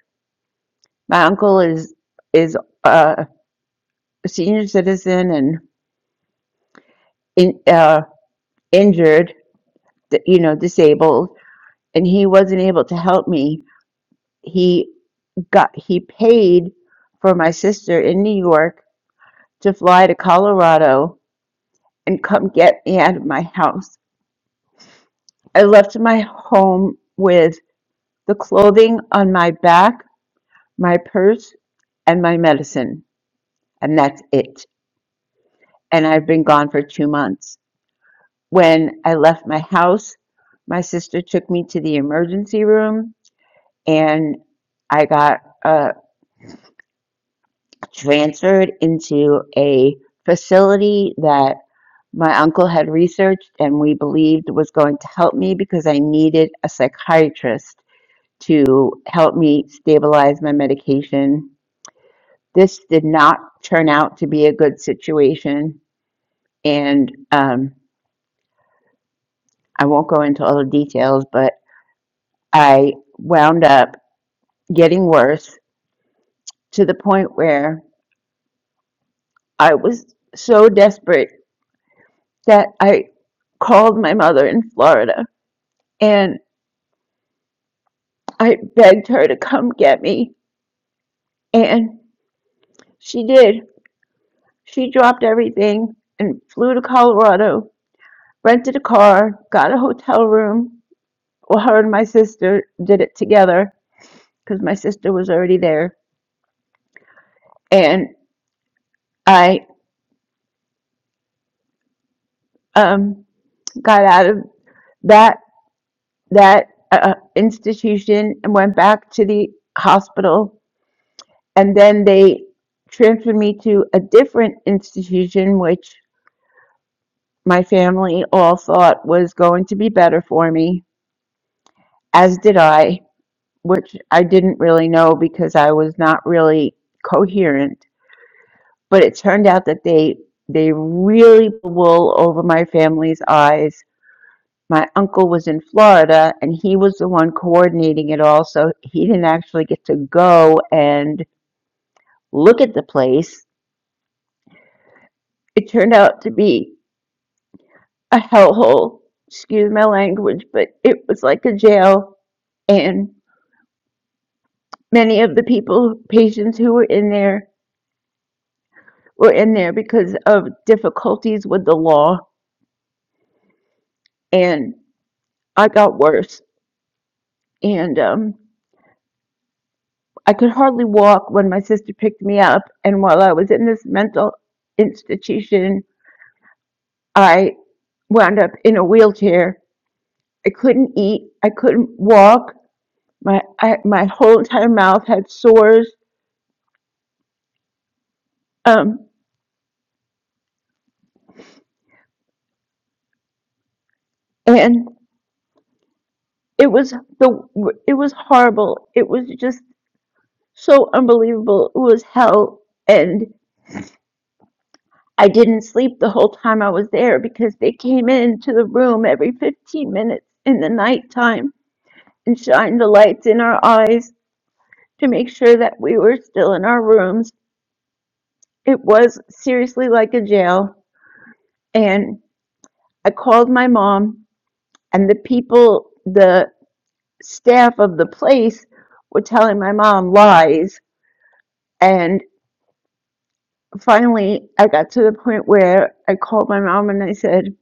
My uncle is is uh, a senior citizen and in, uh, injured, you know, disabled, and he wasn't able to help me he got he paid for my sister in New York to fly to Colorado and come get me out of my house. I left my home with the clothing on my back, my purse, and my medicine, and that's it. And I've been gone for two months. When I left my house, my sister took me to the emergency room, and I got a transferred into a facility that my uncle had researched and we believed was going to help me because I needed a psychiatrist to help me stabilize my medication. This did not turn out to be a good situation, and um, I won't go into all the details, but I wound up getting worse to the point where I was so desperate that I called my mother in Florida and I begged her to come get me, and she did. She dropped everything and flew to Colorado, rented a car, got a hotel room. Well, her and my sister did it together because my sister was already there, and I um, got out of that that uh, institution and went back to the hospital, and then they transferred me to a different institution, which my family all thought was going to be better for me, as did I, which I didn't really know because I was not really coherent. But it turned out that they they really pulled the wool over my family's eyes. My uncle was in Florida and he was the one coordinating it all, so he didn't actually get to go and look at the place. It turned out to be a hellhole. Excuse my language, but it was like a jail. and. many of the people patients who were in there were in there because of difficulties with the law and i got worse and um, i could hardly walk when my sister picked me up and while i was in this mental institution i wound up in a wheelchair i couldn't eat i couldn't walk my I, my whole entire mouth had sores um, and it was the it was horrible it was just so unbelievable. It was hell. And I didn't sleep the whole time I was there because they came into the room every 15 minutes in the nighttime and shined the lights in our eyes to make sure that we were still in our rooms. It was seriously like a jail. And I called my mom, and the people, the staff of the place, were telling my mom lies. And finally, I got to the point where I called my mom and I said,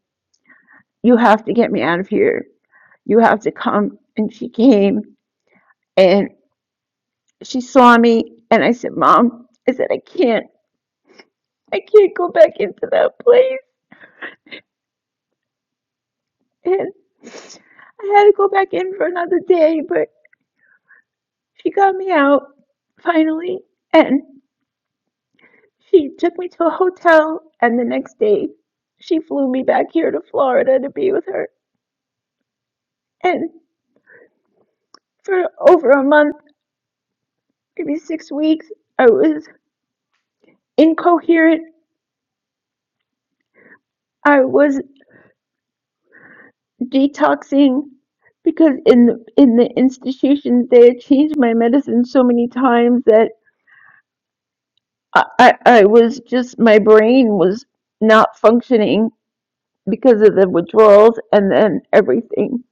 you have to get me out of here. You have to come. And she came and she saw me. And I said, Mom, I said, I can't, I can't go back into that place. And I had to go back in for another day, but she got me out finally. And she took me to a hotel. And the next day, she flew me back here to Florida to be with her. And for over a month, maybe six weeks, I was incoherent. I was detoxing because in the, in the institution they had changed my medicine so many times that I, I I was just my brain was not functioning because of the withdrawals and then everything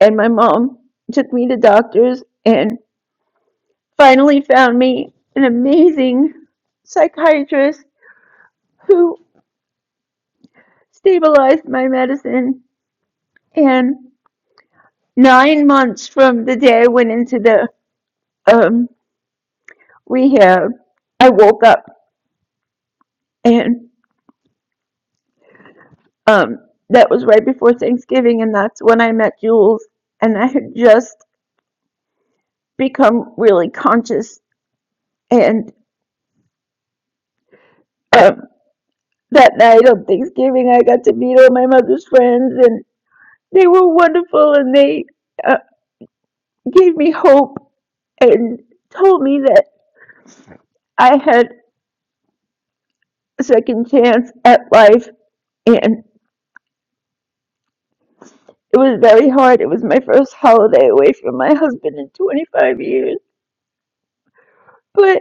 and my mom took me to doctors and finally found me an amazing psychiatrist who stabilized my medicine and nine months from the day I went into the um. rehab, I woke up and um that was right before Thanksgiving and that's when I met Jules and I had just become really conscious and um that night on Thanksgiving I got to meet all my mother's friends and they were wonderful and they uh, gave me hope and told me that I had a second chance at life and it was very hard. It was my first holiday away from my husband in 25 years, but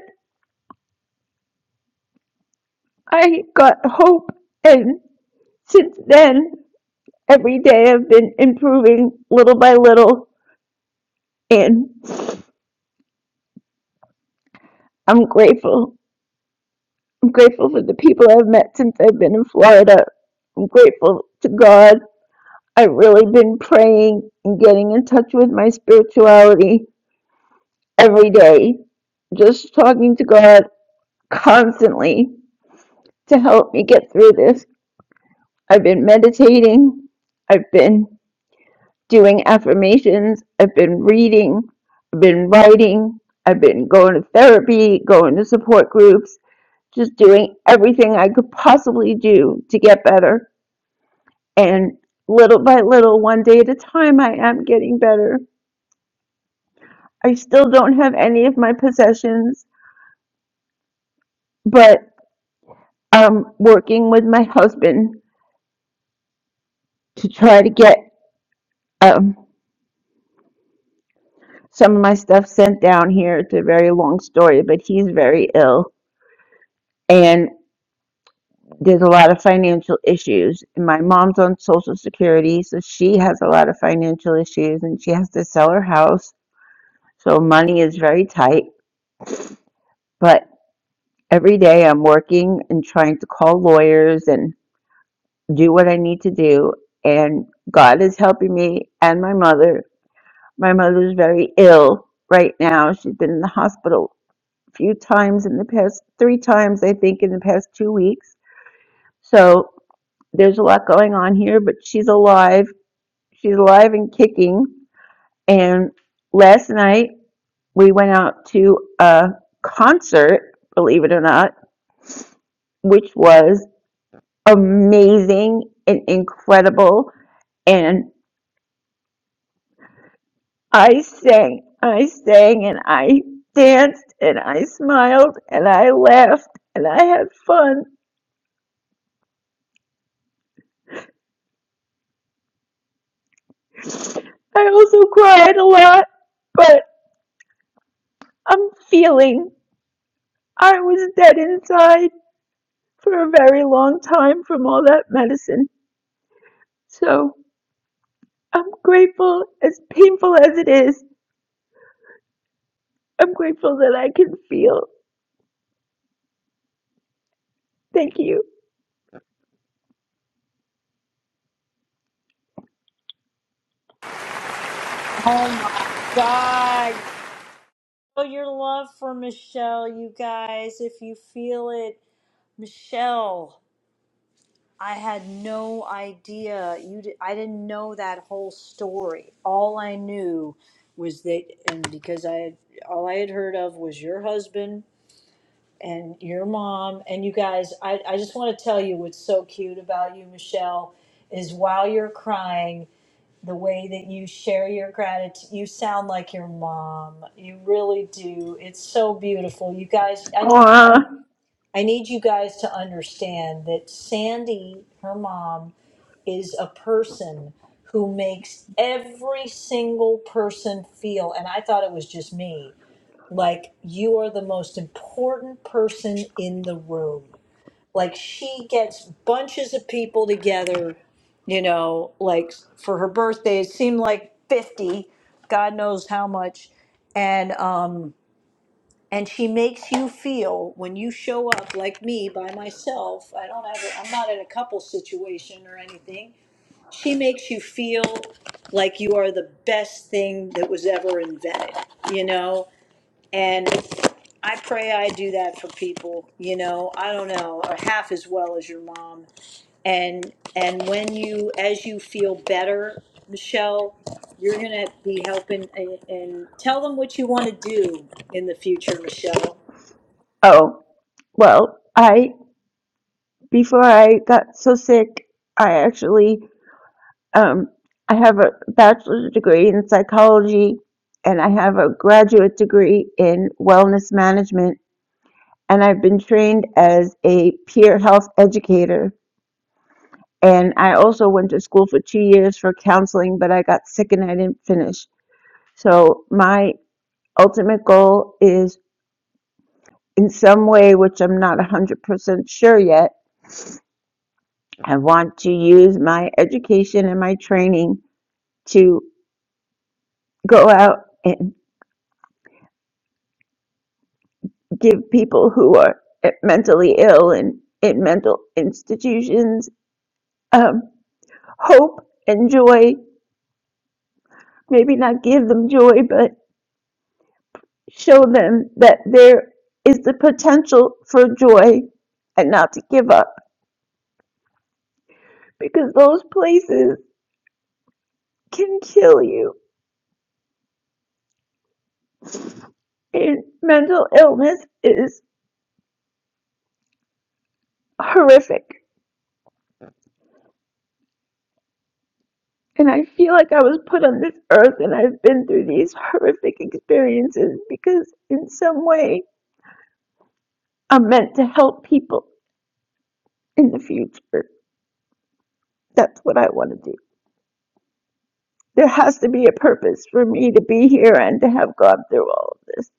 I got hope, and since then, every day I've been improving little by little, and I'm grateful. I'm grateful for the people I've met since I've been in Florida. I'm grateful to God. I've really been praying and getting in touch with my spirituality every day, just talking to God constantly to help me get through this. I've been meditating. I've been doing affirmations. I've been reading. I've been writing. I've been going to therapy, going to support groups, just doing everything I could possibly do to get better. And little by little, one day at a time, I am getting better. I still don't have any of my possessions, but I'm working with my husband to try to get um, some of my stuff sent down here. It's a very long story, but he's very ill. and. there's a lot of financial issues. And my mom's on Social Security, so she has a lot of financial issues and she has to sell her house. So money is very tight. But every day I'm working and trying to call lawyers and do what I need to do. And God is helping me and my mother. My mother's very ill right now. She's been in the hospital a few times in the past, three times, I think, in the past two weeks. So there's a lot going on here, but she's alive she's alive and kicking. And last night we went out to a concert, believe it or not, which was amazing and incredible. And I sang, I sang, and I danced, and I smiled, and I laughed, and I had fun. I also cried a lot, but I'm feeling I was dead inside for a very long time from all that medicine. So I'm grateful, as painful as it is, I'm grateful that I can feel. Thank you.
Oh my God. Oh, your love for Michelle, you guys, if you feel it. Michelle, I had no idea. You, di- I didn't know that whole story. All I knew was that, and because I, had all I had heard of was your husband and your mom and you guys I, I just want to tell you what's so cute about you michelle is while you're crying the way that you share your gratitude you sound like your mom you really do it's so beautiful you guys i need
Uh,
i need you guys to understand that sandy her mom is a person who makes every single person feel and i thought it was just me like you are the most important person in the room like she gets bunches of people together you know like for her birthday it seemed like 50 god knows how much and um and she makes you feel when you show up like me by myself i don't have a, i'm not in a couple situation or anything she makes you feel like you are the best thing that was ever invented you know and I pray I do that for people, you know. I don't know, half as well as your mom and, and when you, as you feel better, Michelle, you're gonna be helping and, and tell them what you want to do in the future, Michelle.
oh, well, I, before I got so sick, I actually, um, I have a bachelor's degree in psychology and I have a graduate degree in wellness management. And I've been trained as a peer health educator. And I also went to school for two years for counseling, but I got sick and I didn't finish. So my ultimate goal is in some way, which I'm not 100% sure yet, I want to use my education and my training to go out and give people who are mentally ill and in mental institutions um, hope and joy. Maybe not give them joy, but show them that there is the potential for joy and not to give up because those places can kill you And mental illness is horrific. And I feel like I was put on this earth and I've been through these horrific experiences because, in some way, I'm meant to help people in the future. That's what I want to do. There has to be a purpose for me to be here and to have gone through all of this.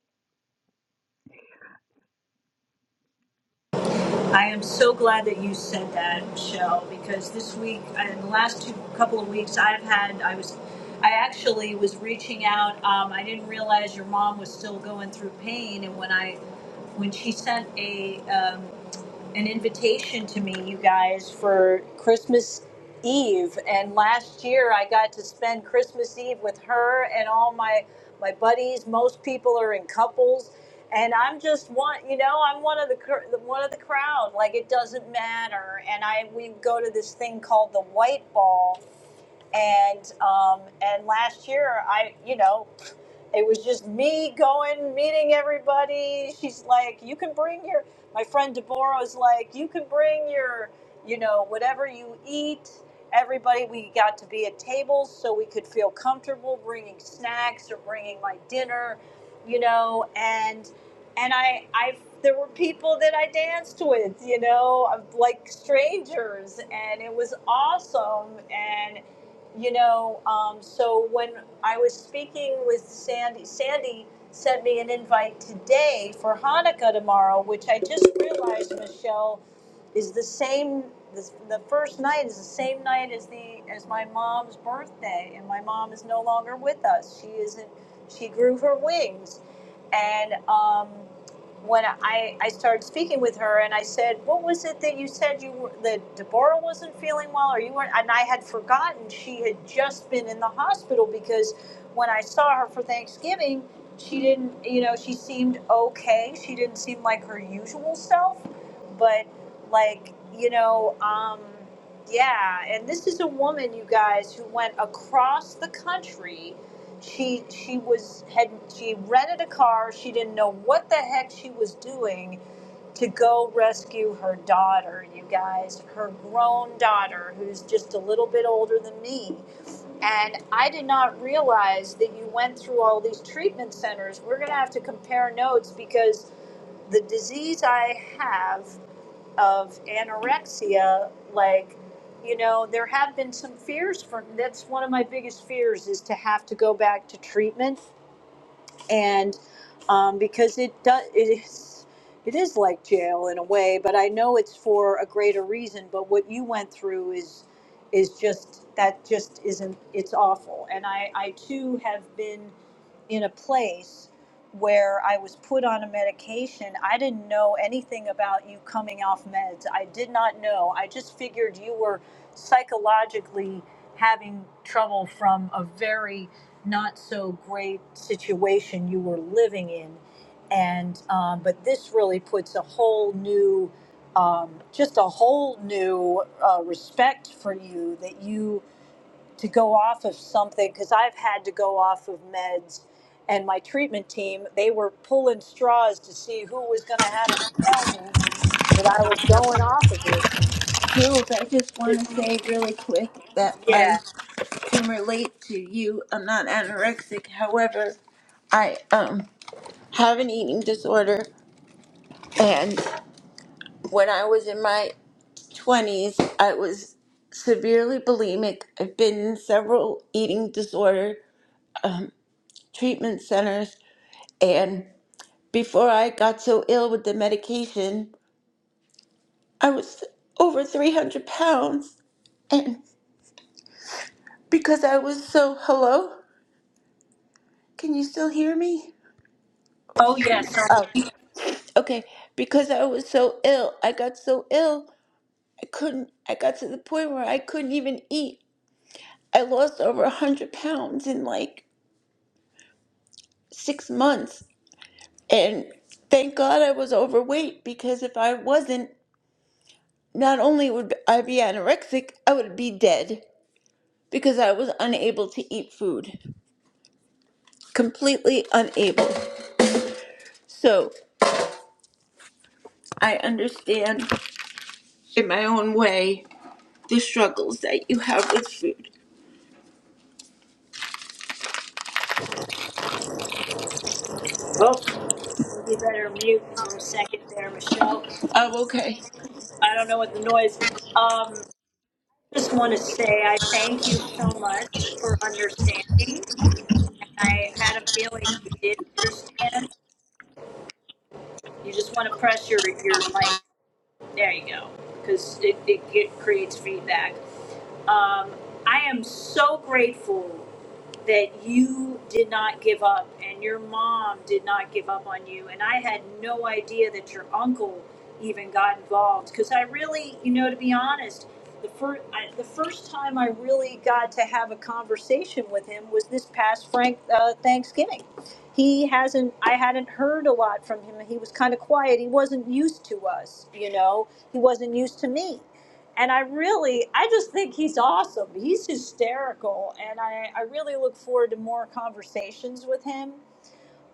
I am so glad that you said that, Michelle, because this week and the last two couple of weeks I've had, I was, I actually was reaching out. Um, I didn't realize your mom was still going through pain, and when I when she sent a um, an invitation to me, you guys, for Christmas Eve. And last year, I got to spend Christmas Eve with her and all my my buddies. Most people are in couples, and I'm just one. You know, I'm one of the cr- one of the crowd. Like it doesn't matter. And I we go to this thing called the White Ball and um, and last year I you know it was just me going meeting everybody she's like you can bring your my friend Deborah is like you can bring your you know whatever you eat everybody we got to be at tables so we could feel comfortable bringing snacks or bringing like dinner you know and and I I there were people that I danced with you know like strangers and it was awesome and you know um, so when i was speaking with sandy sandy sent me an invite today for hanukkah tomorrow which i just realized michelle is the same this, the first night is the same night as the as my mom's birthday and my mom is no longer with us she isn't she grew her wings and um, when I, I started speaking with her and I said, what was it that you said you were, that Deborah wasn't feeling well or you weren't? And I had forgotten she had just been in the hospital because when I saw her for Thanksgiving, she didn't, you know, she seemed okay. She didn't seem like her usual self, but like, you know, um, yeah. And this is a woman, you guys, who went across the country she she was had she rented a car she didn't know what the heck she was doing to go rescue her daughter you guys her grown daughter who's just a little bit older than me and i did not realize that you went through all these treatment centers we're going to have to compare notes because the disease i have of anorexia like you know there have been some fears for that's one of my biggest fears is to have to go back to treatment and um, because it does it is it is like jail in a way but i know it's for a greater reason but what you went through is is just that just isn't it's awful and i i too have been in a place where I was put on a medication. I didn't know anything about you coming off meds. I did not know. I just figured you were psychologically having trouble from a very not so great situation you were living in. And, um, but this really puts a whole new, um, just a whole new uh, respect for you that you to go off of something because I've had to go off of meds. And my treatment team, they were pulling straws to see who was going to have to tell me that I was going off of it.
Jules, I just want to
But,
say really quick that I
yeah.
can relate to you. I'm not anorexic. However, I um have an eating disorder and When I was in my 20s, I was severely bulimic. I've been in several eating disorder treatment centers. And before I got so ill with the medication, I was over 300 pounds. And because I was so, hello? Can you still hear me?
Oh, yes.
Oh,
I'm,
okay. Because I was so ill, I got so ill, I couldn't, I got to the point where I couldn't even eat. I lost over 100 pounds in like six months And thank God I was overweight because if I wasn't, not only would I be anorexic, I would be dead because I was unable to eat food. Completely unable. So I understand in my own way the struggles that you have with food.
oh, you better mute for a second there, Michelle.
Oh, okay.
I don't know what the noise. Um, just want to say I thank you so much for understanding. I had a feeling you did understand. You just want to press your, your mic. There you go. Because it, it, get, creates feedback. Um, I am so grateful that you did not give up and your mom did not give up on you. And I had no idea that your uncle even got involved because I really, you know, to be honest, the first I, the first time I really got to have a conversation with him was this past Frank uh, Thanksgiving. He hasn't. I hadn't heard a lot from him. He was kind of quiet. He wasn't used to us, you know. He wasn't used to me and I really, I just think he's awesome. He's hysterical, and I, I really look forward to more conversations with him.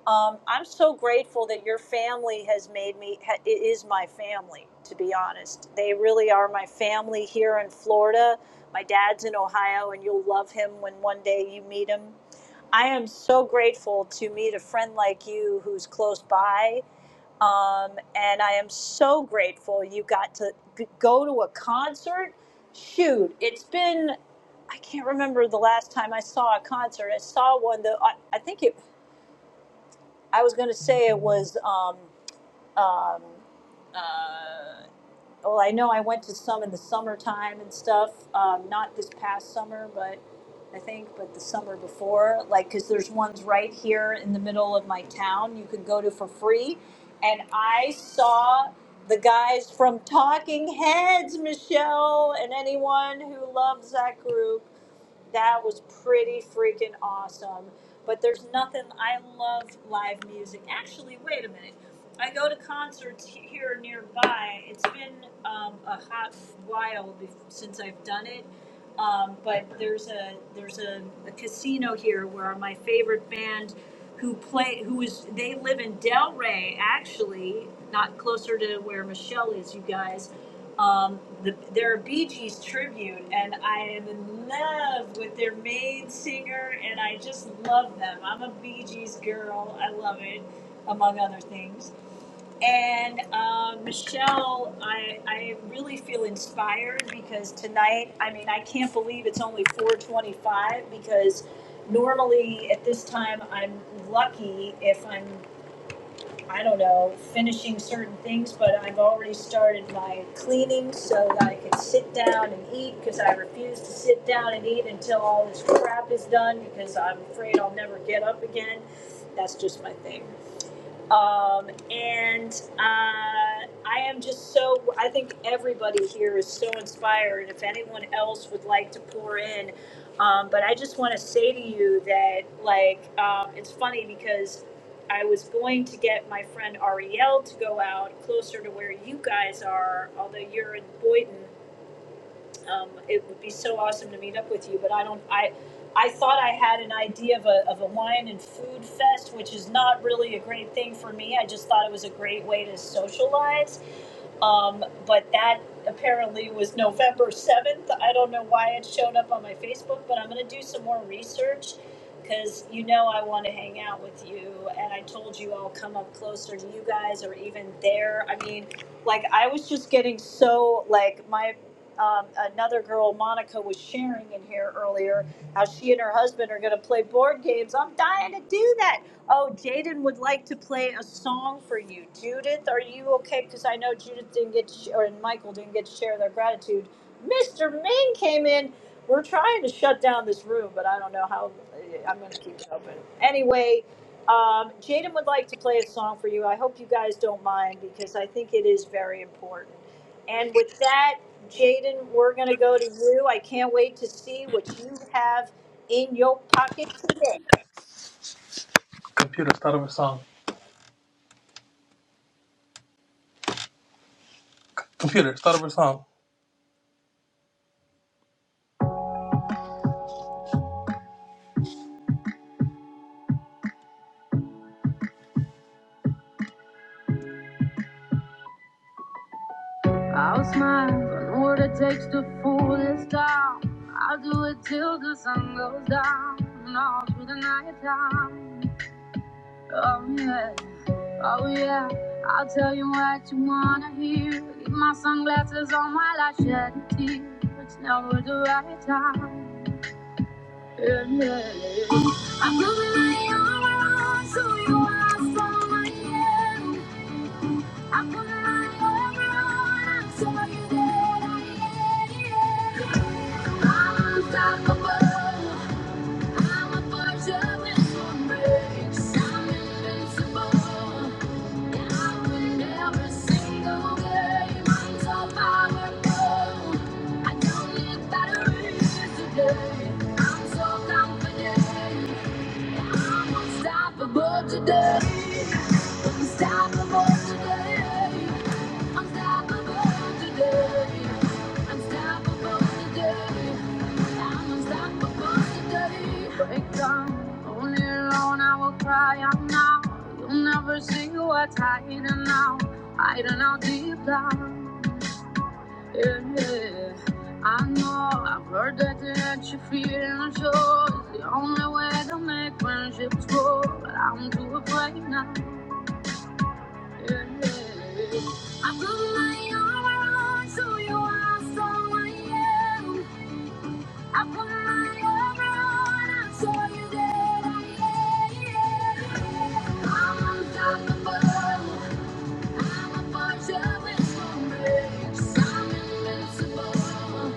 Um, I'm so grateful that your family has made me. ha- It is my family, to be honest. They really are my family here in Florida. My dad's in Ohio, and you'll love him when one day you meet him. I am so grateful to meet a friend like you who's close by um, and I am so grateful you got to g- go to a concert. Shoot, it's been, I can't remember the last time I saw a concert. I saw one, that I, I think it, I was going to say it was um, um, uh, well, I know I went to some in the summertime and stuff. Um, not this past summer, but I think, but the summer before. Like, because there's ones right here in the middle of my town you can go to for free. And I saw the guys from Talking Heads, Michelle, and anyone who loves that group. That was pretty freaking awesome. But there's nothing, I love live music. Actually, wait a minute. I go to concerts he- here nearby. It's been um, a hot while be- since I've done it. Um, but there's a there's a, a casino here where my favorite band, who play who is they live in Delray actually, not closer to where Michelle is, you guys. Um, the, they're a Bee Gees tribute, and I am in love with their main singer, and I just love them. I'm a Bee Gees girl. I love it, among other things. And uh, Michelle, I, I really feel inspired because tonight, I mean, I can't believe it's only 425 because normally at this time I'm lucky if I'm, I don't know, finishing certain things, but I've already started my cleaning so that I can sit down and eat because I refuse to sit down and eat until all this crap is done because I'm afraid I'll never get up again. That's just my thing. Um, and uh, I am just so, I think everybody here is so inspired. if anyone else would like to pour in, um, but I just want to say to you that, like, um, it's funny because I was going to get my friend Ariel to go out closer to where you guys are, although you're in Boynton um, it would be so awesome to meet up with you but i don't i i thought i had an idea of a, of a wine and food fest which is not really a great thing for me i just thought it was a great way to socialize um, but that apparently was November 7th. I don't know why it showed up on my Facebook, but I'm going to do some more research because you know I want to hang out with you. And I told you I'll come up closer to you guys or even there. I mean, like, I was just getting so, like, my. Um, another girl, Monica, was sharing in here earlier how she and her husband are going to play board games. I'm dying to do that Oh, Jaden would like to play a song for you. Judith, are you okay? Because I know Judith didn't get, to sh- or and Michael didn't get to share their gratitude. Mr. Ming came in. We're trying to shut down this room, but I don't know how. eh, I'm going to keep it open. Anyway, um, Jaden would like to play a song for you. I hope you guys don't mind because I think it is very important. And with that, Jaden, we're going to go to you. I can't wait to see what you have in your pocket today.
Computer, start up a song. Computer, start over song. It takes to fool this town. I'll do it till the sun goes down and all through the night time. Oh yeah, oh yeah. I'll tell you what you wanna hear. Keep my sunglasses on while I shed a tear. It's never the right time. Yeah, yeah. I'm gonna lay on my own so you are so my end. I'm gonna run forever on. So I can I'm unstoppable. I'm a force of misery. I'm invincible. And I win every single game. I'm so powerful. I don't need batteries today. I'm so confident. I'm unstoppable today. Unstoppable today. Unstoppable today. Unstoppable today. I'm unstoppable today. Wake up, only alone I will cry out now. You'll never see what's hiding now. Hiding out deep down. Yeah, yeah. I know I've heard that it hurts your feelings. Sure, it's the only way to make friendships grow. But I'm too afraid now. I put my armor on, so you are so I am. I put my armor on, I saw you that I am. I'm unstoppable. I'm a fortress for me. I'm invincible.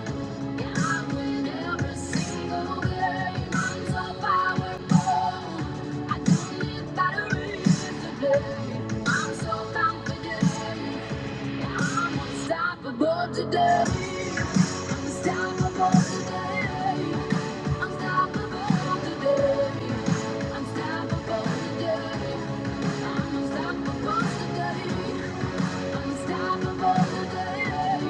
Today, unstoppable today, unstoppable today, unstoppable today. I'm unstoppable today. Unstoppable today.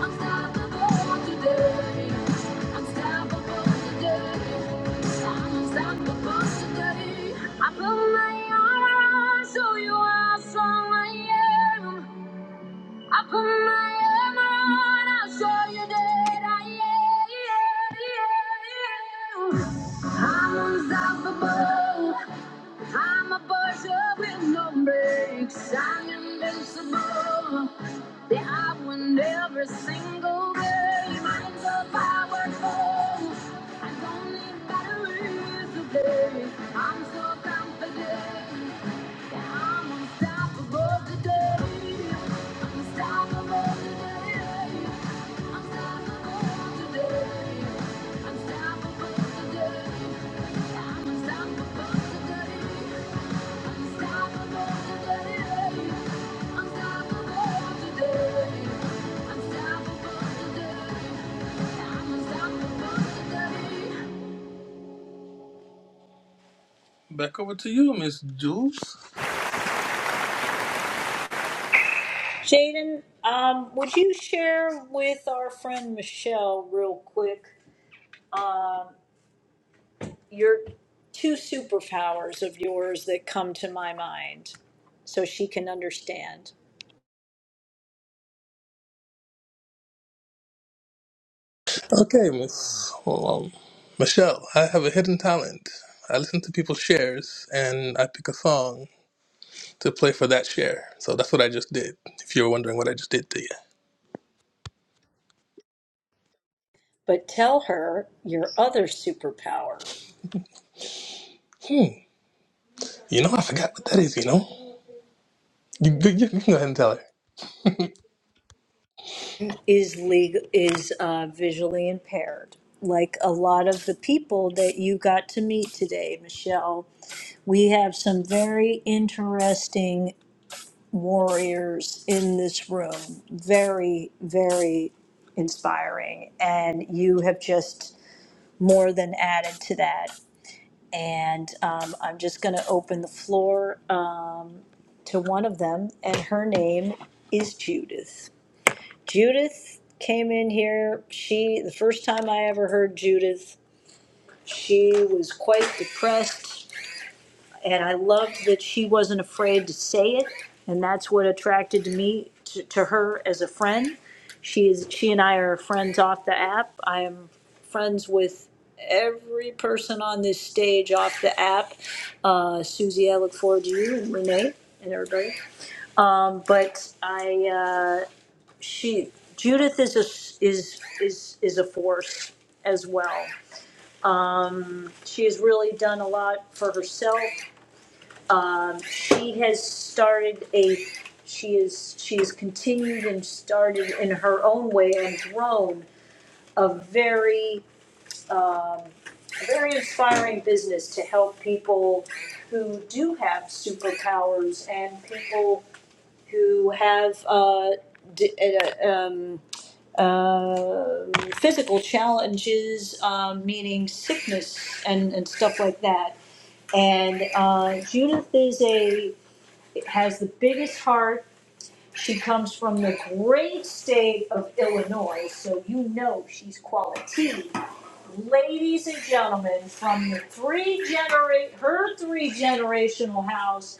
Unstoppable today. Unstoppable today. Unstoppable today. I put my armor on, show you how strong I am. I put my armor on, I'll show you that I am. I'm unstoppable. I'm a buzzer with no brakes. I'm invincible. Yeah, I win every single game. I'm so powerful. I don't need batteries today. I'm so confident. Yeah, I'm unstoppable today. Unstoppable today. Unstoppable today. Unstoppable today. Yeah, I'm unstoppable today. Back over to you, Miss Jules.
Jaden, um, would you share with our friend Michelle real quick um, your two superpowers of yours that come to my mind so she can understand?
Okay, Miss well, um, Michelle, I have a hidden talent. I listen to people's shares and I pick a song to play for that share. So that's what I just did. If you were wondering what I just did to you,
But tell her your other superpower
hmm, you know, I forgot what that is. You know, you, you, you can go ahead and tell her.
is legal is uh, visually impaired. Like a lot of the people that you got to meet today, Michelle, we have some very interesting warriors in this room. Very, very inspiring. And you have just more than added to that. And um, I'm just going to open the floor uh, to one of them, and her name is Judith. Judith came in here. She, the first time I ever heard Judith, she was quite depressed And I loved that she wasn't afraid to say it, and that's what attracted to me to, to her as a friend. She is she and I are friends off the app. I am friends with every person on this stage off the app. Uh, Susie, I look forward to you and Renee and everybody. Um, but I uh, she Judith is a is is is a force as well. She has really done a lot for herself um, she has started a, she is, She has continued and started in her own way and grown a very, um, a very inspiring business to help people who do have superpowers and people who have, uh, d- uh, um, um physical challenges, um, meaning sickness and, and stuff like that. And uh, Judith is a has the biggest heart. She comes from the great state of Illinois, so you know she's quality. Ladies and gentlemen, from the three generate her three generational house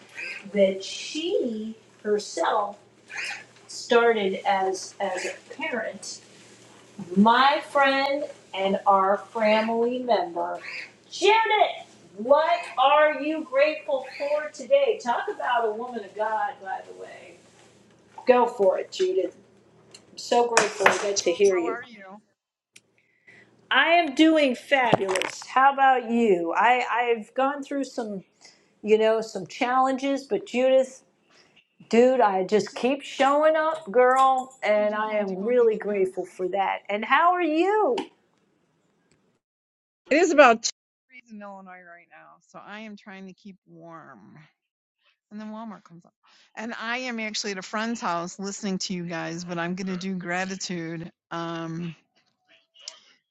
that she herself started as as a parent, my friend and our family member, Janet. What are you grateful for today? Talk about a woman of God, by the way. Go for it, Judith. I'm so grateful I get to
Jules,
hear
how
you.
are you?
I am doing fabulous. How about you? I, I've gone through some, you know, some challenges, but Judith, dude, I just
See,
keep showing up, girl,
I
and
do
I
Home
am
Depot
really
heated vest.
grateful for that. And how are you?
It is about two degrees in Illinois right now, so I am trying to keep warm. And then Walmart comes up. And I am actually at a friend's house listening to you guys, but I'm going to do gratitude. Um,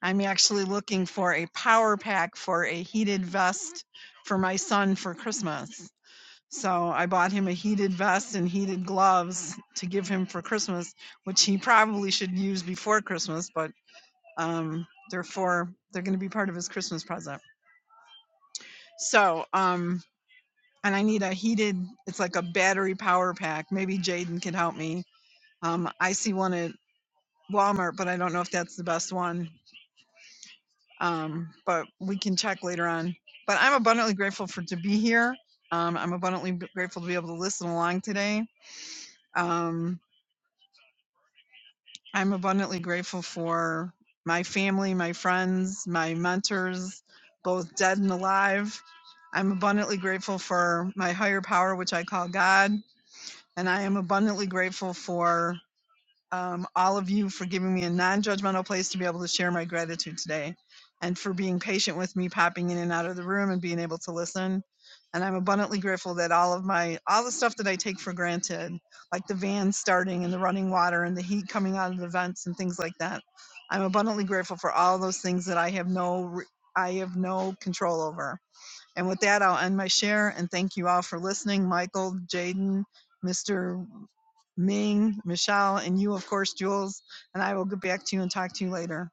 I'm actually looking for a power pack for a heated vest for my son for Christmas. So I bought him a heated vest and heated gloves to give him for Christmas, which he probably should use before Christmas, but Um, therefore, they're going to be part of his Christmas present. So, um, and I need a heated. It's like a battery power pack. Maybe Jaden can help me. Um, I see one at Walmart, but I don't know if that's the best one. Um, but we can check later on. But I'm abundantly grateful for to be here. Um, I'm abundantly b- grateful to be able to listen along today. Um, I'm abundantly grateful for my family, my friends, my mentors, both dead and alive. I'm abundantly grateful for my higher power, which I call God. And I am abundantly grateful for um, all of you for giving me a non judgmental place to be able to share my gratitude today and for being patient with me popping in and out of the room and being able to listen. And I'm abundantly grateful that all of my, all the stuff that I take for granted, like the van starting and the running water and the heat coming out of the vents and things like that, I'm abundantly grateful for all those things that I have no, re- I have no control over. And with that, I'll end my share and thank you all for listening. Michael, Jaden, Mr. Ming, Michelle, and you, of course, Jules. And I will get back to you and talk to you later.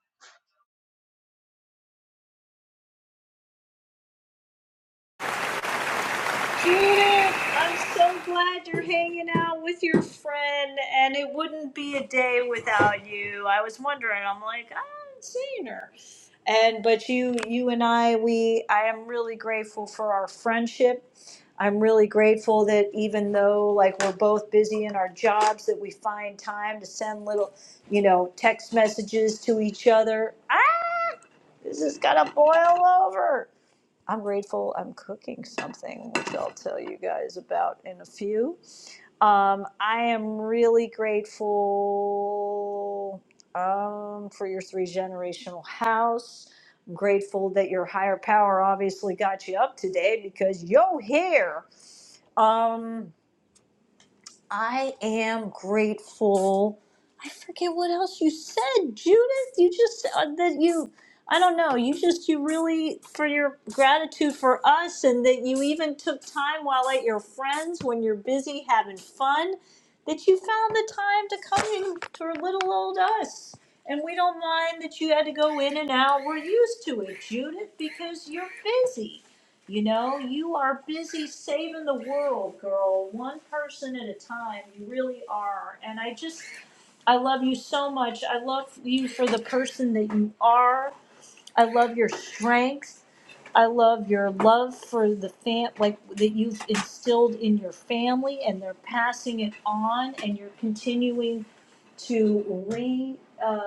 Judith, I'm so glad you're hanging out with your friend, and it wouldn't be a day without you. I was wondering. I'm like, I haven't seen her, and but you, you and I, we, I am really grateful for our friendship. I'm really grateful that even though like we're both busy in our jobs, that we find time to send little, you know, text messages to each other. Ah, this is gonna boil over I'm grateful I'm cooking something, which I'll tell you guys about in a few. Um, I am really grateful um, for your three generational house. I'm grateful that your higher power obviously got you up today because you're here. Um, I am grateful. I forget what else you said, Judith. You just uh, that you. I don't know. You just you really for your gratitude for us, and that you even took time while at your friends when you're busy having fun, that you found the time to come in to little old us. And we don't mind that you had to go in and out. We're used to it, Judith, because you're busy. You know, you are busy saving the world, girl, one person at a time. You really are. And I just, I love you so much. I love you for the person that you are. I love your strength. I love your love for the fam, like that you've instilled in your family, and they're passing it on, and you're continuing to re, uh,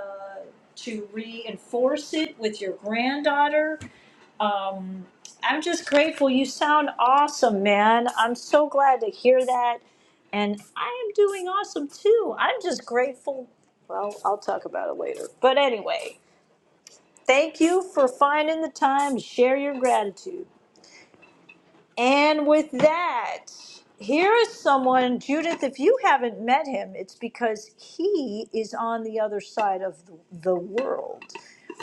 to reinforce it with your granddaughter um, I'm just grateful. You sound awesome, man. I'm so glad to hear that. And I am doing awesome too. I'm just grateful. Well, I'll talk about it later. But anyway, thank you for finding the time to share your gratitude. And with that, here is someone, Judith, if you haven't met him, it's because he is on the other side of the the world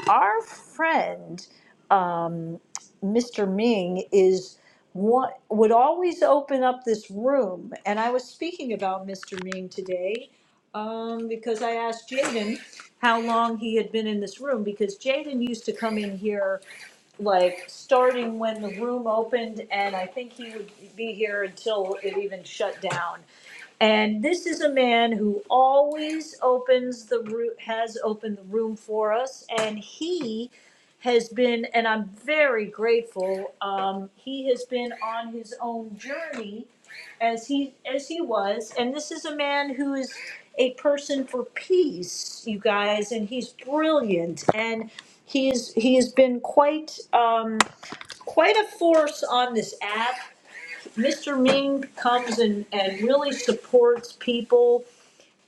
our friend um, Mr. Ming is one, would always open up this room, and I was speaking about Mr. Ming today um, because I asked Jaden how long he had been in this room because Jaden used to come in here like starting when the room opened, and I think he would be here until it even shut down. And this is a man who always opens the room, has opened the room for us, and he has been, and I'm very grateful. Um, he has been on his own journey, as he as he was, and this is a man who is a person for peace, you guys, and he's brilliant, and he's he has been quite um, quite a force on this app Mr. Ming comes and, and really supports people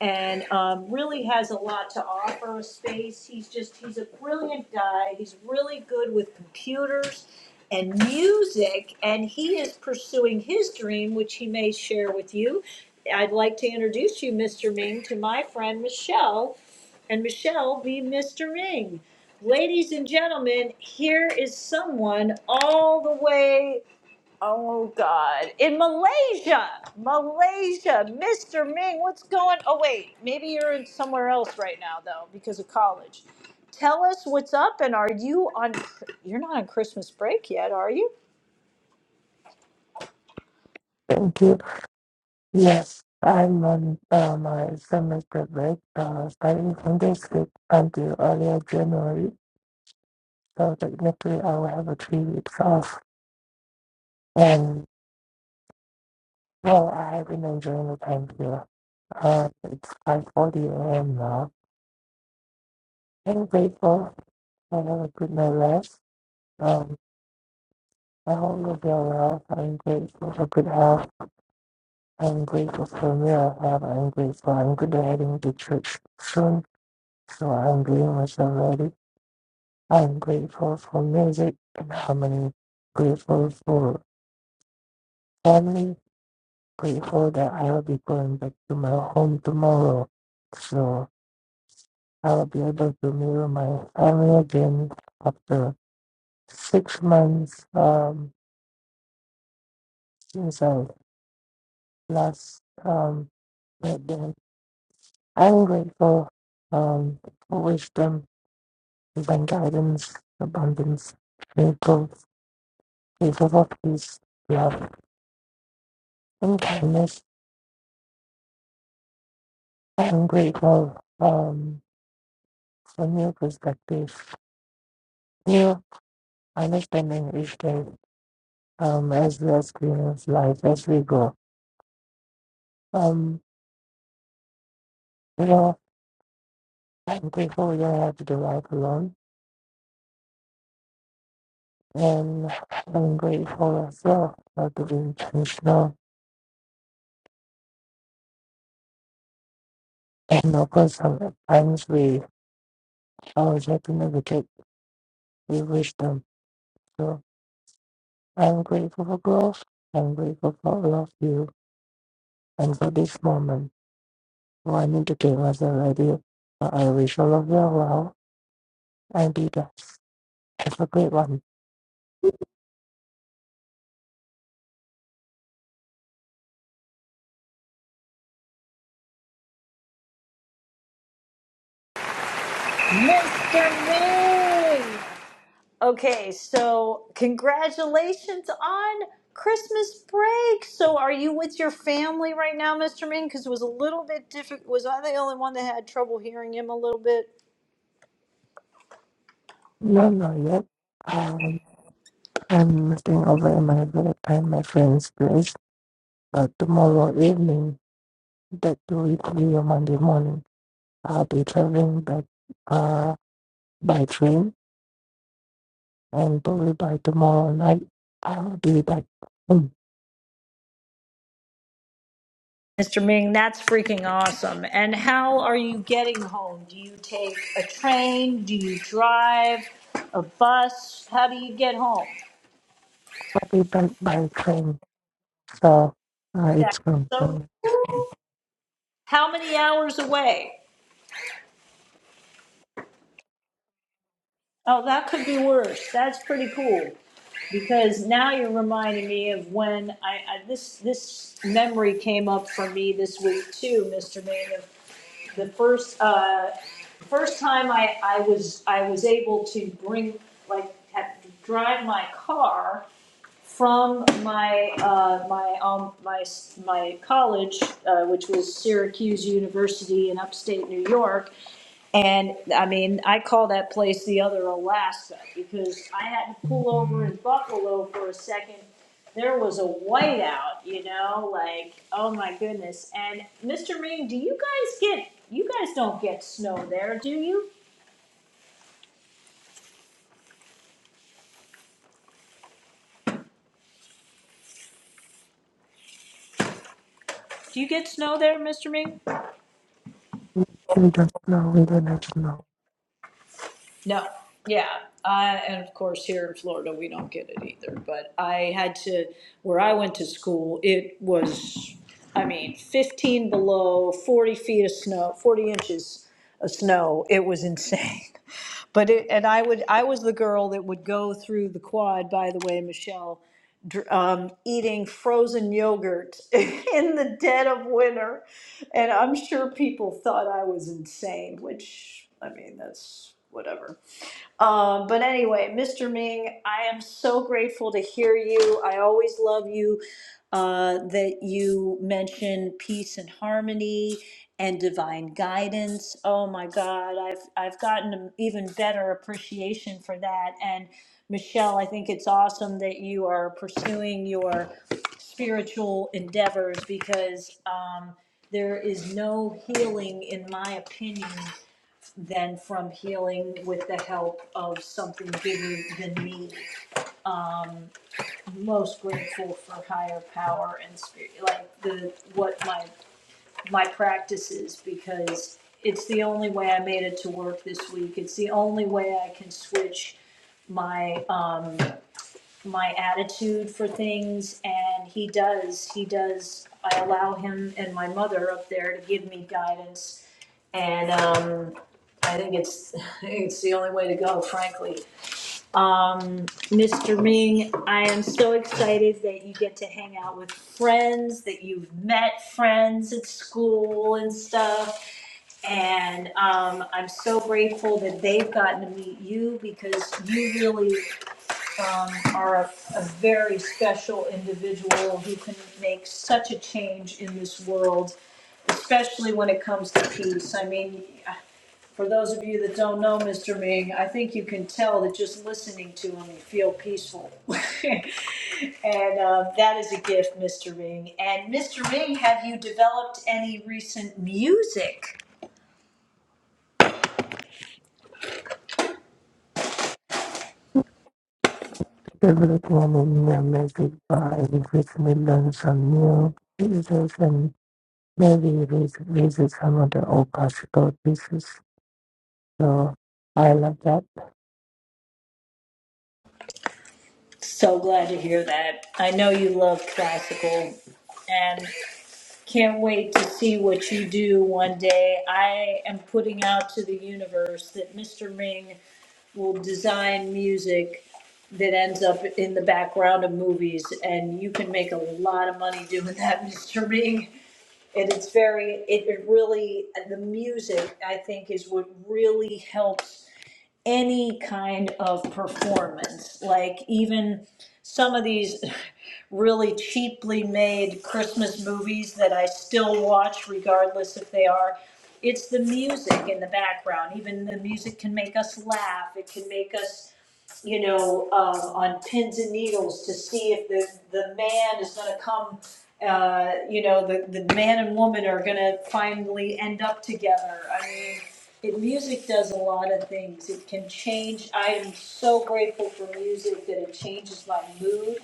and um, really has a lot to offer a space. He's just, he's a brilliant guy. He's really good with computers and music, and he is pursuing his dream, which he may share with you. I'd like to introduce you, Mr. Ming, to my friend Michelle, and Michelle be Mr. Ming. Ladies and gentlemen, here is someone all the way Oh God! In Malaysia, Malaysia, Mr. Ming, what's going? Oh wait, maybe you're in somewhere else right now though, because of college. Tell us what's up, and are you on? You're not on Christmas break yet, are you,
Thank you. Yes, I'm on uh, my semester break, uh, starting from this week until earlier January. So technically, I will have a three weeks off. And well, I have been enjoying the time here. Uh, it's 5:40 a.m. now. I'm grateful for having good night rest. Um, I hope you'll be well. I'm grateful for good health. I'm grateful for meal I have. I'm grateful. I'm good at heading to church soon, so I'm doing myself ready. I'm grateful for music and harmony, grateful for family, grateful that I will be going back to my home tomorrow. So I will be able to meet my family again after six months um, since I last um, met them. I'm grateful um, for wisdom, divine guidance, abundance, miracles, grateful for peace, love, and kindness. I'm grateful. um. from new perspective, new understanding each day um, as we experience life as we go. Um, you know, I'm grateful you don't have to do life alone, and I'm grateful as well for to be intentional. And of course, sometimes we always have to navigate with wisdom. So I'm grateful for growth. I'm grateful for all of you and for this moment. Oh, I need to get myself ready. I wish all of you well and be blessed. It's a great one.
Mr. Ming? Okay, so congratulations on Christmas break. So are you with your family right now, Mr. Ming? Because it was a little bit difficult. Was I the only one that had trouble hearing him a little bit?
No, not yet. Um, I'm staying over at my village at my friend's place. But tomorrow evening, that to it will be on Monday morning. I'll be traveling back uh, by train, and probably by tomorrow night, I'll be back. I'll
Mr. Ming, that's freaking awesome. And how are you getting home? Do you take a train? Do you drive? A bus? How do you get home?
be back by train. So uh,
Yeah.
it's
So,
confirmed.
how many hours away? Oh, that could be worse. That's pretty cool because now you're reminding me of when I, I this this memory came up for me this week too, Mr. Ming. of the first, uh, first time I, I was, I was able to bring, like, had to drive my car from my, uh, my, um, my, my college, uh, which was Syracuse University in upstate New York, and I mean, I call that place the other Alaska because I had to pull over in Buffalo for a second. There was a whiteout, you know, like oh my goodness. And Mr. Ming, do you guys get? You guys don't get snow there, do you? Do you get snow there, Mr. Ming?
We don't know. We don't have to know.
No, yeah, uh, and of course, here in Florida, we don't get it either, but I had to, where I went to school, it was, I mean, fifteen below, forty feet of snow, forty inches of snow, it was insane. But it, and I would, I was the girl that would go through the quad, by the way, Michelle, dr- um, eating frozen yogurt in the dead of winter. And I'm sure people thought I was insane, which, I mean, that's whatever. Um, but anyway, Mr. Ming, I am so grateful to hear you. I always love you uh, that you mention peace and harmony and divine guidance. Oh my God, I've I've gotten an even better appreciation for that. And Michelle, I think it's awesome that you are pursuing your spiritual endeavors because um, there is no healing, in my opinion than from healing with the help of something bigger than me. Um, most grateful for higher power and spirit, like the what my my practice is because it's the only way I made it to work this week. It's the only way I can switch my um my attitude for things and he does he does i allow him and my mother up there to give me guidance and um, I think it's, it's the only way to go, frankly. Um, Mr. Ming, I am so excited that you get to hang out with friends, that you've met friends at school and stuff. And um, I'm so grateful that they've gotten to meet you because you really um, are a, a very special individual who can make such a change in this world, especially when it comes to peace. I mean, for those of you that don't know Mr. Ming, I think you can tell that just listening to him, you feel peaceful. and uh, that is a gift, Mr. Ming. And Mr. Ming, have you developed any recent music?
Everything in the music by Chris Millions and new. users and Maybe it raises some of the old classical pieces. So I love that.
So glad to hear that. I know you love classical and can't wait to see what you do one day. I am putting out to the universe that Mr. Ming will design music that ends up in the background of movies, and you can make a lot of money doing that, Mr. Bing. And it's very, it it really, the music, I think, is what really helps any kind of performance. Like even some of these really cheaply made Christmas movies that I still watch regardless if they are. It's the music in the background. Even the music can make us laugh. It can make us you know, um, on pins and needles to see if the, the man is gonna come, uh, you know, the, the man and woman are gonna finally end up together. I mean, it, music does a lot of things. It can change. I am so grateful for music that it changes my mood.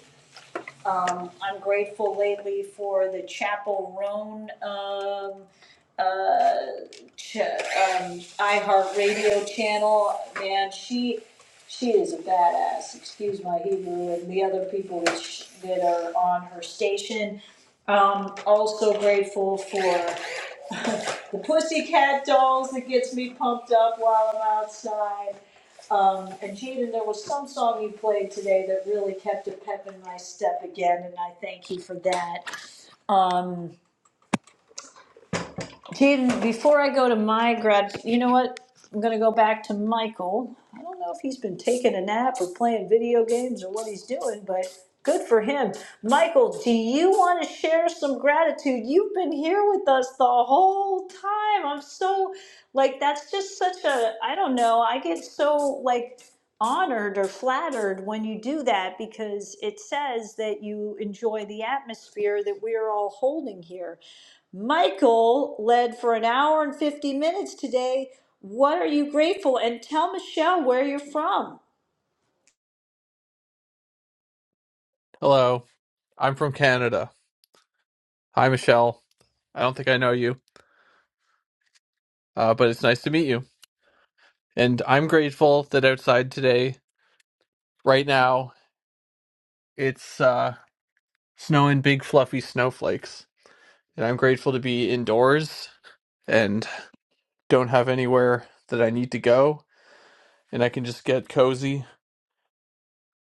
Um, I'm grateful lately for the Chapel Roan, um, uh, ch- um, iHeartRadio channel. Man, she she is a badass. Excuse my Hebrew and the other people that, sh- that are on her station. Um, also grateful for the Pussycat Dolls that gets me pumped up while I'm outside. Um, and Jaden, there was some song you played today that really kept a pep in my step again, and I thank you for that. Um, Jaden, before I go to my grad, you know what? I'm gonna go back to Michael. I don't know if he's been taking a nap or playing video games or what he's doing, but good for him. Michael, do you want to share some gratitude? You've been here with us the whole time. I'm so like that's just such a I don't know. I get so like honored or flattered when you do that because it says that you enjoy the atmosphere that we're all holding here. Michael led for an hour and 50 minutes today. What are you grateful? And tell Michelle where you're from.
Hello, I'm from Canada. Hi, Michelle. I don't think I know you, uh, but it's nice to meet you. And I'm grateful that outside today, right now, it's uh, snowing big fluffy snowflakes. And I'm grateful to be indoors and. don't have anywhere that I need to go, and I can just get cozy,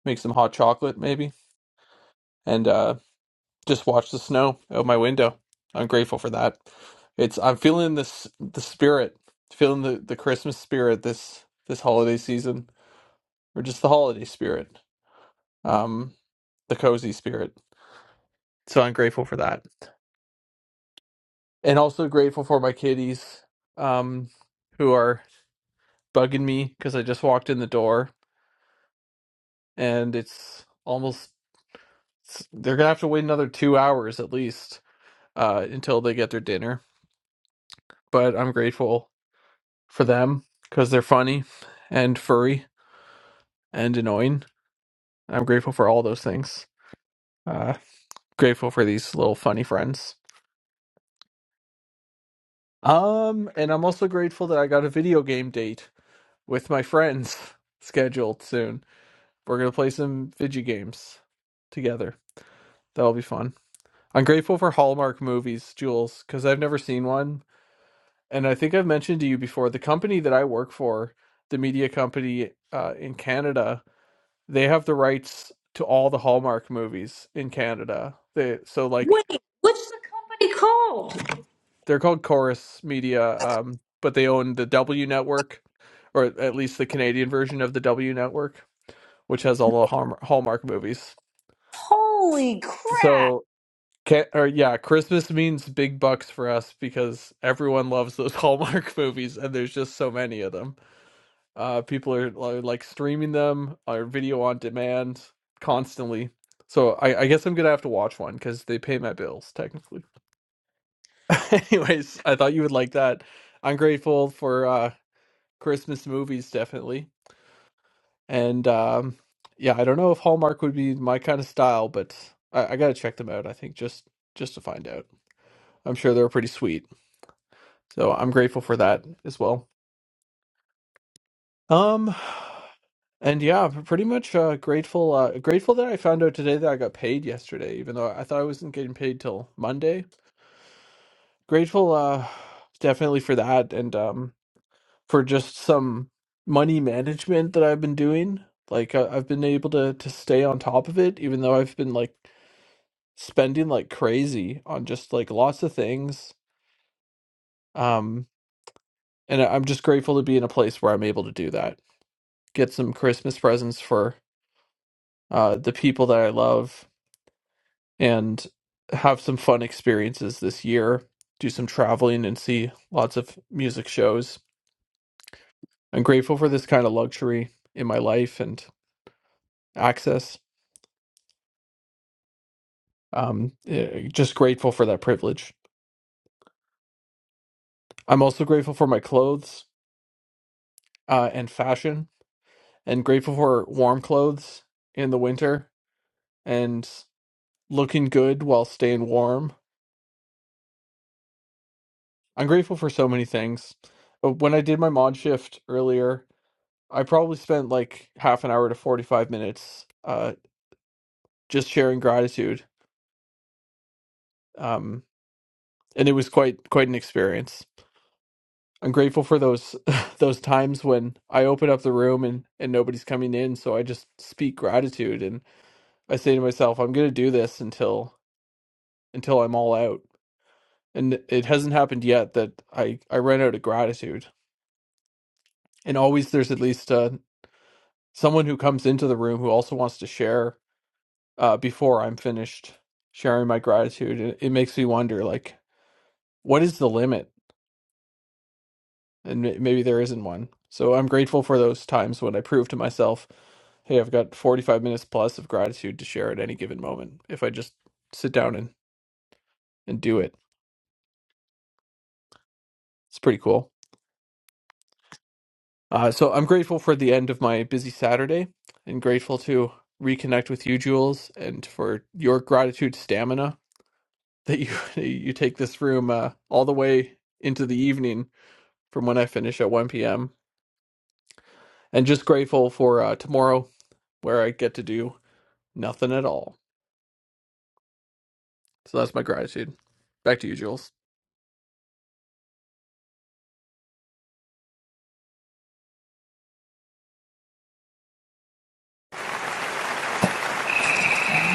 make some hot chocolate maybe, and uh, just watch the snow out my window. I'm grateful for that. It's I'm feeling this the spirit, feeling the the Christmas spirit this this holiday season, or just the holiday spirit, um, the cozy spirit. So I'm grateful for that, and also grateful for my kitties, um, who are bugging me because I just walked in the door and it's almost s- they're gonna have to wait another two hours at least uh, until they get their dinner. But I'm grateful for them because they're funny and furry and annoying. I'm grateful for all those things. Uh, grateful for these little funny friends. Um, and I'm also grateful that I got a video game date with my friends scheduled soon. We're gonna play some video games together. That'll be fun. I'm grateful for Hallmark movies, Jules, because I've never seen one and I think I've mentioned to you before the company that I work for, the media company uh, in Canada, they have the rights to all the Hallmark movies in Canada. They so like
Wait, what's the company called?
they're called Chorus Media, um, but they own the W Network, or at least the Canadian version of the W Network, which has all the Hallmark, Hallmark movies.
Holy crap!
So. Can, or yeah, Christmas means big bucks for us because everyone loves those Hallmark movies, and there's just so many of them. Uh, people are li- like streaming them or video on demand constantly. So I, I guess I'm gonna have to watch one because they pay my bills technically. Anyways, I thought you would like that. I'm grateful for uh, Christmas movies definitely, and um, yeah, I don't know if Hallmark would be my kind of style, but I, I gotta check them out. I think just just to find out. I'm sure they're pretty sweet, so I'm grateful for that as well. Um, And yeah, p- pretty much uh, grateful uh, grateful that I found out today that I got paid yesterday, even though I thought I wasn't getting paid till Monday. Grateful uh, definitely for that and um, for just some money management that I've been doing. Like I I've been able to to stay on top of it, even though I've been like spending like crazy on just like lots of things. Um, and I- I'm just grateful to be in a place where I'm able to do that. Get some Christmas presents for uh, the people that I love and have some fun experiences this year, do some traveling and see lots of music shows. I'm grateful for this kind of luxury in my life and access. Um, eh, just grateful for that privilege. I'm also grateful for my clothes uh, and fashion, and grateful for warm clothes in the winter and looking good while staying warm. I'm grateful for so many things. But when I did my mod shift earlier, I probably spent like half an hour to 45 minutes uh, just sharing gratitude. Um, and it was quite quite an experience. I'm grateful for those those times when I open up the room and, and nobody's coming in, so I just speak gratitude and I say to myself, I'm gonna do this until until I'm all out. And it hasn't happened yet that I, I ran out of gratitude. And always there's at least uh, someone who comes into the room who also wants to share uh, before I'm finished sharing my gratitude. It, it makes me wonder, like, what is the limit? And may- maybe there isn't one. So I'm grateful for those times when I prove to myself, hey, I've got 45 minutes plus of gratitude to share at any given moment. If I just sit down and, and do it, it's pretty cool. Uh, so I'm grateful for the end of my busy Saturday and grateful to reconnect with you, Jules, and for your gratitude stamina that you you take this room uh, all the way into the evening from when I finish at 1 p.m. And just grateful for uh, tomorrow where I get to do nothing at all. So that's my gratitude. Back to you, Jules.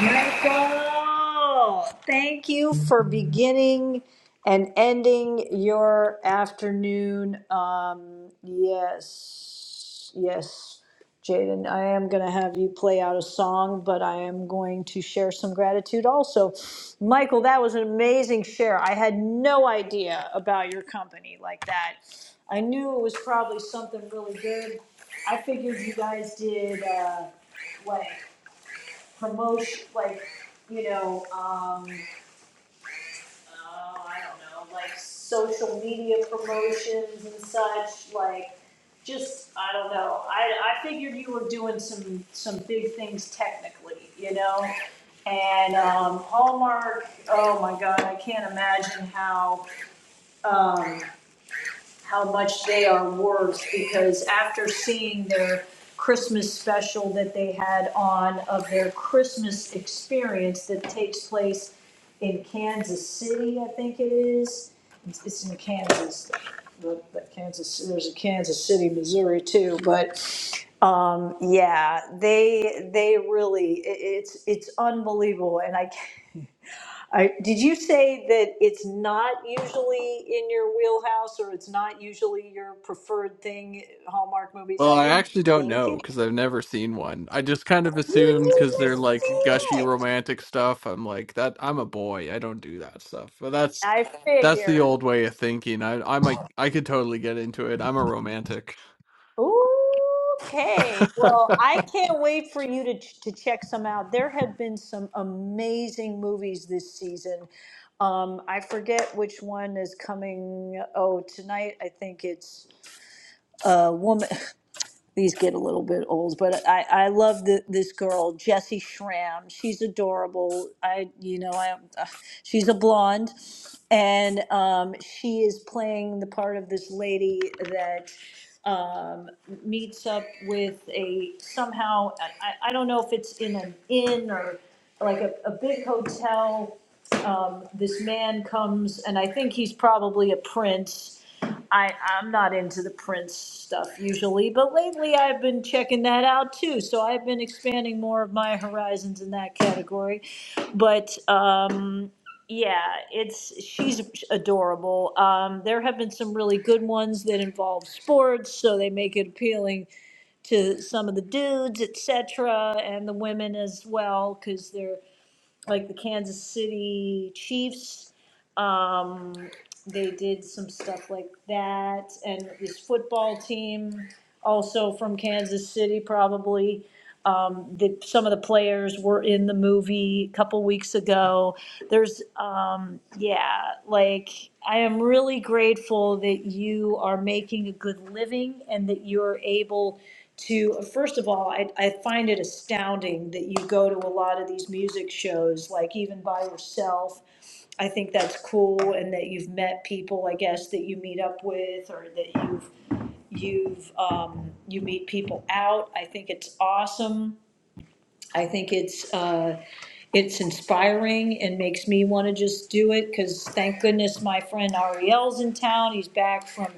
Michael, thank you for beginning and ending your afternoon. Um, yes, yes, Jaden, I am going to have you play out a song, but I am going to share some gratitude also. Michael, that was an amazing share. I had no idea about your company like that. I knew it was probably something really good. I figured you guys did. Uh, what? promotion, like, you know, um, oh, I don't know, like social media promotions and such, like, just, I don't know, I, I figured you were doing some, some big things technically, you know? And, um, Hallmark, oh my God, I can't imagine how, um, how much they are worth because after seeing their Christmas special that they had on of their Christmas experience that takes place in Kansas City, I think it is. It's it's in Kansas, the- the Kansas, there's a Kansas City, Missouri too, but um, yeah, they, they really, i- it's, it's unbelievable. And I, I, did you say that it's not usually in your wheelhouse or it's not usually your preferred thing, Hallmark movies?
Well,
I
I
didn't
actually don't
think
know
it.
because I've never seen one. I just kind of
You
assumed because
need
they're
to
like
see
gushy
it.
romantic stuff. I'm like that. I'm a boy. I don't do that stuff. But that's
I
that's the
figured.
old way of thinking. I I might I could totally get into it. I'm a romantic.
Okay. Well, I can't wait for you to, to check some out. There have been some amazing movies this season. Um, I forget which one is coming. Oh, tonight I think it's a woman. these get a little bit old, but I, I love the, this girl, Jessie Schramm. She's adorable. I, you know, I, uh, she's a blonde and, um, she is playing the part of this lady that, um, meets up with a, somehow, I, I I don't know if it's in an inn or like a, a big hotel um, this man comes, and I think he's probably a prince. I, I'm not into the prince stuff usually, but lately I've been checking that out too. So I've been expanding more of my horizons in that category. But um, yeah, it's she's adorable. Um, there have been some really good ones that involve sports, so they make it appealing to some of the dudes, etc., and the women as well, because they're like the Kansas City Chiefs. Um, they did some stuff like that, and this football team, also from Kansas City, probably. Um, that some of the players were in the movie a couple weeks ago. There's, um, yeah, like I am really grateful that you are making a good living and that you're able to first of all I, I find it astounding that you go to a lot of these music shows like even by yourself i think that's cool and that you've met people i guess that you meet up with or that you've you've um, you meet people out i think it's awesome I think it's, uh, it's inspiring and makes me want to just do it, because thank goodness my friend Ariel's in town, he's back from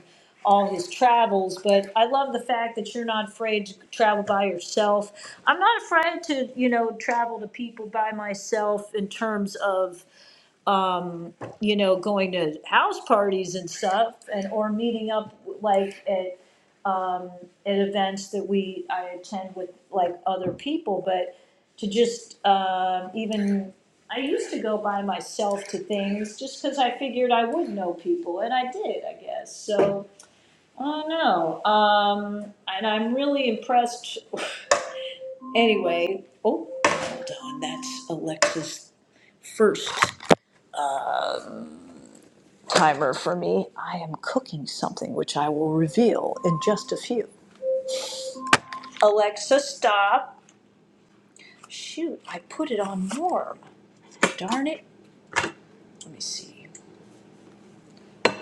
all his travels, but I love the fact that you're not afraid to travel by yourself. I'm not afraid to, you know, travel to people by myself in terms of, um, you know, going to house parties and stuff, and or meeting up like at um, at events that we I attend with like other people, but to just um, even I used to go by myself to things just because I figured I would know people, and I did, I guess. So I don't know, um, and I'm really impressed. Anyway, oh, hold on, that's Alexa's first. timer for me. I am cooking something which I will reveal in just a few. Alexa, stop. Shoot, I put it on warm. Darn it. Let me see.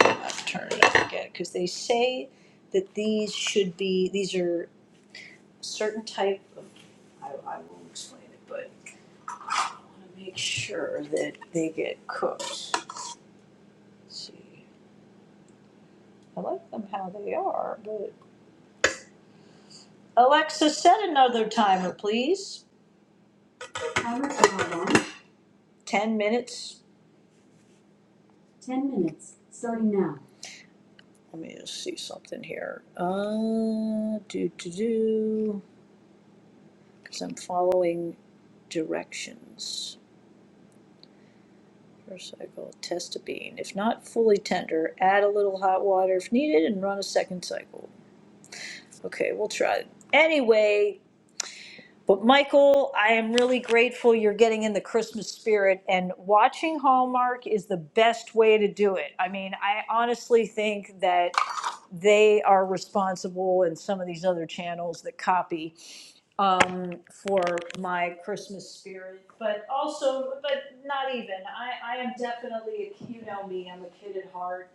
I've turned it off again because they say that these should be, these are certain type of, I, I will explain it, but I want to make sure that they get cooked. Let's see. I like them how they are, but. Alexa, set another timer, please. Timer's on. 10 minutes. Ten minutes, starting now. Let me just see something here. Uh, do do do, because I'm following directions. First cycle, test a bean. If not fully tender, add a little hot water if needed and run a second cycle. Okay, we'll try it. Anyway, but Michael, I am really grateful you're getting in the Christmas spirit, and watching Hallmark is the best way to do it. I mean, I honestly think that they are responsible and some of these other channels that copy um, for my Christmas spirit. But also, but not even. I, I am definitely a you know me. I'm a kid at heart,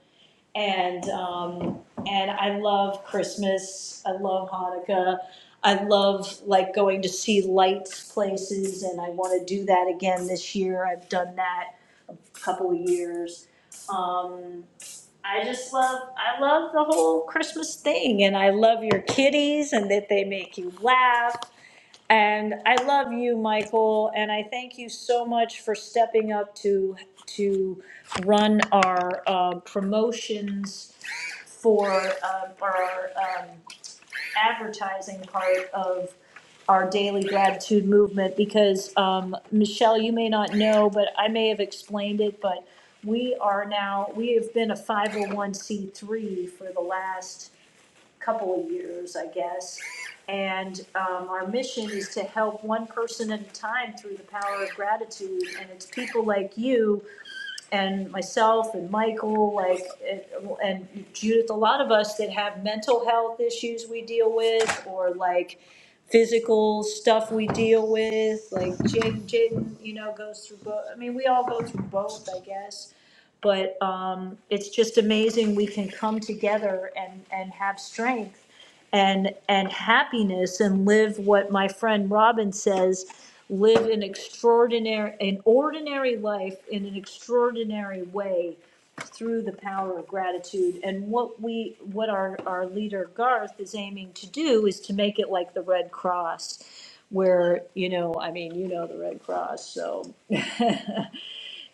and um, and I love Christmas. I love Hanukkah. I love like going to see lights places, and I want to do that again this year. I've done that a couple of years. Um, I just love, I love the whole Christmas thing, and I love your kitties and that they make you laugh. And I love you, Michael, and I thank you so much for stepping up to, to run our uh, promotions for, um, our um, advertising part of our daily gratitude movement because, um, Michelle, you may not know, but I may have explained it, but we are now, we have been a five oh one C three for the last couple of years, I guess. And, um, our mission is to help one person at a time through the power of gratitude. And it's people like you and myself and Michael, like, and- Judith, a lot of us that have mental health issues we deal with, or like physical stuff we deal with, like Jaden, Jaden, you know, goes through both, I mean, we all go through both, I guess. But, um, it's just amazing we can come together and, and have strength and, and happiness and live what my friend Robin says, live an extraordinary, an ordinary life in an extraordinary way through the power of gratitude. And what we, what our, our leader Garth is aiming to do is to make it like the Red Cross, where, you know, I mean, you know the Red Cross, so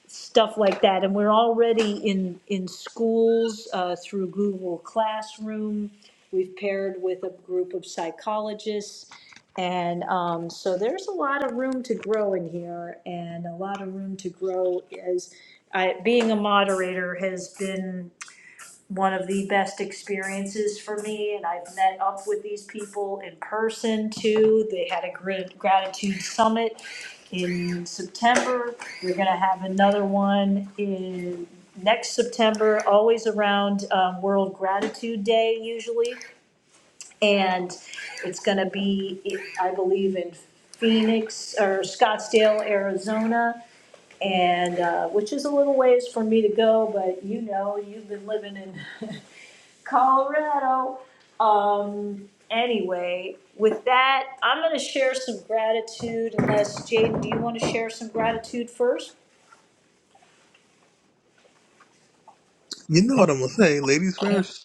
stuff like that. And we're already in, in schools uh, through Google Classroom. We've paired with a group of psychologists. And um, so there's a lot of room to grow in here and a lot of room to grow as I, being a moderator has been one of the best experiences for me. And I've met up with these people in person too. They had a grat- gratitude summit in September. We're gonna have another one in next September, always around um, World Gratitude Day usually. And it's gonna be, I believe, in Phoenix or Scottsdale, Arizona. And, uh, which is a little ways for me to go, but you know, you've been living in Colorado. Um, anyway, with that, I'm going to share some gratitude. Unless Jaden, do you want to share some gratitude first?
You know what I'm gonna say, ladies first.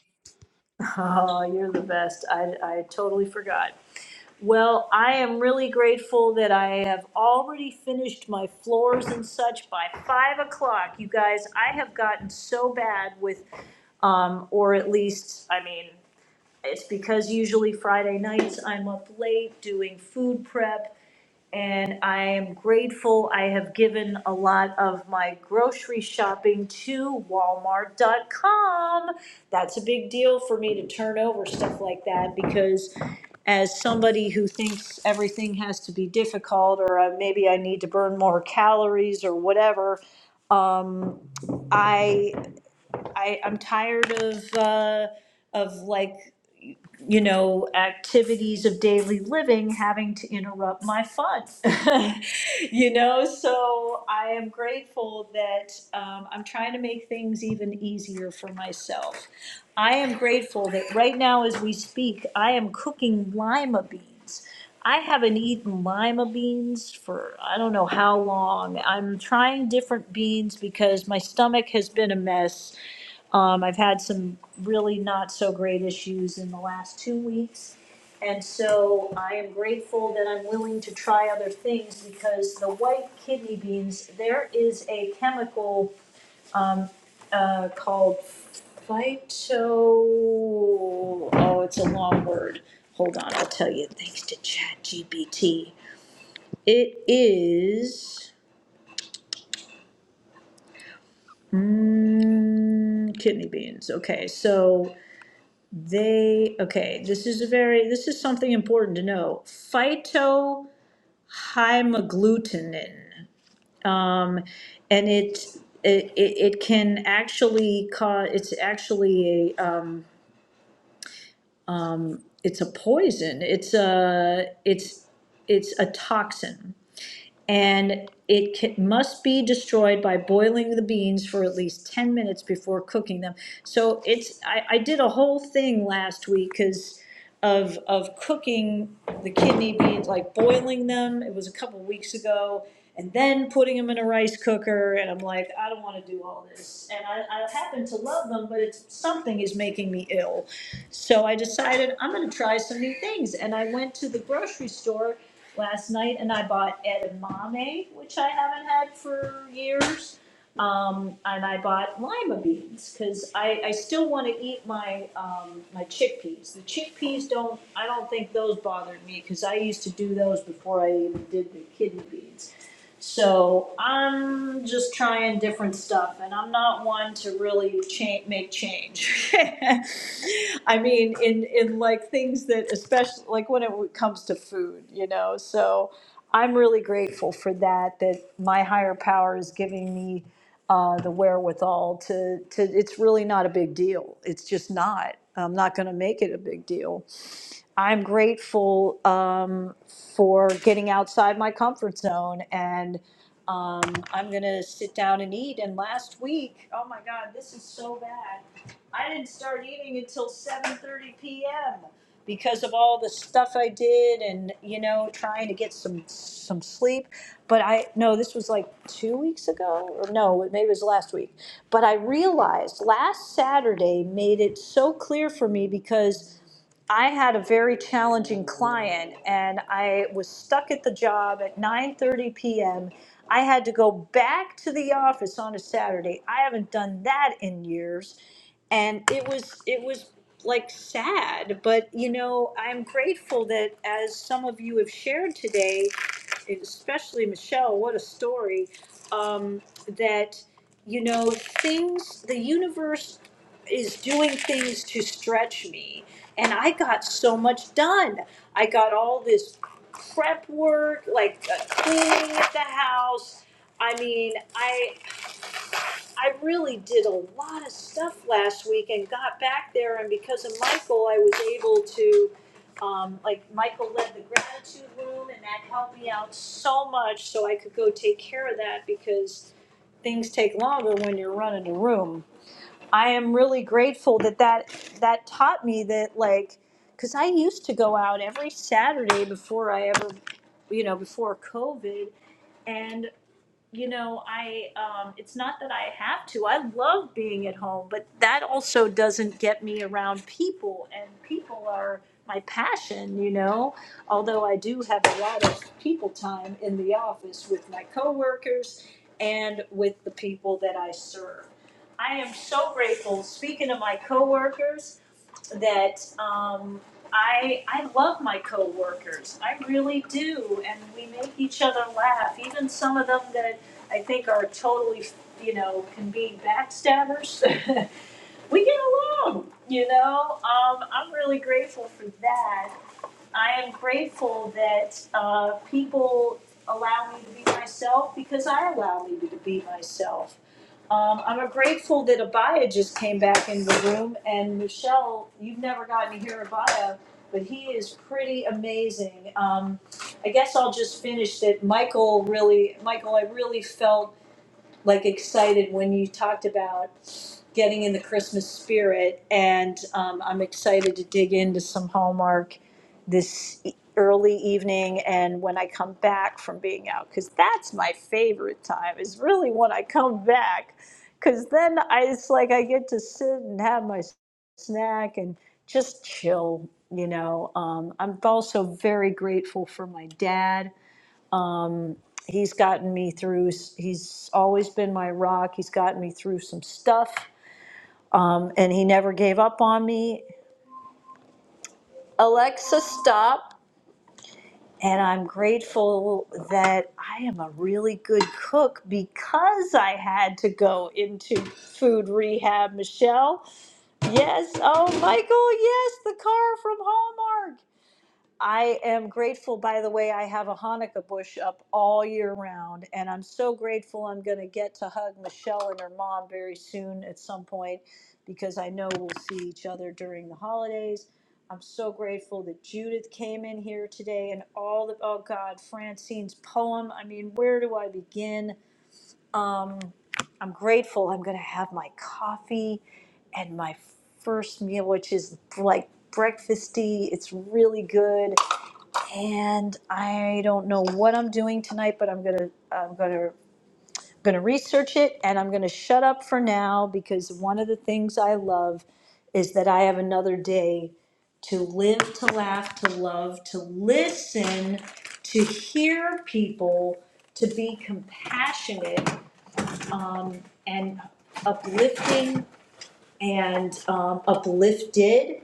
Oh, you're the best. I, I totally forgot. Well, I am really grateful that I have already finished my floors and such by five o'clock. You guys, I have gotten so bad with, um, or at least, I mean, it's because usually Friday nights I'm up late doing food prep And I am grateful, I have given a lot of my grocery shopping to Walmart.com. That's a big deal for me to turn over stuff like that because, as somebody who thinks everything has to be difficult, or uh, maybe I need to burn more calories or whatever, um, I I, I'm tired of, uh, of like, you know, activities of daily living having to interrupt my fun. you know, so I am grateful that um, I'm trying to make things even easier for myself. I am grateful that right now, as we speak, I am cooking lima beans. I haven't eaten lima beans for I don't know how long. I'm trying different beans because my stomach has been a mess um, I've had some really not so great issues in the last two weeks. And so I am grateful that I'm willing to try other things because the white kidney beans, there is a chemical um, uh, called phyto. Oh, it's a long word. Hold on, I'll tell you. Thanks to ChatGPT. It is mm, kidney beans. Okay, so They, okay, this is a very, this is something important to know. Phytohymagglutinin. Um, and it, it, it can actually cause, it's actually a, um, it's a poison. It's a, it's, it's a toxin. and it ca- must be destroyed by boiling the beans for at least 10 minutes before cooking them. So it's, I, I did a whole thing last week because of, of cooking the kidney beans, like boiling them. It was a couple weeks ago. And then putting them in a rice cooker. And I'm like, I don't want to do all this. And I, I happen to love them, but it's, something is making me ill. So I decided I'm going to try some new things. And I went to the grocery store last night, and I bought edamame, which I haven't had for years. Um, and I bought lima beans because I, I still want to eat my um, my chickpeas. The chickpeas don't I don't think those bothered me because I used to do those before I even did the kidney beans. So I'm just trying different stuff, and I'm not one to really cha- make change. I mean, in in like things that, especially like when it comes to food, you know. So I'm really grateful for that. That my higher power is giving me uh, the wherewithal to to. It's really not a big deal. It's just not. I'm not going to make it a big deal. I'm grateful um, for getting outside my comfort zone and um, I'm going to sit down and eat. And last week, oh my God, this is so bad. I didn't start eating until 7:30 p.m. because of all the stuff I did and you know trying to get some some sleep. But I no, this was like 2 weeks ago or no, maybe it was last week. But I realized last Saturday made it so clear for me because I had a very challenging client and I was stuck at the job at 9:30 p.m. I had to go back to the office on a Saturday. I haven't done that in years and it was it was like sad, but you know, I'm grateful that as some of you have shared today, especially Michelle, what a story um, that you know things the universe is doing things to stretch me and I got so much done. I got all this prep work, like uh, cleaning at the house. I mean, I I really did a lot of stuff last week and got back there, and because of Michael, I was able to. Um, like Michael led the gratitude room, and that helped me out so much, so I could go take care of that because things take longer when you're running a room. I am really grateful that that that taught me that like cuz I used to go out every Saturday before I ever you know before COVID and you know, I um, it's not that I have to. I love being at home, but that also doesn't get me around people, and people are my passion. You know, although I do have a lot of people time in the office with my coworkers and with the people that I serve. I am so grateful. Speaking of my coworkers, that um, I I love my coworkers. I really do, and we make each other laugh. Even some of them that I think are totally, you know, can be backstabbers. we get along. You know, um, I'm really grateful for that. I am grateful that uh, people allow me to be myself because I allow me to be myself um, I'm grateful that Abaya just came back in the room, and Michelle, you've never gotten to hear Abaya, but he is pretty amazing. Um, I guess I'll just finish that. Michael really, Michael, I really felt like excited when you talked about getting in the Christmas spirit, and um, I'm excited to dig into some Hallmark this e- early evening and when I come back from being out, because that's my favorite time, is really when I come back, because then I, it's like I get to sit and have my s- snack and just chill. You know, um, I'm also very grateful for my dad. Um, he's gotten me through, he's always been my rock. He's gotten me through some stuff um, and he never gave up on me. Alexa, stop. And I'm grateful that I am a really good cook because I had to go into food rehab, Michelle. Yes. Oh, Michael, yes, the car from Hallmark. I am grateful, by the way, I have a Hanukkah bush up all year round, and I'm so grateful I'm going to get to hug Michelle and her mom very soon at some point because I know we'll see each other during the holidays. I'm so grateful that Judith came in here today and all the, oh God, Francine's poem. I mean, where do I begin? Um, I'm grateful I'm going to have my coffee and my first meal, which is like breakfasty. It's really good and I don't know what I'm doing tonight, but I'm gonna I'm gonna gonna research it, and I'm gonna shut up for now because one of the things I love is that I have another day to live, to laugh, to love, to listen, to hear people, to be compassionate um, and uplifting and um, uplifted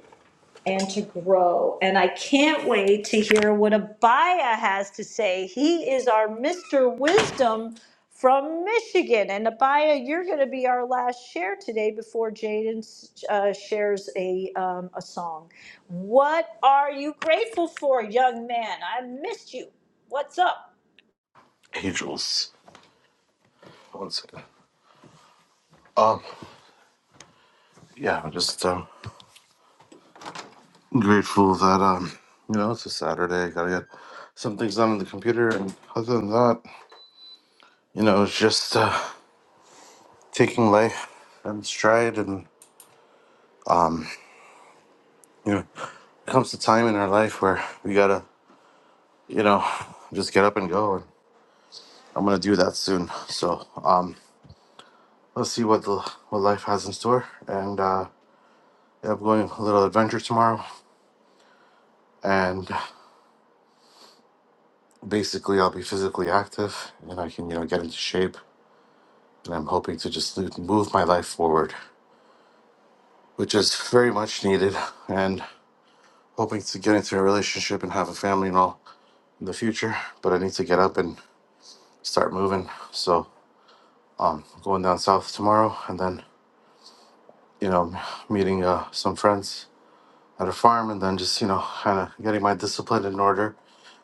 and to grow. And I can't wait to hear what Abaya has to say. He is our Mr. Wisdom from Michigan. And Abaya, you're going to be our last share today before Jaden uh, shares a, um, a song. What are you grateful for, young man? I missed you. What's up?
Angels. One second. Um, yeah, I'm just um, grateful that um, you know, it's a Saturday. Gotta get some things done on the computer, and other than that, you know, it's just uh, taking life and stride. And you know, comes a time in our life where we gotta, you know, just get up and go. And I'm gonna do that soon. So um, let's see what the what life has in store. And uh, yeah, I'm going on a little adventure tomorrow, and basically I'll be physically active and I can, you know, get into shape. And I'm hoping to just lo- move my life forward, which is very much needed. And hoping to get into a relationship and have a family and all in the future. But I need to get up and start moving. So I'm going down south tomorrow and then, you know, meeting uh, some friends at a farm and then just, you know, kind of getting my discipline in order.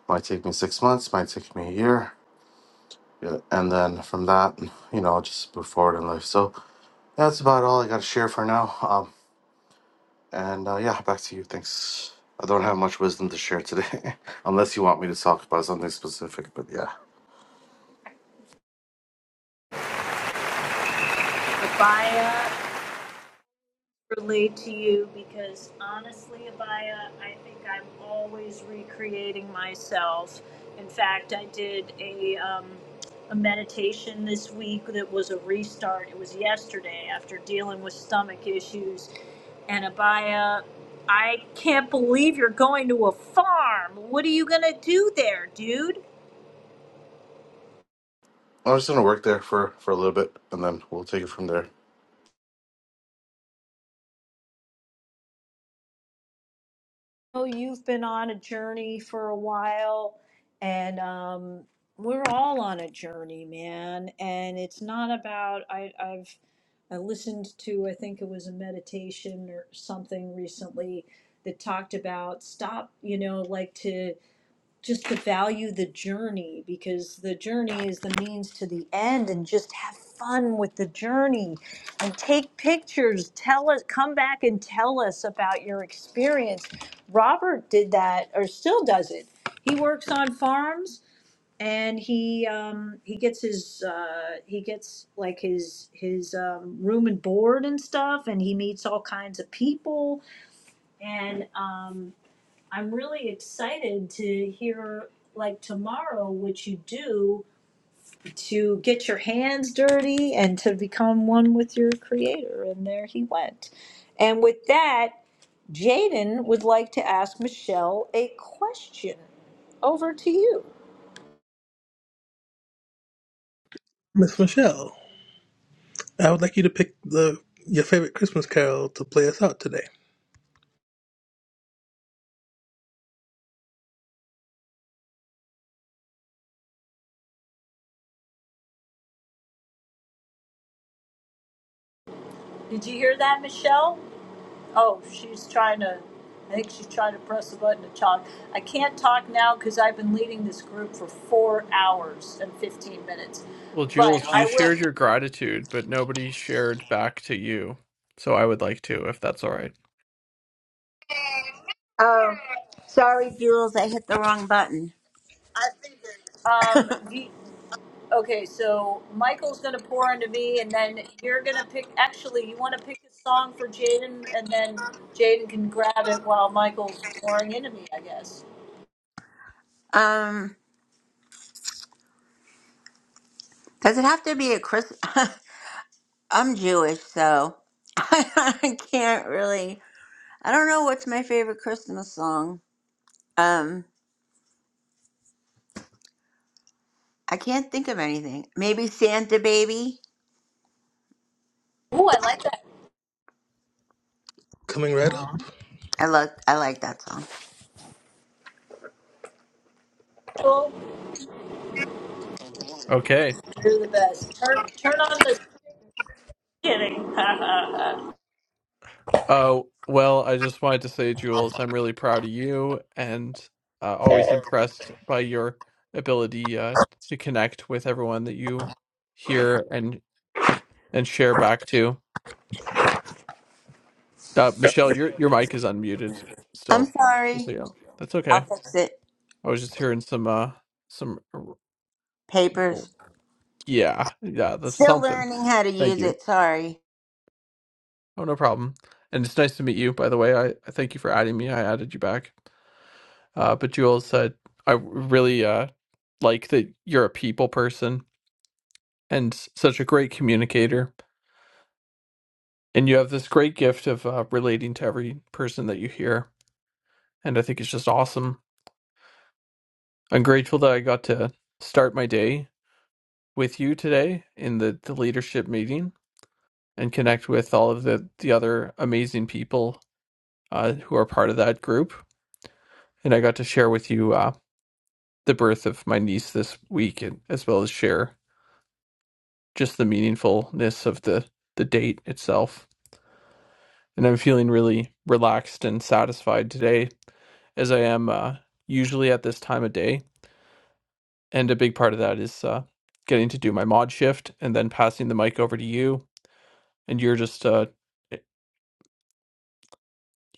Might take me six months, might take me a year. Yeah. And then from that, you know, I'll just move forward in life. So That's about all I got to share for now. Um, and uh, yeah, back to you. Thanks. I don't have much wisdom to share today, unless you want me to talk about something specific. But yeah,
Abaya. Relate to you because honestly, Abaya, I think I'm always recreating myself. In fact, I did a um, a meditation this week that was a restart. It was yesterday after dealing with stomach issues. And Abaya, I can't believe you're going to a farm. What are you gonna do there, dude?
I'm just gonna work there for for a little bit, and then we'll take it from there.
know you've been on a journey for a while, and um, we're all on a journey, man. And it's not about I, I've I listened to I think it was a meditation or something recently that talked about stop, you know, like to just to value the journey because the journey is the means to the end and just have fun with the journey and take pictures tell us come back and tell us about your experience robert did that or still does it he works on farms and he um, he gets his uh, he gets like his his um, room and board and stuff and he meets all kinds of people and um, I'm really excited to hear like tomorrow what you do to get your hands dirty and to become one with your creator. And there he went. And with that, Jaden would like to ask Michelle a question. Over to you.
Miss Michelle, I would like you to pick the your favorite Christmas carol to play us out today.
Did you hear that, Michelle? Oh, she's trying to. I think she's trying to press the button to talk. I can't talk now because I've been leading this group for four hours and 15 minutes.
Well,
But
Jules,
I
you
will.
shared your gratitude, but nobody shared back to you. So I would like to, if that's all right.
Oh, sorry, Jules. I hit the wrong button.
Um, do you- okay, so Michael's gonna pour into me, and then you're gonna pick. Actually, you want to pick a song for Jaden, and then Jaden can grab it while Michael's pouring into me. I guess.
Um, does it have to be a Chris? I'm Jewish, so I can't really. I don't know what's my favorite Christmas song. Um, I can't think of anything. Maybe Santa Baby.
Ooh, I like that.
Coming right up.
I love. I like that song.
Michael,
Okay.
you're the best. Turn, turn on the. Kidding.
Oh, well, I just wanted to say, Jules, I'm really proud of you and uh, always impressed by your ability uh, to connect with everyone that you hear and and share back to. Uh, Michelle, your your mic is unmuted
I'm
still. So
sorry.
yeah, that's
I'll
okay.
fix it.
I was just hearing some uh some
Papers.
yeah, yeah, that's
Still
something.
learning how to
Thank
use
you.
it. Sorry.
Oh, no problem. And it's nice to meet you, by the way. I, I thank you for adding me. I added you back. Uh, but Jules said, I really uh, like that you're a people person and such a great communicator. And you have this great gift of uh, relating to every person that you hear. And I think it's just awesome. I'm grateful that I got to start my day with you today in the, the leadership meeting and connect with all of the, the other amazing people uh, who are part of that group. And I got to share with you uh, the birth of my niece this week, and, as well as share just the meaningfulness of the the date itself. And I'm feeling really relaxed and satisfied today, as I am uh, usually at this time of day. And a big part of that is uh, getting to do my mod shift and then passing the mic over to you. And you're just uh,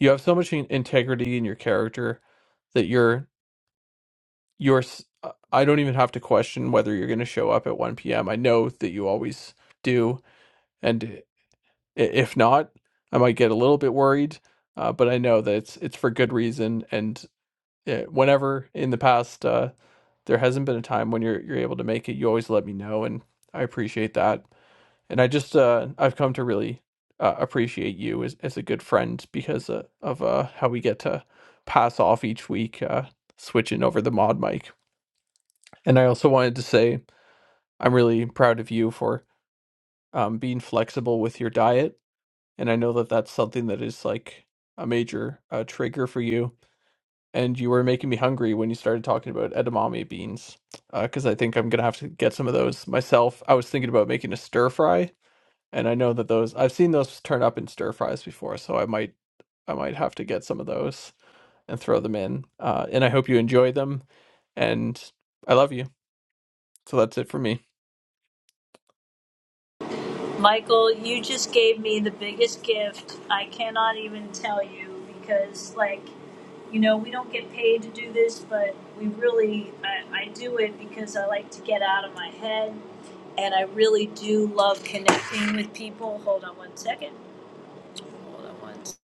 you have so much in- integrity in your character that you're you're. s- uh, I don't even have to question whether you're going to show up at 1 p.m. I know that you always do, and I if not, I might get a little bit worried, uh, but I know that it's it's for good reason, and, eh, whenever in the past, uh, there hasn't been a time when you're you're able to make it, you always let me know, and I appreciate that, and I just, uh I've come to really, uh, appreciate you as as a good friend because, uh, of, uh, how we get to pass off each week, uh, switching over the mod mic, and I also wanted to say I'm really proud of you for, um, being flexible with your diet. and I know that that's something that is like a major uh, trigger for you. And you were making me hungry when you started talking about edamame beans, because I think I'm gonna have to get some of those myself. I was thinking about making a stir fry, and I know that those I've seen those turn up in stir fries before, so I might I might have to get some of those and throw them in. Uh, and I hope you enjoy them, and I love you. So that's it for me.
Michael, you just gave me the biggest gift. I cannot even tell you because, like. you know, we don't get paid to do this, but we really, I, I do it because I like to get out of my head. And I really do love connecting with people. Hold on one second. Hold on one second.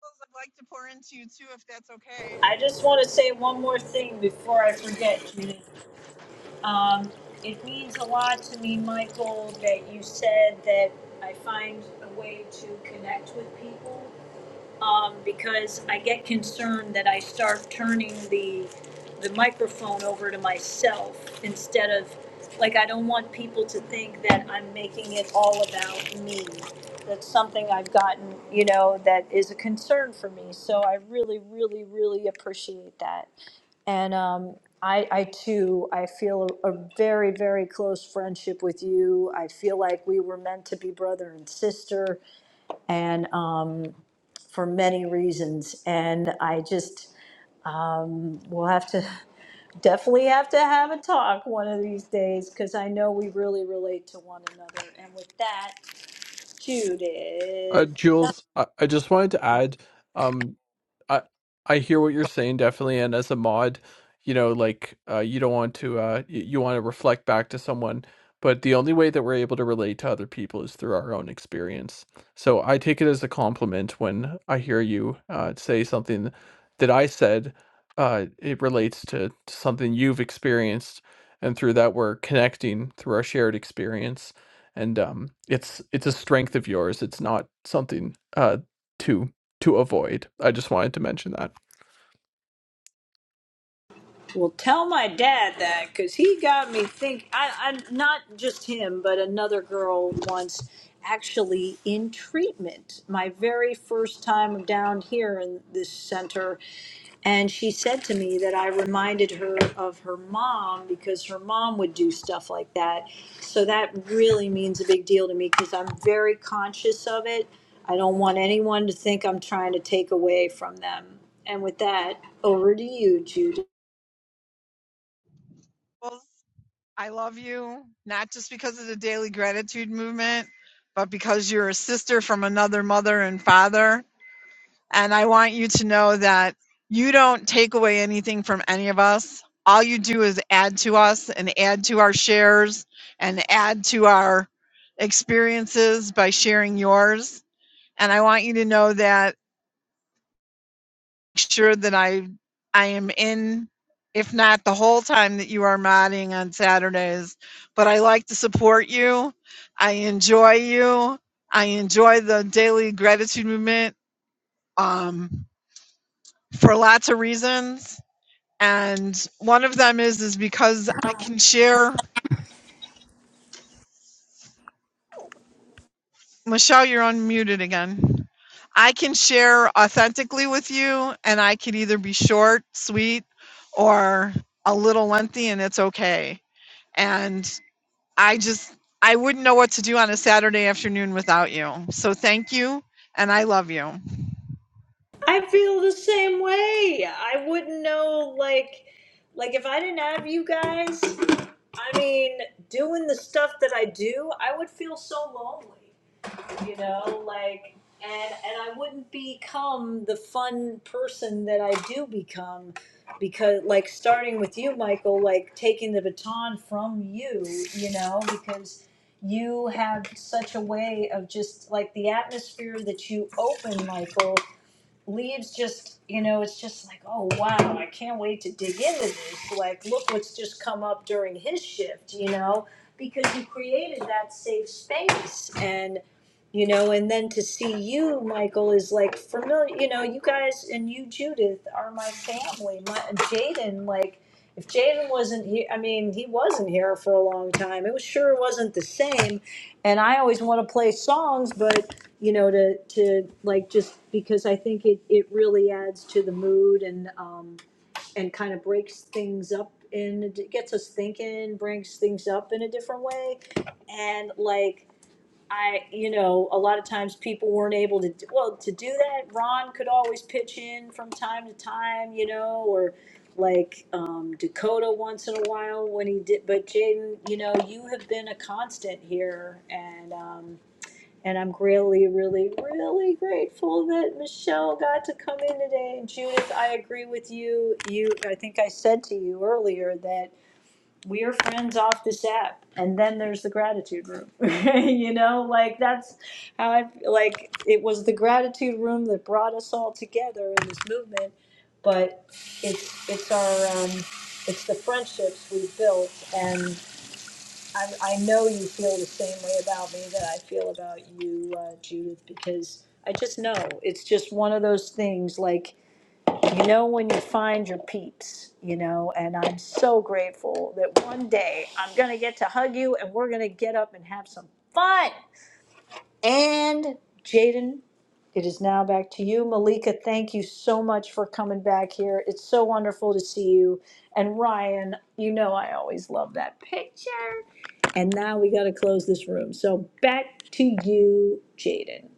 Jules, I'd like to pour into you too, if that's okay.
I just want to say one more thing before I forget, Judith. Um, it means a lot to me, Michael, that you said that I find a way to connect with people. um, because I get concerned that I start turning the, the microphone over to myself instead of, like, I don't want people to think that I'm making it all about me. That's something I've gotten, you know, that is a concern for me. So I really, really, really appreciate that. And um, I, I too, I feel a, a very, very close friendship with you. I feel like we were meant to be brother and sister and um, for many reasons. And I just um, will have to definitely have to have a talk one of these days because I know we really relate to one another. And with that, Jude
Uh,
is
Jules, I, I just wanted to add. Um, I I hear what you're saying definitely, and as a mod, you know, like uh, you don't want to uh, y- you want to reflect back to someone, but the only way that we're able to relate to other people is through our own experience. So I take it as a compliment when I hear you uh, say something that I said. Uh, it relates to something you've experienced, and through that we're connecting through our shared experience. And um, it's it's a strength of yours. It's not something uh, to to avoid. I just wanted to mention that.
Well, tell my dad that because he got me think. I, I not just him, but another girl once actually in treatment. My very first time down here in this center, and she said to me that I reminded her of her mom because her mom would do stuff like that. So that really means a big deal to me because I'm very conscious of it. I don't want anyone to think I'm trying to take away from them. And with that, over to you, Judy.
Jules, I love you, not just because of the daily gratitude movement, but because you're a sister from another mother and father. And I want you to know that you don't take away anything from any of us. All you do is add to us and add to our shares and add to our experiences by sharing yours. And I want you to know that sure that I I am in if not the whole time that you are modding on Saturdays, but I like to support you. I enjoy you. I enjoy the daily gratitude movement. Um, for lots of reasons and one of them is is because I can share. Michelle, you're unmuted again. I can share authentically with you, and I can either be short, sweet, or a little lengthy, and it's okay. And I just I wouldn't know what to do on a Saturday afternoon without you. So thank you, and I love you.
I feel the same way. I wouldn't know like like if I didn't have you guys, I mean, doing the stuff that I do, I would feel so lonely, you know, like and and I wouldn't become the fun person that I do become because like starting with you, Michael, like taking the baton from you, you know, because you have such a way of just like the atmosphere that you open, Michael leaves just you know it's just like oh wow i can't wait to dig into this like look what's just come up during his shift you know because you created that safe space and you know and then to see you michael is like familiar you know you guys and you judith are my family my jaden like if jaden wasn't here i mean he wasn't here for a long time it was sure wasn't the same and i always want to play songs but you know, to, to like, just because I think it, it really adds to the mood and, um, and kind of breaks things up and it gets us thinking, brings things up in a different way. And like, I, you know, a lot of times people weren't able to, do- well, to do that, Ron could always pitch in from time to time, you know, or like, um, Dakota once in a while when he did, but Jaden, you know, you have been a constant here and, um, and I'm really, really, really grateful that Michelle got to come in today. And Judith, I agree with you. You, I think I said to you earlier that we are friends off this app. And then there's the gratitude room. you know, like that's how I like it was the gratitude room that brought us all together in this movement. But it's it's our um, it's the friendships we've built and I, I know you feel the same way about me that I feel about you, uh, Judith, because I just know it's just one of those things like, you know, when you find your peeps, you know, and I'm so grateful that one day I'm going to get to hug you and we're going to get up and have some fun. And Jaden, it is now back to you. Malika, thank you so much for coming back here. It's so wonderful to see you. And Ryan, you know I always love that picture. And now we got to close this room. So back to you, Jaden.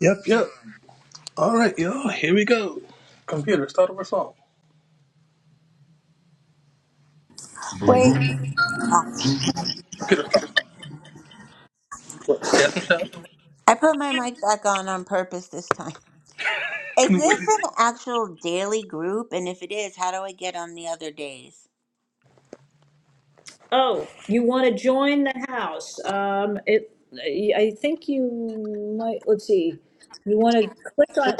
Yep, yep. All right, y'all. Here we go. Computer, start over song.
Wait.
Computer, stop.
I put my mic back on on purpose this time. Is this an actual daily group? And if it is, how do I get on the other days?
Oh, you want to join the house? Um, it. I think you might. Let's see. You want to click on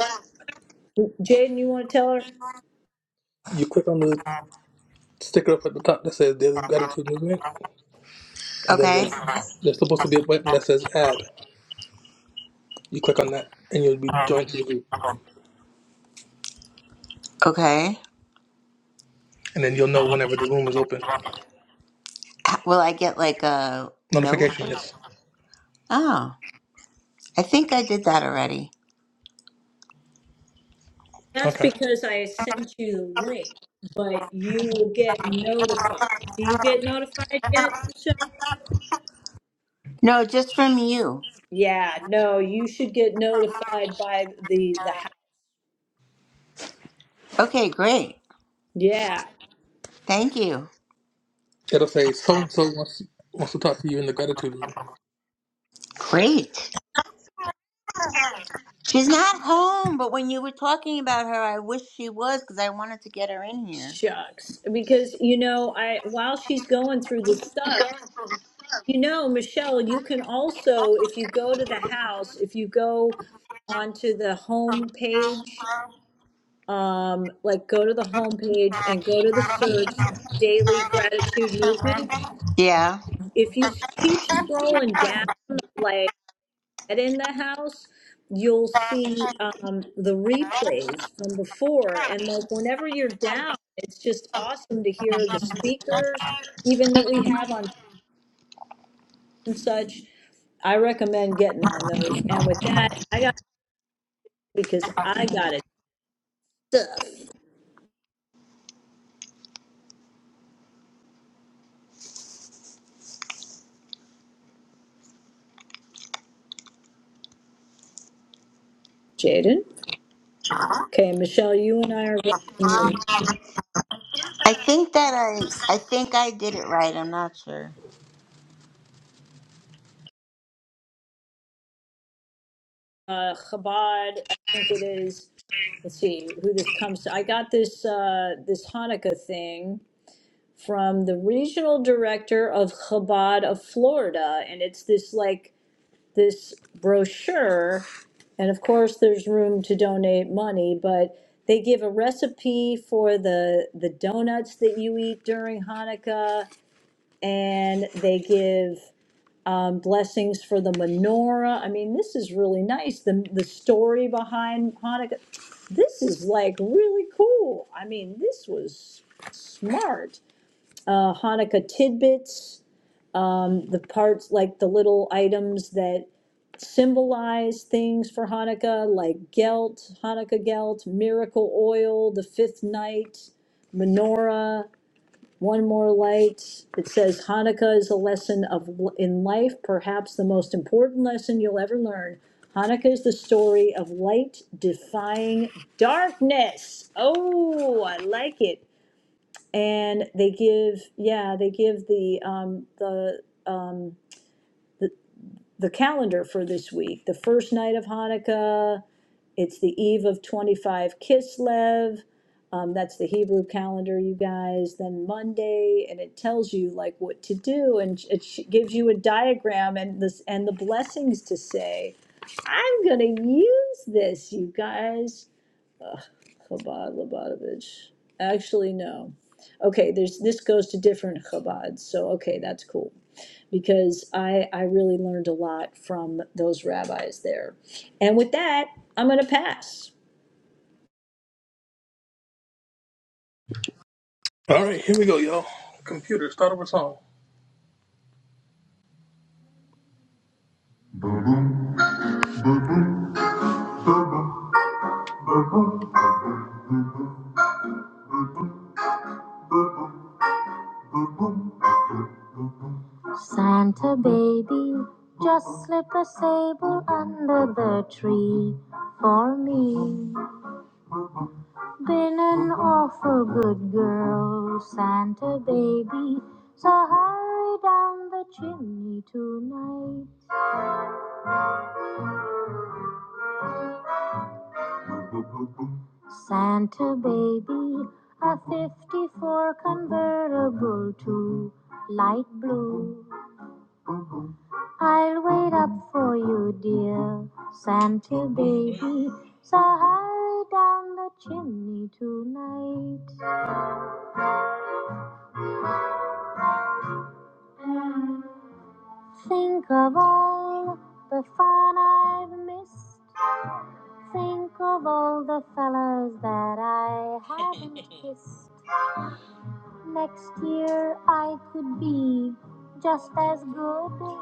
Jaden? You want to tell her?
You click on the sticker up at the top that says Daily Gratitude Movement, and then
Okay.
there's, there's supposed to be a button that says Add. You click on that, and you'll be joined to the group.
Okay.
And then you'll know whenever the room is open.
H- Will I get like a note?
Notification, yes.
Oh, I think I did that already.
That's
Okay.
because I sent you the link, but you will get notified. Do you get notified yet, Michelle?
No, just from you.
Yeah, no, you should get notified by the, the house.
Okay, great.
Yeah,
Thank you.
It'll say so and so wants wants to talk to you in the gratitude room.
Great. She's not home, but when you were talking about her, I wish she was because I wanted to get her in here.
shucks. Because, you know, I, while she's going through this stuff, you know, Michelle, you can also, if you go to the house, if you go onto the home page, um, like go to the home page and go to the search daily gratitude movement
Yeah.
If you s- keep scrolling down, like Get in the house, you'll see um, the replays from before. And like whenever you're down, it's just awesome to hear the speakers, even that we have on and such. I recommend getting on those. And with that, I got because I got it stuff. Jaden. Okay, Michelle, you and I are. uh, Chabad. I think it is. Let's see who this comes to. I got this uh, this Hanukkah thing from the regional director of Chabad of Florida, and it's this like this brochure, and of course there's room to donate money, but they give a recipe for the the donuts that you eat during Hanukkah, and they give um, blessings for the menorah. I mean, this is really nice. The the story behind Hanukkah. This is like really cool. I mean, this was smart. Uh, Hanukkah tidbits. Um, the parts like the little items that symbolize things for Hanukkah, like gelt, Hanukkah gelt, miracle oil, the fifth night, menorah one more light. It says Hanukkah is a lesson of, in life, perhaps the most important lesson you'll ever learn. Hanukkah is the story of light defying darkness. Oh, I like it. And they give, yeah, they give the um, the, the the calendar for this week. The first night of Hanukkah, it's the eve of twenty-five Kislev. Um, that's the Hebrew calendar, you guys. Then Monday, and it tells you like what to do, and it sh- gives you a diagram and this and the blessings to say. I'm gonna use this, you guys. Chabad Lubavitch. Actually, no. Okay, there's this goes to different Chabads, so okay, that's cool because I I really learned a lot from those rabbis there. And with that, I'm gonna pass.
All right, here we go, y'all. Computer, start over song. Santa baby, just slip a sable under the tree for me. Been an awful good girl, Santa baby, so hurry down the chimney tonight. Santa baby, a 54 convertible to light blue. I'll wait up for you, dear Santa baby. So hurry down the chimney tonight. Think of all the fun I've missed. Think of all the fellas that I haven't kissed. Next year I could be just as good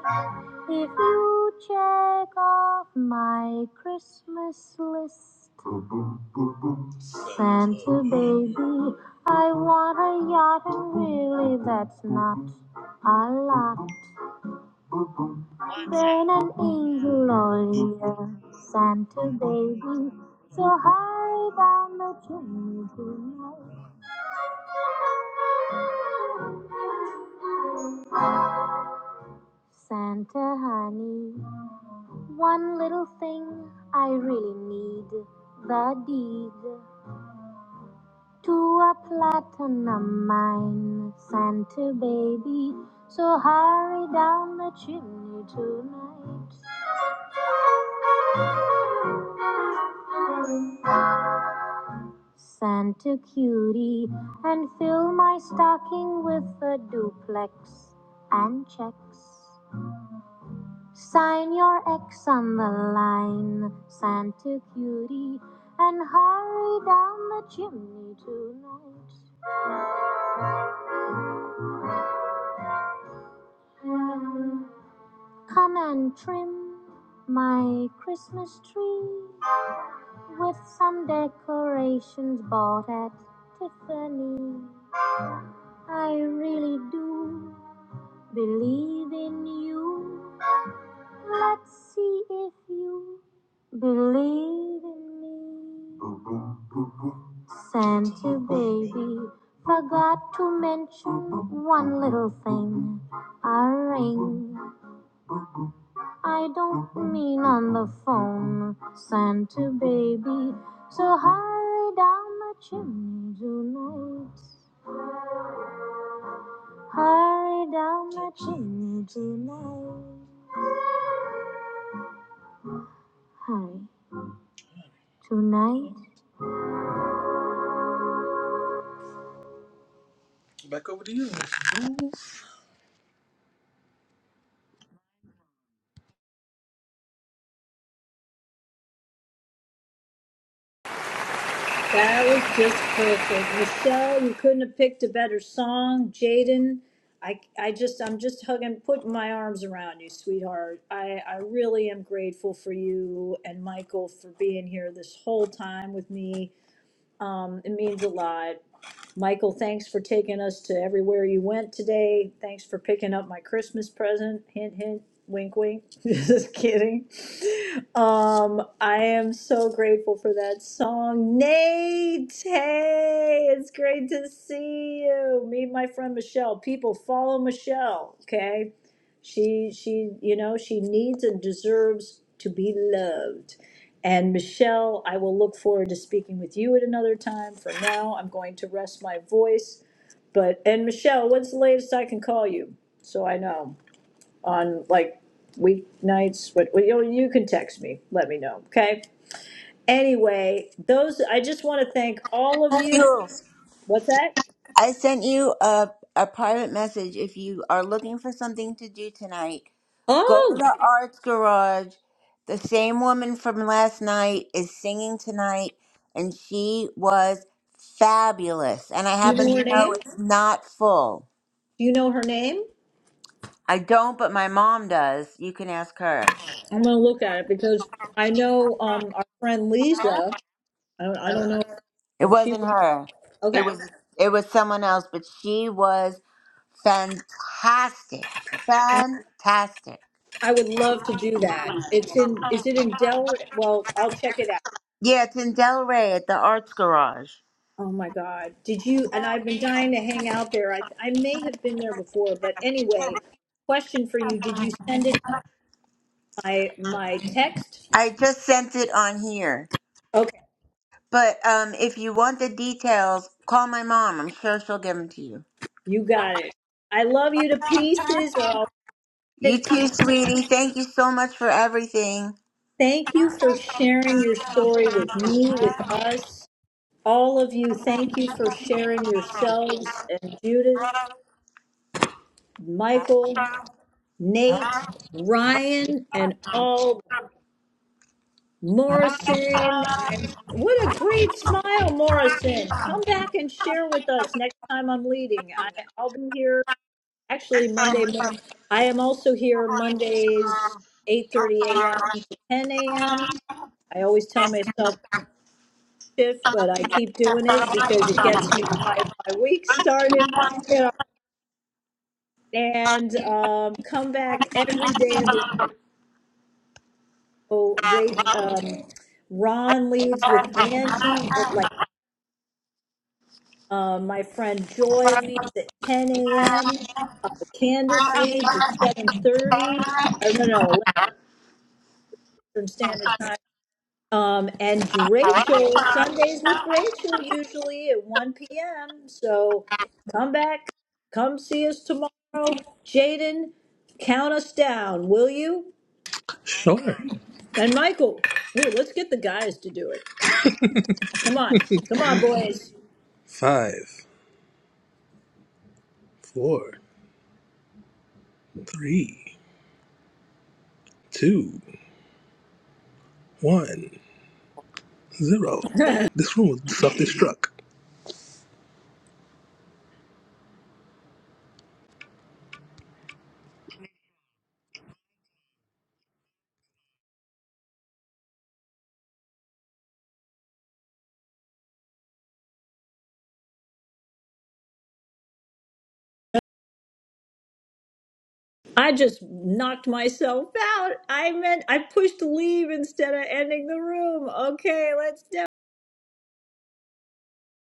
if you check off my Christmas list. Santa baby, I want a yacht and really that's not a lot. Burn an angel all year, Santa baby. So hurry down the chimney tonight. Santa honey, one little thing I really need, the deed. to a platinum mine, Santa baby. So hurry down the chimney tonight, Santa cutie, and fill my stocking with a duplex and checks. Sign your X on the line, Santa cutie, and hurry down the chimney tonight. Come and trim my Christmas tree with some decorations bought at Tiffany. I really do believe in you. Let's see if you believe in me. Santa baby forgot to mention one little thing a ring. I don't mean on the phone, Santa baby. So hurry down the chimney tonight. Hurry down the chimney tonight. Hurry tonight. Back up.
That was just perfect. Michelle, you couldn't have picked a better song. Jaden, I, I just, I'm just hugging, putting my arms around you, sweetheart. I, I really am grateful for you and Michael for being here this whole time with me. Um, it means a lot. Michael, thanks for taking us to everywhere you went today. Thanks for picking up my Christmas present. Hint, hint, wink, wink. just kidding. Um, I am so grateful for that song. Nate, hey, it's great to see you. Me and my friend Michelle. People follow Michelle, okay? She she, you know, she needs and deserves to be loved. And Michelle, I will look forward to speaking with you at another time. For now, I'm going to rest my voice. But and Michelle, what's the latest I can call you? So I know on like weeknights, but, you know, you can text me, let me know, okay? Anyway, those, I just want to thank all of you.
You.
What's that?
I sent you a, a private message. If you are looking for something to do tonight, go to
Oh,
the Arts Garage. The same woman from last night is singing tonight, and she was fabulous. And I
do you
happen
know
to
her name?
know it's not full.
Do you know her name?
I don't, but my mom does. You can ask her.
I'm gonna look at it because I know, um, our friend Lisa, I don't, I don't know
It
if she
wasn't
was,
her. It
okay.
was it was someone else, but she was fantastic. Fantastic.
I would love to do that. It's in, is it in Delaware? Well, I'll check it out.
Yeah, it's in Delray at the Arts Garage.
Oh my God. Did you? And I've been dying to hang out there. I, I may have been there before, but anyway, question for you. Did you send it to my, my text?
I just sent it on here.
Okay,
But um if you want the details, call my mom. I'm sure she'll give them to you.
you got it. I love you to pieces. Or I'll,
You too, sweetie. Thank you so much for everything.
thank you for sharing your story with me, with us. All of you, thank you for sharing yourselves and Judith, Michael, Nate, Ryan, and all Morrison, I'm, what a great smile, Morrison. Come back and share with us next time I'm leading. I, I'll be here actually Monday morning. I am also here Mondays, 8.30 a.m. to 10 a.m. I always tell myself to shift, but I keep doing it because it gets me my, my week started. You know, and um, come back every day of the week. Oh, rate, um, Ron leads with Angie. at like. Uh, my friend Joy leaves at ten AM. Uh, Candace leaves at seven thirty. I don't know, Eastern Standard Time. Um, and Rachel Sundays with Rachel usually at one p.m. So come back, come see us tomorrow. Jaden, count us down, will you?
Sure.
And Michael, hey, let's get the guys to do it. Come on, come on, boys.
Five, four, three, two, one, zero. This room was self destruct.
I just knocked myself out. I meant I pushed leave instead of ending the room. Okay, let's do